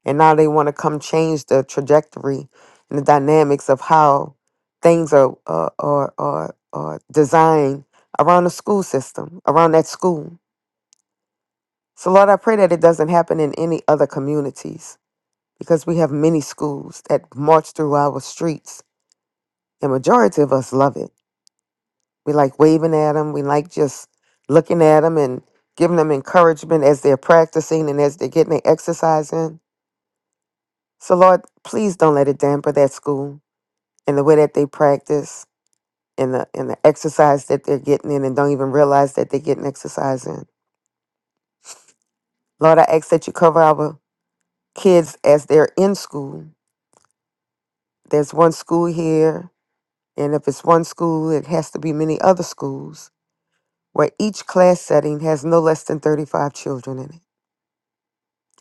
And now they want to come change the trajectory and the dynamics of how things are, are, are, are, are designed around the school system, around that school. So, Lord, I pray that it doesn't happen in any other communities because we have many schools that march through our streets, and majority of us love it. We like waving at them, we like just looking at them and giving them encouragement as they're practicing and as they're getting their exercise in. So, Lord, please don't let it damper that school. and the way that they practice and the and the exercise that they're getting in and don't even realize that they're getting exercise in. Lord, I ask that you cover our kids as they're in school. There's one school here, and if it's one school, it has to be many other schools where each class setting has no less than 35 children in it.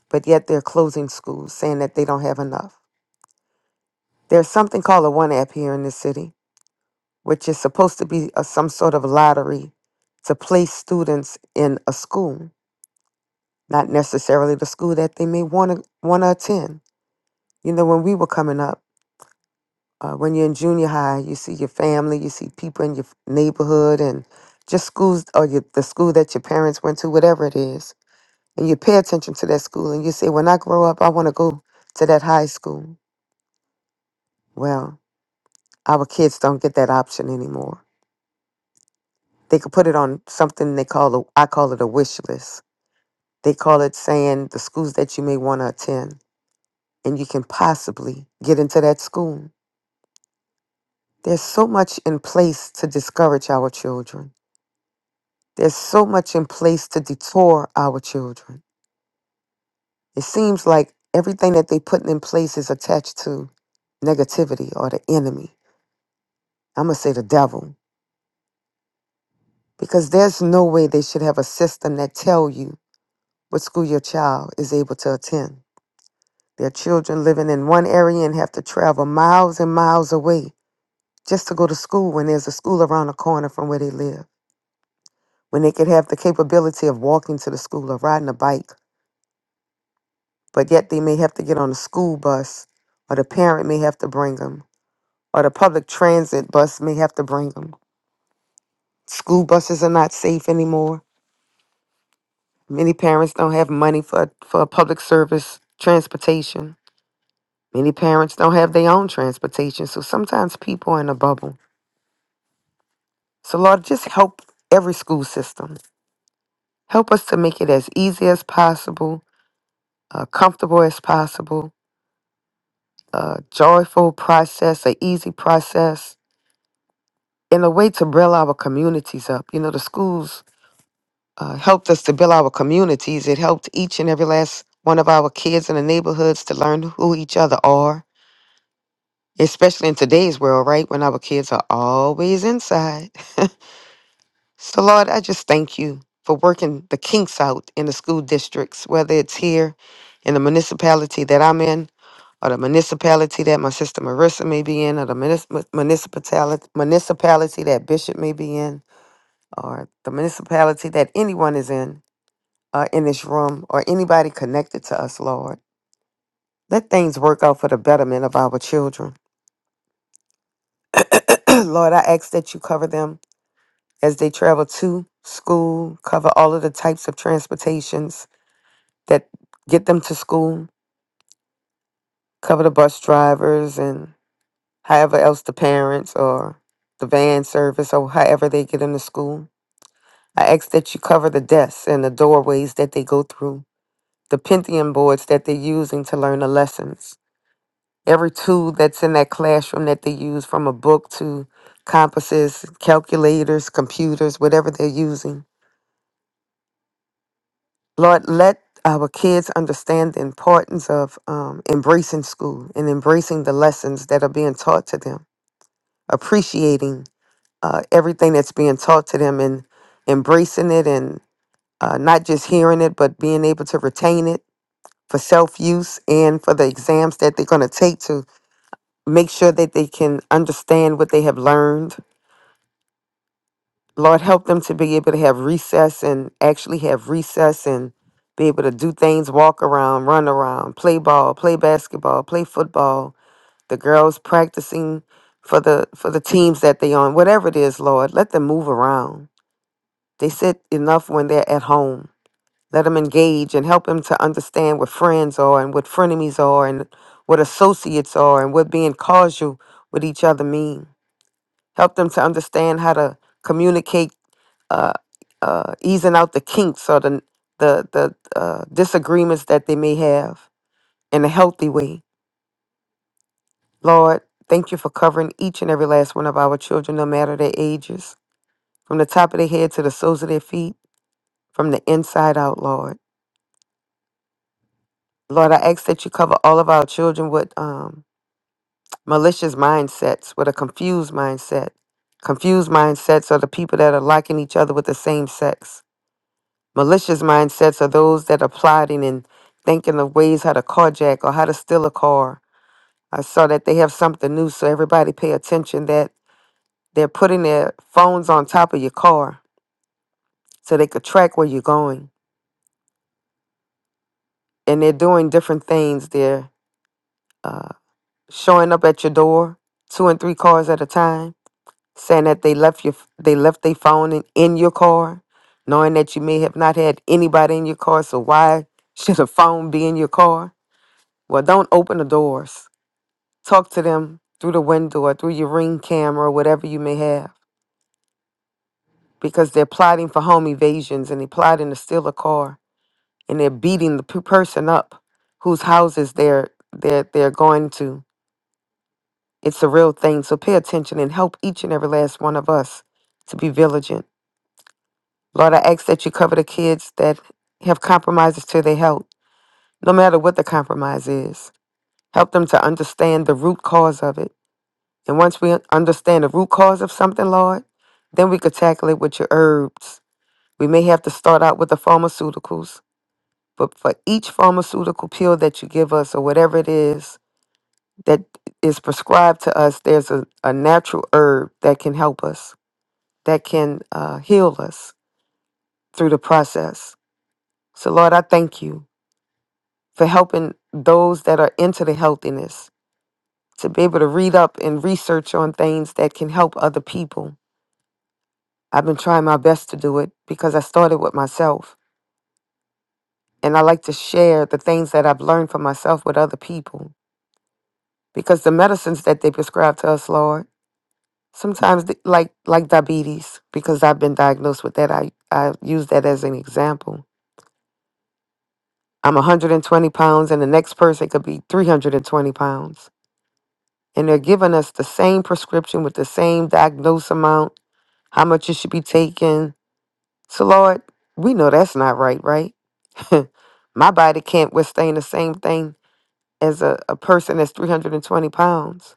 But yet they're closing schools saying that they don't have enough. There's something called a one app here in this city, which is supposed to be a, some sort of lottery to place students in a school not necessarily the school that they may want to want to attend. You know, when we were coming up, uh, when you're in junior high, you see your family, you see people in your f- neighborhood, and just schools or your, the school that your parents went to, whatever it is, and you pay attention to that school, and you say, "When I grow up, I want to go to that high school." Well, our kids don't get that option anymore. They could put it on something they call a, I call it a wish list. They call it saying the schools that you may want to attend, and you can possibly get into that school There's so much in place to discourage our children. There's so much in place to detour our children. It seems like everything that they put in place is attached to negativity or the enemy. I'm going to say the devil because there's no way they should have a system that tell you what school your child is able to attend. Their children living in one area and have to travel miles and miles away just to go to school when there's a school around the corner from where they live. When they could have the capability of walking to the school or riding a bike but yet they may have to get on a school bus, or the parent may have to bring them, or the public transit bus may have to bring them. School buses are not safe anymore. Many parents don't have money for, for public service transportation. Many parents don't have their own transportation, so sometimes people are in a bubble. So, Lord, just help every school system. Help us to make it as easy as possible, uh, comfortable as possible, a joyful process, a easy process in a way to build our communities up. You know, the schools uh, helped us to build our communities. It helped each and every last one of our kids in the neighborhoods to learn who each other are, especially in today's world, right? When our kids are always inside. <laughs> so, Lord, I just thank you for working the kinks out in the school districts, whether it's here in the municipality that I'm in. Or the municipality that my sister Marissa may be in, or the municip- municipality municipality that Bishop may be in or the municipality that anyone is in, uh, in this room, or anybody connected to us, Lord. Let things work out for the betterment of our children. <clears throat> Lord, I ask that you cover them as they travel to school, cover all of the types of transportations that get them to school, cover the bus drivers and however else the parents or the van service or however they get into school. I ask that you cover the desks and the doorways that they go through the Pentium boards that they're using to learn the lessons. Every tool that's in that classroom that they use, from a book to compasses, calculators, computers, whatever they're using. Lord, let our kids understand the importance of um, embracing school and embracing the lessons that are being taught to them, appreciating uh, everything that's being taught to them and embracing it and uh, not just hearing it, but being able to retain it for self use and for the exams that they're going to take to make sure that they can understand what they have learned. Lord, help them to be able to have recess and actually have recess and be able to do things, walk around, run around, play ball, play basketball, play football. The girls practicing for the for the teams that they on, whatever it is, Lord, let them move around. They sit enough when they're at home. Let them engage and help them to understand what friends are and what frenemies are and what associates are and what being causal with each other mean. help them to understand how to communicate uh, uh, easing out the kinks or the the, the uh, disagreements that they may have in a healthy way lord thank you for covering each and every last one of our children no matter their ages from the top of their head to the soles of their feet from the inside out lord lord i ask that you cover all of our children with um, malicious mindsets with a confused mindset confused mindsets are the people that are liking each other with the same sex Malicious mindsets are those that are plotting and thinking of ways how to carjack or how to steal a car. I saw that they have something new, so everybody pay attention that they're putting their phones on top of your car so they could track where you're going. And they're doing different things. They're uh, showing up at your door, two and three cars at a time, saying that they left your they left their phone in, in your car, knowing that you may have not had anybody in your car. So why <laughs> should a phone be in your car? Well, don't open the doors. Talk to them through the window or through your ring camera or whatever you may have because they're plotting for home evasions and they're plotting to steal a car and they're beating the p- person up whose houses they're, they're, they're going to. It's a real thing. So pay attention and help each and every last one of us to be vigilant. Lord, I ask that you cover the kids that have compromises to their health, no matter what the compromise is. Help them to understand the root cause of it And once we understand the root cause of something, Lord, then we could tackle it with your herbs. We may have to start out with the pharmaceuticals, but for each pharmaceutical pill that you give us or whatever it is that is prescribed to us, there's a, a natural herb that can help us, that can uh, heal us through the process. So, Lord, I thank you for helping those that are into the healthiness to be able to read up and research on things that can help other people I've been trying my best to do it because I started with myself. And I like to share the things that I've learned for myself with other people because the medicines that they prescribe to us, Lord, sometimes th- like like diabetes because I've been diagnosed with that. I I use that as an example. I'm 120 pounds, and the next person could be 320 pounds, and they're giving us the same prescription with the same diagnosed amount, how much you should be taking. So, Lord, we know that's not right, right? <laughs> My body can't withstand the same thing as a, a person that's 320 pounds.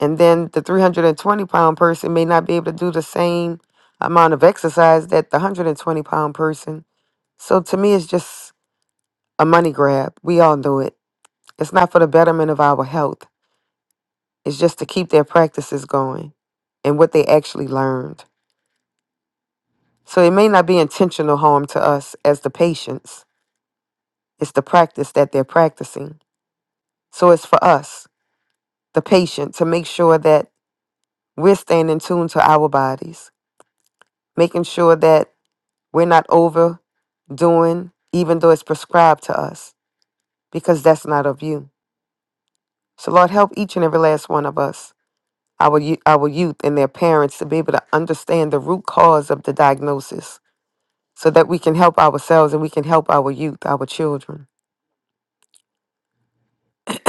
And then the 320 pound person may not be able to do the same amount of exercise that the 120 pound person. So to me, it's just a money grab. We all know it. It's not for the betterment of our health, it's just to keep their practices going and what they actually learned. So it may not be intentional harm to us as the patients, it's the practice that they're practicing. So it's for us. the patient to make sure that we're staying in tune to our bodies, making sure that we're not overdoing, even though it's prescribed to us, because that's not of you. So, Lord, help each and every last one of us, our, yo- our youth and their parents, to be able to understand the root cause of the diagnosis so that we can help ourselves and we can help our youth, our children.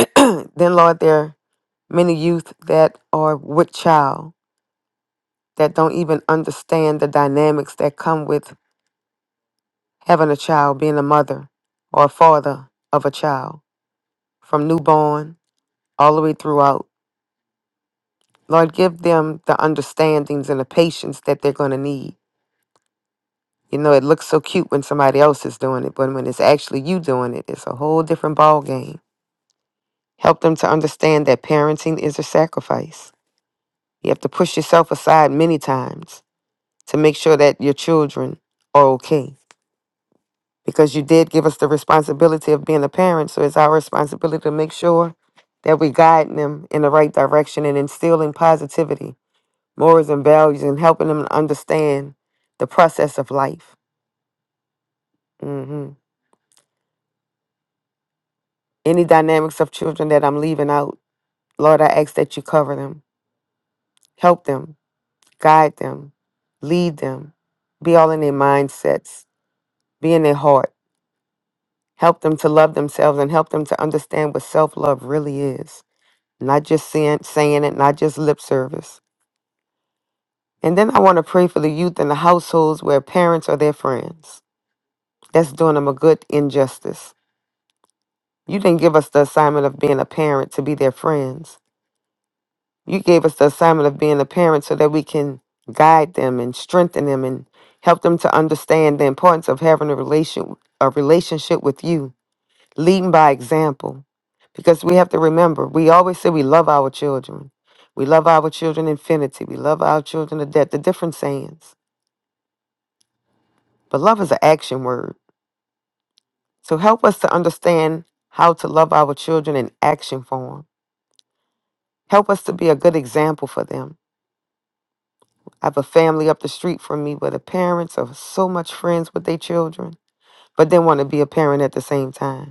<clears throat> then, Lord, there are many youth that are with child that don't even understand the dynamics that come with having a child, being a mother or a father of a child, from newborn all the way throughout. Lord, give them the understandings and the patience that they're going to need. You know, it looks so cute when somebody else is doing it, but when it's actually you doing it, it's a whole different ball game. Help them to understand that parenting is a sacrifice. You have to push yourself aside many times to make sure that your children are okay. because you did give us the responsibility of being a parent. So it's our responsibility to make sure that we guide them in the right direction and instilling positivity, morals, and values, and helping them understand the process of life. hmm Any dynamics of children that I'm leaving out, Lord, I ask that you cover them, help them, guide them, lead them, be all in their mindsets, be in their heart, help them to love themselves, and help them to understand what self love really is. not just saying, saying it, not just lip service. And then I want to pray for the youth in the households where parents are their friends. That's doing them a good injustice. You didn't give us the assignment of being a parent to be their friends. You gave us the assignment of being a parent so that we can guide them and strengthen them and help them to understand the importance of having a relation a relationship with you leading by example. Because we have to remember, we always say we love our children. We love our children infinity. We love our children to death, the different sayings. But love is an action word. So help us to understand how to love our children in action form. Help us to be a good example for them. I have a family up the street from me where the parents are so much friends with their children, but they want to be a parent at the same time.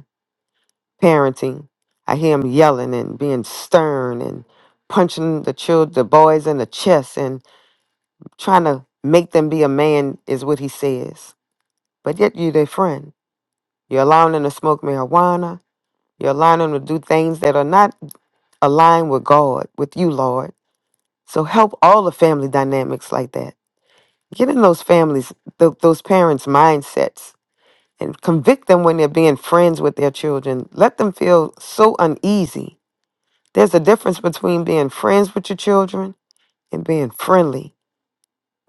parenting. I hear him yelling and being stern and punching the children, the boys in the chest and trying to make them be a man is what he says. But yet you're their friend. You're allowing them to smoke marijuana. You're allowing them to do things that are not aligned with God, with you, Lord. So help all the family dynamics like that. Get in those families, th- those parents' mindsets, and convict them when they're being friends with their children. Let them feel so uneasy There's a difference between being friends with your children and being friendly.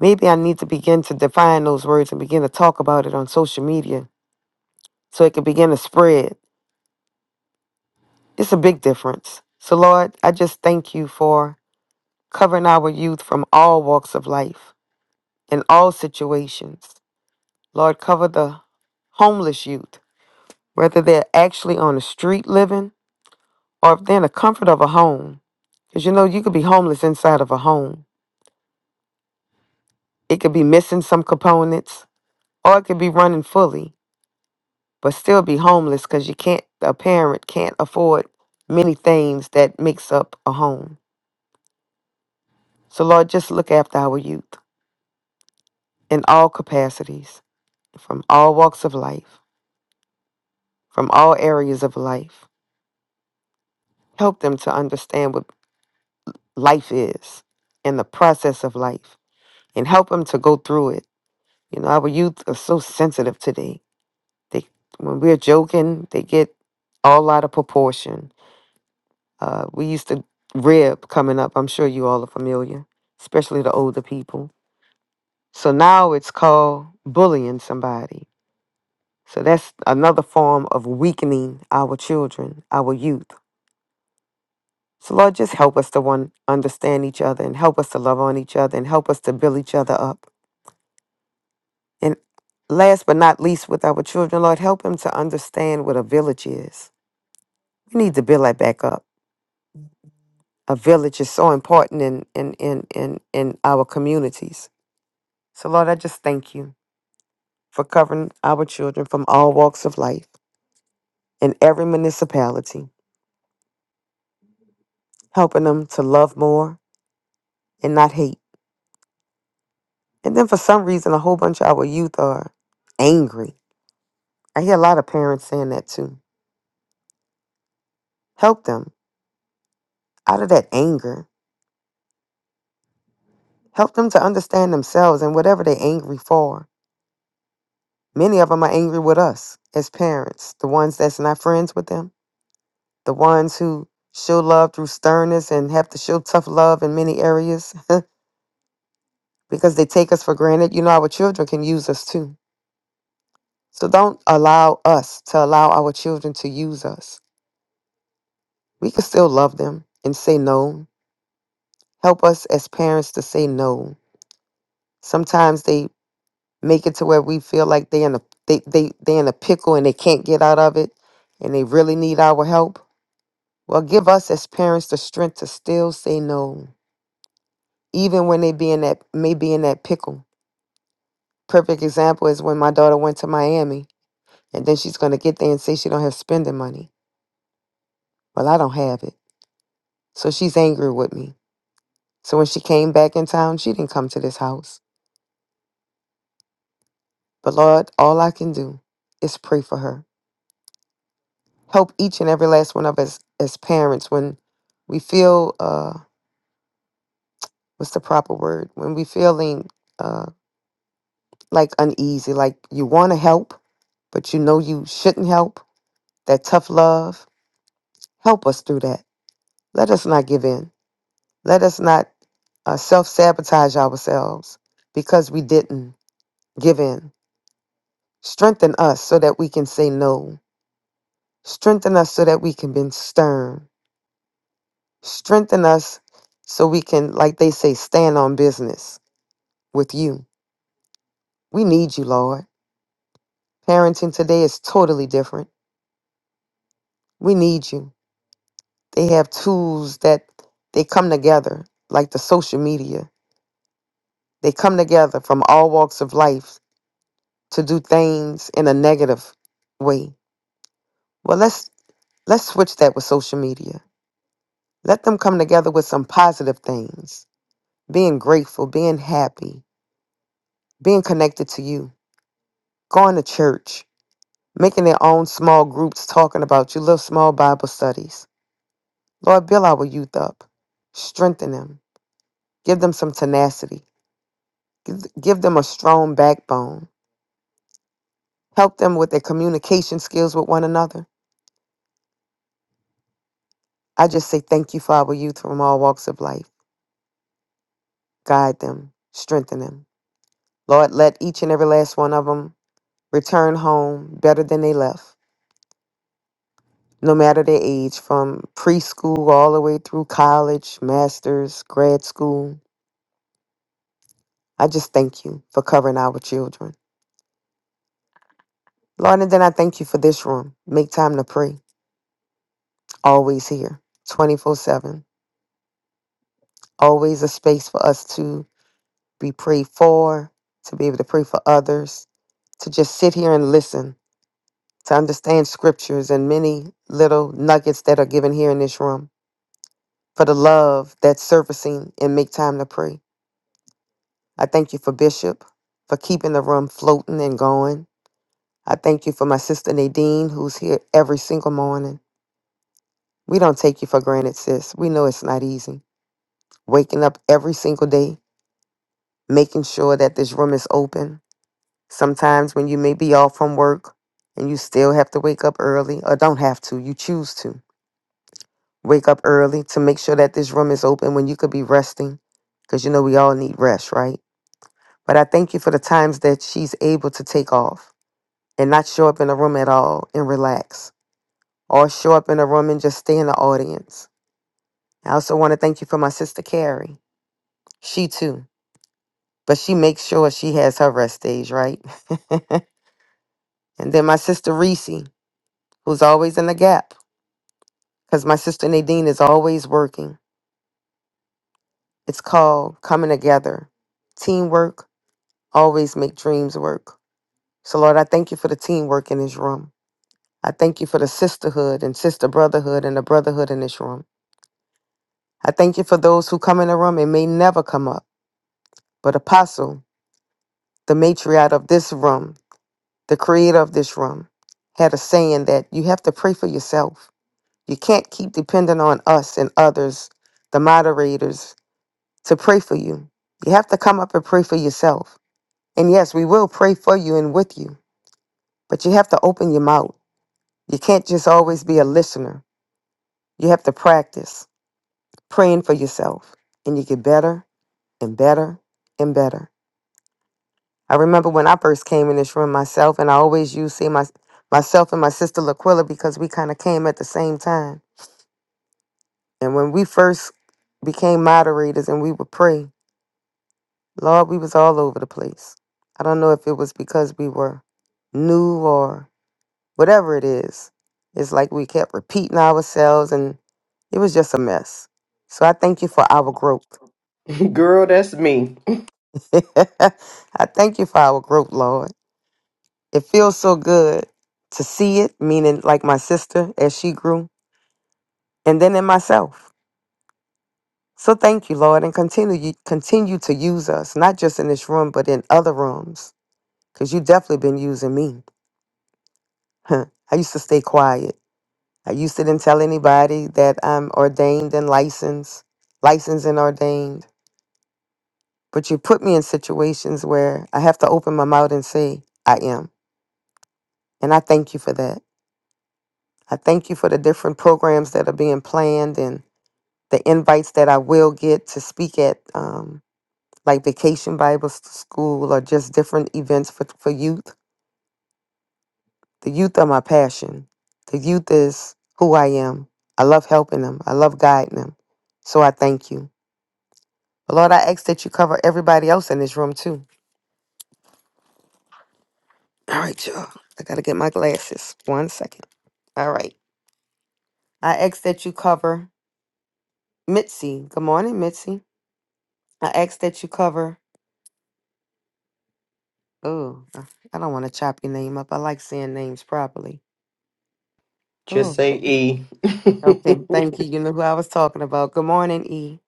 Maybe I need to begin to define those words and begin to talk about it on social media so it can begin to spread. It's a big difference. So, Lord, I just thank you for covering our youth from all walks of life in all situations. Lord, cover the homeless youth, whether they're actually on the street living or if they're in the comfort of a home. Because you know, you could be homeless inside of a home, it could be missing some components Or it could be running fully, but still be homeless because you can't, a parent can't afford many things that makes up a home. So Lord, just look after our youth in all capacities, from all walks of life, from all areas of life. Help them to understand what life is and the process of life and help them to go through it. You know, our youth are so sensitive today. They, when we're joking, they get all out of proportion Uh, we used to rib coming up. I'm sure you all are familiar, especially the older people. So now it's called bullying somebody. So that's another form of weakening our children, our youth. So Lord, just help us to one understand each other and help us to love on each other and help us to build each other up. And last but not least, with our children, Lord, help them to understand what a village is. We need to build that back up. A village is so important in in in in, in our communities So, Lord, I just thank you for covering our children from all walks of life in every municipality, helping them to love more and not hate. And then for some reason, a whole bunch of our youth are angry. I hear a lot of parents saying that too. Help them out of that anger. Help them to understand themselves and whatever they're angry for. Many of them are angry with us as parents, the ones that's not friends with them, the ones who show love through sternness and have to show tough love in many areas because they take us for granted. You know, our children can use us too. So don't allow us to allow our children to use us. We can still love them and say no. Help us as parents to say no. Sometimes they make it to where we feel like they in a they they they in a pickle and they can't get out of it and they really need our help. Well, give us as parents the strength to still say no, even when they be in that may be in that pickle. Perfect example is when my daughter went to Miami And then she's going to get there and say she don't have spending money. Well, I don't have it. So she's angry with me. So when she came back in town, she didn't come to this house. But Lord, all I can do is pray for her. Help each and every last one of us as parents when we feel, uh, what's the proper word? When we feeling uh, like uneasy, like you want to help, but you know you shouldn't help. That tough love. Help us through that. Let us not give in. Let us not uh, self sabotage ourselves because we didn't give in. Strengthen us so that we can say no. Strengthen us so that we can be stern. Strengthen us so we can, like they say, stand on business with you. We need you, Lord. Parenting today is totally different. We need you. They have tools that they come together, like the social media. They come together from all walks of life to do things in a negative way Well, let's let's switch that with social media. Let them come together with some positive things. Being grateful, being happy, being connected to you, going to church, making their own small groups talking about you, little small Bible studies. Lord, build our youth up. Strengthen them. Give them some tenacity. Give, give them a strong backbone. Help them with their communication skills with one another. I just say thank you for our youth from all walks of life. Guide them. Strengthen them. Lord, let each and every last one of them return home better than they left, no matter their age, from preschool all the way through college, master's, grad school. I just thank you for covering our children. Lord, and then I thank you for this room. Make time to pray. Always here, 24 7. Always a space for us to be prayed for, to be able to pray for others, to just sit here and listen, to understand scriptures and many little nuggets that are given here in this room for the love that's surfacing and make time to pray. I thank you for Bishop for keeping the room floating and going. I thank you for my sister Nadine, who's here every single morning. We don't take you for granted, sis. We know it's not easy. Waking up every single day, making sure that this room is open. Sometimes when you may be off from work and you still have to wake up early, or don't have to, you choose to wake up early to make sure that this room is open when you could be resting, because you know we all need rest, right? But I thank you for the times that she's able to take off and not show up in the room at all and relax, or show up in the room and just stay in the audience. I also want to thank you for my sister Carrie. She too, but she makes sure she has her rest days, right? <laughs> and then my sister Reese, who's always in the gap, because my sister Nadine is always working. It's called coming together. Teamwork always make dreams work. So Lord, I thank you for the teamwork in this room. I thank you for the sisterhood and sister brotherhood and the brotherhood in this room. I thank you for those who come in the room and may never come up. But Apostle, the matriarch of this room, the creator of this room, had a saying that you have to pray for yourself. You can't keep depending on us and others, the moderators, to pray for you. You have to come up and pray for yourself. And yes, we will pray for you and with you, but you have to open your mouth. You can't just always be a listener. You have to practice praying for yourself, and you get better and better and better. I remember when I first came in this room myself, and I always used to say my myself and my sister Laquilla because we kind of came at the same time. And when we first became moderators and we would pray, Lord, we was all over the place. I don't know if it was because we were new or whatever it is. It's like we kept repeating ourselves and it was just a mess. So I thank you for our growth. <laughs> girl. That's me. <laughs> I thank you for our growth, Lord. It feels so good to see it, meaning like my sister as she grew, and then in myself. So thank you, Lord, and continue continue to use us, not just in this room, but in other rooms, because you definitely been using me. Huh. I used to stay quiet. I used to didn't tell anybody that I'm ordained and licensed, licensed and ordained. But you put me in situations where I have to open my mouth and say, I am. And I thank you for that. I thank you for the different programs that are being planned and. the invites that I will get to speak at um, like Vacation Bible S- School or just different events for, for youth. The youth are my passion. The youth is who I am. I love helping them, I love guiding them. So I thank you. But Lord, I ask that you cover everybody else in this room too. All right, y'all. I got to get my glasses. One second. All right. I ask that you cover Mitzi. Good morning, Mitzi. I ask that you cover. Oh, I I don't want to chop your name up. I like saying names properly. Just Oh, say E. <laughs> okay. Thank you. You know who I was talking about. Good morning, E.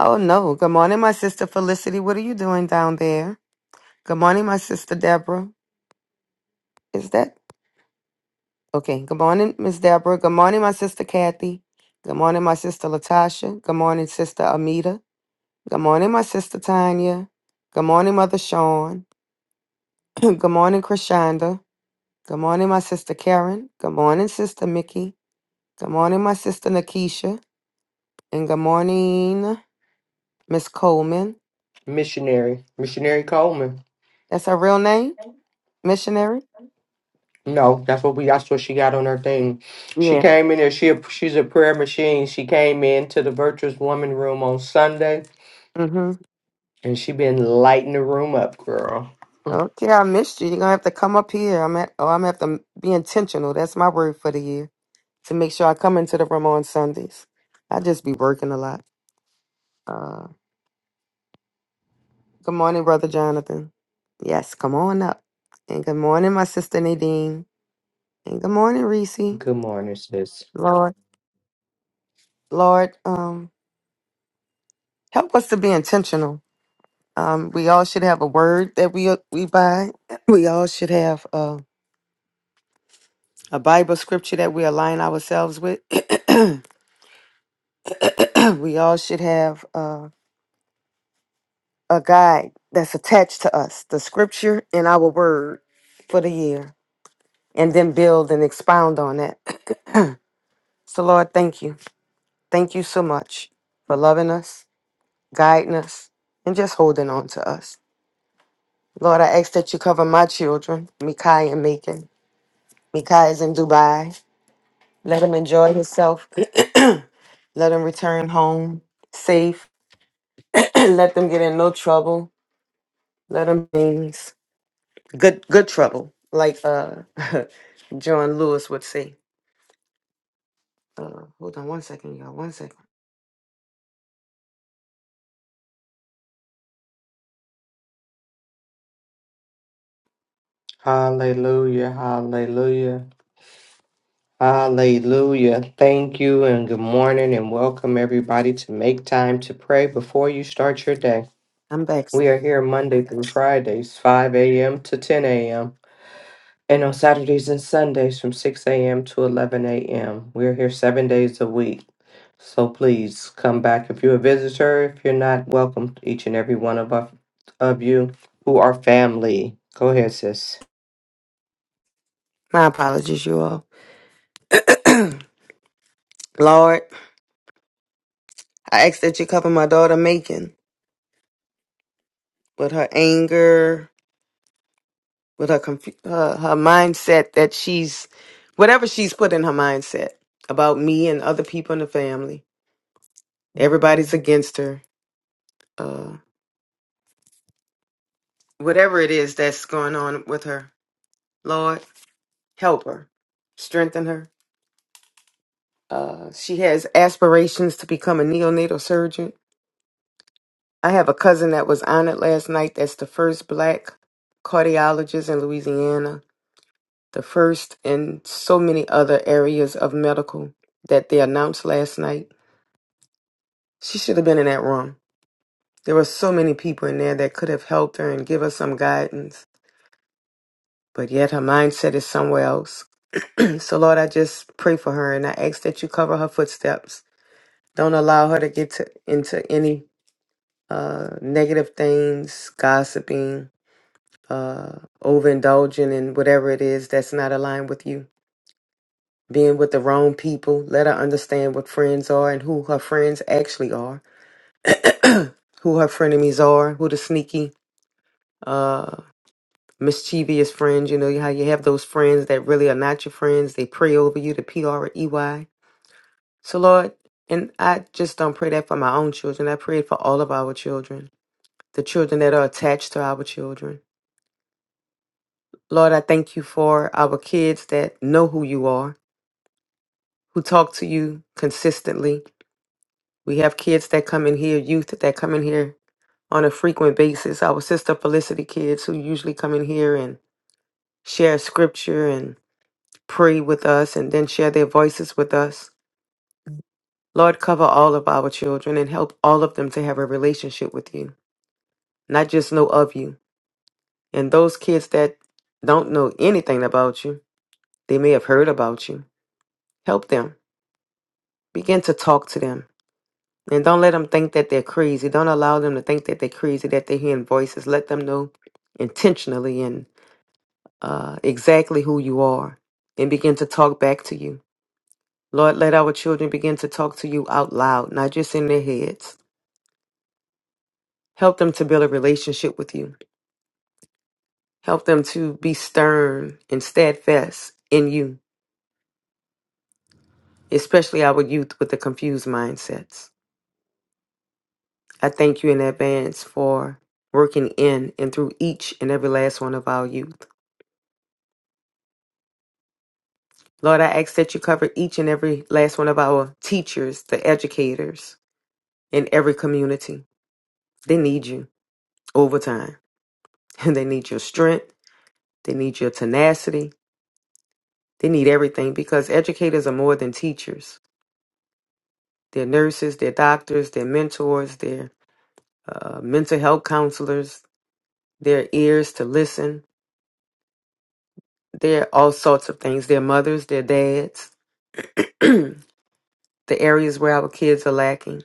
Oh, no. Good morning, my sister Felicity. What are you doing down there? Good morning, my sister Deborah. Is that okay? Good morning, Miss Deborah. Good morning, my sister Kathy. Good morning, my sister Latasha. Good morning, sister Amita. Good morning, my sister Tanya. Good morning, Mother Sean. <clears throat> Good morning, Krishanda. Good morning, my sister Karen. Good morning, sister Mickey. Good morning, my sister Nakisha. And good morning, Miss Coleman. Missionary. Missionary Coleman. That's her real name? Missionary? No, that's what we that's what she got on her thing. She Yeah. came Mm-hmm. Okay, I missed you. You're gonna have to come up here. I'm at oh, I'm gonna have to be intentional. That's my word for the year. To make sure I come into the room on Sundays. I just be working a lot. Uh good morning, Brother Jonathan. Yes, come on up. And good morning, my sister Nadine. And good morning, Reese. Lord. Lord, um, help us to be intentional. Um, we all should have a word that we we buy. <clears throat> We all should have Uh, a Bible scripture that we align ourselves with. <clears throat> we all should have uh, a guide that's attached to us, the scripture and our word for the year, and then build and expound on that. <clears throat> so, Lord, thank you. Thank you so much for loving us, guiding us, and just holding on to us. Lord, I ask that you cover my children, Mikai and Macon. Mikai is in Dubai. Let him enjoy himself. <clears throat> Let him return home safe <clears throat> let them get in no trouble. Let them things good good trouble, like uh <laughs> John Lewis would say. Uh, hold on one second, y'all. One second. Hallelujah. Thank you and good morning and welcome everybody to make time to pray before you start your day. I'm back. We are here Monday through Fridays, 5 a.m. to 10 a.m., and on Saturdays and Sundays from 6 a.m. to 11 a.m. We are here seven days a week. So please come back if you're a visitor. If you're not, welcome to each and every one of us of you who are family. Go ahead, sis. My apologies, you all. Lord, I ask that you cover my daughter Macon with her anger, with her confu- her, her mindset that she's whatever she's put in her mindset about me and other people in the family. Everybody's against her. Uh, whatever it is that's going on with her, Lord. help her, strengthen her. Uh, she has aspirations to become a neonatal surgeon. I have a cousin that was honored last night. That's the first black cardiologist in Louisiana, the first in so many other areas of medical that they announced last night. She should have been in that room. There were so many people in there that could have helped her and give her some guidance, but yet her mindset is somewhere else. <clears throat> so, Lord, I just pray for her and I ask that you cover her footsteps Don't allow her to get to, into any uh, negative things, gossiping, uh, overindulging in whatever it is that's not aligned with you. Being with the wrong people. Let her understand what friends are and who her friends actually are, <clears throat> who her frenemies are, who the sneaky, uh, mischievous friends. You know how you have those friends that really are not your friends. They pray over you, the P R E Y. So, Lord, and I just don't pray that for my own children. I pray it for all of our children the children that are attached to our children. Lord, I thank you for our kids that know who you are, who talk to you consistently. We have kids that come in here, youth that come in here on a frequent basis. Our sister Felicity kids who usually come in here and share scripture and pray with us and then share their voices with us. Lord, cover all of our children and help all of them to have a relationship with you, not just know of you. And those kids that don't know anything about you, they may have heard about you Help them. Begin to talk to them. And don't let them think that they're crazy. Don't allow them to think that they're crazy, that they're hearing voices. Let them know intentionally and uh, exactly who you are and begin to talk back to you. Lord, let our children begin to talk to you out loud, not just in their heads. Help them to build a relationship with you. Help them to be stern and steadfast in you, especially our youth with the confused mindsets. I thank you in advance for working in and through each and every last one of our youth. Lord, I ask that you cover each and every last one of our teachers, the educators in every community. They need you over time. <laughs> And they need your strength. They need your tenacity. They need everything because educators are more than teachers. They're nurses, they're doctors, they're mentors, they're uh, mental health counselors, their ears to listen. They're all sorts of things. They're mothers, they're dads. <clears throat> the areas where our kids are lacking.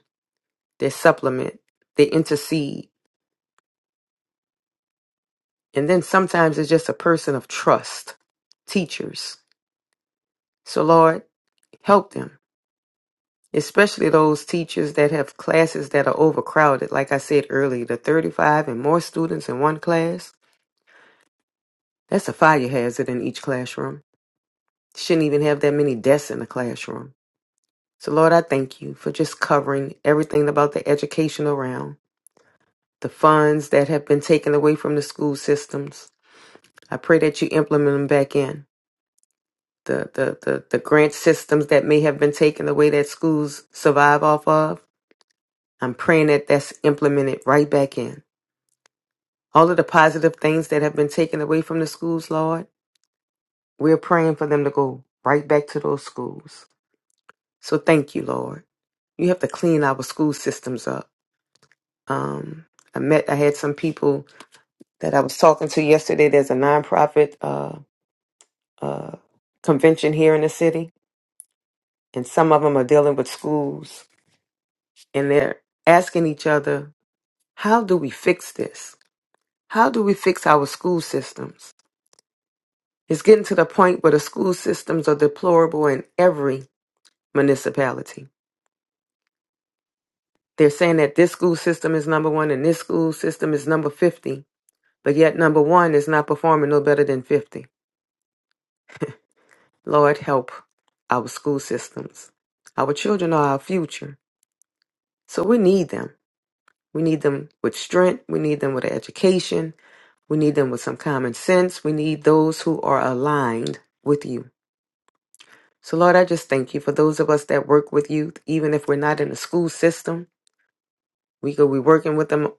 They supplement, they intercede. And then sometimes it's just a person of trust, teachers. So, Lord, help them, especially those teachers that have classes that are overcrowded. Like I said earlier, the 35 and more students in one class, that's a fire hazard in each classroom. Shouldn't even have that many desks in a classroom. So, Lord, I thank you for just covering everything about the educational realm, the funds that have been taken away from the school systems, I pray that you implement them back in. The, the, the, the grant systems that may have been taken away that schools survive off of, I'm praying that that's implemented right back in. All of the positive things that have been taken away from the schools, Lord, we're praying for them to go right back to those schools. So thank you, Lord. You have to clean our school systems up. Um, I met, I had some people that I was talking to yesterday. There's a nonprofit uh, uh, convention here in the city and some of them are dealing with schools and they're asking each other, how do we fix this? How do we fix our school systems? It's getting to the point where the school systems are deplorable in every municipality. They're saying that this school system is number one and this school system is number 50, but yet number one is not performing no better than 50. Lord, help our school systems. Our children are our future, so we need them. We need them with strength, we need them with education, We need them with some common sense. We need those who are aligned with you. So, Lord, I just thank you for those of us that work with youth, even if we're not in the school system. We could be working with them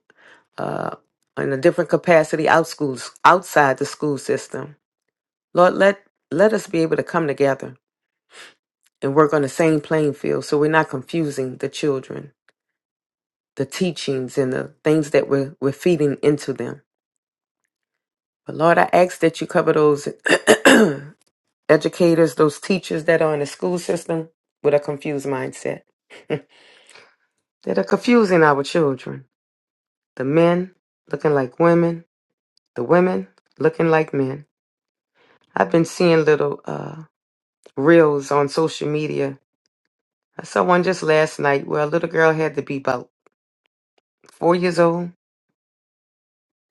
uh, in a different capacity out schools, outside the school system. Lord, let let us be able to come together and work on the same playing field, so we're not confusing the children, the teachings, and the things that we're we're feeding into them. But Lord, I ask that you cover those <clears throat> educators, those teachers that are in the school system with a confused mindset that are confusing our children. The men looking like women, the women looking like men. I've been seeing little uh, reels on social media. I saw one just last night where a little girl had to be about four years old.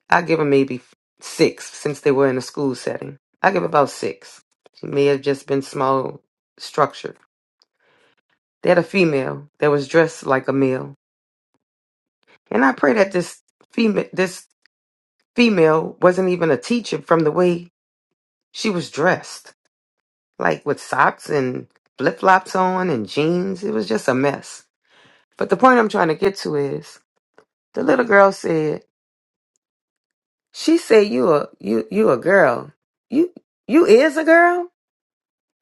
I give her maybe six since they were in a school setting. I give about six. She may have just been small structured. They had a female that was dressed like a male And I pray that this female this female wasn't even a teacher from the way she was dressed, like with socks and flip-flops on and jeans. It was just a mess. But the point I'm trying to get to is the little girl said, "She said you a you you a girl. You you is a girl?"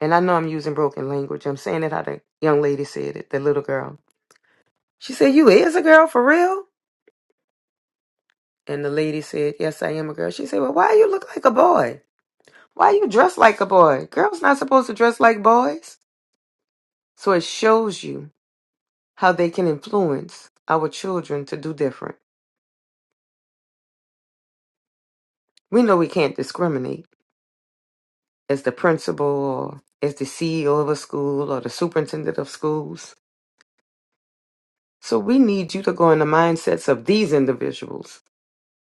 And I know I'm using broken language. I'm saying it how the young lady said it, the little girl. She said, "You is a girl for real?" And the lady said, "Yes, I am a girl." She said, "Well, why you look like a boy?" Why you dress like a boy? Girls not supposed to dress like boys. So it shows you how they can influence our children to do different. We know we can't discriminate as the principal or as the CEO of a school or the superintendent of schools. So we need you to go in the mindsets of these individuals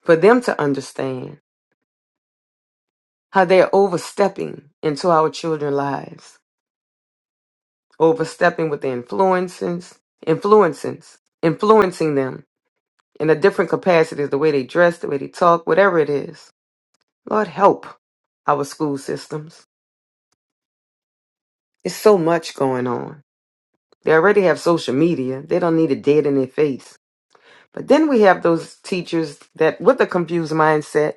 for them to understand how they're overstepping into our children's lives, overstepping with the influences, influences, influencing them in a different capacity, the way they dress, the way they talk, whatever it is. Lord help our school systems. It's so much going on. They already have social media. They don't need it dead in their face. But then we have those teachers that with a confused mindset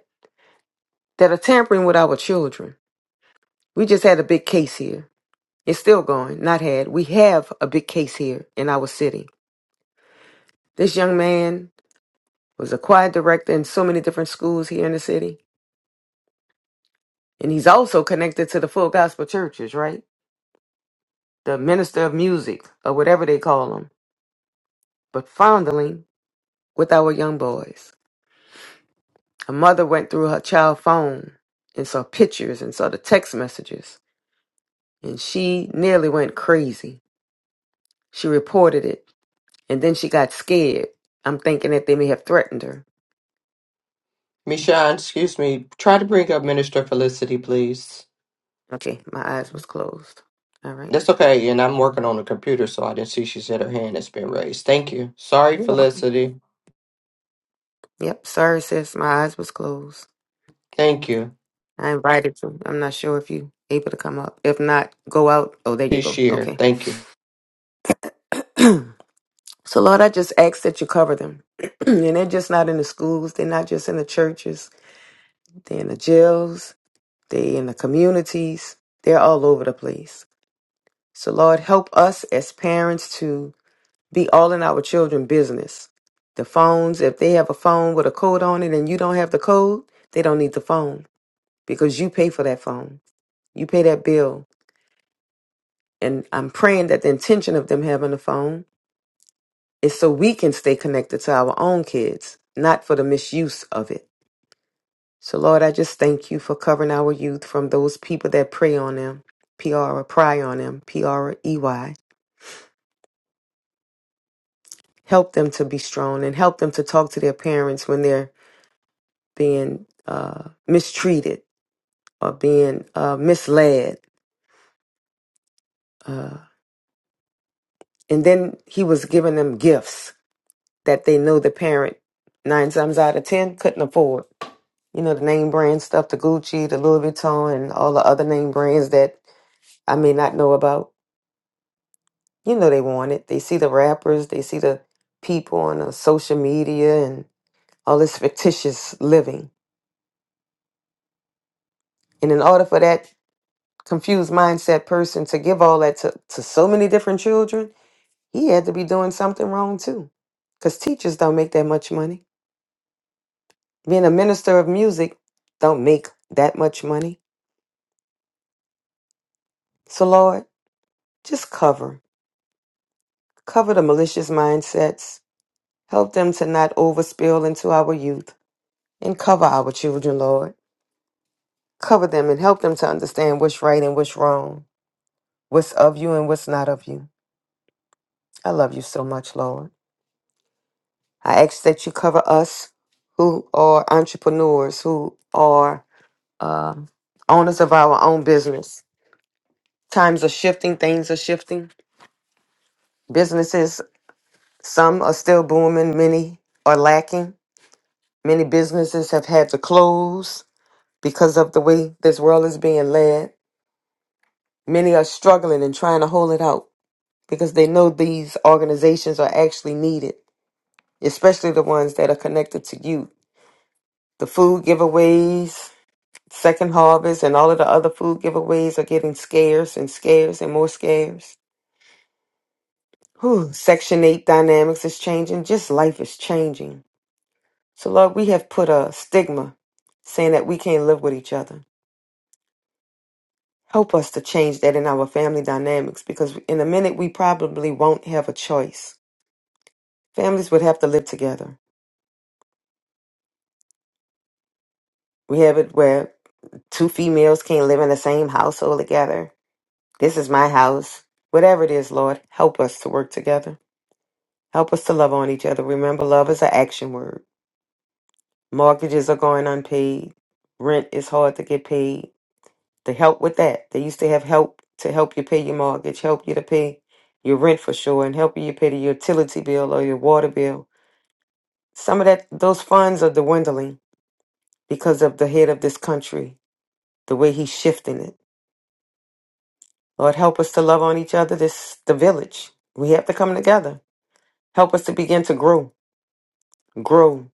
that are tampering with our children. We just had a big case here. It's still going, not had. We have a big case here in our city. This young man was a choir director in so many different schools here in the city. And he's also connected to the full gospel churches, right? the minister of music, or whatever they call them, but fondling with our young boys. A mother went through her child phone and saw pictures and saw the text messages, and she nearly went crazy. She reported it, and then she got scared. I'm thinking that they may have threatened her. Michonne, excuse me. Try to bring up Minister Felicity, please. Okay, my eyes was closed. All right. That's okay, and I'm working on the computer, so I didn't see she said her hand has been raised. Thank you. Sorry, You're welcome. Felicity. Yep, sorry, sis. My eyes was closed. Thank you. I invited you. I'm not sure if you able to come up. If not, go out. Oh, there you She's go. here. Okay. Thank you. <clears throat> So, Lord, I just ask that you cover them. <clears throat> and they're just not in the schools, they're not just in the churches, they're in the jails, they're in the communities, they're all over the place. So, Lord, help us as parents to be all in our children' business. The phones, if they have a phone with a code on it and you don't have the code, they don't need the phone because you pay for that phone. You pay that bill. And I'm praying that the intention of them having the phone is so we can stay connected to our own kids, not for the misuse of it. So, Lord, I just thank you for covering our youth from those people that prey on them, P R, pry on them, P R E Y. Help them to be strong and help them to talk to their parents when they're being uh, mistreated or being uh, misled. Uh, and then he was giving them gifts that they know the parent, nine times out of ten, couldn't afford. You know, the name brand stuff, the Gucci, the Louis Vuitton, and all the other name brands that I may not know about you know they want it. They see the rappers, they see the people on uh, social media and all this fictitious living. And in order for that confused mindset person to give all that to, to so many different children, he had to be doing something wrong too. Because teachers don't make that much money. Being a minister of music don't make that much money. So Lord, just cover. Cover the malicious mindsets. Help them to not overspill into our youth and cover our children, Lord. Cover them and help them to understand what's right and what's wrong, what's of you and what's not of you. I love you so much, Lord. I ask that you cover us who are entrepreneurs, who are uh, owners of our own business. Times are shifting, things are shifting. Businesses, some are still booming, many are lacking. Many businesses have had to close because of the way this world is being led. Many are struggling and trying to hold it out. because they know these organizations are actually needed, especially the ones that are connected to youth. The food giveaways, Second Harvest, and all of the other food giveaways are getting scarce and scarce and more scarce. Whew, Section 8 dynamics is changing. Just life is changing. So, Lord, we have put a stigma saying that we can't live with each other. Help us to change that in our family dynamics because in a minute we probably won't have a choice. Families would have to live together. We have it where two females can't live in the same household together. This is my house. Whatever it is, Lord, help us to work together. Help us to love on each other. Remember, love is an action word. Mortgages are going unpaid. Rent is hard to get paid. To help with that, they used to have help to help you pay your mortgage, help you to pay your rent for sure, and help you pay your utility bill or your water bill. Some of that, those funds are dwindling because of the head of this country, the way he's shifting it Lord, help us to love on each other. This the village. We have to come together. Help us to begin to grow. Grow.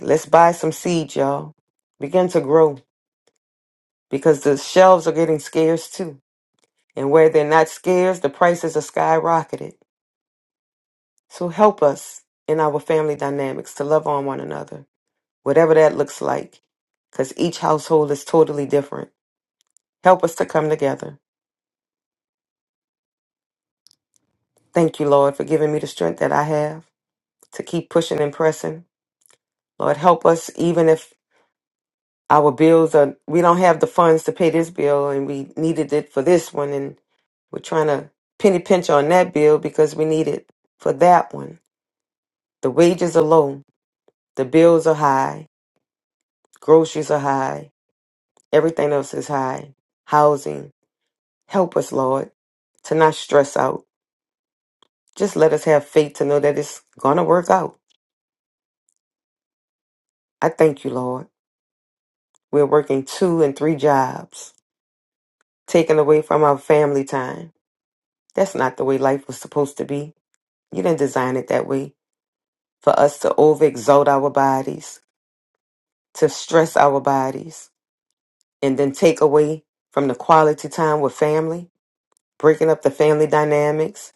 Let's buy some seeds, y'all. Begin to grow because the shelves are getting scarce too. And where they're not scarce, the prices are skyrocketed. So help us in our family dynamics to love on one another, whatever that looks like, because each household is totally different. Help us to come together. Thank you, Lord, for giving me the strength that I have to keep pushing and pressing. Lord, help us even if Our bills are, we don't have the funds to pay this bill and we needed it for this one. And we're trying to penny pinch on that bill because we need it for that one. The wages are low. The bills are high. Groceries are high. Everything else is high. Housing. Help us, Lord, to not stress out. Just let us have faith to know that it's going to work out. I thank you, Lord. We're working two and three jobs, taken away from our family time. That's not the way life was supposed to be. You didn't design it that way for us to overexalt our bodies, to stress our bodies, and then take away from the quality time with family, breaking up the family dynamics.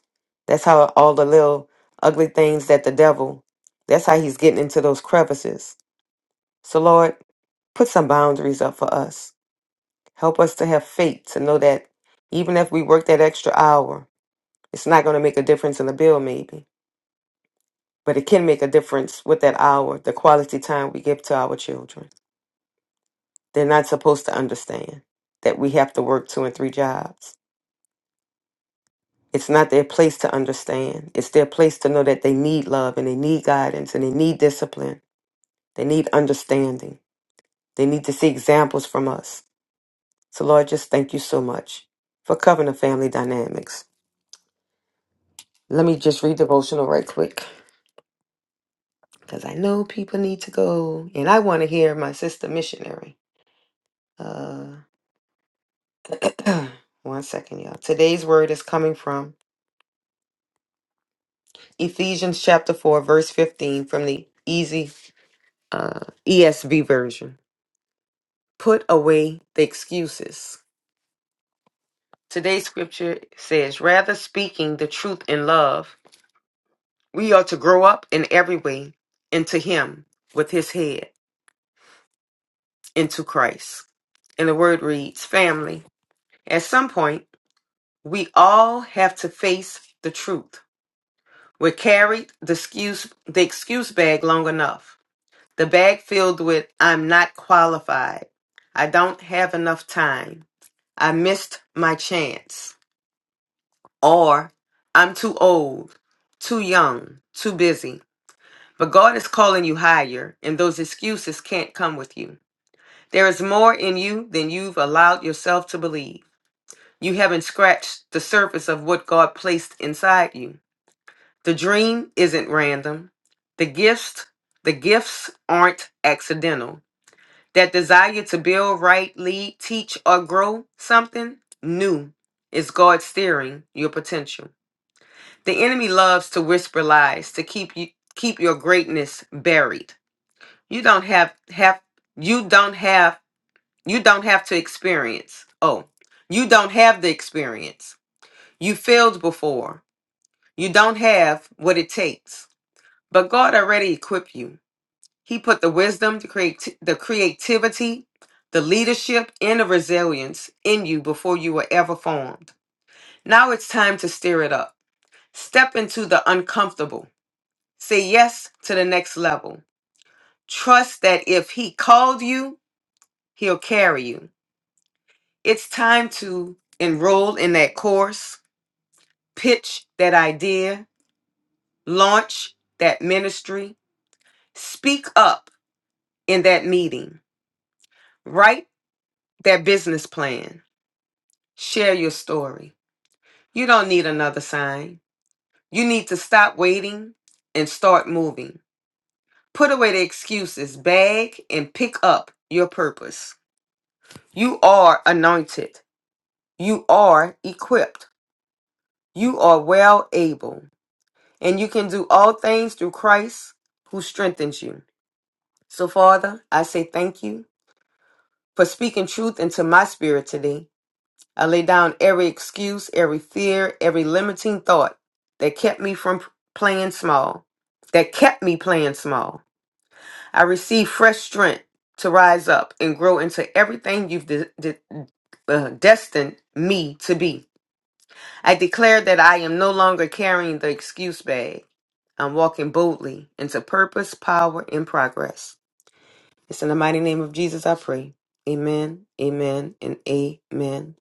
That's how all the little ugly things that the devil, that's how he's getting into those crevices. So, Lord, put some boundaries up for us. Help us to have faith to know that even if we work that extra hour, it's not going to make a difference in the bill, maybe but it can make a difference with that hour, the quality time we give to our children. They're not supposed to understand that we have to work two and three jobs. It's not their place to understand. It's their place to know that they need love and they need guidance and they need discipline. They need understanding. They need to see examples from us. So, Lord, just thank you so much for covering the family dynamics. Let me just read devotional right quick because I know people need to go and I want to hear my sister missionary. uh, <clears throat> One second, y'all. Today's word is coming from Ephesians chapter 4, verse 15 from the easy uh, ESV version. Put away the excuses. Today's scripture says, rather speaking the truth in love, we are to grow up in every way into Him with His head, into Christ. And the word reads, family. At some point, we all have to face the truth. We carried the excuse, the excuse bag long enough. The bag filled with I'm not qualified. I don't have enough time. I missed my chance. Or I'm too old, too young, too busy. But God is calling you higher, and those excuses can't come with you. There is more in you than you've allowed yourself to believe. You haven't scratched the surface of what God placed inside you. The dream isn't random. The gifts, the gifts aren't accidental. that desire to build, write, lead, teach, or grow something new is God steering your potential. The enemy loves to whisper lies to keep you keep your greatness buried. You don't have have you don't have you don't have to experience. Oh, you don't have the experience. You failed before. You don't have what it takes. But God already equipped you. He put the wisdom, the, creati- the creativity, the leadership, and the resilience in you before you were ever formed. Now it's time to stir it up. Step into the uncomfortable. Say yes to the next level. Trust that if He called you, He'll carry you. It's time to enroll in that course, pitch that idea, launch that ministry, speak up in that meeting, write that business plan Share your story. You don't need another sign. You need to stop waiting and start moving. Put away the excuses, bag, and pick up your purpose. You are anointed. You are equipped. You are well able. And you can do all things through Christ who strengthens you. So, Father, I say thank you for speaking truth into my spirit today. I lay down every excuse, every fear, every limiting thought that kept me from playing small, that kept me playing small. I receive fresh strength to rise up and grow into everything you've de- de- uh, destined me to be. I declare that I am no longer carrying the excuse bag. I'm walking boldly into purpose, power, and progress. It's in the mighty name of Jesus I pray. Amen, amen, and amen.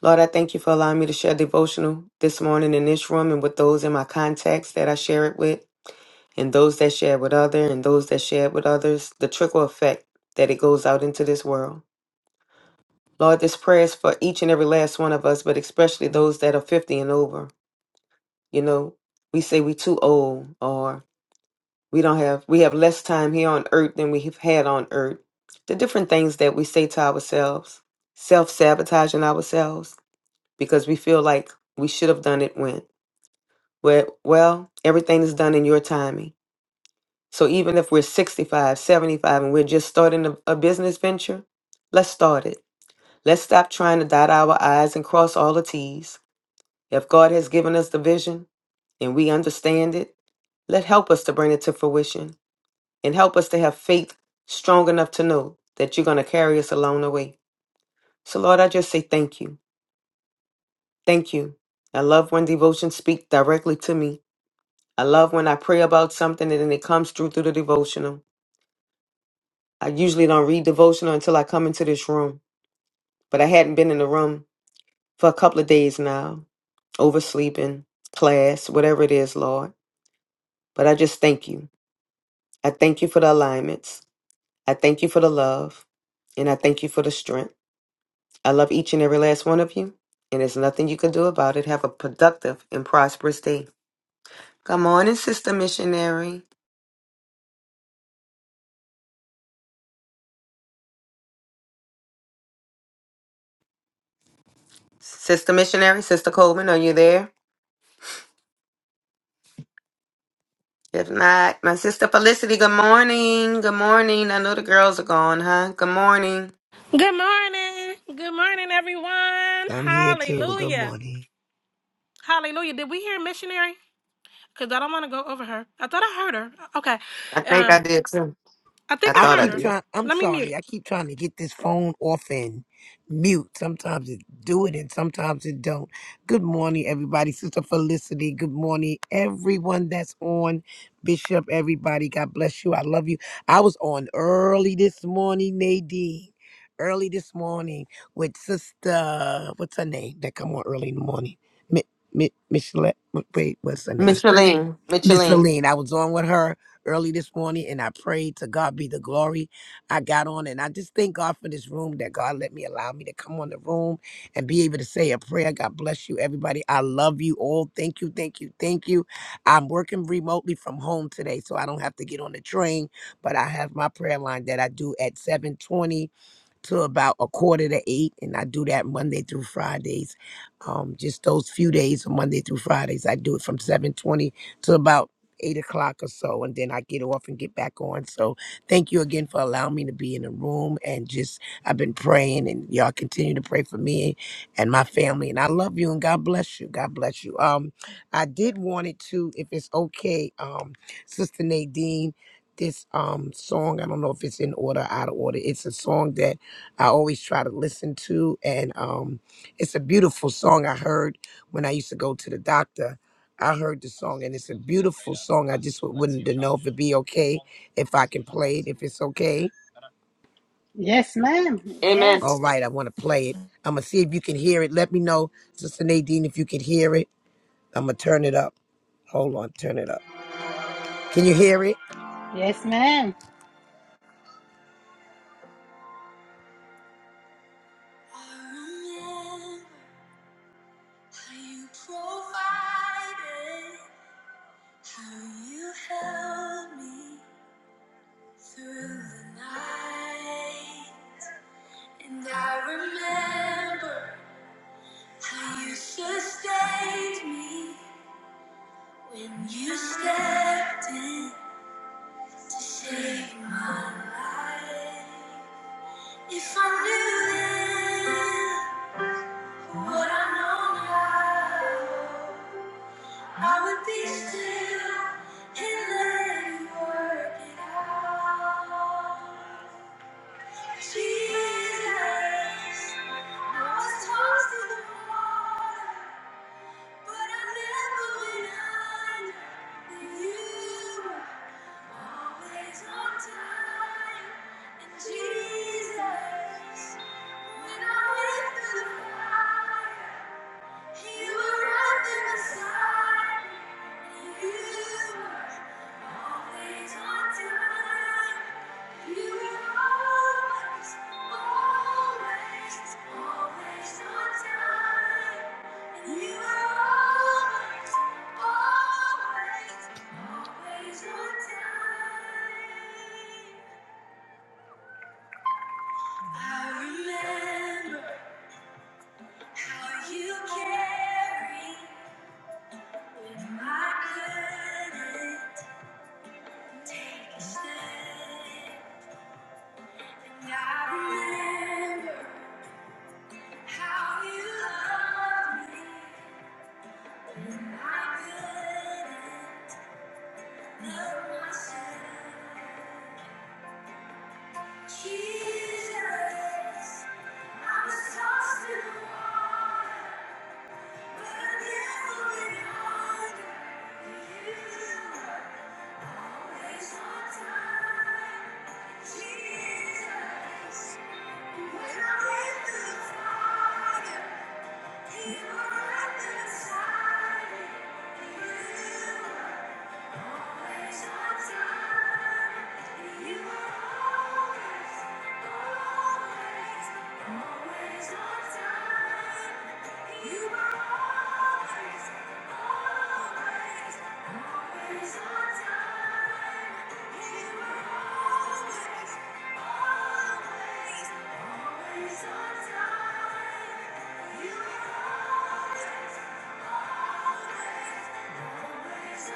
Lord, I thank you for allowing me to share devotional this morning in this room and with those in my contacts that I share it with, and those that share it with others, and those that share it with others, the trickle effect that it goes out into this world. Lord, this prayer is for each and every last one of us, but especially those that are 50 and over. You know, we say we too old or we don't have we have less time here on earth than we have had on earth. The different things that we say to ourselves, self-sabotaging ourselves because we feel like we should have done it when. Well, well, everything is done in your timing. So even if we're 65, 75, and we're just starting a, a business venture, let's start it. Let's stop trying to dot our I's and cross all the T's. If God has given us the vision and we understand it, let help us to bring it to fruition and help us to have faith strong enough to know that you're going to carry us along the way. So, Lord, I just say thank you. Thank you. I love when devotions speak directly to me I love when I pray about something and then it comes through through the devotional. I usually don't read devotional until I come into this room, but I hadn't been in the room for a couple of days now, oversleeping, class, whatever it is, Lord. But I just thank you. I thank you for the alignments. I thank you for the love, and I thank you for the strength. I love each and every last one of you, and there's nothing you can do about it. Have a productive and prosperous day. Come on in, Sister Missionary. Sister Missionary, Sister Coleman, are you there? If not, my sister Felicity, good morning. Good morning. I know the girls are gone, huh? Good morning. Good morning. Good morning, everyone. I'm here too. Good Hallelujah. morning. Hallelujah. Did we hear missionary? Because I don't want to go over her. I thought I heard her. Okay. I think I Um, did too. I I think I I thought I heard keep her. did. trying. I'm Let me mute. sorry. I keep trying to get this phone off and mute. Sometimes it do it, and sometimes it don't. Good morning, everybody. Sister Felicity. Good morning, everyone that's on. Bishop, everybody. God bless you. I love you. I was on early this morning, Nadine. Early this morning with Sister. What's her name? That come on early in the morning. Mi- Mi- Michelle. Wait, what's her name? Micheline. Miss Micheline. Feline, I was on with her early this morning and I prayed to God be the glory. I got on and I just thank God for this room that God let me allow me to come on the room and be able to say a prayer. God bless you, everybody. I love you all. Thank you, thank you, thank you. I'm working remotely from home today, so I don't have to get on the train, but I have my prayer line that I do at 7:20 to about a quarter to eight, and I do that Monday through Fridays. Um, just those few days, Monday through Fridays, I do it from seven twenty to about eight o'clock or so, and then I get off and get back on. So thank you again for allowing me to be in the room, and just I've been praying, and y'all continue to pray for me and my family, and I love you, and God bless you, God bless you. Um, I did want it to, if it's okay, um, Sister Nadine. This um song, I don't know if it's in order, out of order. It's a song that I always try to listen to. And um, it's a beautiful song I heard when I used to go to the doctor. I heard the song, and it's a beautiful song. I just would wanted to know if it'd be okay if I can play it. If it's okay, Yes, ma'am. Amen. Yes. all right, I want to play it. I'm gonna see if you can hear it. Let me know, Sister Nadine, if you can hear it. I'm gonna turn it up. Hold on, turn it up. Can you hear it? Yes, ma'am. Through the night, and I remember how you sustained me when you stepped in to save my life. If I knew then what I know now, I would be still and let you work it out. Jesus, I was tossed in the water. But I never went under you were always on time. And Jesus, when I went through the fire, you were right there beside me. you were always on time. You always, always, always on time. And you always, always, always on time. I remember how you carried when I couldn't take a stand. I remember how you loved me. Jesus. You are always, always, always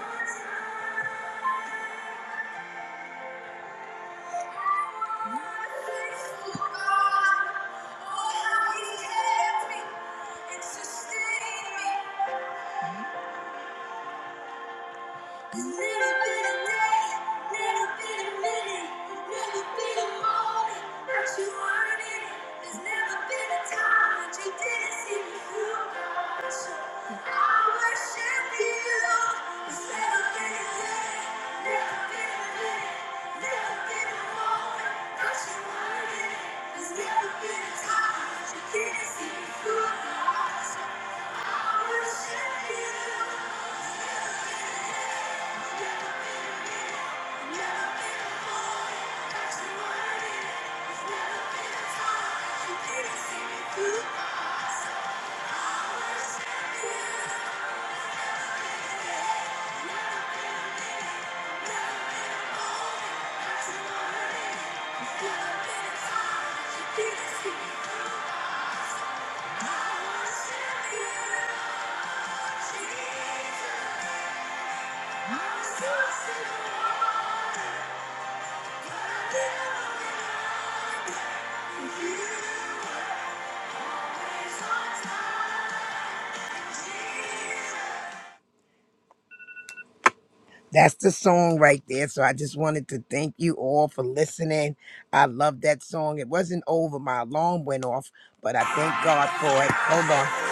on time. It's sustained me. I worship you. I Jesus. That's the song right there. So I just wanted to thank you all for listening. I love that song. It wasn't over. My alarm went off, but I thank God for it. Hold on.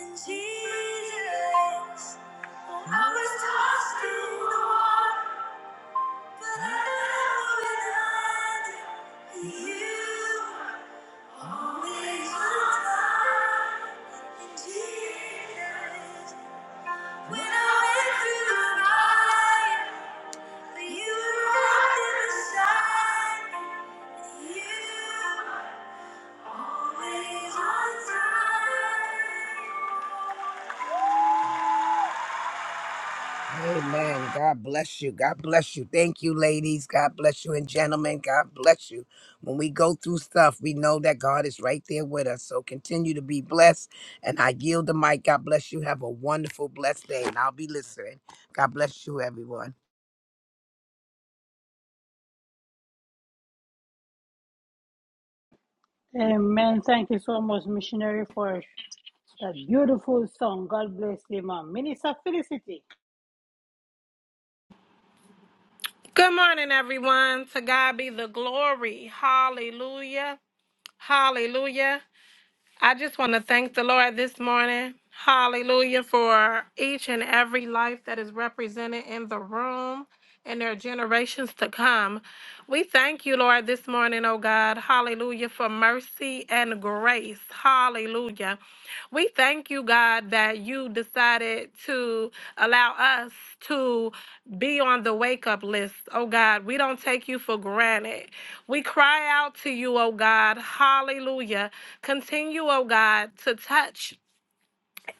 And Jesus, I was tossed in the water. Always on time. Amen. God bless you. God bless you. Thank you, ladies. God bless you. And gentlemen, God bless you. When we go through stuff, we know that God is right there with us. So continue to be blessed. And I yield the mic. God bless you. Have a wonderful, blessed day. And I'll be listening. God bless you, everyone. Amen. Thank you so much, missionary, for That beautiful song, God bless you, man. Minister Felicity. Good morning, everyone. To God be the glory. Hallelujah. Hallelujah. I just want to thank the Lord this morning. Hallelujah for each and every life that is represented in the room and their generations to come. We thank you, Lord, this morning, oh God. Hallelujah for mercy and grace. Hallelujah. Hallelujah. We thank you, God, that you decided to allow us to be on the wake up list. Oh, God, we don't take you for granted. We cry out to you, oh, God. Hallelujah. Continue, oh, God, to touch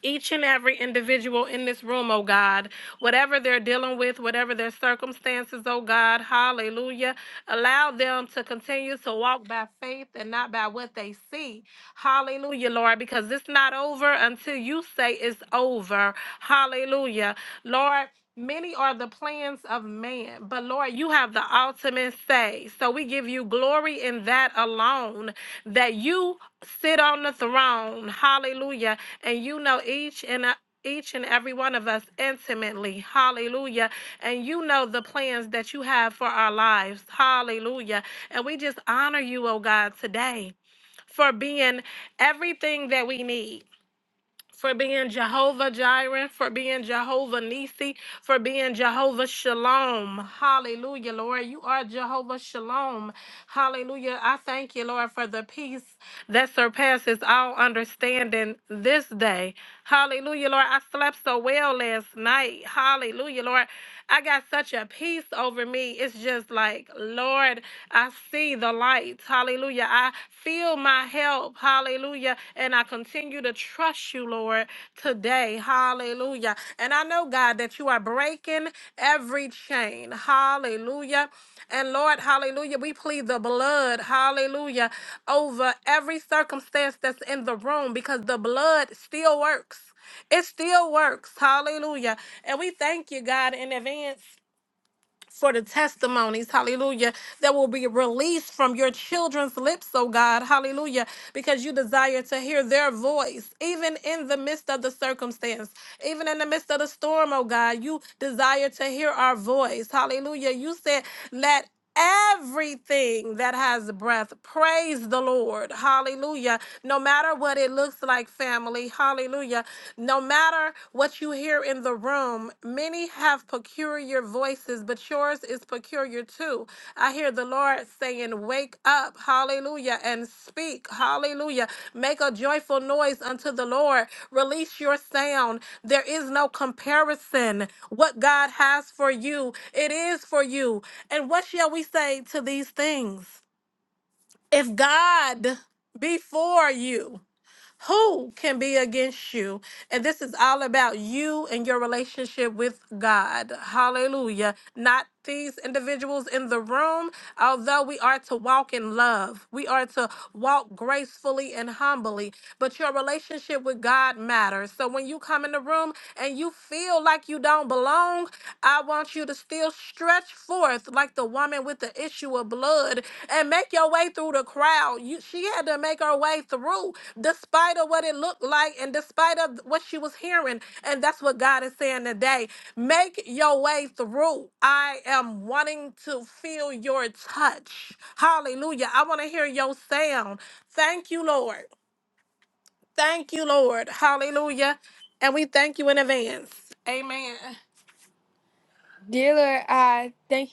each and every individual in this room, oh God, whatever they're dealing with, whatever their circumstances, oh God, hallelujah. Allow them to continue to walk by faith and not by what they see. Hallelujah, Lord, because it's not over until you say it's over. Hallelujah. Lord, Many are the plans of man, but Lord, you have the ultimate say. So we give you glory in that alone, that you sit on the throne. Hallelujah and you know each and a- each and every one of us intimately. Hallelujah. And you know the plans that you have for our lives. Hallelujah. And we just honor you, oh God, today for being everything that we need for being Jehovah Jireh, for being Jehovah Nisi, for being Jehovah Shalom. Hallelujah, Lord. You are Jehovah Shalom. Hallelujah. I thank you, Lord, for the peace that surpasses all understanding this day. Hallelujah, Lord. I slept so well last night. Hallelujah, Lord. I got such a peace over me. It's just like, Lord, I see the light. Hallelujah. I feel my help. Hallelujah. And I continue to trust you, Lord, today. Hallelujah. And I know, God, that you are breaking every chain. Hallelujah. And Lord, hallelujah, we plead the blood, hallelujah, over every circumstance that's in the room because the blood still works it still works. Hallelujah. And we thank you, God, in advance for the testimonies, hallelujah, that will be released from your children's lips, oh God, hallelujah, because you desire to hear their voice, even in the midst of the circumstance, even in the midst of the storm, oh God, you desire to hear our voice, hallelujah. You said, let Everything that has breath, praise the Lord. Hallelujah. No matter what it looks like, family. Hallelujah. No matter what you hear in the room, many have peculiar voices, but yours is peculiar too. I hear the Lord saying, Wake up, hallelujah, and speak, hallelujah. Make a joyful noise unto the Lord. Release your sound. There is no comparison. What God has for you, it is for you. And what shall we say to these things? If God be for you, who can be against you? And this is all about you and your relationship with God. Hallelujah. Not these individuals in the room, although we are to walk in love, we are to walk gracefully and humbly, but your relationship with God matters. So when you you come in the room and you feel like you don't belong, I want you to still stretch forth like the woman with the issue of blood and make your way through the crowd. You, she had to make her way through despite of what it looked like and despite of what she was hearing. And that's what God is saying today. Make your way through. I am wanting to feel your touch. Hallelujah. I want to hear your sound. Thank you, Lord. Thank you, Lord. Hallelujah. And we thank you in advance. Amen. Dear Lord, I thank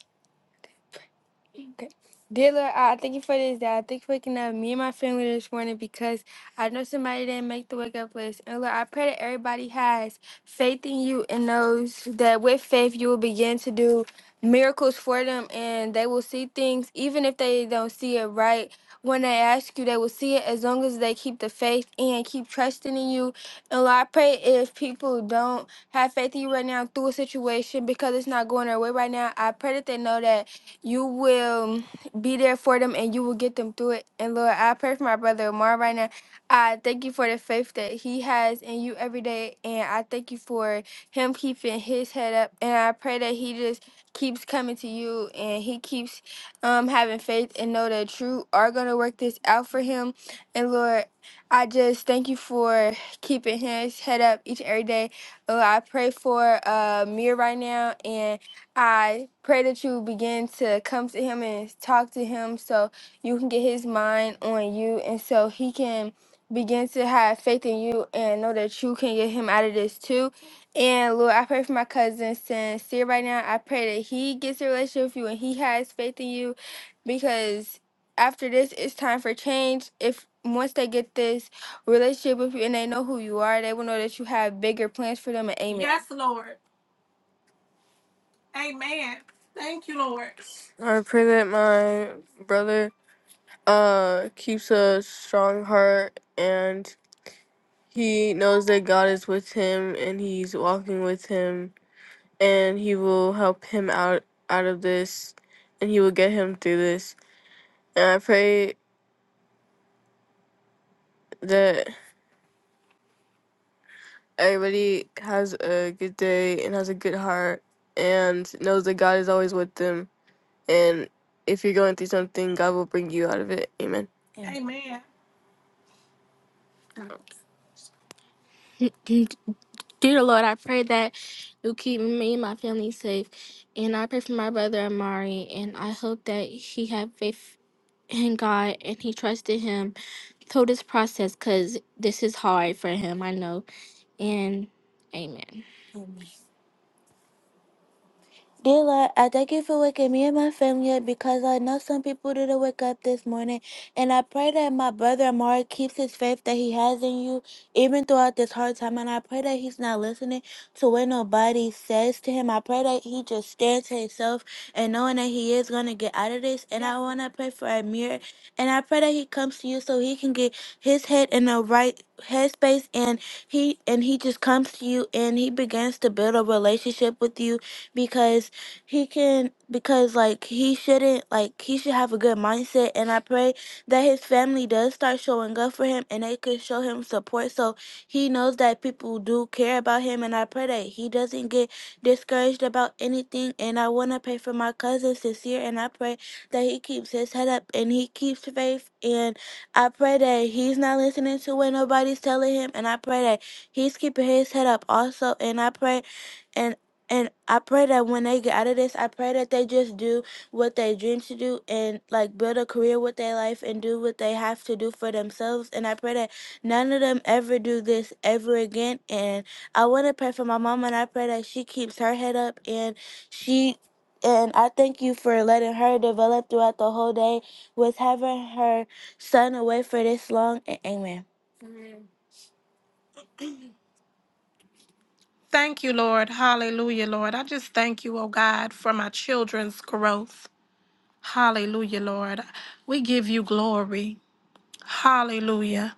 Okay. Dear Lord, I I thank you for this day. I thank you for waking up me and my family this morning because I know somebody didn't make the wake up list. And Lord, I pray that everybody has faith in you and knows that with faith you will begin to do miracles for them and they will see things even if they don't see it right. When they ask you, they will see it as long as they keep the faith and keep trusting in you. And Lord, I pray if people don't have faith in you right now through a situation because it's not going their way right now, I pray that they know that you will be there for them and you will get them through it. And Lord, I pray for my brother Omar right now. I thank you for the faith that he has in you every day. And I thank you for him keeping his head up. And I pray that he just keeps coming to you and he keeps um, having faith and know that you are going to work this out for him. And Lord, I just thank you for keeping his head up each and every day. Lord, I pray for uh, Mir right now. and. I pray that you begin to come to him and talk to him so you can get his mind on you and so he can begin to have faith in you and know that you can get him out of this too. And Lord, I pray for my cousin sincere right now. I pray that he gets a relationship with you and he has faith in you because after this it's time for change. If once they get this relationship with you and they know who you are, they will know that you have bigger plans for them and amen. Yes, Lord. Amen. Thank you, Lord. I pray that my brother uh keeps a strong heart and he knows that God is with him and he's walking with him and he will help him out out of this and he will get him through this. And I pray that everybody has a good day and has a good heart and knows that God is always with them and if you're going through something, God will bring you out of it. Amen. Dear Lord, I pray that you keep me and my family safe. And I pray for my brother Amari, and I hope that he have faith I am told says, because this is hard for him, I know. And amen. Dear Lord, I thank you for waking me and my family up because I know some people didn't wake up this morning. And I pray that my brother Amari keeps his faith that he has in you even throughout this hard time. And I pray that he's not listening to what nobody says to him. I pray that he just stands to himself and knowing that he is going to get out of this. And I want to pray for Amir. And I pray that he comes to you so he can get his head in the right headspace and he and he just comes to you and he begins to build a relationship with you because he can because like he shouldn't like he should have a good mindset and I pray that his family does start showing up for him and they could show him support so he knows that people do care about him and I pray that he doesn't get discouraged about anything and I wanna pray for my cousin sincere and I pray that he keeps his head up and he keeps faith and I pray that he's not listening to what nobody's telling him and I pray that he's keeping his head up also and I pray and I pray that when they get out of this, I pray that they just do what they dream to do and like build a career with their life and do what they have to do for themselves. And I pray that none of them ever do this ever again. And I want to pray for my mom and I pray that she keeps her head up and she. And I thank you for letting her develop throughout the whole day with having her son away for this long. And amen. Thank you, Lord. Hallelujah, Lord. I just thank you, oh God, for my children's growth. Hallelujah, Lord. We give you glory. Hallelujah.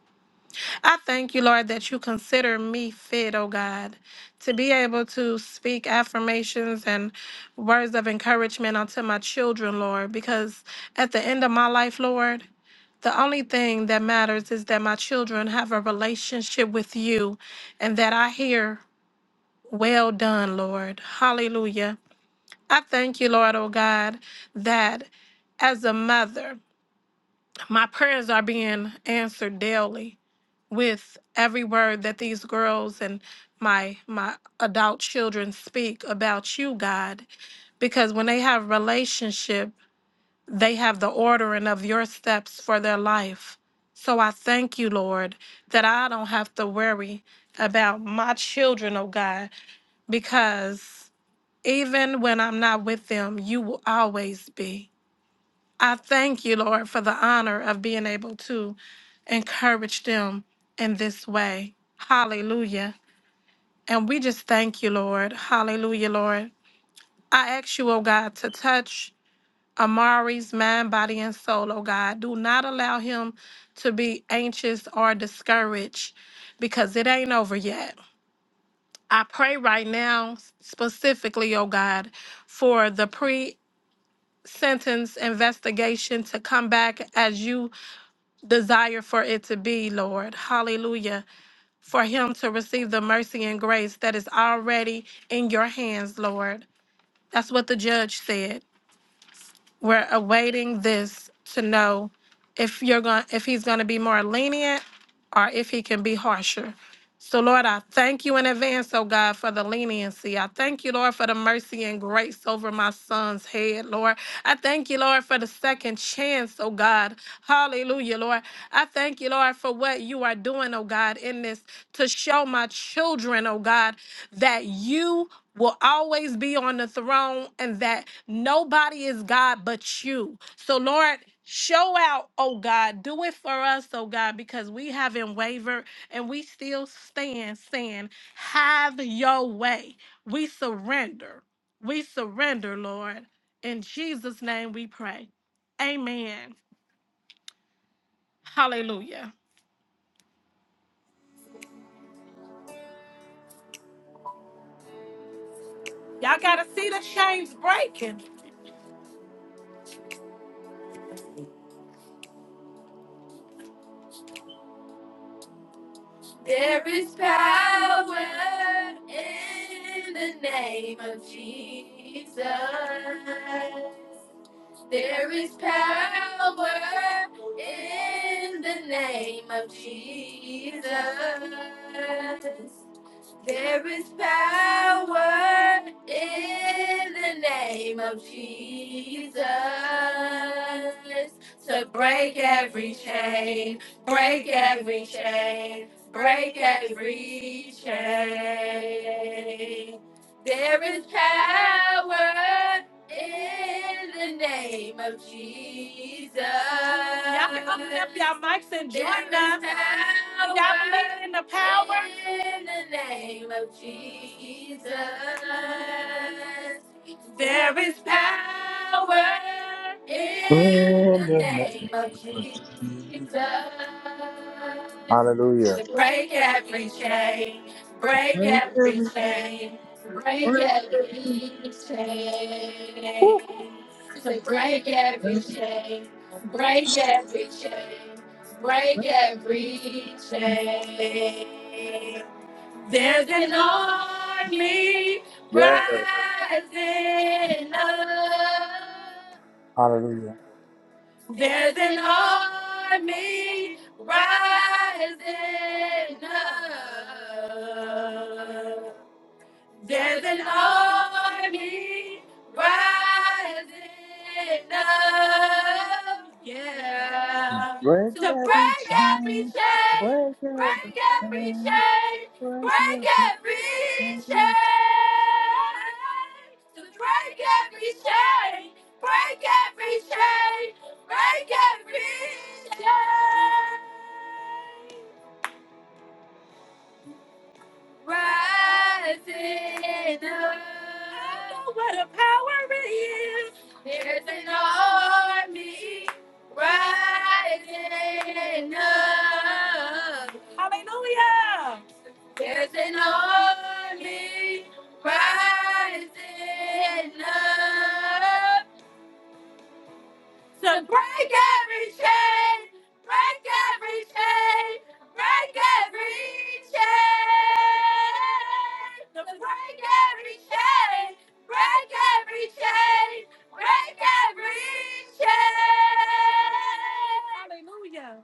I thank you, Lord, that you consider me fit, oh God, to be able to speak affirmations and words of encouragement unto my children, Lord, because at the end of my life, Lord, the only thing that matters is that my children have a relationship with you and that I hear, Well done, Lord. Hallelujah. I thank you, Lord, oh God, that as a mother, My prayers are being answered daily with every word that these girls and my my adult children speak about you, God, because when they have relationship, they have the ordering of your steps for their life. So I thank you, Lord, that I don't have to worry about my children, oh God, because even when I'm not with them, you will always be. I thank you, Lord, for the honor of being able to encourage them in this way. Hallelujah. And we just thank you, Lord. Hallelujah, Lord. I ask you, oh God, to touch Amari's mind, body, and soul, oh God. Do not allow him to be anxious or discouraged because it ain't over yet. I pray right now, specifically, oh God, for the pre sentence investigation to come back as you desire for it to be, Lord. Hallelujah. For him to receive the mercy and grace that is already in your hands, Lord. That's what the judge said. We're awaiting this to know if you're going if he's going to be more lenient or if he can be harsher. So Lord, I thank you in advance, oh God, for the leniency. I thank you, Lord, for the mercy and grace over my son's head, Lord. I thank you, Lord, for the second chance, oh God. Hallelujah, Lord. I thank you, Lord, for what you are doing, oh God, in this to show my children, oh God, that you will always be on the throne and that nobody is God but you. So, Lord, show out, oh God. Do it for us, oh God, because we haven't wavered and we still stand saying, Have your way. We surrender. We surrender, Lord. In Jesus' name we pray. Amen. Hallelujah. Y'all got to see the chains breaking. Power in the name of Jesus. There is power in the name of Jesus. There is power in the name of Jesus to break every chain, break every chain, break every chain. There is power in the name of Jesus. Y'all can open up y'all mics and join In us. Y'all believe in the power. In the name of Jesus. There is power. In In the the name name of of Jesus. Jesus. Hallelujah. To break every chain. Break Break every every, chain. Break break every every, chain. woo, So break every break- chain. Break every chain. Break every chain. There's an army yeah. rising up. Hallelujah. There's an army rising up. There's an army rising up, yeah. Break To every break every chain, chain, break every break every chain, chain, break break every every chain. chain. There's an army rising up. Hallelujah. There's an army rising up to break every chain, break every chain, break every chain, to break, break, break every chain. Hallelujah.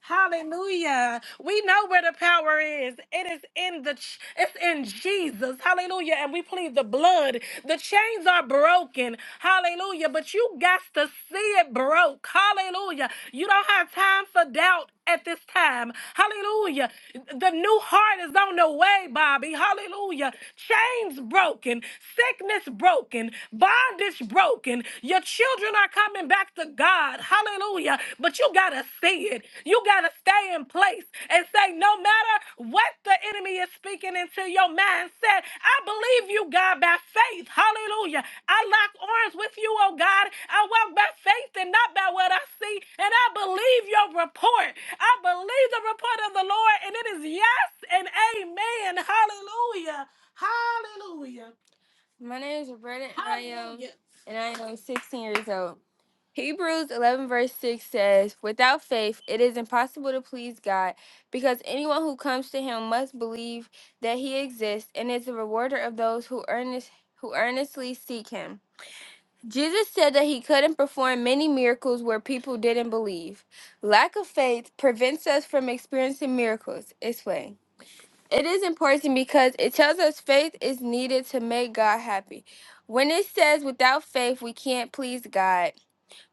Hallelujah. We know where the power is. It is in the ch- it's in Jesus. Hallelujah. And we plead the blood. The chains are broken. Hallelujah. But you got to see it broke. Hallelujah. You don't have time for doubt at this time. Hallelujah. The new heart is on the way, Bobby. Hallelujah. Chains broken, sickness broken, bondage broken. Your children are coming back to God. Hallelujah. But you got to see it. You got to stay in place and say, no matter what the enemy is speaking into your mindset, I believe you, God, by faith. Hallelujah. I lock arms with you, oh God. I walk by faith and not by what I see. And I believe your report. I believe the report of the Lord, and it is yes and amen. Hallelujah. Hallelujah. My name is Roberta, and I am, Hallelujah. and I am 16 years old. Hebrews 11, verse 6 says, Without faith, it is impossible to please God, because anyone who comes to him must believe that he exists and is the rewarder of those who, earnest, who earnestly seek him. Jesus said that he couldn't perform many miracles where people didn't believe. Lack of faith prevents us from experiencing miracles. Explain. It is important because it tells us faith is needed to make God happy. When it says without faith we can't please God,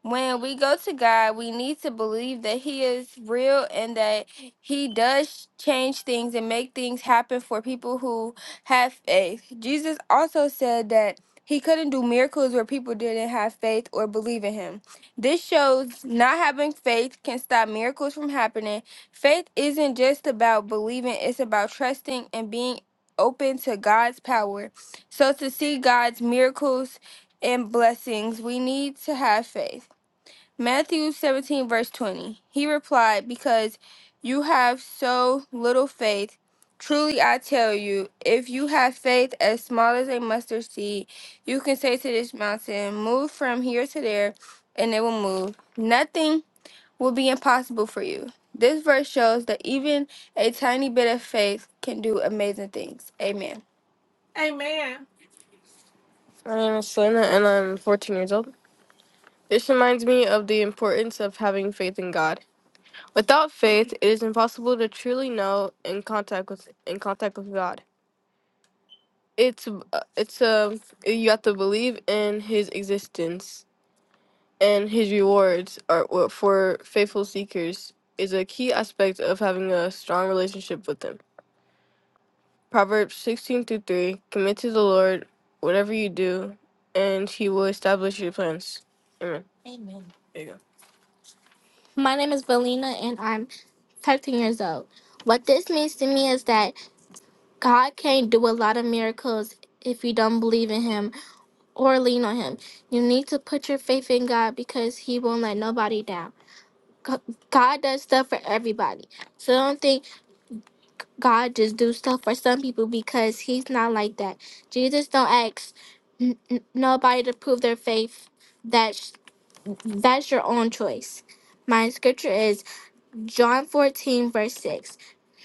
when we go to God, we need to believe that He is real and that He does change things and make things happen for people who have faith. Jesus also said that He couldn't do miracles where people didn't have faith or believe in Him. This shows not having faith can stop miracles from happening. Faith isn't just about believing, it's about trusting and being open to God's power. So to see God's miracles and blessings, we need to have faith. Matthew 17, verse 20. He replied, Because you have so little faith. Truly I tell you, if you have faith as small as a mustard seed, you can say to this mountain, 'Move from here to there, and it will move. Nothing will be impossible for you. This verse shows that even a tiny bit of faith can do amazing things. Amen. Amen. My name is Selena, and I'm 14 years old. This reminds me of the importance of having faith in God. Without faith, it is impossible to truly know in contact with in contact with God. It's uh, it's um you have to believe in His existence and His rewards are what for faithful seekers is a key aspect of having a strong relationship with Him. Proverbs sixteen through three: Commit to the Lord whatever you do, and He will establish your plans. Amen. There you go. My name is Valina and I'm 13 years old. What this means to me is that God can't do a lot of miracles if you don't believe in Him or lean on Him. You need to put your faith in God because He won't let nobody down. Go- God does stuff for everybody. So don't think God just do stuff for some people because He's not like that. Jesus don't ask n- n- nobody to prove their faith. That's that's your own choice. My scripture is John 14 verse 6.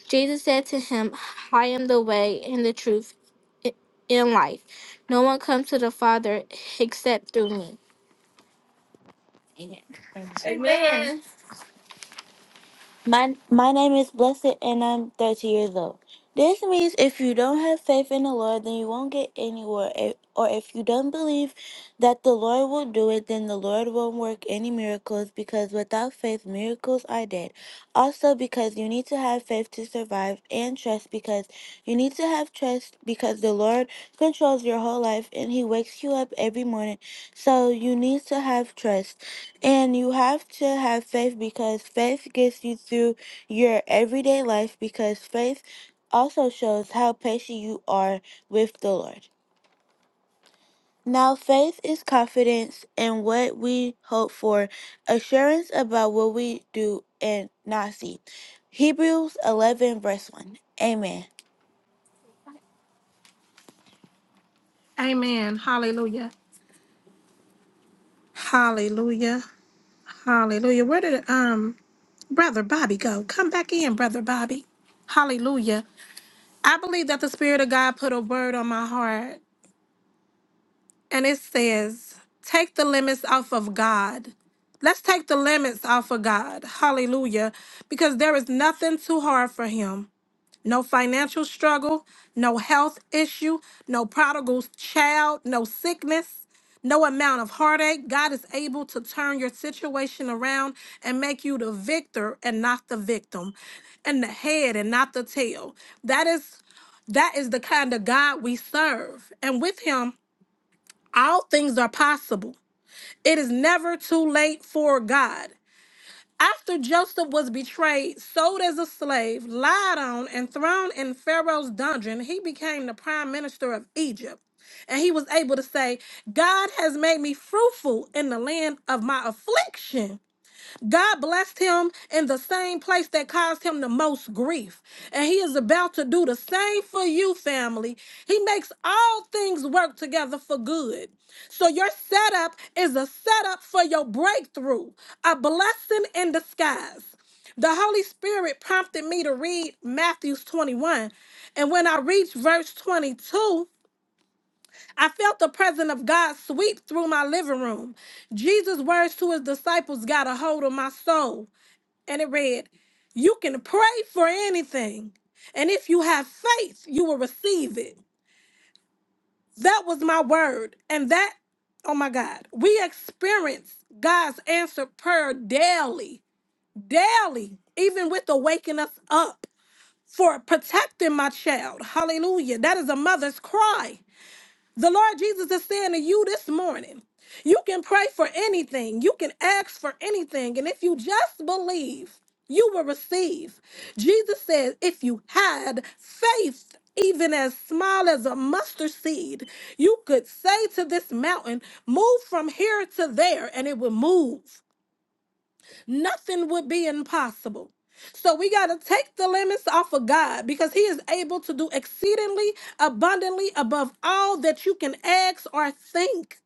Jesus said to him, I am the way and the truth i- and life. No one comes to the Father except through me. Amen. Amen. My my name is Blessed and I'm 30 years old. This means if you don't have faith in the Lord, then you won't get anywhere. If- Or if you don't believe that the Lord will do it, then the Lord won't work any miracles because without faith, miracles are dead. Also, because you need to have faith to survive and trust because you need to have trust because the Lord controls your whole life and He wakes you up every morning. So you need to have trust. And you have to have faith because faith gets you through your everyday life because faith also shows how patient you are with the Lord. Now, faith is confidence in what we hope for, assurance about what we do and not see. Hebrews 11, verse 1. Amen. Amen. Hallelujah. Hallelujah. Hallelujah. Where did um brother Bobby go? Come back in, brother Bobby. Hallelujah. I believe that the Spirit of God put a word on my heart, and it says, Take the limits off of God. Let's take the limits off of God. Hallelujah. Because there is nothing too hard for Him no financial struggle, no health issue, no prodigal child, no sickness, no amount of heartache. God is able to turn your situation around and make you the victor and not the victim, and the head and not the tail. That is that is the kind of God we serve. And with him, all things are possible. It is never too late for God. After Joseph was betrayed, sold as a slave, lied on, and thrown in Pharaoh's dungeon, he became the prime minister of Egypt. And he was able to say, God has made me fruitful in the land of my affliction. God blessed him in the same place that caused him the most grief. And he is about to do the same for you, family. He makes all things work together for good. So your setup is a setup for your breakthrough, a blessing in disguise. The Holy Spirit prompted me to read Matthew 21. And when I reached verse 22, I felt the presence of God sweep through my living room. Jesus' words to his disciples got a hold of my soul and it read, You can pray for anything, and if you have faith, you will receive it. That was my word. And that, oh my God, we experience God's answered prayer daily, daily, even with the waking us up for protecting my child. Hallelujah. That is a mother's cry. The Lord Jesus is saying to you this morning, you can pray for anything, you can ask for anything, and if you just believe, you will receive. Jesus says, if you had faith, even as small as a mustard seed, you could say to this mountain, Move from here to there, and it would move nothing would be impossible. So we got to take the limits off of God because He is able to do exceedingly abundantly above all that you can ask or think.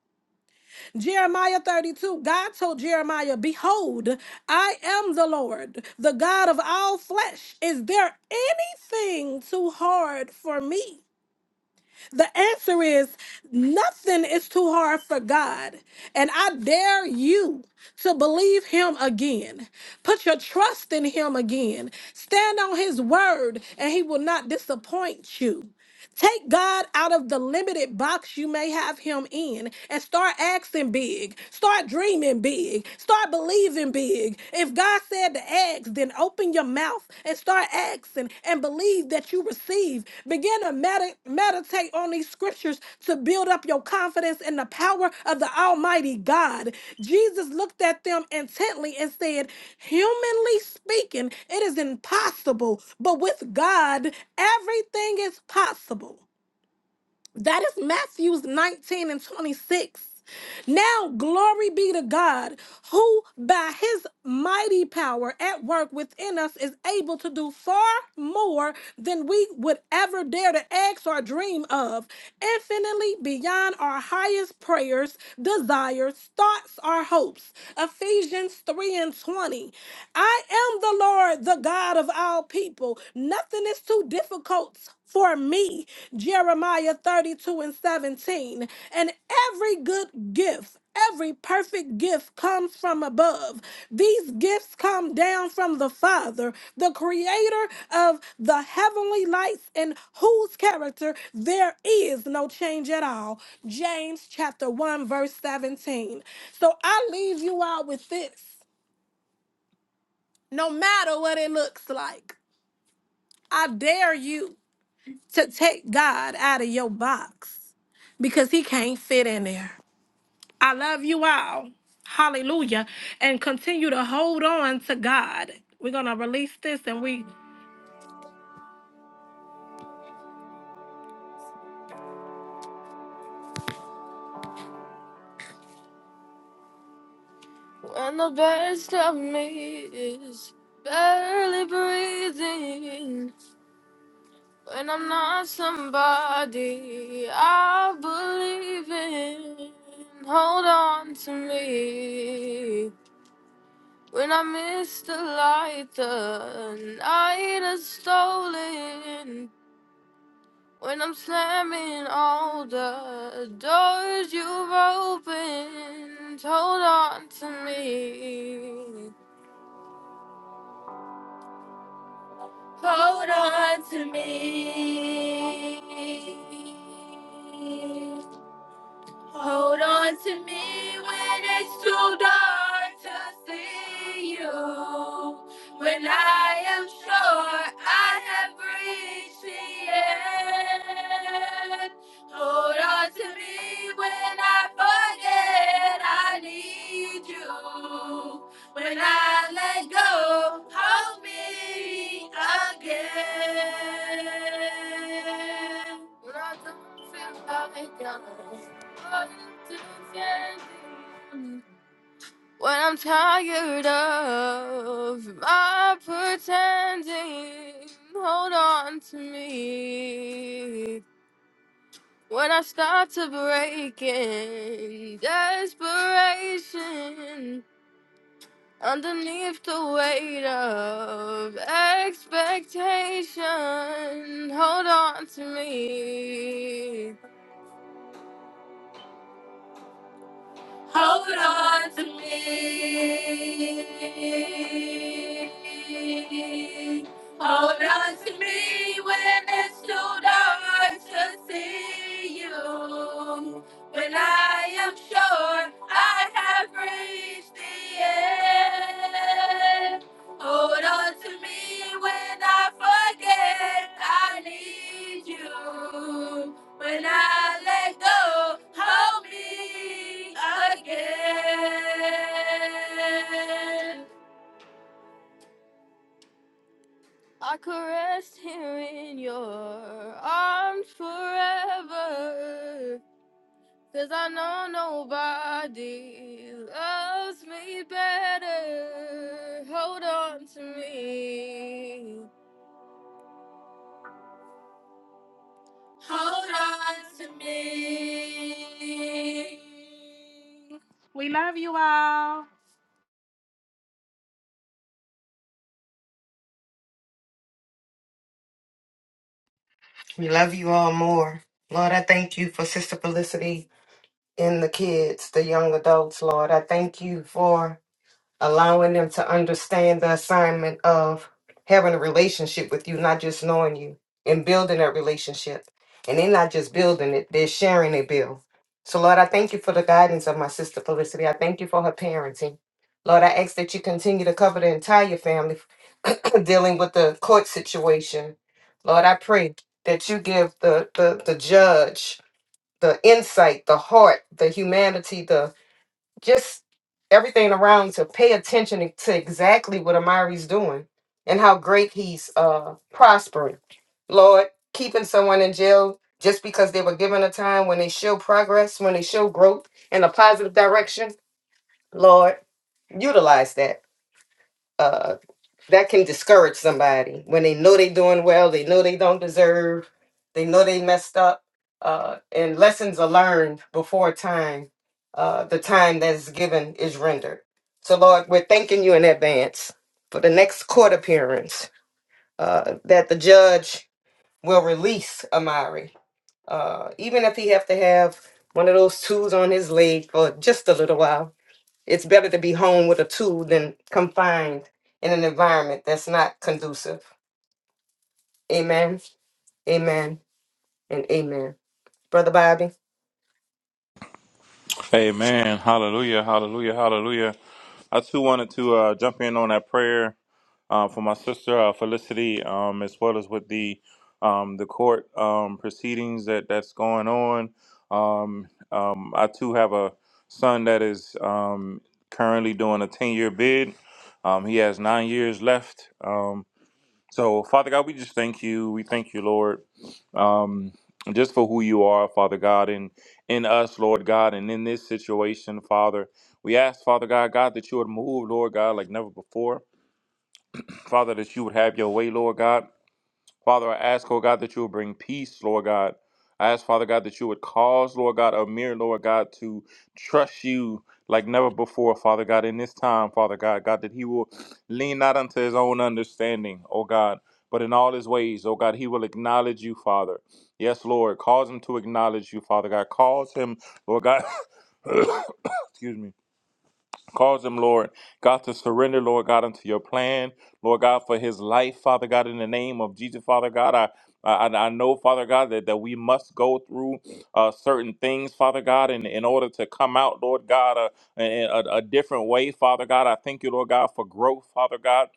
Jeremiah 32, God told Jeremiah, Behold, I am the Lord, the God of all flesh. Is there anything too hard for me? The answer is nothing is too hard for God. And I dare you to believe him again. Put your trust in him again. Stand on his word, and he will not disappoint you. Take God out of the limited box you may have him in and start asking big. Start dreaming big. Start believing big. If God said to ask, then open your mouth and start asking and believe that you receive Begin to medi- meditate on these scriptures to build up your confidence in the power of the Almighty God. Jesus looked at them intently and said, Humanly speaking, it is impossible, but with God, everything is possible. That is Matthews 19 and 26. Now, glory be to God, who by his mighty power at work within us is able to do far more than we would ever dare to ask or dream of, infinitely beyond our highest prayers, desires, thoughts, or hopes. Ephesians 3 and 20. I am the Lord, the God of all people. Nothing is too difficult for me. Jeremiah 32 and 17. And every good gift, every perfect gift comes from above. These gifts come down from the Father, the creator of the heavenly lights, in whose character there is no change at all. James chapter 1, verse 17. So I leave you all with this no matter what it looks like. I dare you. to take God out of your box because he can't fit in there. I love you all. Hallelujah. And continue to hold on to God. We're going to release this and we. When the best of me is barely breathing, when I'm not somebody I believe in, hold on to me. When I miss the light, the night is stolen. When I'm slamming all the doors you've opened, hold on to me. Hold on to me. Hold on to me when it's too dark to see you. When I am sure I have reached the end. Hold on to me when I forget I need you. When I let go, hold me again. Fill up what I'm tired of my pretending, hold on to me. When I start to break in desperation, underneath the weight of expectation, hold on to me. Hold on to me. Hold on to me when it's too dark to see you. When I am sure I have reached the end. Hold on to me when I forget I need you. When I let go, hold me again. I could rest here in your arms forever, 'cause I know nobody loves me better. Hold on to me. We love you all. We love you all more. Lord, I thank you for Sister Felicity and the kids, the young adults, Lord. I thank you for allowing them to understand the assignment of having a relationship with you, not just knowing you, and building that relationship. And they're not just building it, they're sharing a bill. So, Lord, I thank you for the guidance of my sister Felicity. I thank you for her parenting. Lord, I ask that you continue to cover the entire family <clears throat> dealing with the court situation. Lord, I pray that you give the, the, the judge the insight, the heart, the humanity, just everything around you to pay attention to exactly what Amari's doing and how great he's uh prospering. Lord, keeping someone in jail just because they were given a time when they show progress, when they show growth in a positive direction. Lord, utilize that. Uh that can discourage somebody when they know they doing well, they know they don't deserve, they know they messed up. Uh, and lessons are learned before time, uh, the time that is given is rendered. So, Lord, we're thanking you in advance for the next court appearance uh, that the judge will release Amari, uh, even if he have to have one of those tools on his leg for just a little while it's better to be home with a tool than confined in an environment that's not conducive. Amen, amen, and amen. Brother Bobby. Amen. Hallelujah. Hallelujah. Hallelujah. I too wanted to uh, jump in on that prayer uh, for my sister uh, Felicity, um, as well as with the um, the court um, proceedings that that's going on. Um, um, I too have a son that is um, currently doing a ten year bid. Um, he has nine years left. Um, so, Father God, we just thank you. We thank you, Lord, um, just for who you are, Father God, and in us, Lord God, and in this situation, Father. We ask, Father God, God, that you would move, Lord God, like never before. Father, that you would have your way, Lord God. Father, I ask, oh God, that you would bring peace, Lord God. I ask, Father God, that you would cause, Lord God, Amir, Lord God, to trust you like never before, Father God, in this time, Father God, God, that he will lean not unto his own understanding, oh God, but in all his ways, oh God, he will acknowledge you, Father. Yes, Lord, cause him to acknowledge you, Father God. Cause him, Lord God, <coughs> excuse me. Cause him, Lord God, to surrender, Lord God, unto your plan, Lord God, for his life, Father God, in the name of Jesus, Father God. I I, I know, Father God, that, that we must go through uh, certain things, Father God, in, in order to come out, Lord God, uh, in a, a different way, Father God. I thank you, Lord God, for growth, Father God.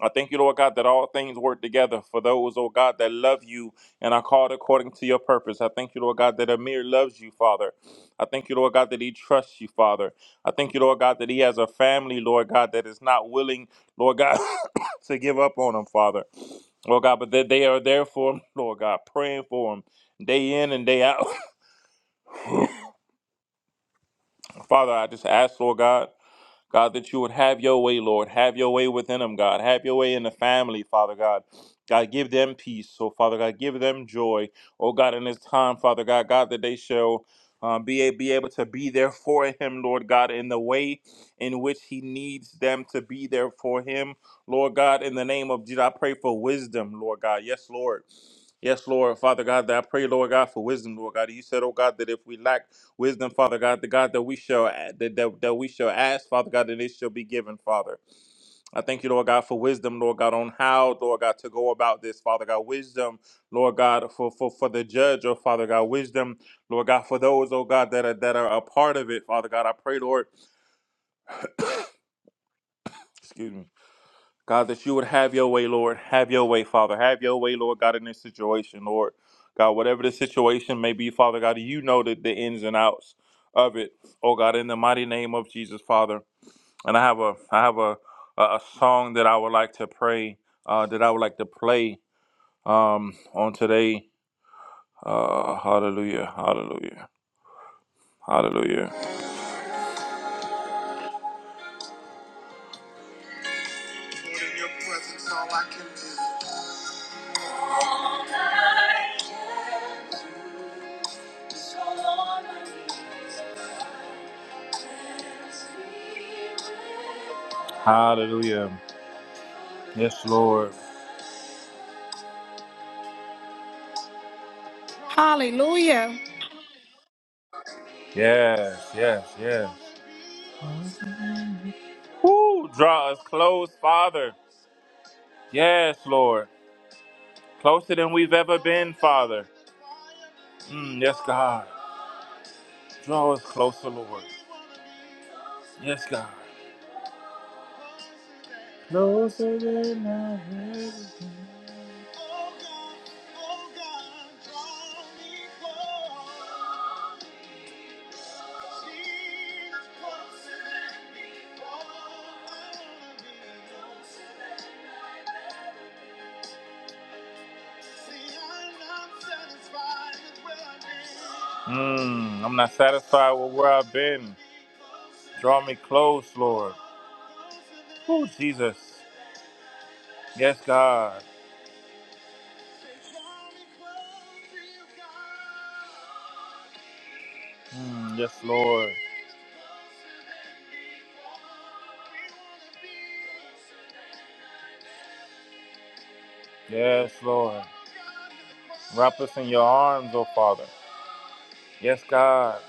I thank you, Lord God, that all things work together for those, oh God, that love you and are called according to your purpose. I thank you, Lord God, that Amir loves you, Father. I thank you, Lord God, that he trusts you, Father. I thank you, Lord God, that he has a family, Lord God, that is not willing, Lord God, <coughs> to give up on him, Father. Lord God, but that they are there for him, Lord God, praying for him day in and day out. <coughs> Father, I just ask, Lord God. God, that you would have your way, Lord. Have your way within them, God. Have your way in the family, Father God. God, give them peace. So, Father God, give them joy. Oh, God, in this time, Father God, God, that they shall um, be, a- be able to be there for him, Lord God, in the way in which he needs them to be there for him. Lord God, in the name of Jesus, I pray for wisdom, Lord God. Yes, Lord. Yes, Lord. Father God, that I pray, Lord God, for wisdom, Lord God. You said, oh God, that if we lack Wisdom, Father God, the God that we shall that, that, that we shall ask, Father God, that it shall be given, Father. I thank you, Lord God, for wisdom, Lord God, on how, Lord God, to go about this, Father God. Wisdom, Lord God, for for, for the judge, oh Father God. Wisdom, Lord God, for those, oh God, that are that are a part of it, Father God. I pray, Lord, excuse me. God, that you would have your way, Lord. Have your way, Father. Have your way, Lord God, in this situation, Lord. God, whatever the situation may be, Father God, you know the, the ins and outs of it. Oh God, in the mighty name of Jesus, Father. and I have a I have a a, a song that I would like to pray uh, that I would like to play um, on today. Uh, hallelujah! Hallelujah! Hallelujah! Hallelujah! Yes, Lord. Hallelujah. Yes, yes, yes. Woo! Draw us close, Father. Yes, Lord. Closer than we've ever been, Father. Mm, yes, God. Draw us closer, Lord. Yes, God. Closer than I've ever been. Mm, I'm not satisfied with where I've been. Draw me close, Lord. Oh, Jesus. Yes, God. Mm, yes, Lord. Yes, Lord. Wrap us in your arms, oh Father. Yes, God.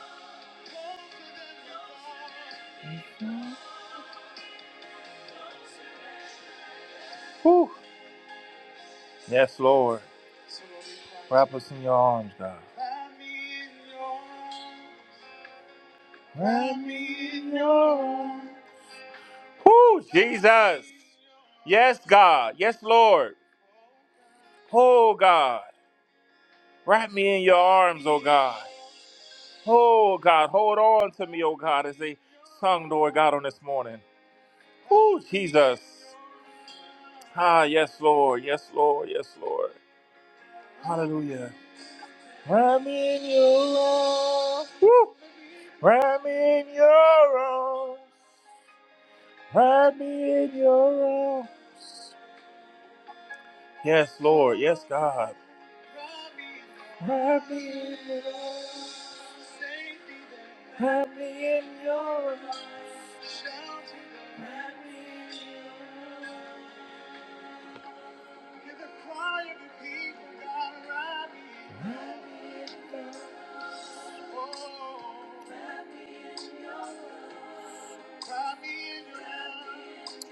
Whew. Yes, Lord. Wrap us in your arms, God. Wrap- Whew, Jesus. Yes, God. Yes, Lord. Oh, God. Wrap me in your arms, oh God. Oh, God. Hold on to me, oh God, as they sung, Lord God, on this morning. Oh, Jesus. Ah, yes, Lord. Yes, Lord. Yes, Lord. Hallelujah. I'm in your arms. Woo! I'm in your arms. I'm in your arms. Yes, Lord. Yes, God. I'm in your arms. I'm in your arms. I'm in your arms.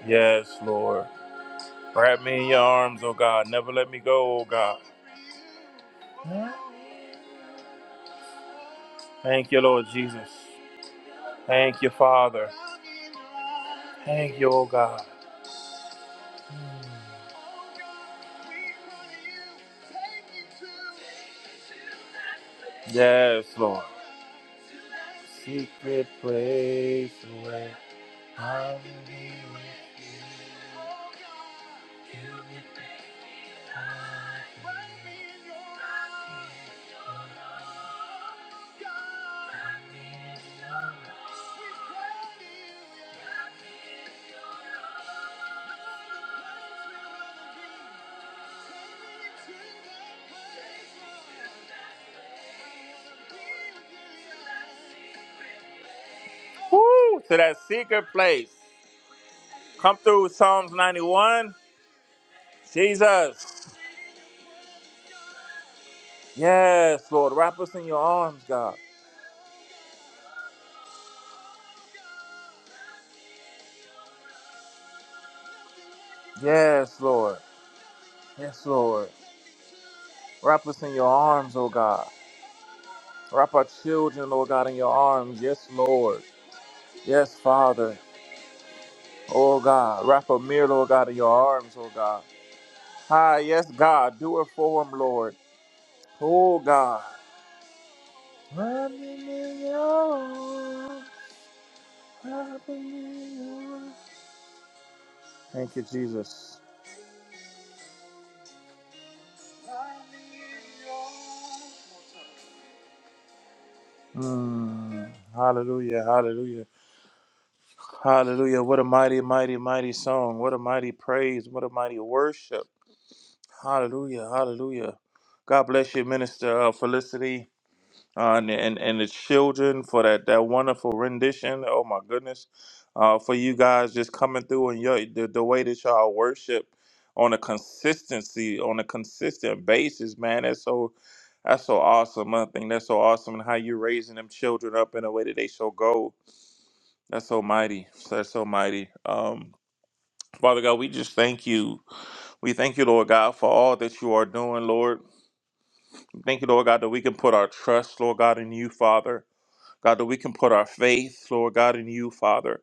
Yes, Lord. Wrap me in your arms, oh God. Never let me go, oh God. Thank you, Lord Jesus. Thank you, Father. Thank you, oh God. Yes, Lord. Secret place. Where... Woo! To that secret place. Come through with Psalms 91. Jesus. Yes, Lord. Wrap us in your arms, God. Yes, Lord. Yes, Lord. Wrap us in your arms, oh God. Wrap our children, oh God, in your arms. Yes, Lord. Yes, Father. Oh God. Wrap Amir, oh God, in your arms, oh God. Ah, yes, God. Do it for him, Lord. Oh God. Wrap me in your arms. Thank you, Jesus. Mm, hallelujah, hallelujah, hallelujah. What a mighty, mighty, mighty song. What a mighty praise. What a mighty worship. Hallelujah, hallelujah. God bless you, Minister uh, Felicity. uh, and, and and the children for that that wonderful rendition. Oh my goodness, uh, for you guys just coming through and your the, the way that y'all worship on a consistency on a consistent basis, man. That's so that's so awesome. I think that's so awesome, and how you raising them children up in a way that they shall go. That's so mighty. That's so mighty. Um, Father God, we just thank you. We thank you, Lord God, for all that you are doing, Lord. Thank you, Lord God, that we can put our trust, Lord God, in you, Father. God, that we can put our faith, Lord God, in you, Father.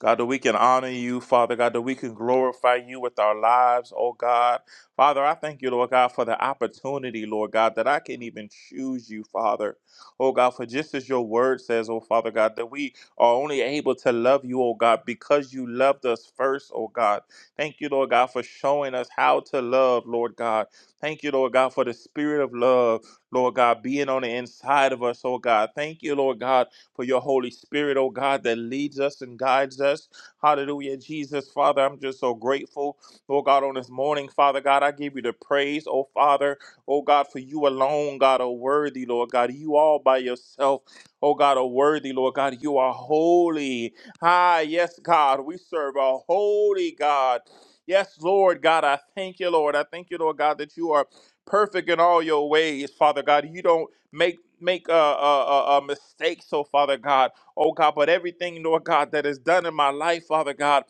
God, that we can honor you, Father. God, that we can glorify you with our lives, oh God. Father, I thank you, Lord God, for the opportunity, Lord God, that I can even choose you, Father. Oh God, for just as your word says, oh Father God, that we are only able to love you, oh God, because you loved us first, oh God. Thank you, Lord God, for showing us how to love, Lord God. Thank you, Lord God, for the spirit of love, Lord God, being on the inside of us, oh God. Thank you, Lord God for your Holy Spirit, oh God, that leads us and guides us. Hallelujah, Jesus, Father, I'm just so grateful, oh God, on this morning, Father God, I give you the praise, oh Father, oh God, for you alone, God, are worthy, Lord God. You all by yourself, oh God, are worthy, Lord God. You are holy. Ah, yes, God, we serve a holy God. Yes, Lord God, I thank you, Lord. I thank you, Lord God, that you are perfect in all your ways, Father God. You don't make make uh, uh, uh, uh, mistakes, oh Father God, oh God, but everything, Lord God, that is done in my life, Father God.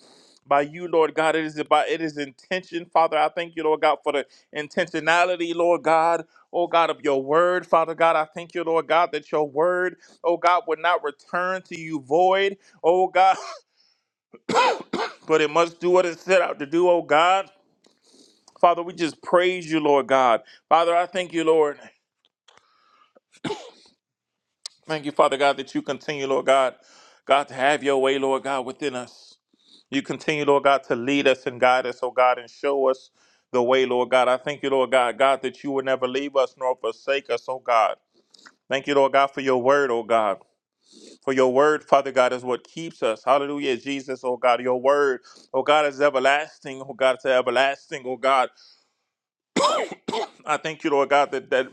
By you, Lord God, it is about it is intention, Father. I thank you, Lord God, for the intentionality, Lord God. Oh God, of your word, Father God. I thank you, Lord God, that your word, oh God, would not return to you void, oh God, <laughs> but it must do what it set out to do, oh God. Father, we just praise you, Lord God. Father, I thank you, Lord. Thank you, Father God, that you continue, Lord God, God, to have your way, Lord God, within us. You continue, Lord God, to lead us and guide us, oh God, and show us the way, Lord God. I thank you, Lord God, God, that you will never leave us nor forsake us, oh God. Thank you, Lord God, for your word, oh God. For your word, Father God, is what keeps us. Hallelujah, Jesus, oh God. Your word, oh God, is everlasting, oh God, to everlasting, oh God. I thank you, Lord God, that that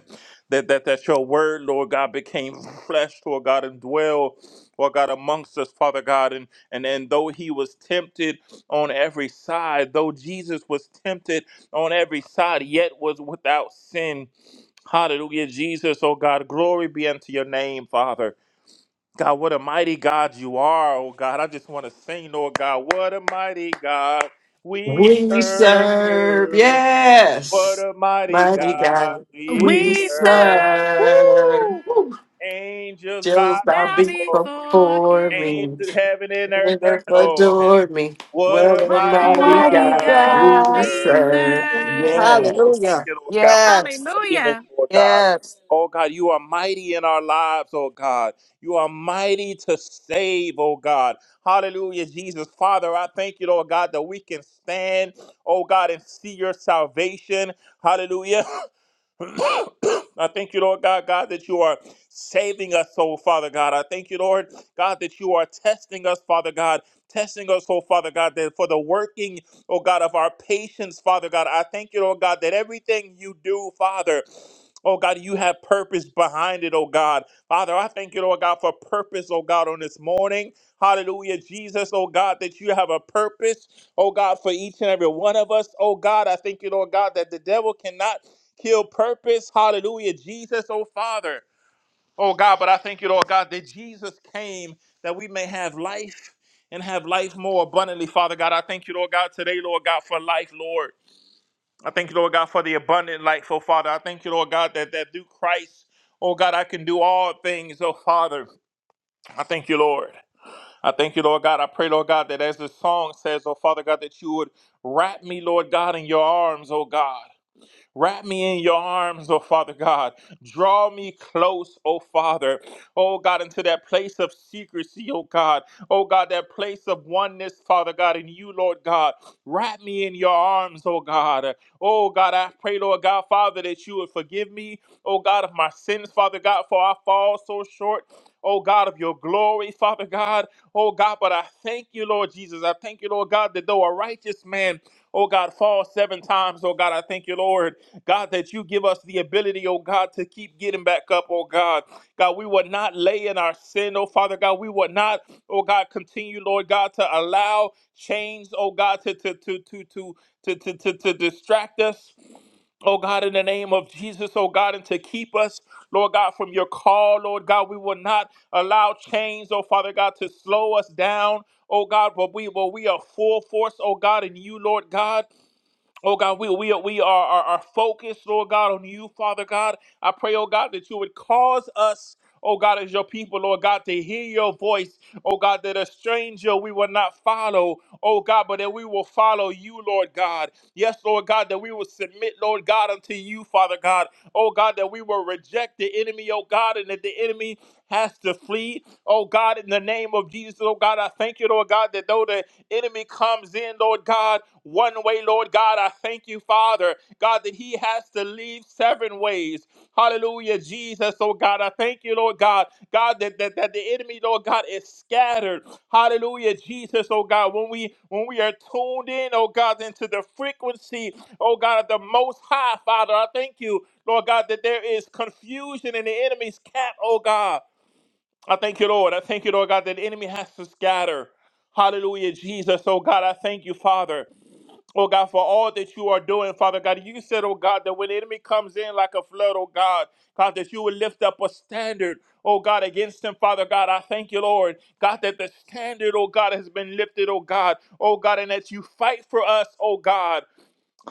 that that, that your word, Lord God, became flesh, Lord God, and dwell, Lord God, amongst us, Father God. And and, and though he was tempted on every side, though Jesus was tempted on every side, yet was without sin. Hallelujah, Jesus, oh God, glory be unto your name, Father. God, what a mighty God you are, oh God. I just want to sing, Lord God, what a mighty God we We serve, serve. What yes, a mighty mighty God God. We We we serve. serve. Woo! serve. Woo. Angels bow Just bow bow beat before, before before me, him. and angels heaven and earth earth adore adore me. what What a a What a mighty mighty mighty Almighty God God we we God God. we we serve. serve, sing. Thank you, serve. Lord. yes. Thank Hallelujah. you, Lord God, for your Yes. mightiness, Hallelujah. Lord God. Yes. Oh God, you are mighty in our lives, oh God. You are mighty to save, oh God. Hallelujah, Jesus. Father, I thank you, Lord God, that we can stand, oh God, and see your salvation. Hallelujah. <laughs> <coughs> I thank you, Lord God, God, that you are saving us, oh Father God. I thank you, Lord God, that you are testing us, Father God, testing us, oh Father God, that for the working, oh God, of our patience, Father God. I thank you, Lord God, that everything you do, Father. Oh God, you have purpose behind it, oh God. Father, I thank you, Lord God, for purpose, oh God, on this morning. Hallelujah, Jesus, oh God, that you have a purpose, oh God, for each and every one of us, oh God. I thank you, Lord God, that the devil cannot kill purpose. Hallelujah. Jesus, oh Father. Oh God, but I thank you, Lord God, that Jesus came that we may have life and have life more abundantly, Father God. I thank you, Lord God, today, Lord God, for life, Lord. I thank you, Lord God, for the abundant life, oh Father. I thank you, Lord God, that, that through Christ, oh God, I can do all things, oh Father. I thank you, Lord. I thank you, Lord God. I pray, Lord God, that as the song says, oh Father God, that you would wrap me, Lord God, in your arms, oh God. Wrap me in your arms, oh Father God. Draw me close, oh Father. Oh God, into that place of secrecy, oh God. Oh God, that place of oneness, Father God, in you, Lord God. Wrap me in your arms, oh God. Oh God, I pray, Lord God, Father, that you would forgive me, oh God, of my sins, Father God, for I fall so short. Oh God of your glory, Father God. Oh God, but I thank you, Lord Jesus. I thank you, Lord God, that though a righteous man, oh God, falls seven times, oh God, I thank you, Lord. God, that you give us the ability, oh God, to keep getting back up, oh God. God, we will not lay in our sin, oh Father God. We will not, oh God, continue, Lord God, to allow chains, oh God, to to to to to to, to, to, to distract us, oh God, in the name of Jesus, oh God, and to keep us, Lord God, from your call, Lord God. We will not allow chains, oh Father God, to slow us down, oh God, but we but we are full force, oh God, in you, Lord God. Oh God, we we are we are, are, are focused, Lord God, on you, Father God. I pray, oh God, that you would cause us, oh God, as your people, Lord God, to hear your voice, oh God, that a stranger we will not follow, oh God, but that we will follow you, Lord God. Yes, Lord God, that we will submit, Lord God, unto you, Father God. Oh God, that we will reject the enemy, oh God, and that the enemy has to flee. Oh God, in the name of Jesus, oh God, I thank you, Lord God, that though the enemy comes in, Lord God, one way, Lord God. I thank you, Father, God, that he has to leave seven ways. Hallelujah, Jesus. Oh God, I thank you, Lord God. God, that, that, that the enemy, Lord God, is scattered. Hallelujah, Jesus. Oh God, when we when we are tuned in, oh God, into the frequency, oh God, of the most high, Father, I thank you, Lord God, that there is confusion in the enemy's camp, oh God. I thank you, Lord. I thank you, Lord God, that the enemy has to scatter. Hallelujah, Jesus. Oh God, I thank you, Father. Oh God, for all that you are doing, Father God. You said, oh God, that when the enemy comes in like a flood, oh God, God, that you would lift up a standard, oh God, against him, Father God. I thank you, Lord. God, that the standard, oh God, has been lifted, oh God, oh God, and that you fight for us, oh God.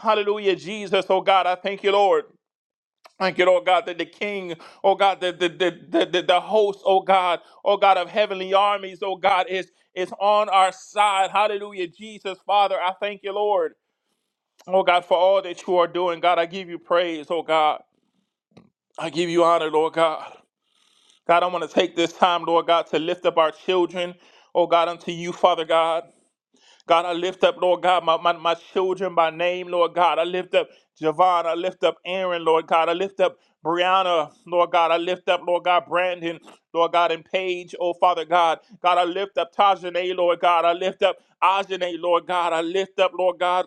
Hallelujah, Jesus. Oh God, I thank you, Lord. Thank you, Lord God, that the King, oh God, that the, the, the, the, the host, oh God, oh God of heavenly armies, oh God, is, is on our side. Hallelujah. Jesus, Father, I thank you, Lord, oh God, for all that you are doing. God, I give you praise, oh God. I give you honor, Lord God. God, I want to take this time, Lord God, to lift up our children, oh God, unto you, Father God. God, I lift up, Lord God, my, my, my children by name, Lord God. I lift up Javon. I lift up Aaron, Lord God. I lift up Brianna, Lord God. I lift up, Lord God, Brandon, Lord God, and Paige, oh Father God. God, I lift up Tajane, Lord God. I lift up Ajane, Lord God. I lift up, Lord God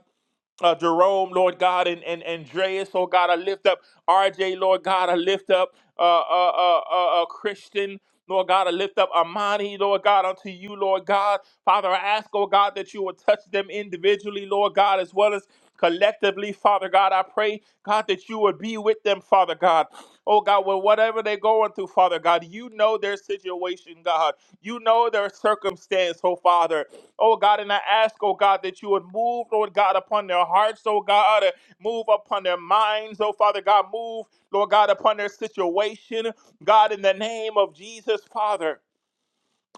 uh, Jerome, Lord God, and, and Andreas, oh God, I lift up RJ, Lord God, I lift up uh, uh, uh, uh, uh, Christian, Lord God, I lift up Amani, Lord God, unto you, Lord God. Father, I ask, oh God, that you would touch them individually, Lord God, as well as collectively, Father God. I pray, God, that you would be with them, Father God. Oh God, with whatever they're going through, Father God, you know their situation, God. You know their circumstance, oh Father. Oh God, and I ask, oh God, that you would move, Lord God, upon their hearts, oh God. Uh, Move upon their minds, oh Father God. Move, Lord God, upon their situation. God, in the name of Jesus, Father.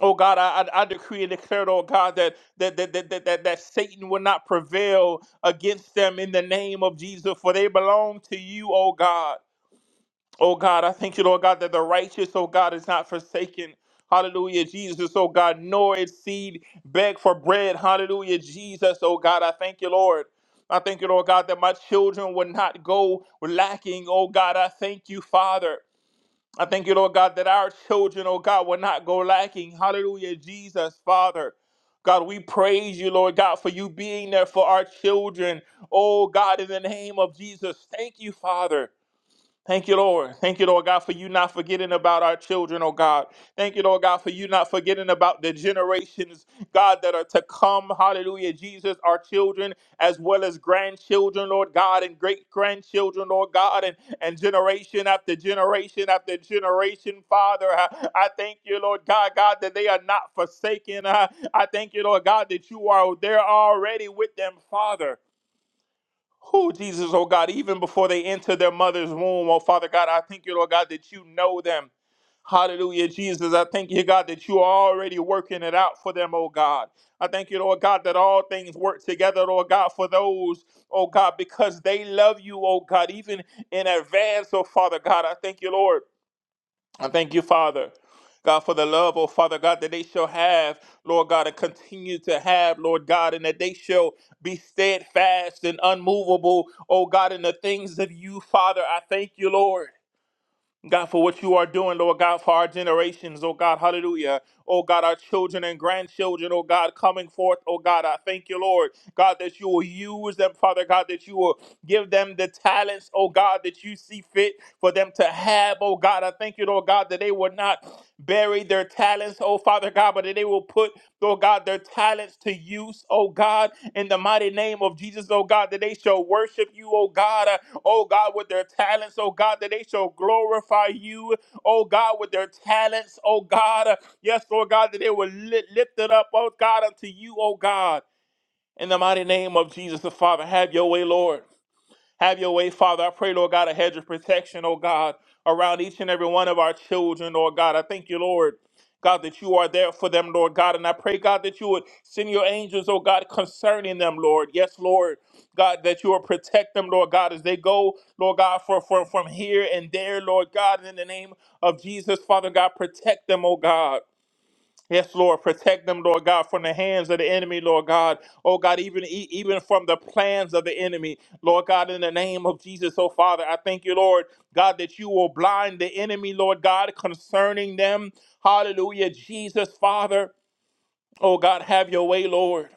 Oh God, I, I I decree and declare, oh God, that that, that, that, that that that Satan will not prevail against them in the name of Jesus, for they belong to you, oh God. Oh God, I thank you, Lord God, that the righteous, oh God, is not forsaken. Hallelujah, Jesus, oh God, nor its seed beg for bread. Hallelujah, Jesus, oh God, I thank you, Lord. I thank you, Lord God, that my children will not go lacking. Oh God, I thank you, Father. I thank you, Lord God, that our children, oh God, will not go lacking. Hallelujah, Jesus, Father. God, we praise you, Lord God, for you being there for our children. Oh God, in the name of Jesus, thank you, Father. Thank you, Lord. Thank you, Lord God, for you not forgetting about our children, oh God. Thank you, Lord God, for you not forgetting about the generations, God, that are to come. Hallelujah, Jesus, our children, as well as grandchildren, Lord God, and great grandchildren, Lord God, and, and generation after generation after generation, Father. I, I thank you, Lord God, God, that they are not forsaken. I, I thank you, Lord God, that you are there already with them, Father. Oh, Jesus, oh God, even before they enter their mother's womb, oh Father God, I thank you, Lord God, that you know them. Hallelujah, Jesus. I thank you, God, that you are already working it out for them, oh God. I thank you, Lord God, that all things work together, Lord God, for those, oh God, because they love you, oh God, even in advance, oh Father God. I thank you, Lord. I thank you, Father. God, for the love, oh Father God, that they shall have, Lord God, and continue to have, Lord God, and that they shall be steadfast and unmovable, oh God, in the things of you, Father. I thank you, Lord. God, for what you are doing, Lord God, for our generations, oh God, hallelujah. Oh God, our children and grandchildren, oh God, coming forth, oh God, I thank you, Lord, God, that you will use them, Father God, that you will give them the talents, oh God, that you see fit for them to have, oh God. I thank you, Lord God, that they will not bury their talents, oh Father God, but that they will put Lord God, their talents to use, oh God, in the mighty name of Jesus, oh God, that they shall worship you, oh God, uh, oh God, with their talents, oh God, that they shall glorify you, oh God, with their talents, oh God, uh, yes, Lord God, that they will li- lift it up, oh God, unto you, oh God, in the mighty name of Jesus the Father. Have your way, Lord. Have your way, Father. I pray, Lord God, a hedge of protection, oh God, around each and every one of our children, Lord God. I thank you, Lord. God, that you are there for them, Lord God. And I pray, God, that you would send your angels, oh God, concerning them, Lord. Yes, Lord. God, that you will protect them, Lord God, as they go, Lord God, for, for, from here and there, Lord God, in the name of Jesus, Father God, protect them, oh God. Yes, Lord, protect them, Lord God, from the hands of the enemy, Lord God. Oh God, even e- even from the plans of the enemy, Lord God. In the name of Jesus, oh Father, I thank you, Lord God, that you will blind the enemy, Lord God, concerning them. Hallelujah, Jesus, Father. Oh God, have your way, Lord.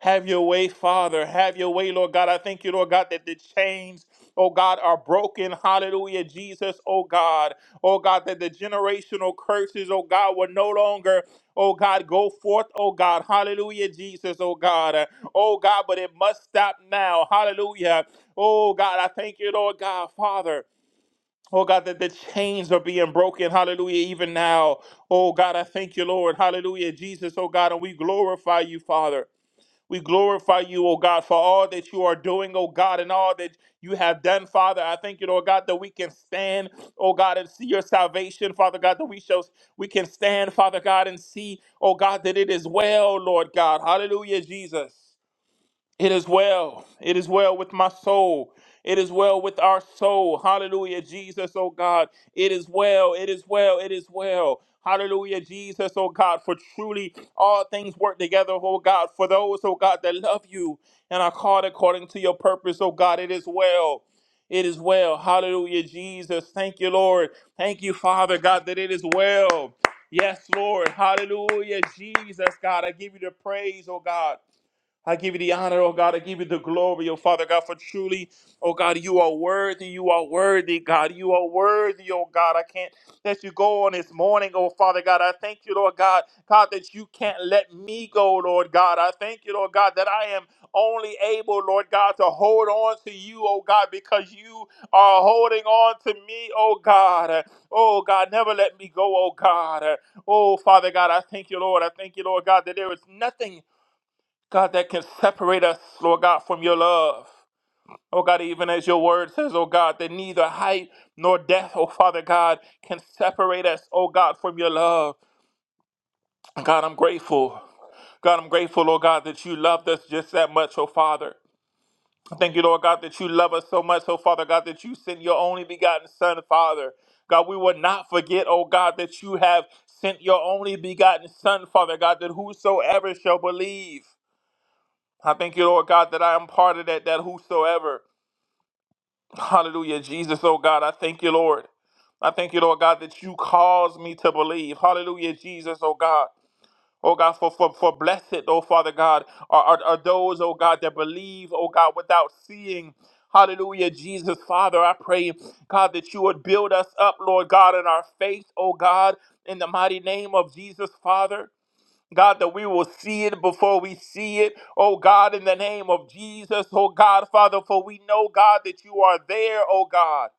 Have your way, Father. Have your way, Lord God. I thank you, Lord God, that the chains, oh God, are broken. Hallelujah, Jesus, oh God. Oh God, that the generational curses, oh God, will no longer, oh God, go forth, oh God. Hallelujah, Jesus, oh God. Oh God, but it must stop now. Hallelujah. Oh God, I thank you, Lord God, Father. Oh God, that the chains are being broken. Hallelujah, even now. Oh God, I thank you, Lord. Hallelujah, Jesus, oh God, and we glorify you, Father. We glorify you, O God, for all that you are doing, O God, and all that you have done, Father. I thank you, Lord God, that we can stand, O God, and see your salvation, Father God, that we shall we can stand, Father God, and see, O God, that it is well, Lord God. Hallelujah, Jesus. It is well. It is well with my soul. It is well with our soul. Hallelujah, Jesus, oh God. It is well. It is well. It is well. Hallelujah, Jesus, oh God. For truly all things work together, oh God. For those, oh God, that love you and are called according to your purpose, oh God. It is well. It is well. Hallelujah, Jesus. Thank you, Lord. Thank you, Father, God, that it is well. Yes, Lord. Hallelujah, Jesus, God. I give you the praise, oh God. I give you the honor, oh God. I give you the glory, oh Father God, for truly, oh God, you are worthy. You are worthy, God. You are worthy, oh God. I can't let you go on this morning, oh Father God. I thank you, Lord God, God, that you can't let me go, Lord God. I thank you, Lord God, that I am only able, Lord God, to hold on to you, oh God, because you are holding on to me, oh God. Oh God, never let me go, oh God. Oh Father God, I thank you, Lord. I thank you, Lord God, that there is nothing. God, that can separate us, Lord God, from your love. Oh God, even as your word says, oh God, that neither height nor death, oh Father God, can separate us, oh God, from your love. God, I'm grateful. God, I'm grateful, oh God, that you loved us just that much, oh Father. I Thank you, Lord God, that you love us so much, oh Father God, that you sent your only begotten Son, Father. God, we will not forget, oh God, that you have sent your only begotten Son, Father God, that whosoever shall believe. I thank you, Lord God, that I am part of that, that whosoever. <laughs> Hallelujah, Jesus, oh God, I thank you, Lord. I thank you, Lord God, that you caused me to believe. Hallelujah, Jesus, oh God. Oh God, for, for, for blessed, oh Father God, are, are, are those, oh God, that believe, oh God, without seeing. Hallelujah, Jesus, Father, I pray, God, that you would build us up, Lord God, in our faith, oh God, in the mighty name of Jesus, Father. God, that we will see it before we see it. Oh God, in the name of Jesus, oh God, Father, for we know, God, that you are there, oh God.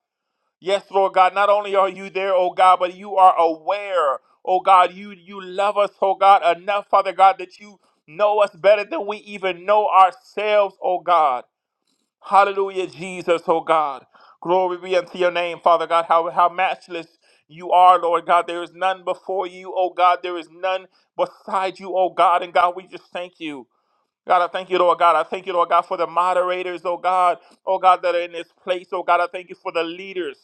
Yes, Lord God, not only are you there, oh God, but you are aware, oh God, you you love us, oh God, enough, Father God, that you know us better than we even know ourselves, oh God. Hallelujah, Jesus, oh God. Glory be unto your name, Father God. How, how matchless you are, Lord God. There is none before you, oh God. There is none beside you, oh God. And God, we just thank you. God, I thank you, Lord God. I thank you, Lord God, for the moderators, oh God, oh God, that are in this place, oh God. I thank you for the leaders.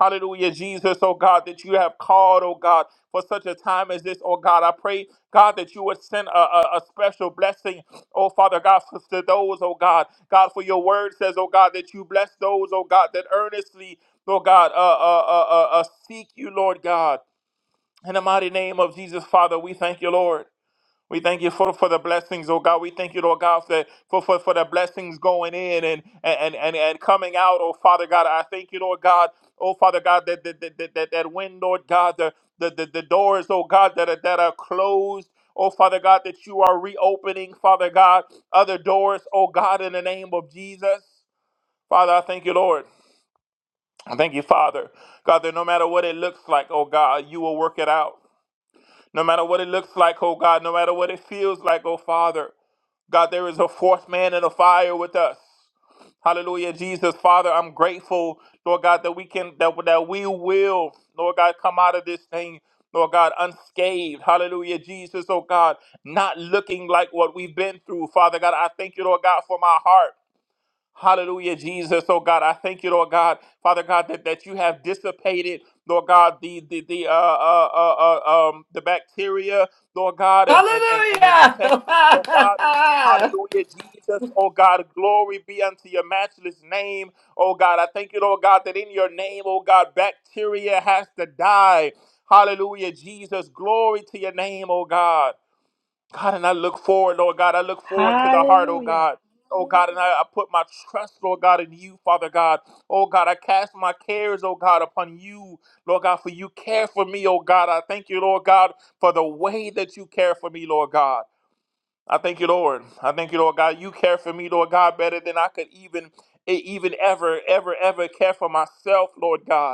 Hallelujah, Jesus, oh God, that you have called, oh God, for such a time as this, oh God. I pray, God, that you would send a, a, a special blessing, oh Father God, for to those, oh God. God, for your word says, oh God, that you bless those, oh God, that earnestly, oh God, uh, uh, uh, uh, uh, seek you, Lord God. In the mighty name of Jesus, Father, we thank you, Lord. We thank you for, for the blessings, oh God. We thank you, Lord God, for, for, for, for the blessings going in and, and, and, and coming out, oh Father God. I thank you, Lord God, oh Father God, that that, that, that, that that when, Lord God, the, the, the, the doors, oh God, that are, that are closed. Oh, Father God, that you are reopening, Father God, other doors, oh God, in the name of Jesus. Father, I thank you, Lord. I thank you, Father. God, that no matter what it looks like, oh God, you will work it out. No matter what it looks like, oh God, no matter what it feels like, oh Father, God, there is a fourth man in the fire with us. Hallelujah, Jesus, Father, I'm grateful, Lord God, that we can that that we will, Lord God, come out of this thing, Lord God, unscathed. Hallelujah, Jesus, oh God, not looking like what we've been through, Father God. I thank you, Lord God, for my heart. Hallelujah, Jesus. Oh God, I thank you, Lord God, Father God, that, that you have dissipated, Lord God, the the the uh, uh uh uh um the bacteria, Lord God, and and and, and infections, oh God. Hallelujah, Jesus. Oh God, glory be unto your matchless name. Oh God, I thank you, Lord God, that in your name, oh God, bacteria has to die. Hallelujah, Jesus. Glory to your name, oh God. God, and I look forward, Lord God. I look forward to the heart, oh Hallelujah. God. Oh God, and I, I put my trust, Lord God, in you, Father God. Oh God, I cast my cares, oh God, upon you, Lord God, for you care for me, oh God. I thank you, Lord God, for the way that you care for me, Lord God. I thank you, Lord. I thank you, Lord God. You care for me, Lord God, better than I could even, e, even ever, ever, ever care for myself, Lord God.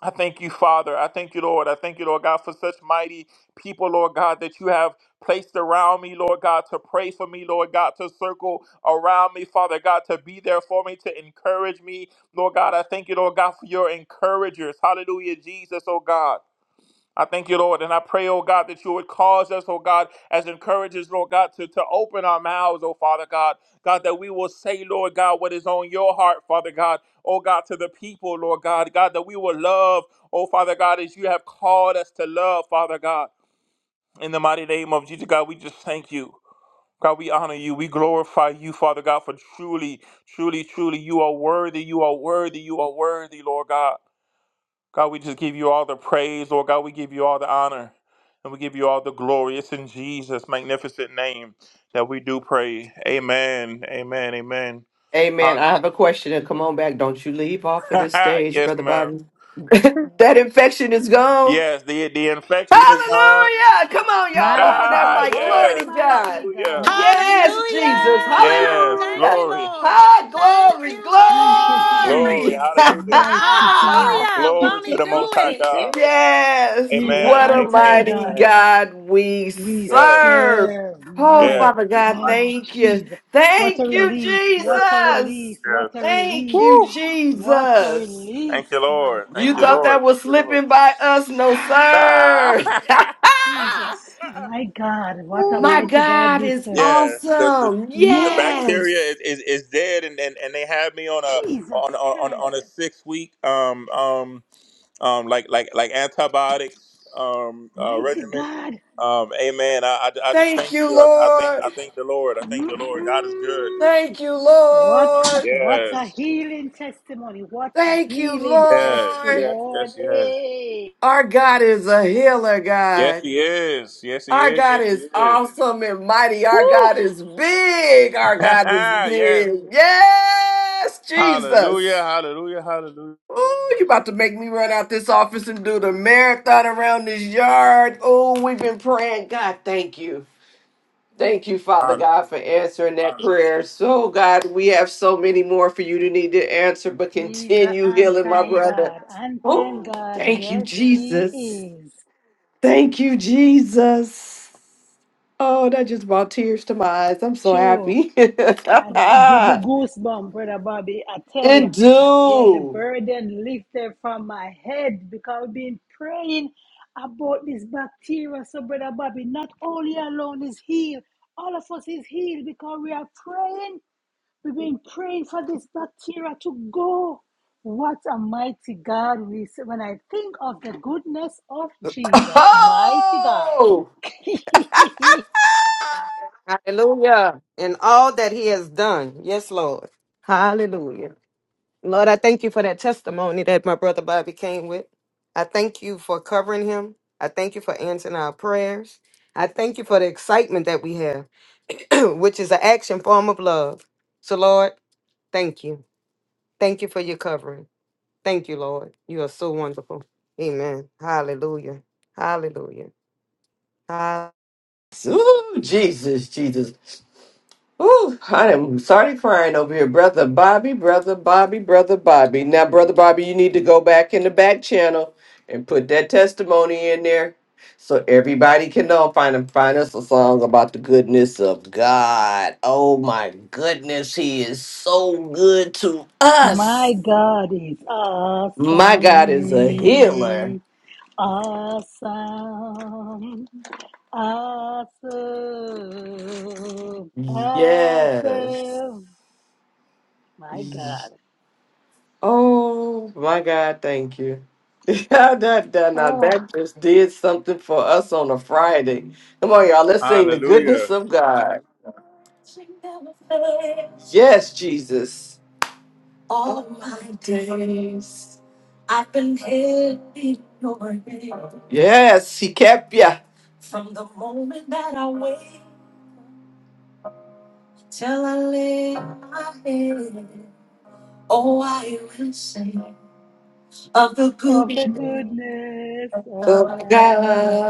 I thank you, Father. I thank you, Lord. I thank you, Lord God, for such mighty people, Lord God, that you have placed around me, Lord God, to pray for me, Lord God, to circle around me, Father God, to be there for me, to encourage me, Lord God. I thank you, Lord God, for your encouragers. Hallelujah, Jesus, oh God. I thank you, Lord, and I pray, oh God, that you would cause us, oh God, as encouragers, Lord God, to, to open our mouths, oh Father God. God, that we will say, Lord God, what is on your heart, Father God, oh God, to the people, Lord God. God, that we will love, oh Father God, as you have called us to love, Father God. In the mighty name of Jesus, God, we just thank you. God, we honor you. We glorify you, Father God, for truly, truly, truly, you are worthy. You are worthy. You are worthy, Lord God. God, we just give you all the praise. Lord God, we give you all the honor and we give you all the glory. It's in Jesus' magnificent name that we do pray. Amen. Amen. Amen. Amen. Huh? I have a question, and come on back. Don't you leave off of this <laughs> stage, yes, brother ma'am. Biden. <laughs> that infection is gone. Yes, the, the infection is gone. Hallelujah. Come on, y'all. Open Mighty that Ah, God, mic. what Glory a to yes. mighty God. Hallelujah. God we Yes, Jesus. Hallelujah. Yes. serve. Thank Hallelujah. you, Glory. Lord. Ah, Thank glory, you, Thank you, Lord. Glory. glory. Jesus, Hallelujah. mighty God. Hallelujah. <laughs> Glory Won't to he the do Most High it? God. <laughs> yes. He's an Amen. What a on time Amen. mighty God. Amen. God we We serve. Yes. serve, Oh, my Yes. Father He's God, mighty. God, thank you. Jesus. What a Thank Yes. you, release, Yes. what Yes. a Yes. release, Jesus. what a Yes. Thank release, yes. you, what a Jesus. Thank release, you, my Lord. Thank You you, thought God. Lord. that Thank was you, Lord. slipping by us? No, Ah! sir. <laughs> <laughs> Jesus, my God, what a My mighty God God we is serve. yes, the, the awesome. the Yes, bacteria Yes. is, is, is dead, and, and, and they had me on a Jesus on on Christ, on a six week um um um like like like antibiotics um uh, mighty regimen. God. Um, amen. I, I, I just Thank thank you, you. I, I thank Lord. I thank the Lord. I thank the Lord. God is good. Mm-mm. Thank you, What Lord. what a Yes. healing testimony. What a Thank you, healing Yes. Lord. Yes. Yes. Yes. testimony. Our God is a healer, Yes, God. he is. Yes, he Our is. God Yes, he is is. awesome and mighty. Our Woo! God is big. Our <laughs> God is yes, big. Yes, Jesus. Hallelujah, hallelujah, hallelujah, Ooh, you about to make me run out this office and do the marathon around this yard. Oh, we've been praying. God, thank you. Thank you, Father hallelujah. God, for answering that prayer. So, God, we have so many more for you to need to answer, but He's an continue healing my on-time brother. God. On-time Oh, God, thank you, yes, Jesus. he is. Thank you, Jesus. Oh, that just brought tears to my eyes. I'm so True. happy. <laughs> And it give me it goosebumps, Brother Bobby. I tell you, yeah, the do. burden lifted from my head because I've been praying about this bacteria. So, Brother Bobby, not only alone is healed, all of us is healed because we are praying. We've been praying for this bacteria to go. What a mighty God we serve. When I think of the goodness of Jesus, mighty God. <laughs> Hallelujah. And all that he has done. Yes, Lord. Hallelujah. Lord, I thank you for that testimony that my brother Bobby came with. I thank you for covering him. I thank you for answering our prayers. I thank you for the excitement that we have. <clears throat> which is an action form of love. So, Lord, thank you. Thank you for your covering. Thank you, Lord. You are so wonderful. Amen. Hallelujah. Hallelujah. Hallelujah. Ooh, Jesus, Jesus. Ooh, I am sorry crying over here, brother Bobby, brother Bobby, brother Bobby. Now, brother Bobby, you need to go back in the back channel and put that testimony in there, so everybody can know. Find find us a song about the goodness of God. Oh my goodness, He is so good to My us. God is My God is a healer. awesome, awesome, awesome, Yes, awesome. My God. Oh my God, thank you. <laughs> Yeah, that, that, now Oh, that just did something for us on a Friday. Come on, y'all. Let's sing the goodness Hallelujah. of God. Yes, Jesus. Yes, <laughs> yeah. of the goodness of God.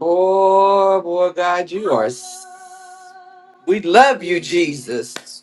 Oh, boy, God, you are. We love you, Jesus.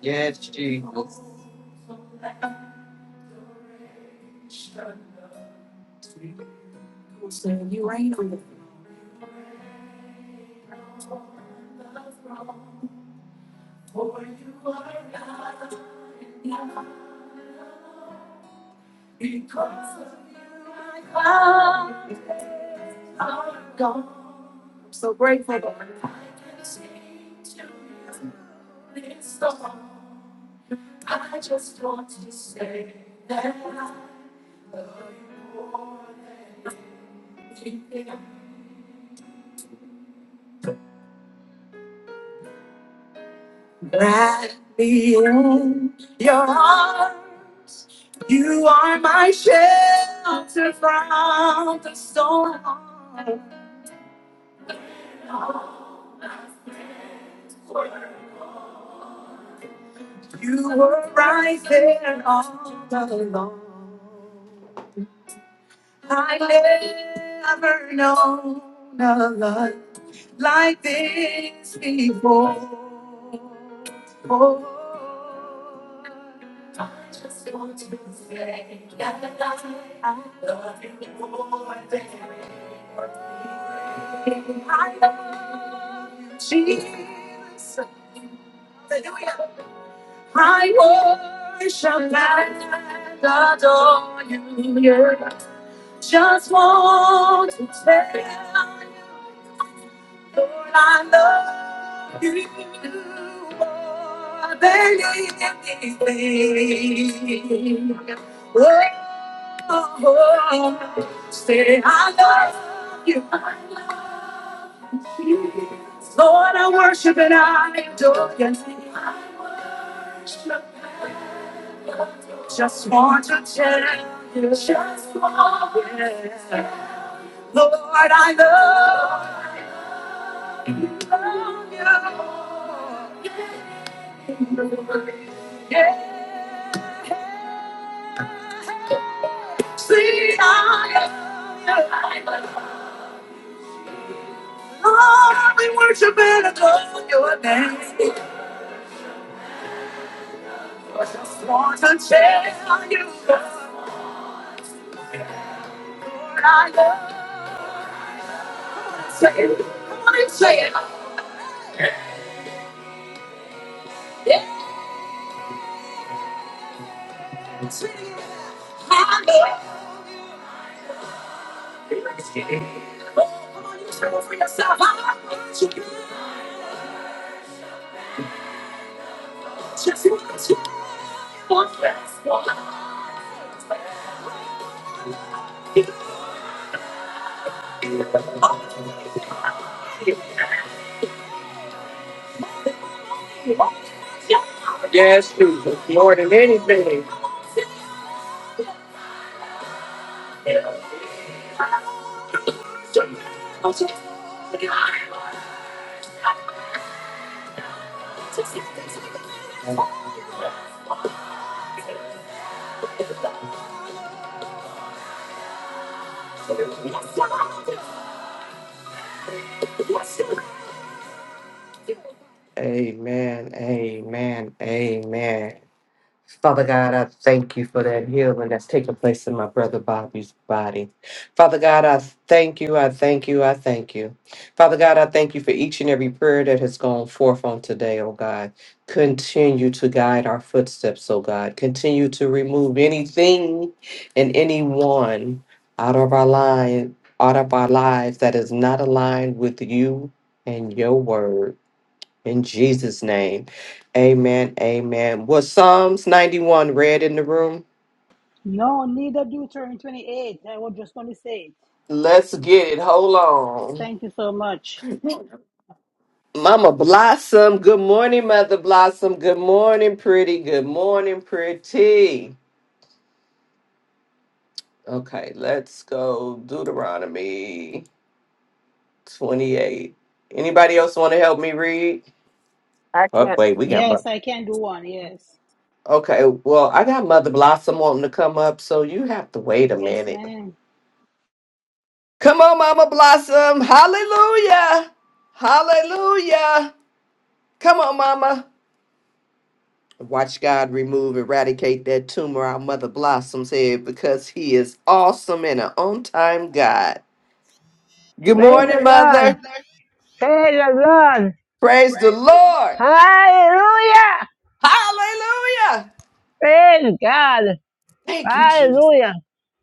Yes, Jesus. Jesus, More than anything. Amen. Amen. Amen. Father God, I thank you for that healing that's taking place in my brother Bobby's body. Father God, I thank you, I thank you, I thank you. Father God, I thank you for each and every prayer that has gone forth on today, oh God. Continue to guide our footsteps, oh God. Continue to remove anything and anyone out of our line, out of our lives that is not aligned with you and your word. In Jesus' name. Amen. Amen. Was Psalms 91 read in the room? No, neither do turn 28. I was just going to say it. Let's get it. Hold on. Thank you so much. Mama Blossom. Good morning, Mother Blossom. Good morning, pretty. Good morning, pretty. Okay, let's go Deuteronomy 28. Anybody else want to help me read? Oh, wait, we got Yes, Mo- I can do one. Yes. Okay, well, I got Mother Blossom wanting to come up, so you have to wait a Yes, minute. ma'am. Come on, Mama Blossom. Hallelujah. Hallelujah. Come on, Mama. Watch God remove, eradicate that tumor our Mother Blossom's head because He is awesome and an on time God. Good Praise the morning, Lord. Mother. Praise the Lord. Praise the Lord. Hallelujah. Hallelujah. Praise God. Thank you, Jesus. Hallelujah.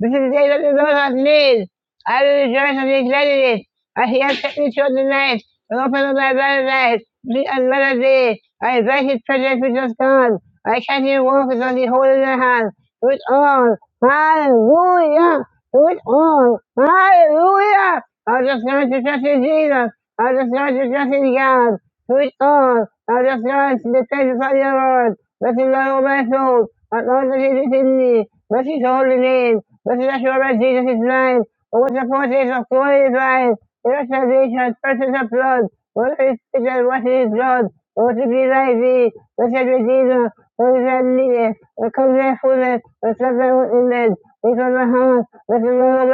This is the day that the Lord has made. I will rejoice and be glad in it. As he has kept me through the night and opened up my blind eyes. This is another day. I invite his presence which is gone. I can't even walk without the holding in the hand. Do it all. Hallelujah. Do it all. Hallelujah. I just learned to trust in Jesus. I just learned to trust in God. Switch on, I just dance the praises of the Lord. Blessed is the Lord, my soul, and all that is within me. Blessed is holy name. Blessed is the Lord, Jesus is mine. Over the forces of glory divine, illustrations, persons of blood, what is it and what is blood, what to be like thee, blessed Redeemer, what is that needed, what comes thy fullness, what comes in wickedness, what comes thy heart, what is the Lord of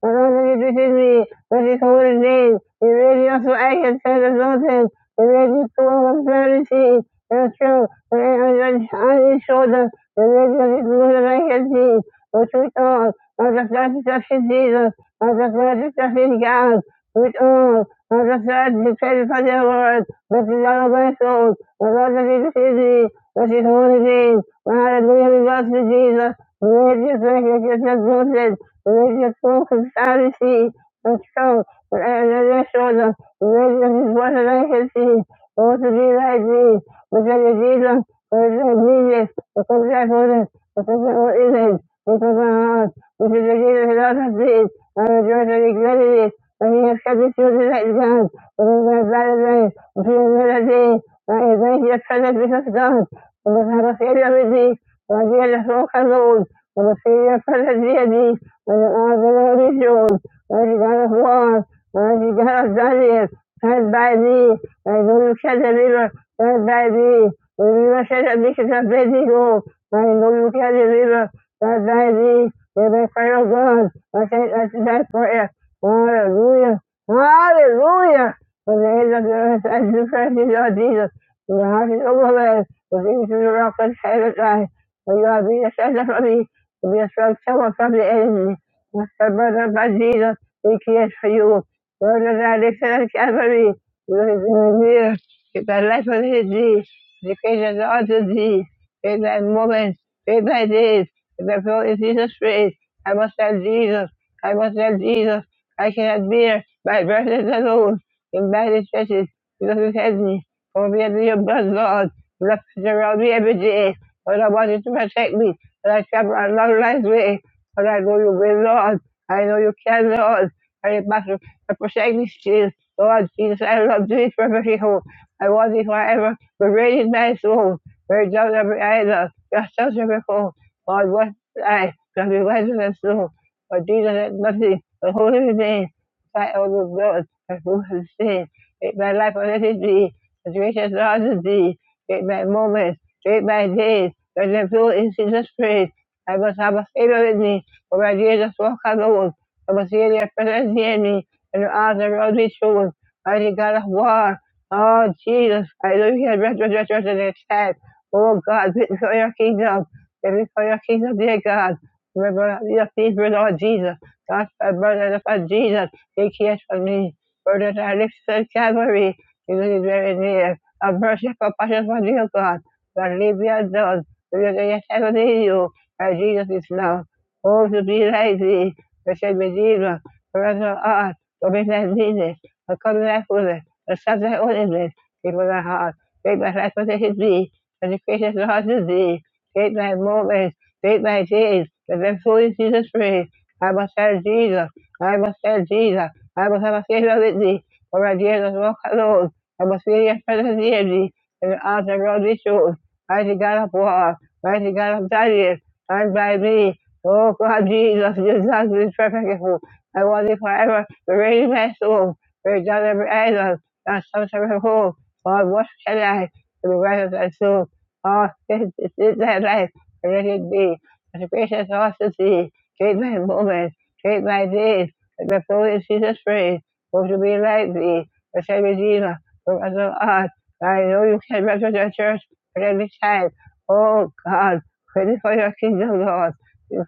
what all that is within me, what is holy name, You made me also I can stand exalted, he made me to all of clarity, and true, and on his shoulder, the lady of his all that I can see which we all of the resurrection Jesus, of the resurrection God, which all of the thread betrayed upon their word, which is all of my soul, the Lord that is thee, which is holy name, and hallelujah belongs to Jesus, religious righteousness exalted, religious folk and Pharisee, and so, and then they saw them, they just wasn't they could see, want to be like me, but then they did them, because they needed, because that wasn't, because they were in it was isn't, because I'm not, because they did a lot of things, and the judge regretted it, and he has kept the children at God, but in their better days, but in another day, and he thank you for the peace of God, and the kind of failure with thee, and the kind of hope and the failure for the deity, and the honor of the Lord is yours is gonna war, where is gonna Daniel, fed by thee, and the Lucas the river, fed by thee, the river said the mission of Bendigo, and the Lucas the river, fed by thee, the backfire of God, I say that's that prayer. Hallelujah, hallelujah, for the end of the earth and the presence of Jesus, in the heart of the woman, the things of the rock and silent eye, for you have been a shelter for me, to be a strong tower from the enemy. My brother, my Jesus. He cares for you. Lord, as I listen on Calvary, with his reveal, with the life of his deeds, the creatures all to thee, in thy moments, in thy days, in the flow of Jesus' praise. I must have Jesus. I must have Jesus. I cannot bear my verses alone in bad stretches because it has me. For me, under your blood, Lord, left around me every day. Lord, I want you to protect me. When I travel a long, life's way, Lord, I know you will, Lord. I know you can, Lord. I matter I forsake me, Jesus. Lord Jesus, I love thee for mercy whole. I want thee forever, but radiant my soul. Where does every eye love, just as every foe. Lord, what I shall be wiser than soul. Lord Jesus, let nothing, but holy remain. Fight all the blood, and move and sin. Make my life a little thee, as gracious Lord as thee. Make my moments, make my days, and them fill in Jesus' praise. I must have a favor with me, for my Jesus walk alone. Basília presentia-me and as a rosary soul, mighty God of war. Oh Jesus, hallelujah, Rest, rest, rest, rest in his attack. Oh God, written for your kingdom, written for your kingdom, dear God. Remember your peace with Lord Jesus. God, my brother, upon Jesus, he cares for me. Brother, I lift the Calvary. You is very near. A mercy and compassion for dear God. God, leave me alone. Because heaven have you. And Jesus is love. Oh, to be like thee. Richard Medina, Lorenzo Art, the Robin Mendes, Montgomery Fuller, the subject ornament, give my heart, take my life possession thee, and the creatures heart to thee, take my moments, take my days, and then fully Jesus praise. I must tell Jesus, I must tell Jesus, I must have a favor with thee, for I dare not walk alone, I must feel your presence near me, and the arms around me shown, mighty God of war, mighty God of Daniel, stand by me, Oh God, Jesus, Jesus is perfect I want it forever. The rain my soul. Break down every idol. Not some sort of hole. God, what shall I for the right of thy soul? Oh, this, this is thy life. Let it be. But the gracious heart to see. Take my moments. Take my days. Let the soul in Jesus praise. Hope to be like thee. The same Redeemer. From us of art. I know you can represent your church at every time. Oh God, pray for your kingdom, Lord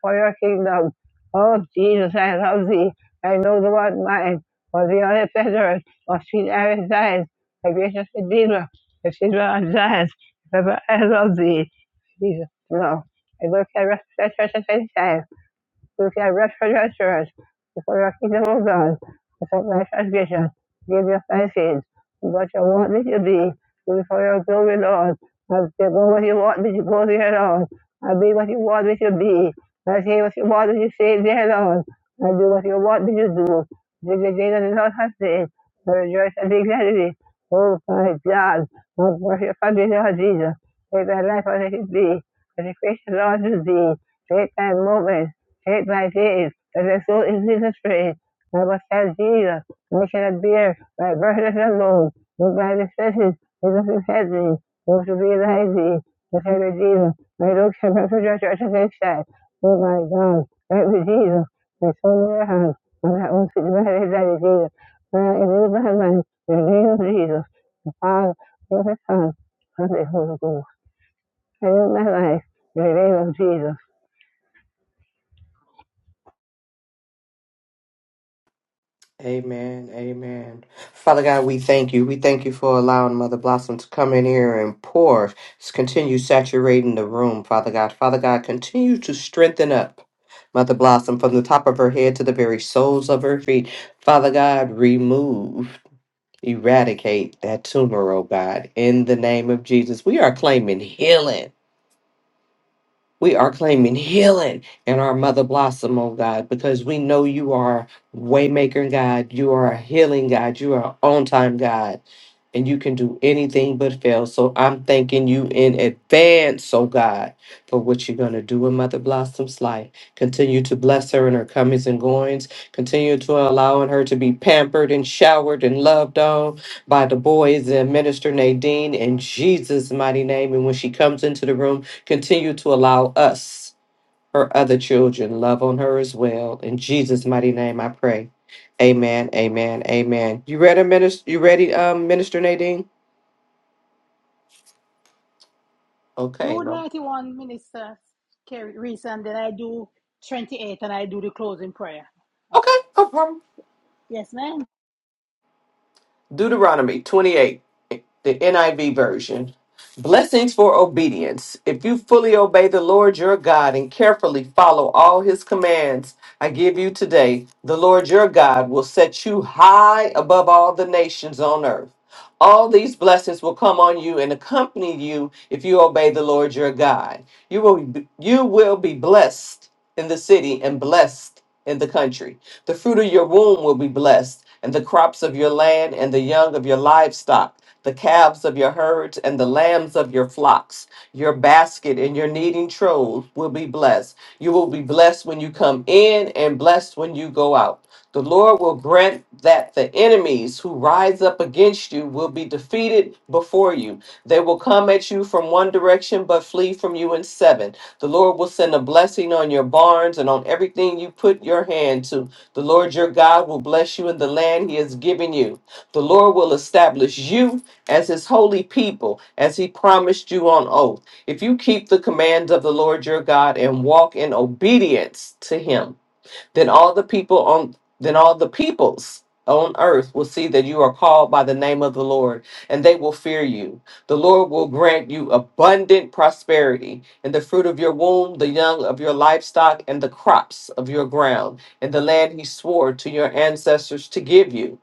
for your kingdom. Oh, Jesus, I love thee. I know the one mine, for the other treasures, for sweet Aaron Zion, my gracious Redeemer, the children on Zion, forever I love thee. Jesus, no. I look at rest, rest, rest, rest, rest, who can represent us before the kingdom of God, before my transgression, give your thanksgiving. What you want me to be, before your glory, Lord. I'll be what you want me to go there, Lord. I'll be what you want me to be. I'll say what you want me to say there, Lord. I'll do what you want me to do. This is the day that the Lord has made. I rejoice and be glad in it. Oh, my God. Oh, worship and be Lord Jesus. Take my life as it should be. As a Christian Lord to thee. Take thy moment. Take my days, and it's so easy to trade. I was have Jesus, making a beer, by burdens alone. With my decisions, it doesn't hurt me. should be lazy, me, the same Jesus. My looks have been projected to the said, Oh my God, right with Jesus, my soul in your hands, and that won't see my head that is Jesus. When I live my life, in the name of Jesus, the Father, and the Son, and the Holy Ghost. I live my life, in the name of Jesus. Amen. Amen. Father God, we thank you. We thank you for allowing Mother Blossom to come in here and pour. Continue saturating the room, Father God. Father God, continue to strengthen up Mother Blossom from the top of her head to the very soles of her feet. Father God, remove. Eradicate that tumor, oh God, in the name of Jesus. We are claiming healing. We are claiming healing in our mother blossom, oh God, because we know you are waymaker God, you are a healing God, you are on time God, and you can do anything but fail. So I'm thanking you in advance, oh God, for what you're gonna do in Mother Blossom's life. Continue to bless her in her comings and goings. Continue to allowing her to be pampered and showered and loved on by the boys and Minister Nadine in Jesus' mighty name. And when she comes into the room. Continue to allow us, her other children, love on her as well. In Jesus' mighty name, I pray. Amen. Amen. Amen. You ready, minister? You ready, um, minister Nadine? Okay. do No. 91 minister carry reason then i do 28 and i do the closing prayer Okay. okay no problem. yes ma'am Deuteronomy 28, the NIV version. Blessings for obedience. If you fully obey the Lord your God and carefully follow all his commands I give you today, the Lord your God will set you high above all the nations on earth. All these blessings will come on you and accompany you if you obey the Lord your God. You will be, you will be blessed in the city and blessed in the country. The fruit of your womb will be blessed, and the crops of your land, and the young of your livestock, the calves of your herds, and the lambs of your flocks. Your basket and your kneading trough will be blessed. You will be blessed when you come in, and blessed when you go out. The Lord will grant that the enemies who rise up against you will be defeated before you. They will come at you from one direction, but flee from you in seven. The Lord will send a blessing on your barns and on everything you put your hand to the Lord your God will bless you in the land he has given you. The Lord will establish you as his holy people, as he promised you on oath. If you keep the commands of the Lord your God and walk in obedience to him, then all the people on then all the peoples on earth will see that you are called by the name of the Lord, and they will fear you. The Lord will grant you abundant prosperity in the fruit of your womb, the young of your livestock, and the crops of your ground, in the land he swore to your ancestors to give you.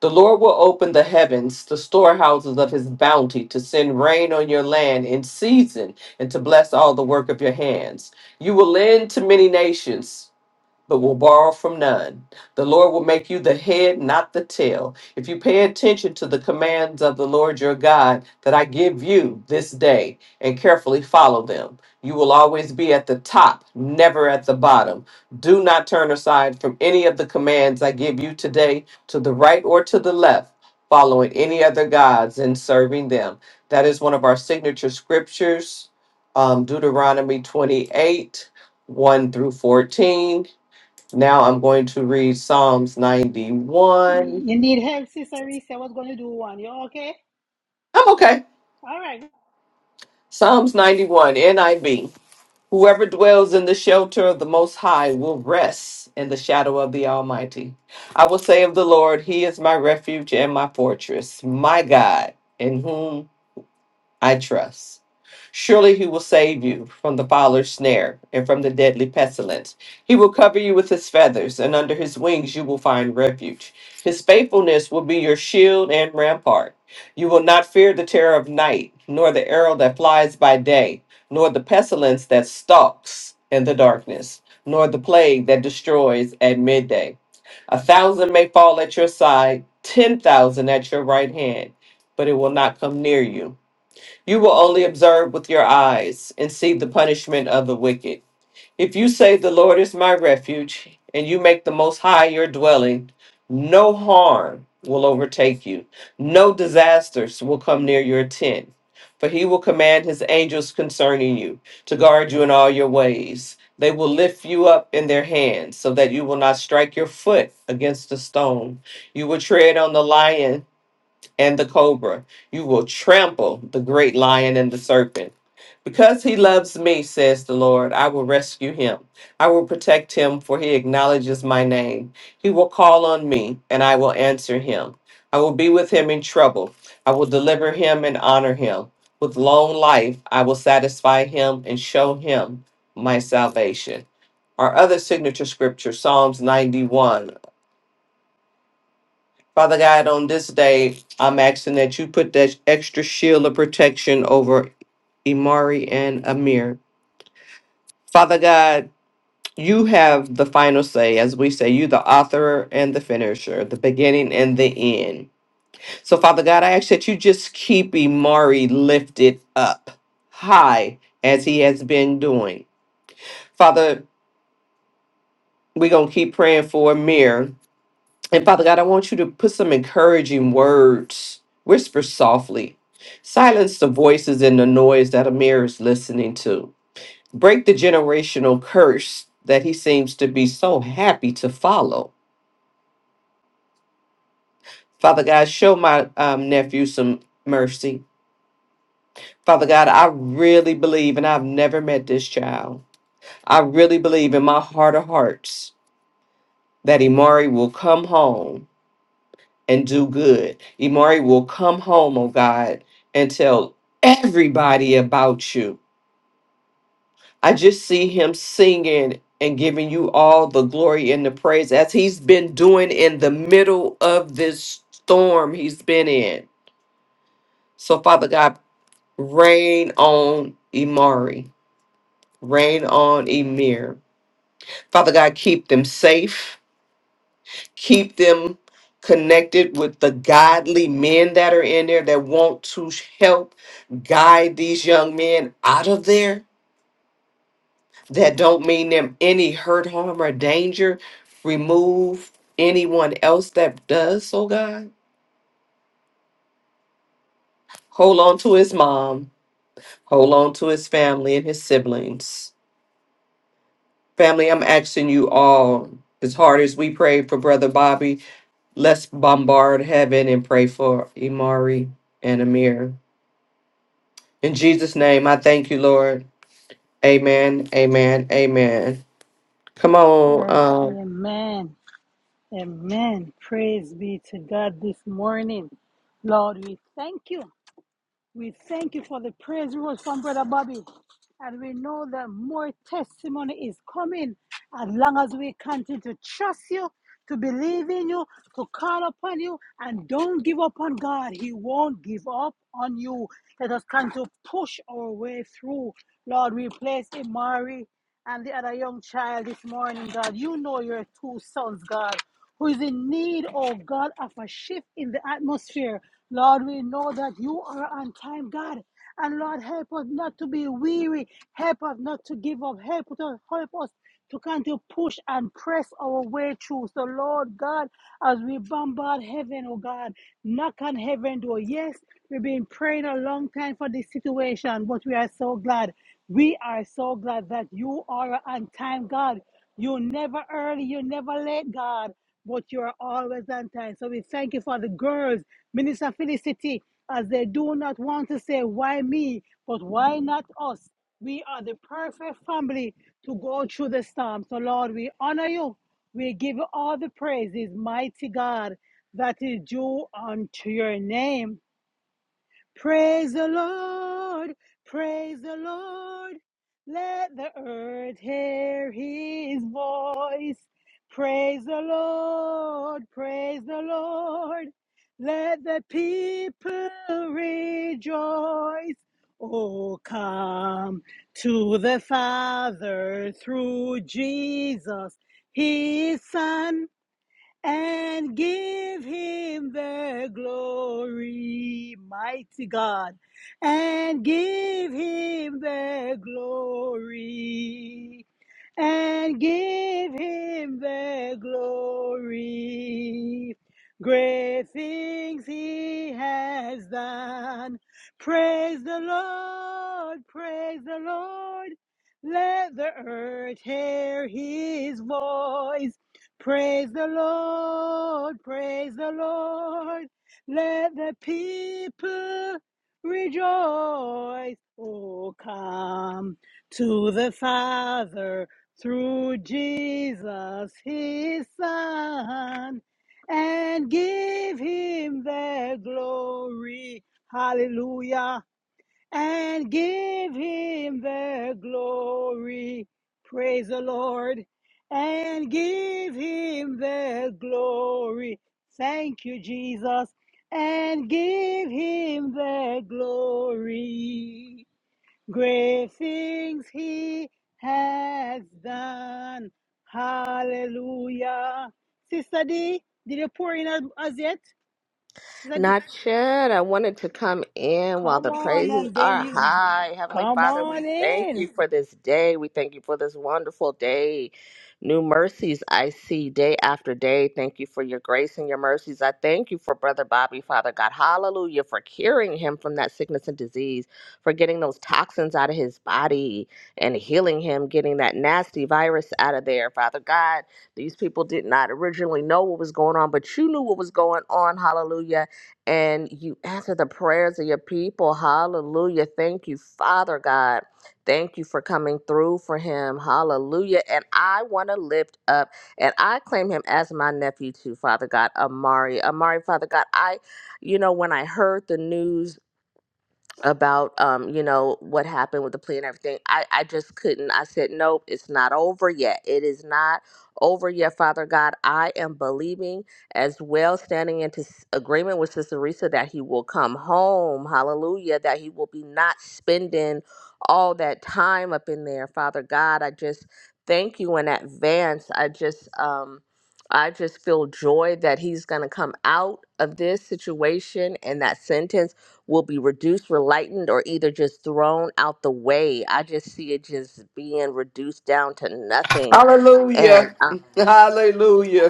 The Lord will open the heavens, the storehouses of his bounty, to send rain on your land in season and to bless all the work of your hands. You will lend to many nations but will borrow from none. The Lord will make you the head, not the tail. If you pay attention to the commands of the Lord your God that I give you this day and carefully follow them, you will always be at the top, never at the bottom. Do not turn aside from any of the commands I give you today to the right or to the left. Following any other gods and serving them. That is one of our signature scriptures, um, Deuteronomy 28 1 through 14 now I'm going to read Psalms 91. you need help sister Risa. i was going to do one you okay I'm okay. all right Psalms 91, NIV. Whoever dwells in the shelter of the Most High will rest in the shadow of the Almighty. I will say of the Lord, He is my refuge and my fortress, my God, in whom I trust. Surely he will save you from the fowler's snare and from the deadly pestilence. He will cover you with his feathers, and under his wings you will find refuge. His faithfulness will be your shield and rampart. You will not fear the terror of night, nor the arrow that flies by day, nor the pestilence that stalks in the darkness, nor the plague that destroys at midday. A thousand may fall at your side, ten thousand at your right hand, but it will not come near you you will only observe with your eyes and see the punishment of the wicked. If you say, The Lord is my refuge, and you make the Most High your dwelling, no harm will overtake you, no disasters will come near your tent. For he will command his angels concerning you to guard you in all your ways. They will lift you up in their hands so that you will not strike your foot against a stone. You will tread on the lion and the cobra. You will trample the great lion and the serpent. Because he loves me, says the Lord, I will rescue him. I will protect him, for he acknowledges my name. He will call on me, and I will answer him. I will be with him in trouble. I will deliver him and honor him. With long life, I will satisfy him and show him my salvation. Our other signature scripture, Psalms 91. Father God, on this day, I'm asking that you put that extra shield of protection over Imari and Amir. Father God, you have the final say. As we say, you the author and the finisher, the beginning and the end. So, Father God, I ask that you just keep Imari lifted up high as he has been doing. Father, we're going to keep praying for Amir And Father God, I want you to put some encouraging words, whisper softly. Silence the voices and the noise that Amir is listening to. Break the generational curse that he seems to be so happy to follow. Father God, show my um, nephew some mercy. Father God, I really believe, and I've never met this child. I really believe in my heart of hearts that Imari will come home and do good. Imari will come home, oh God, and tell everybody about you. I just see him singing and giving you all the glory and the praise as he's been doing in the middle of this storm he's been in. So, Father God, rain on Imari, rain on Emir. Father God, keep them safe. keep them connected with the godly men that are in there that want to help guide these young men out of there that don't mean them any hurt, harm, or danger. Remove anyone else that does, oh God. Hold on to his mom, hold on to his family and his siblings. Family, I'm asking you all, as hard as we prayed for Brother Bobby, let's bombard heaven and pray for Imari and Amir. In Jesus' name, I thank you, Lord. Amen. Amen. Amen. Come on. Uh, Um, amen amen praise be to god this morning lord we thank you We thank you for the praise reports from Brother Bobby. And we know that more testimony is coming as long as we continue to trust you, to believe in you, to call upon you, and don't give up on God. He won't give up on you. Let us continue to push our way through. Lord, we place Imari and the other young child this morning, God. You know your two sons, God who is in need, oh God, of a shift in the atmosphere. Lord, we know that you are on time, God. And Lord, help us not to be weary. Help us not to give up. Help us, help us to continue to push and press our way through. So, Lord God, as we bombard heaven, oh God, knock on heaven door. Yes, we've been praying a long time for this situation, but we are so glad. We are so glad that you are on time, God. You're never early, you're never late, God, but you're always on time. So we thank you for the girls, Minister Felicity, as they do not want to say, why me, but why not us? We are the perfect family to go through the storm. So, Lord, we honor you. We give you all the praises, mighty God, that is due unto your name. Praise the Lord, praise the Lord. Let the earth hear his voice. Praise the Lord, praise the Lord. Let the people rejoice. Oh, come to the Father through Jesus, his Son and give him the glory, mighty God, and give him the glory and give him the glory. Great things he has done. Praise the Lord, praise the Lord. Let the earth hear his voice. Praise the Lord, praise the Lord. Let the people rejoice. Oh, come to the Father through Jesus his son and give him the glory. Hallelujah. And give him the glory. Praise the Lord. And give him the glory. Thank you, Jesus. And give him the glory. Great things he has done. Hallelujah. Sister D, did you pour in as as yet? Sister D, Not yet. I wanted to come in while come the on, praises and then are you high. Heavenly come Father, on we thank in. you for this day. We thank you for this wonderful day. New mercies I see day after day. Thank you for your grace and your mercies. I thank you for Brother Bobby, Father God. Hallelujah. For curing him from that sickness and disease, for getting those toxins out of his body and healing him, getting that nasty virus out of there, Father God. These people did not originally know what was going on, but you knew what was going on. Hallelujah and you answer the prayers of your people. Hallelujah. Thank you, Father God. Thank you for coming through for him. Hallelujah. And I want to lift up and I claim him as my nephew too, Father God, Amari. Amari, Father God, I, you know, when I heard the news about um you know what happened with the plea and everything i i just couldn't i said nope it's not over yet it is not over yet father god i am believing as well standing into s- agreement with sister risa that he will come home hallelujah that he will be not spending all that time up in there father god i just thank you in advance i just um I just feel joy that he's going to come out of this situation and that sentence will be reduced, relightened, or either just thrown out the way. I just see it just being reduced down to nothing. And hallelujah. um, <laughs>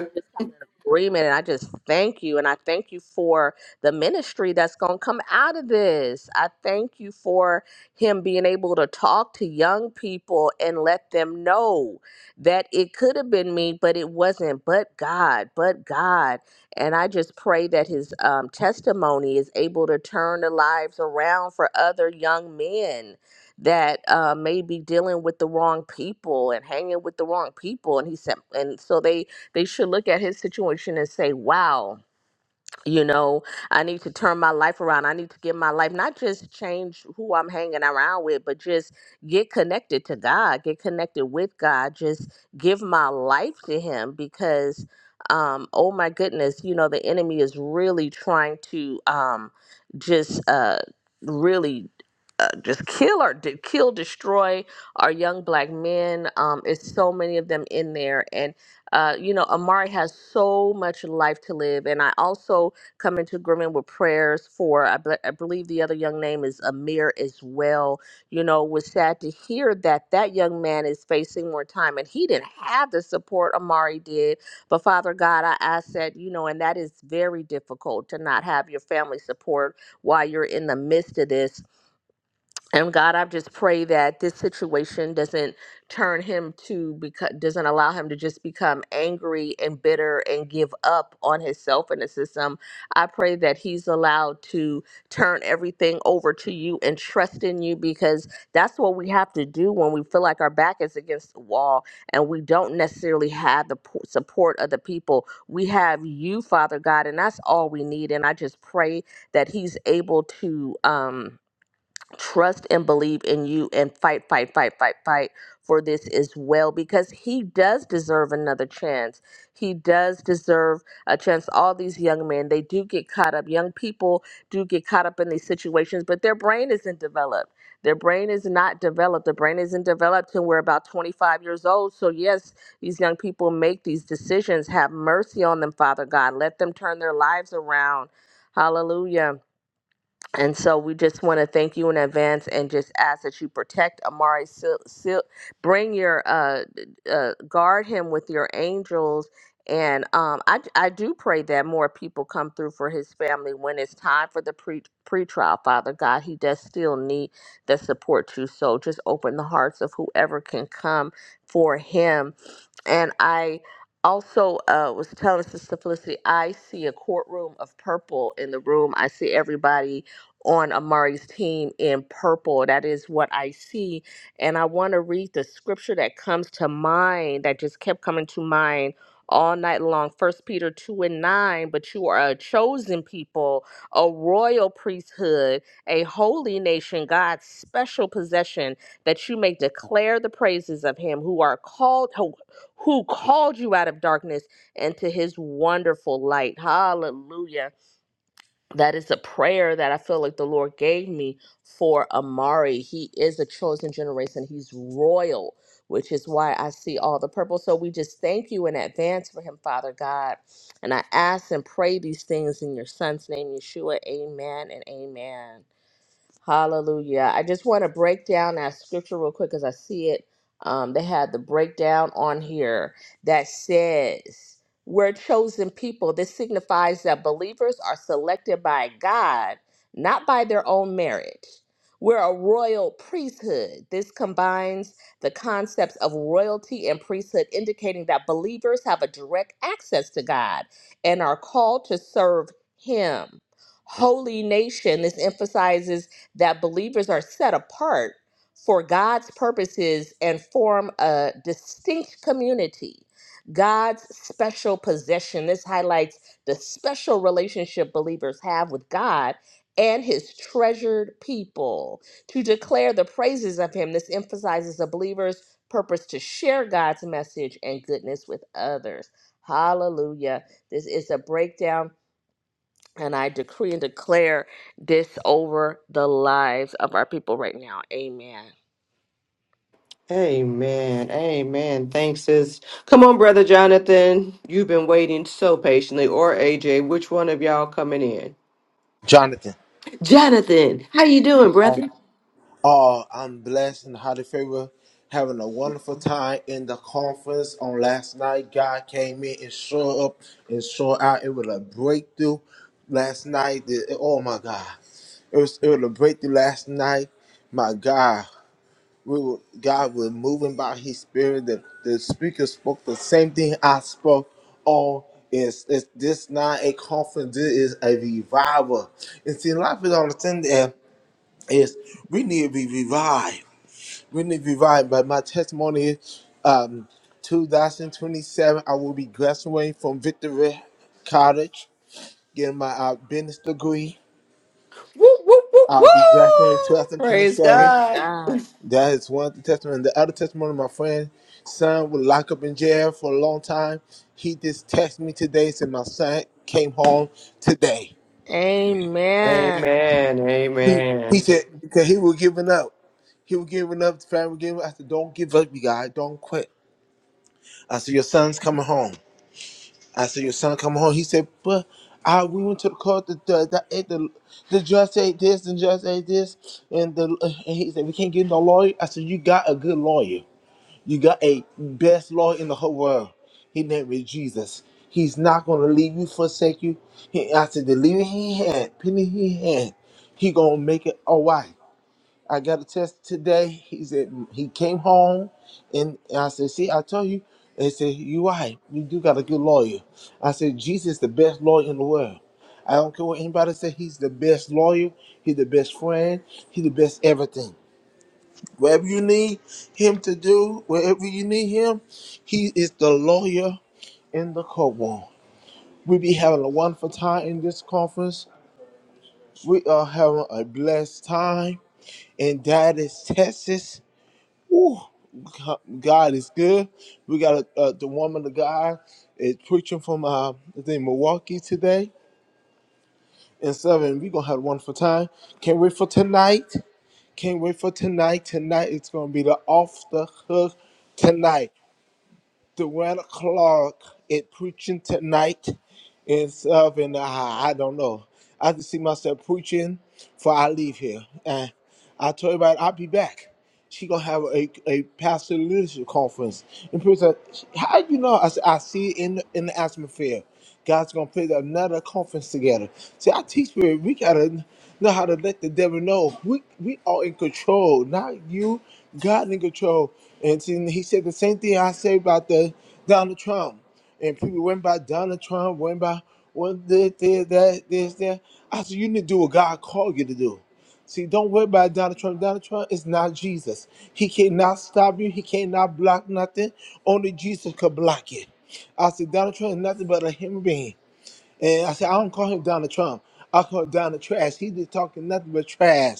I just come in agreement and I just thank you. And I thank you for the ministry that's going to come out of this. I thank you for him being able to talk to young people and let them know that it could have been me, but it wasn't. But God, but God. And I just pray that his um, testimony is able to turn the lives around for other young men that uh, may be dealing with the wrong people and hanging with the wrong people. And he said, and so they they should look at his situation and say, wow, you know i need to turn my life around i need to get my life not just change who i'm hanging around with but just get connected to god get connected with god just give my life to him because um oh my goodness you know the enemy is really trying to um just uh really uh, just kill or de- kill destroy our young black men um it's so many of them in there and uh, you know, Amari has so much life to live. And I also come into agreement with prayers for, I, be- I believe the other young name is Amir as well. You know, was sad to hear that that young man is facing more time and he didn't have the support Amari did. But Father God, I ask that, you know, and that is very difficult to not have your family support while you're in the midst of this and God, I just pray that this situation doesn't turn him to because doesn't allow him to just become angry and bitter and give up on himself and the system. I pray that he's allowed to turn everything over to you and trust in you because that's what we have to do when we feel like our back is against the wall and we don't necessarily have the po- support of the people. We have you, Father God, and that's all we need. And I just pray that he's able to. Um, trust and believe in you and fight, fight, fight, fight, fight for this as well because he does deserve another chance. He does deserve a chance. All these young men, they do get caught up. Young people do get caught up in these situations, but their brain isn't developed. Their brain is not developed. The brain isn't developed till we're about 25 years old. So, yes, these young people make these decisions. Have mercy on them, Father God. Let them turn their lives around. Hallelujah. And so we just want to thank you in advance and just ask that you protect Amari. Seal, seal, bring your, uh, uh, guard him with your angels. And um, I, I do pray that more people come through for his family when it's time for the pre pretrial. Father God, he does still need the support too. So just open the hearts of whoever can come for him. And I also uh, was telling Sister Felicity, I see a courtroom of purple in the room. I see everybody on Amari's team in purple. That is what I see. And I want to read the scripture that comes to mind, that just kept coming to mind all night long. First Peter 2 and 9, but you are a chosen people, a royal priesthood, a holy nation, God's special possession, that you may declare the praises of him who are called who, who called you out of darkness into his wonderful light. Hallelujah that is a prayer that I feel like the Lord gave me for Amari. He is a chosen generation, he's royal, which is why I see all the purple. So we just thank you in advance for him, Father God. And I ask and pray these things in your son's name, Yeshua. Amen and amen. Hallelujah. I just want to break down that scripture real quick as I see it. Um, they had the breakdown on here that says, We're chosen people. This signifies that believers are selected by God, not by their own merit. We're a royal priesthood. This combines the concepts of royalty and priesthood, indicating that believers have a direct access to God and are called to serve Him holy nation. This emphasizes that believers are set apart for God's purposes and form a distinct community, God's special possession. This highlights the special relationship believers have with God and his treasured people to declare the praises of him. This emphasizes a believer's purpose to share God's message and goodness with others. Hallelujah. This is a breakdown and I decree and declare this over the lives of our people right now. Amen. Amen. Amen. Thanks, sis. Come on, Brother Jonathan. You've been waiting so patiently. Or AJ, which one of y'all coming in? Jonathan. Jonathan, how you doing, brother? Oh, I'm blessed and highly favored, having a wonderful time in the conference on last night. God came in and showed up and showed out. It was a breakthrough last night. The- Oh my God, it was it was a breakthrough last night. My God, we were, God was moving by His Spirit. The, the speaker spoke the same thing I spoke Oh, It's, it's this not a conference. This is a revival. And see, a lot of people don't understand that is we need to be revived. We need to right, but my testimony is um, 2027, I will be graduating from Victory College, getting my uh, business degree. Woo, woo, woo, I'll be graduating woo. Praise 2027. Praise God. God. That is one of the testimony. The other testimony, my friend, son was locked up in jail for a long time. He just texted me today, and said my son came home today. Amen. Amen. He, he Amen. said, because he was giving up. He was giving up, the family was giving up. I said, don't give up, you guys. Don't quit. I said, your son's coming home. I said, Your son come home. He said, But I we went to the court. The the the, eh, the, the judge said this and judge said this, and the and he said we can't get no lawyer. I said, You got a good lawyer. You got a best lawyer in the whole world. His name is Jesus. He's not gonna leave you, forsake you. He, I said, the leader he had, penny he had, he gonna make it all right. I got a test today. He said he came home, and I said, "See, I told you." They said, "You right. You do got a good lawyer." I said, "Jesus is the best lawyer in the world. I don't care what anybody say. He's the best lawyer. He's the best friend. He's the best everything. Whatever you need him to do, wherever you need him, he is the lawyer in the courtroom." We be having a wonderful time in this conference. We are having a blessed time in Dallas, Texas Ooh, God is good. We got uh, the woman, the guy is preaching from uh, I think Milwaukee today and seven. We're going to have a wonderful time. Can't wait for tonight. Can't wait for tonight. Tonight it's going to be the off the hook tonight. Durant Clark is preaching tonight and seven. I, I don't know. I can see myself preaching before I leave here. And I told everybody I'll be back she gonna have a, a pastor leadership conference. And people said, how you know? I said, I see it in the, in the atmosphere. God's gonna put another conference together. See, I teach people we gotta know how to let the devil know we we are in control, not you. God in control. And see, he said the same thing I said about the Donald Trump. And people went by Donald Trump, went by one this, this, that, this, that. I said, you need to do what God called you to do. See, don't worry about Donald Trump. Donald Trump is not Jesus. He cannot stop you. He cannot block nothing. Only Jesus could block it. I said, Donald Trump is nothing but a human being. And I said, I don't call him Donald Trump. I call him Donald Trash. He be talking nothing but trash.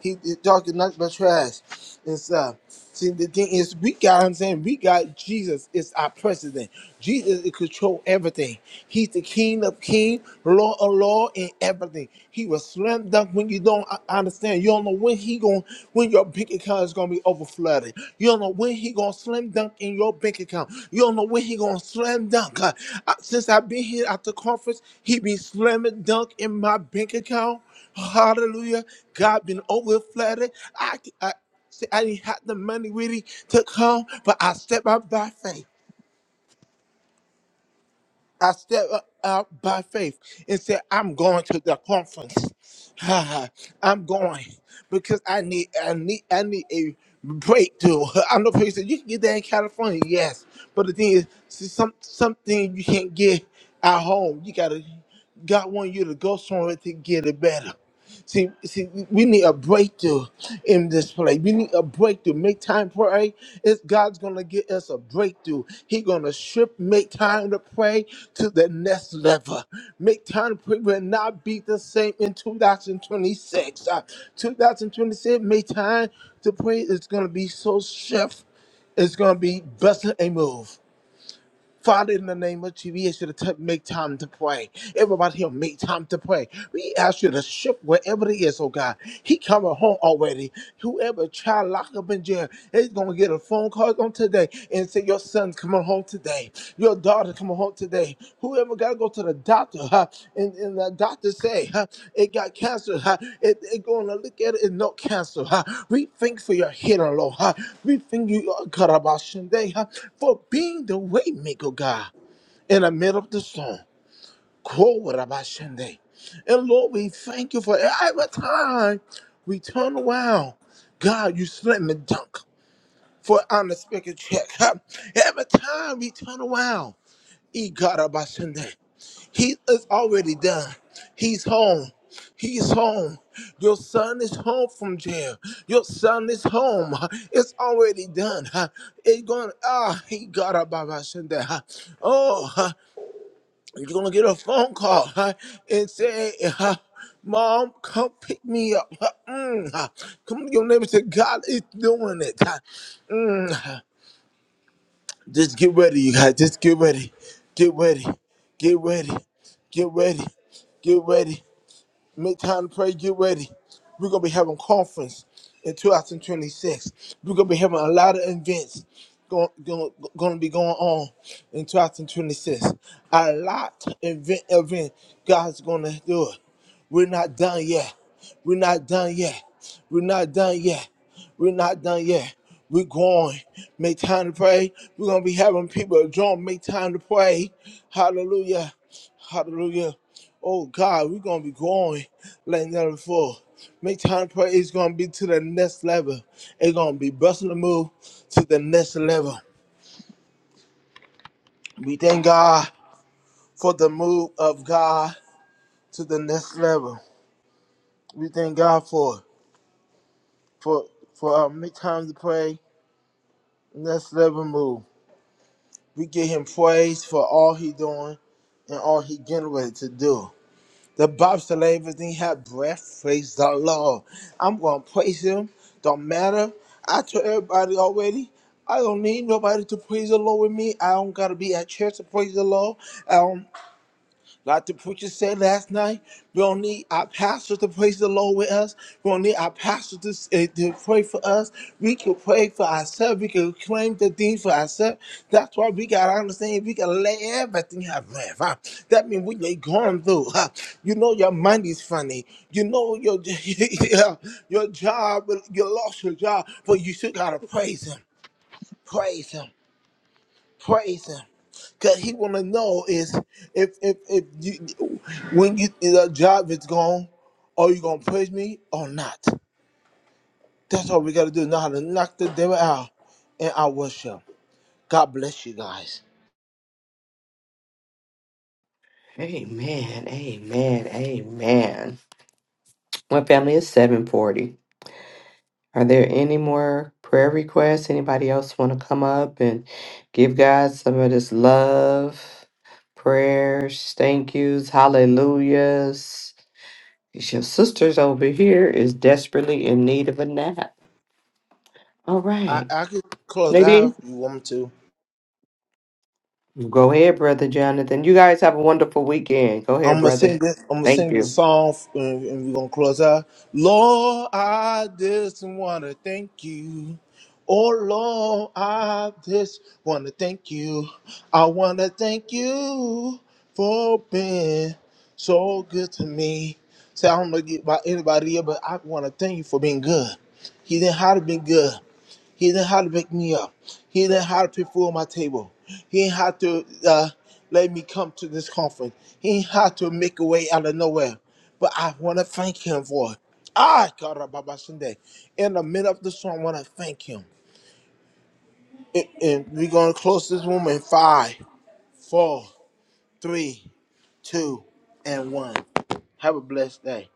He be talking nothing but trash and stuff. See, the thing is, we got, I'm saying, we got Jesus is our president. Jesus is control everything. He's the king of king, Lord of law, and everything. He was slam dunk when you don't uh, understand. You don't know when he he going when your bank account is gonna be over flooded. You don't know when he gonna slam dunk in your bank account. You don't know when he gonna slam dunk. Uh, I- since I've been here at the conference, he be slamming dunk in my bank account. Hallelujah. God been over flooded. I, I See, I didn't have the money really to come, but I stepped out by faith. I step out by faith and said, I'm going to the conference. <sighs> <laughs> I'm going because I need I need I need a breakthrough. <laughs> I'm the person you can get that in California, yes. But the thing is see, some something you can't get at home. You gotta God want you to go somewhere to get it better. See, see, we need a breakthrough in this place. We need a breakthrough. Make time to pray. It's God's gonna get us a breakthrough. He gonna shift. Make time to pray to the next level. Make time to pray will not be the same in 2026. Uh, 2026, make time to pray is gonna be so shift. It's gonna be busting a move. Father, in the name of Jesus, we ask you to t- make time to pray. Everybody here, make time to pray. We ask you to shift wherever it is, oh God. He coming home already. Whoever child locked up in jail, he's going to get a phone call on today and say, your son's coming home today daughter come home today. Whoever got to go to the doctor, huh, and, and the doctor say huh, it got cancer, huh, it, it going to look at it and no cancer. Huh. We thank for your healing, Lord. Huh. We thank you, uh, Karabashinde, huh, for being the way maker, God, in the middle of the storm. Korabashinde. And Lord, we thank you for every time we turn around. God, you slam me dunk for unexpected check. Huh. Every time we turn around. Ikarabashande. He is already done. He's home. He's home. Your son is home from jail. Your son is home. It's already done. It's going. Ah, he got a baba. Oh, you're gonna get a phone call and say, "Mom, come pick me up." Mm. Come to your neighbor. Say, "God is doing it." Mm. Just get ready, you guys. Just get ready. Get ready. Get ready. Get ready. Get ready. Make time to pray. Get ready. We're gonna be having conference in 2026. We're gonna be having a lot of events going going, going to be going on in 2026. A lot of event event. God's gonna do it. We're not done yet. We're not done yet. We're not done yet. We're not done yet. We're going. Make time to pray. We're gonna be having people join. Make time to pray. Hallelujah. Hallelujah. Oh God, we're gonna be growing like never before. Make time to pray is gonna be to the next level. It's gonna be busting the move to the next level. We thank God for the move of God to the next level. We thank God for for for our make time to pray next level move. We give Him praise for all He doing and all He getting ready to do. The Bible said let everything have breath, praise the Lord. I'm gonna praise him. Don't matter. I told everybody already. I don't need nobody to praise the Lord with me. I don't gotta be at church to praise the Lord. Like the preacher said last night, we don't need our pastor to praise the Lord with us. We don't need our pastor to, eh, to pray for us. We can pray for ourselves. We can claim the things for ourselves. That's why we got to understand we got to let everything have breath. huh? That means we ain't are going through, huh, you know your mind is funny. You know your, <laughs> yeah, your job, you lost your job, but you still got to praise Him. Praise Him praise him because he want to know is if if if you when you the job is gone are you gonna praise me or not that's all we gotta do know how to knock the devil out in our worship god bless you guys Amen. Amen. Amen. My family is 740. Are there any more prayer requests? Anybody else want to come up and give God some of this love, prayers, thank yous, hallelujahs? Your sisters over here is desperately in need of a nap. All i right. i can close out Nadine? if you want me to Go ahead, Brother Jonathan. You guys have a wonderful weekend. Go ahead, I'm gonna sing brother. this. I'm gonna Thank sing you. this song, and, and we're gonna close out. Lord, I just wanna thank you. Oh Lord, I just wanna thank you. I wanna thank you for being so good to me. So I don't know about anybody here, but I wanna thank you for being good. He didn't have to be good. He didn't have to pick me up. He didn't have to put my table. He didn't have to uh, let me come to this conference. He didn't have to make a way out of nowhere. But I want to thank him for it. Ah, God, Baba Sunday. In the middle of the song, I want to thank him. And and we're going to close this room in five, four, three, two, and one. Have a blessed day.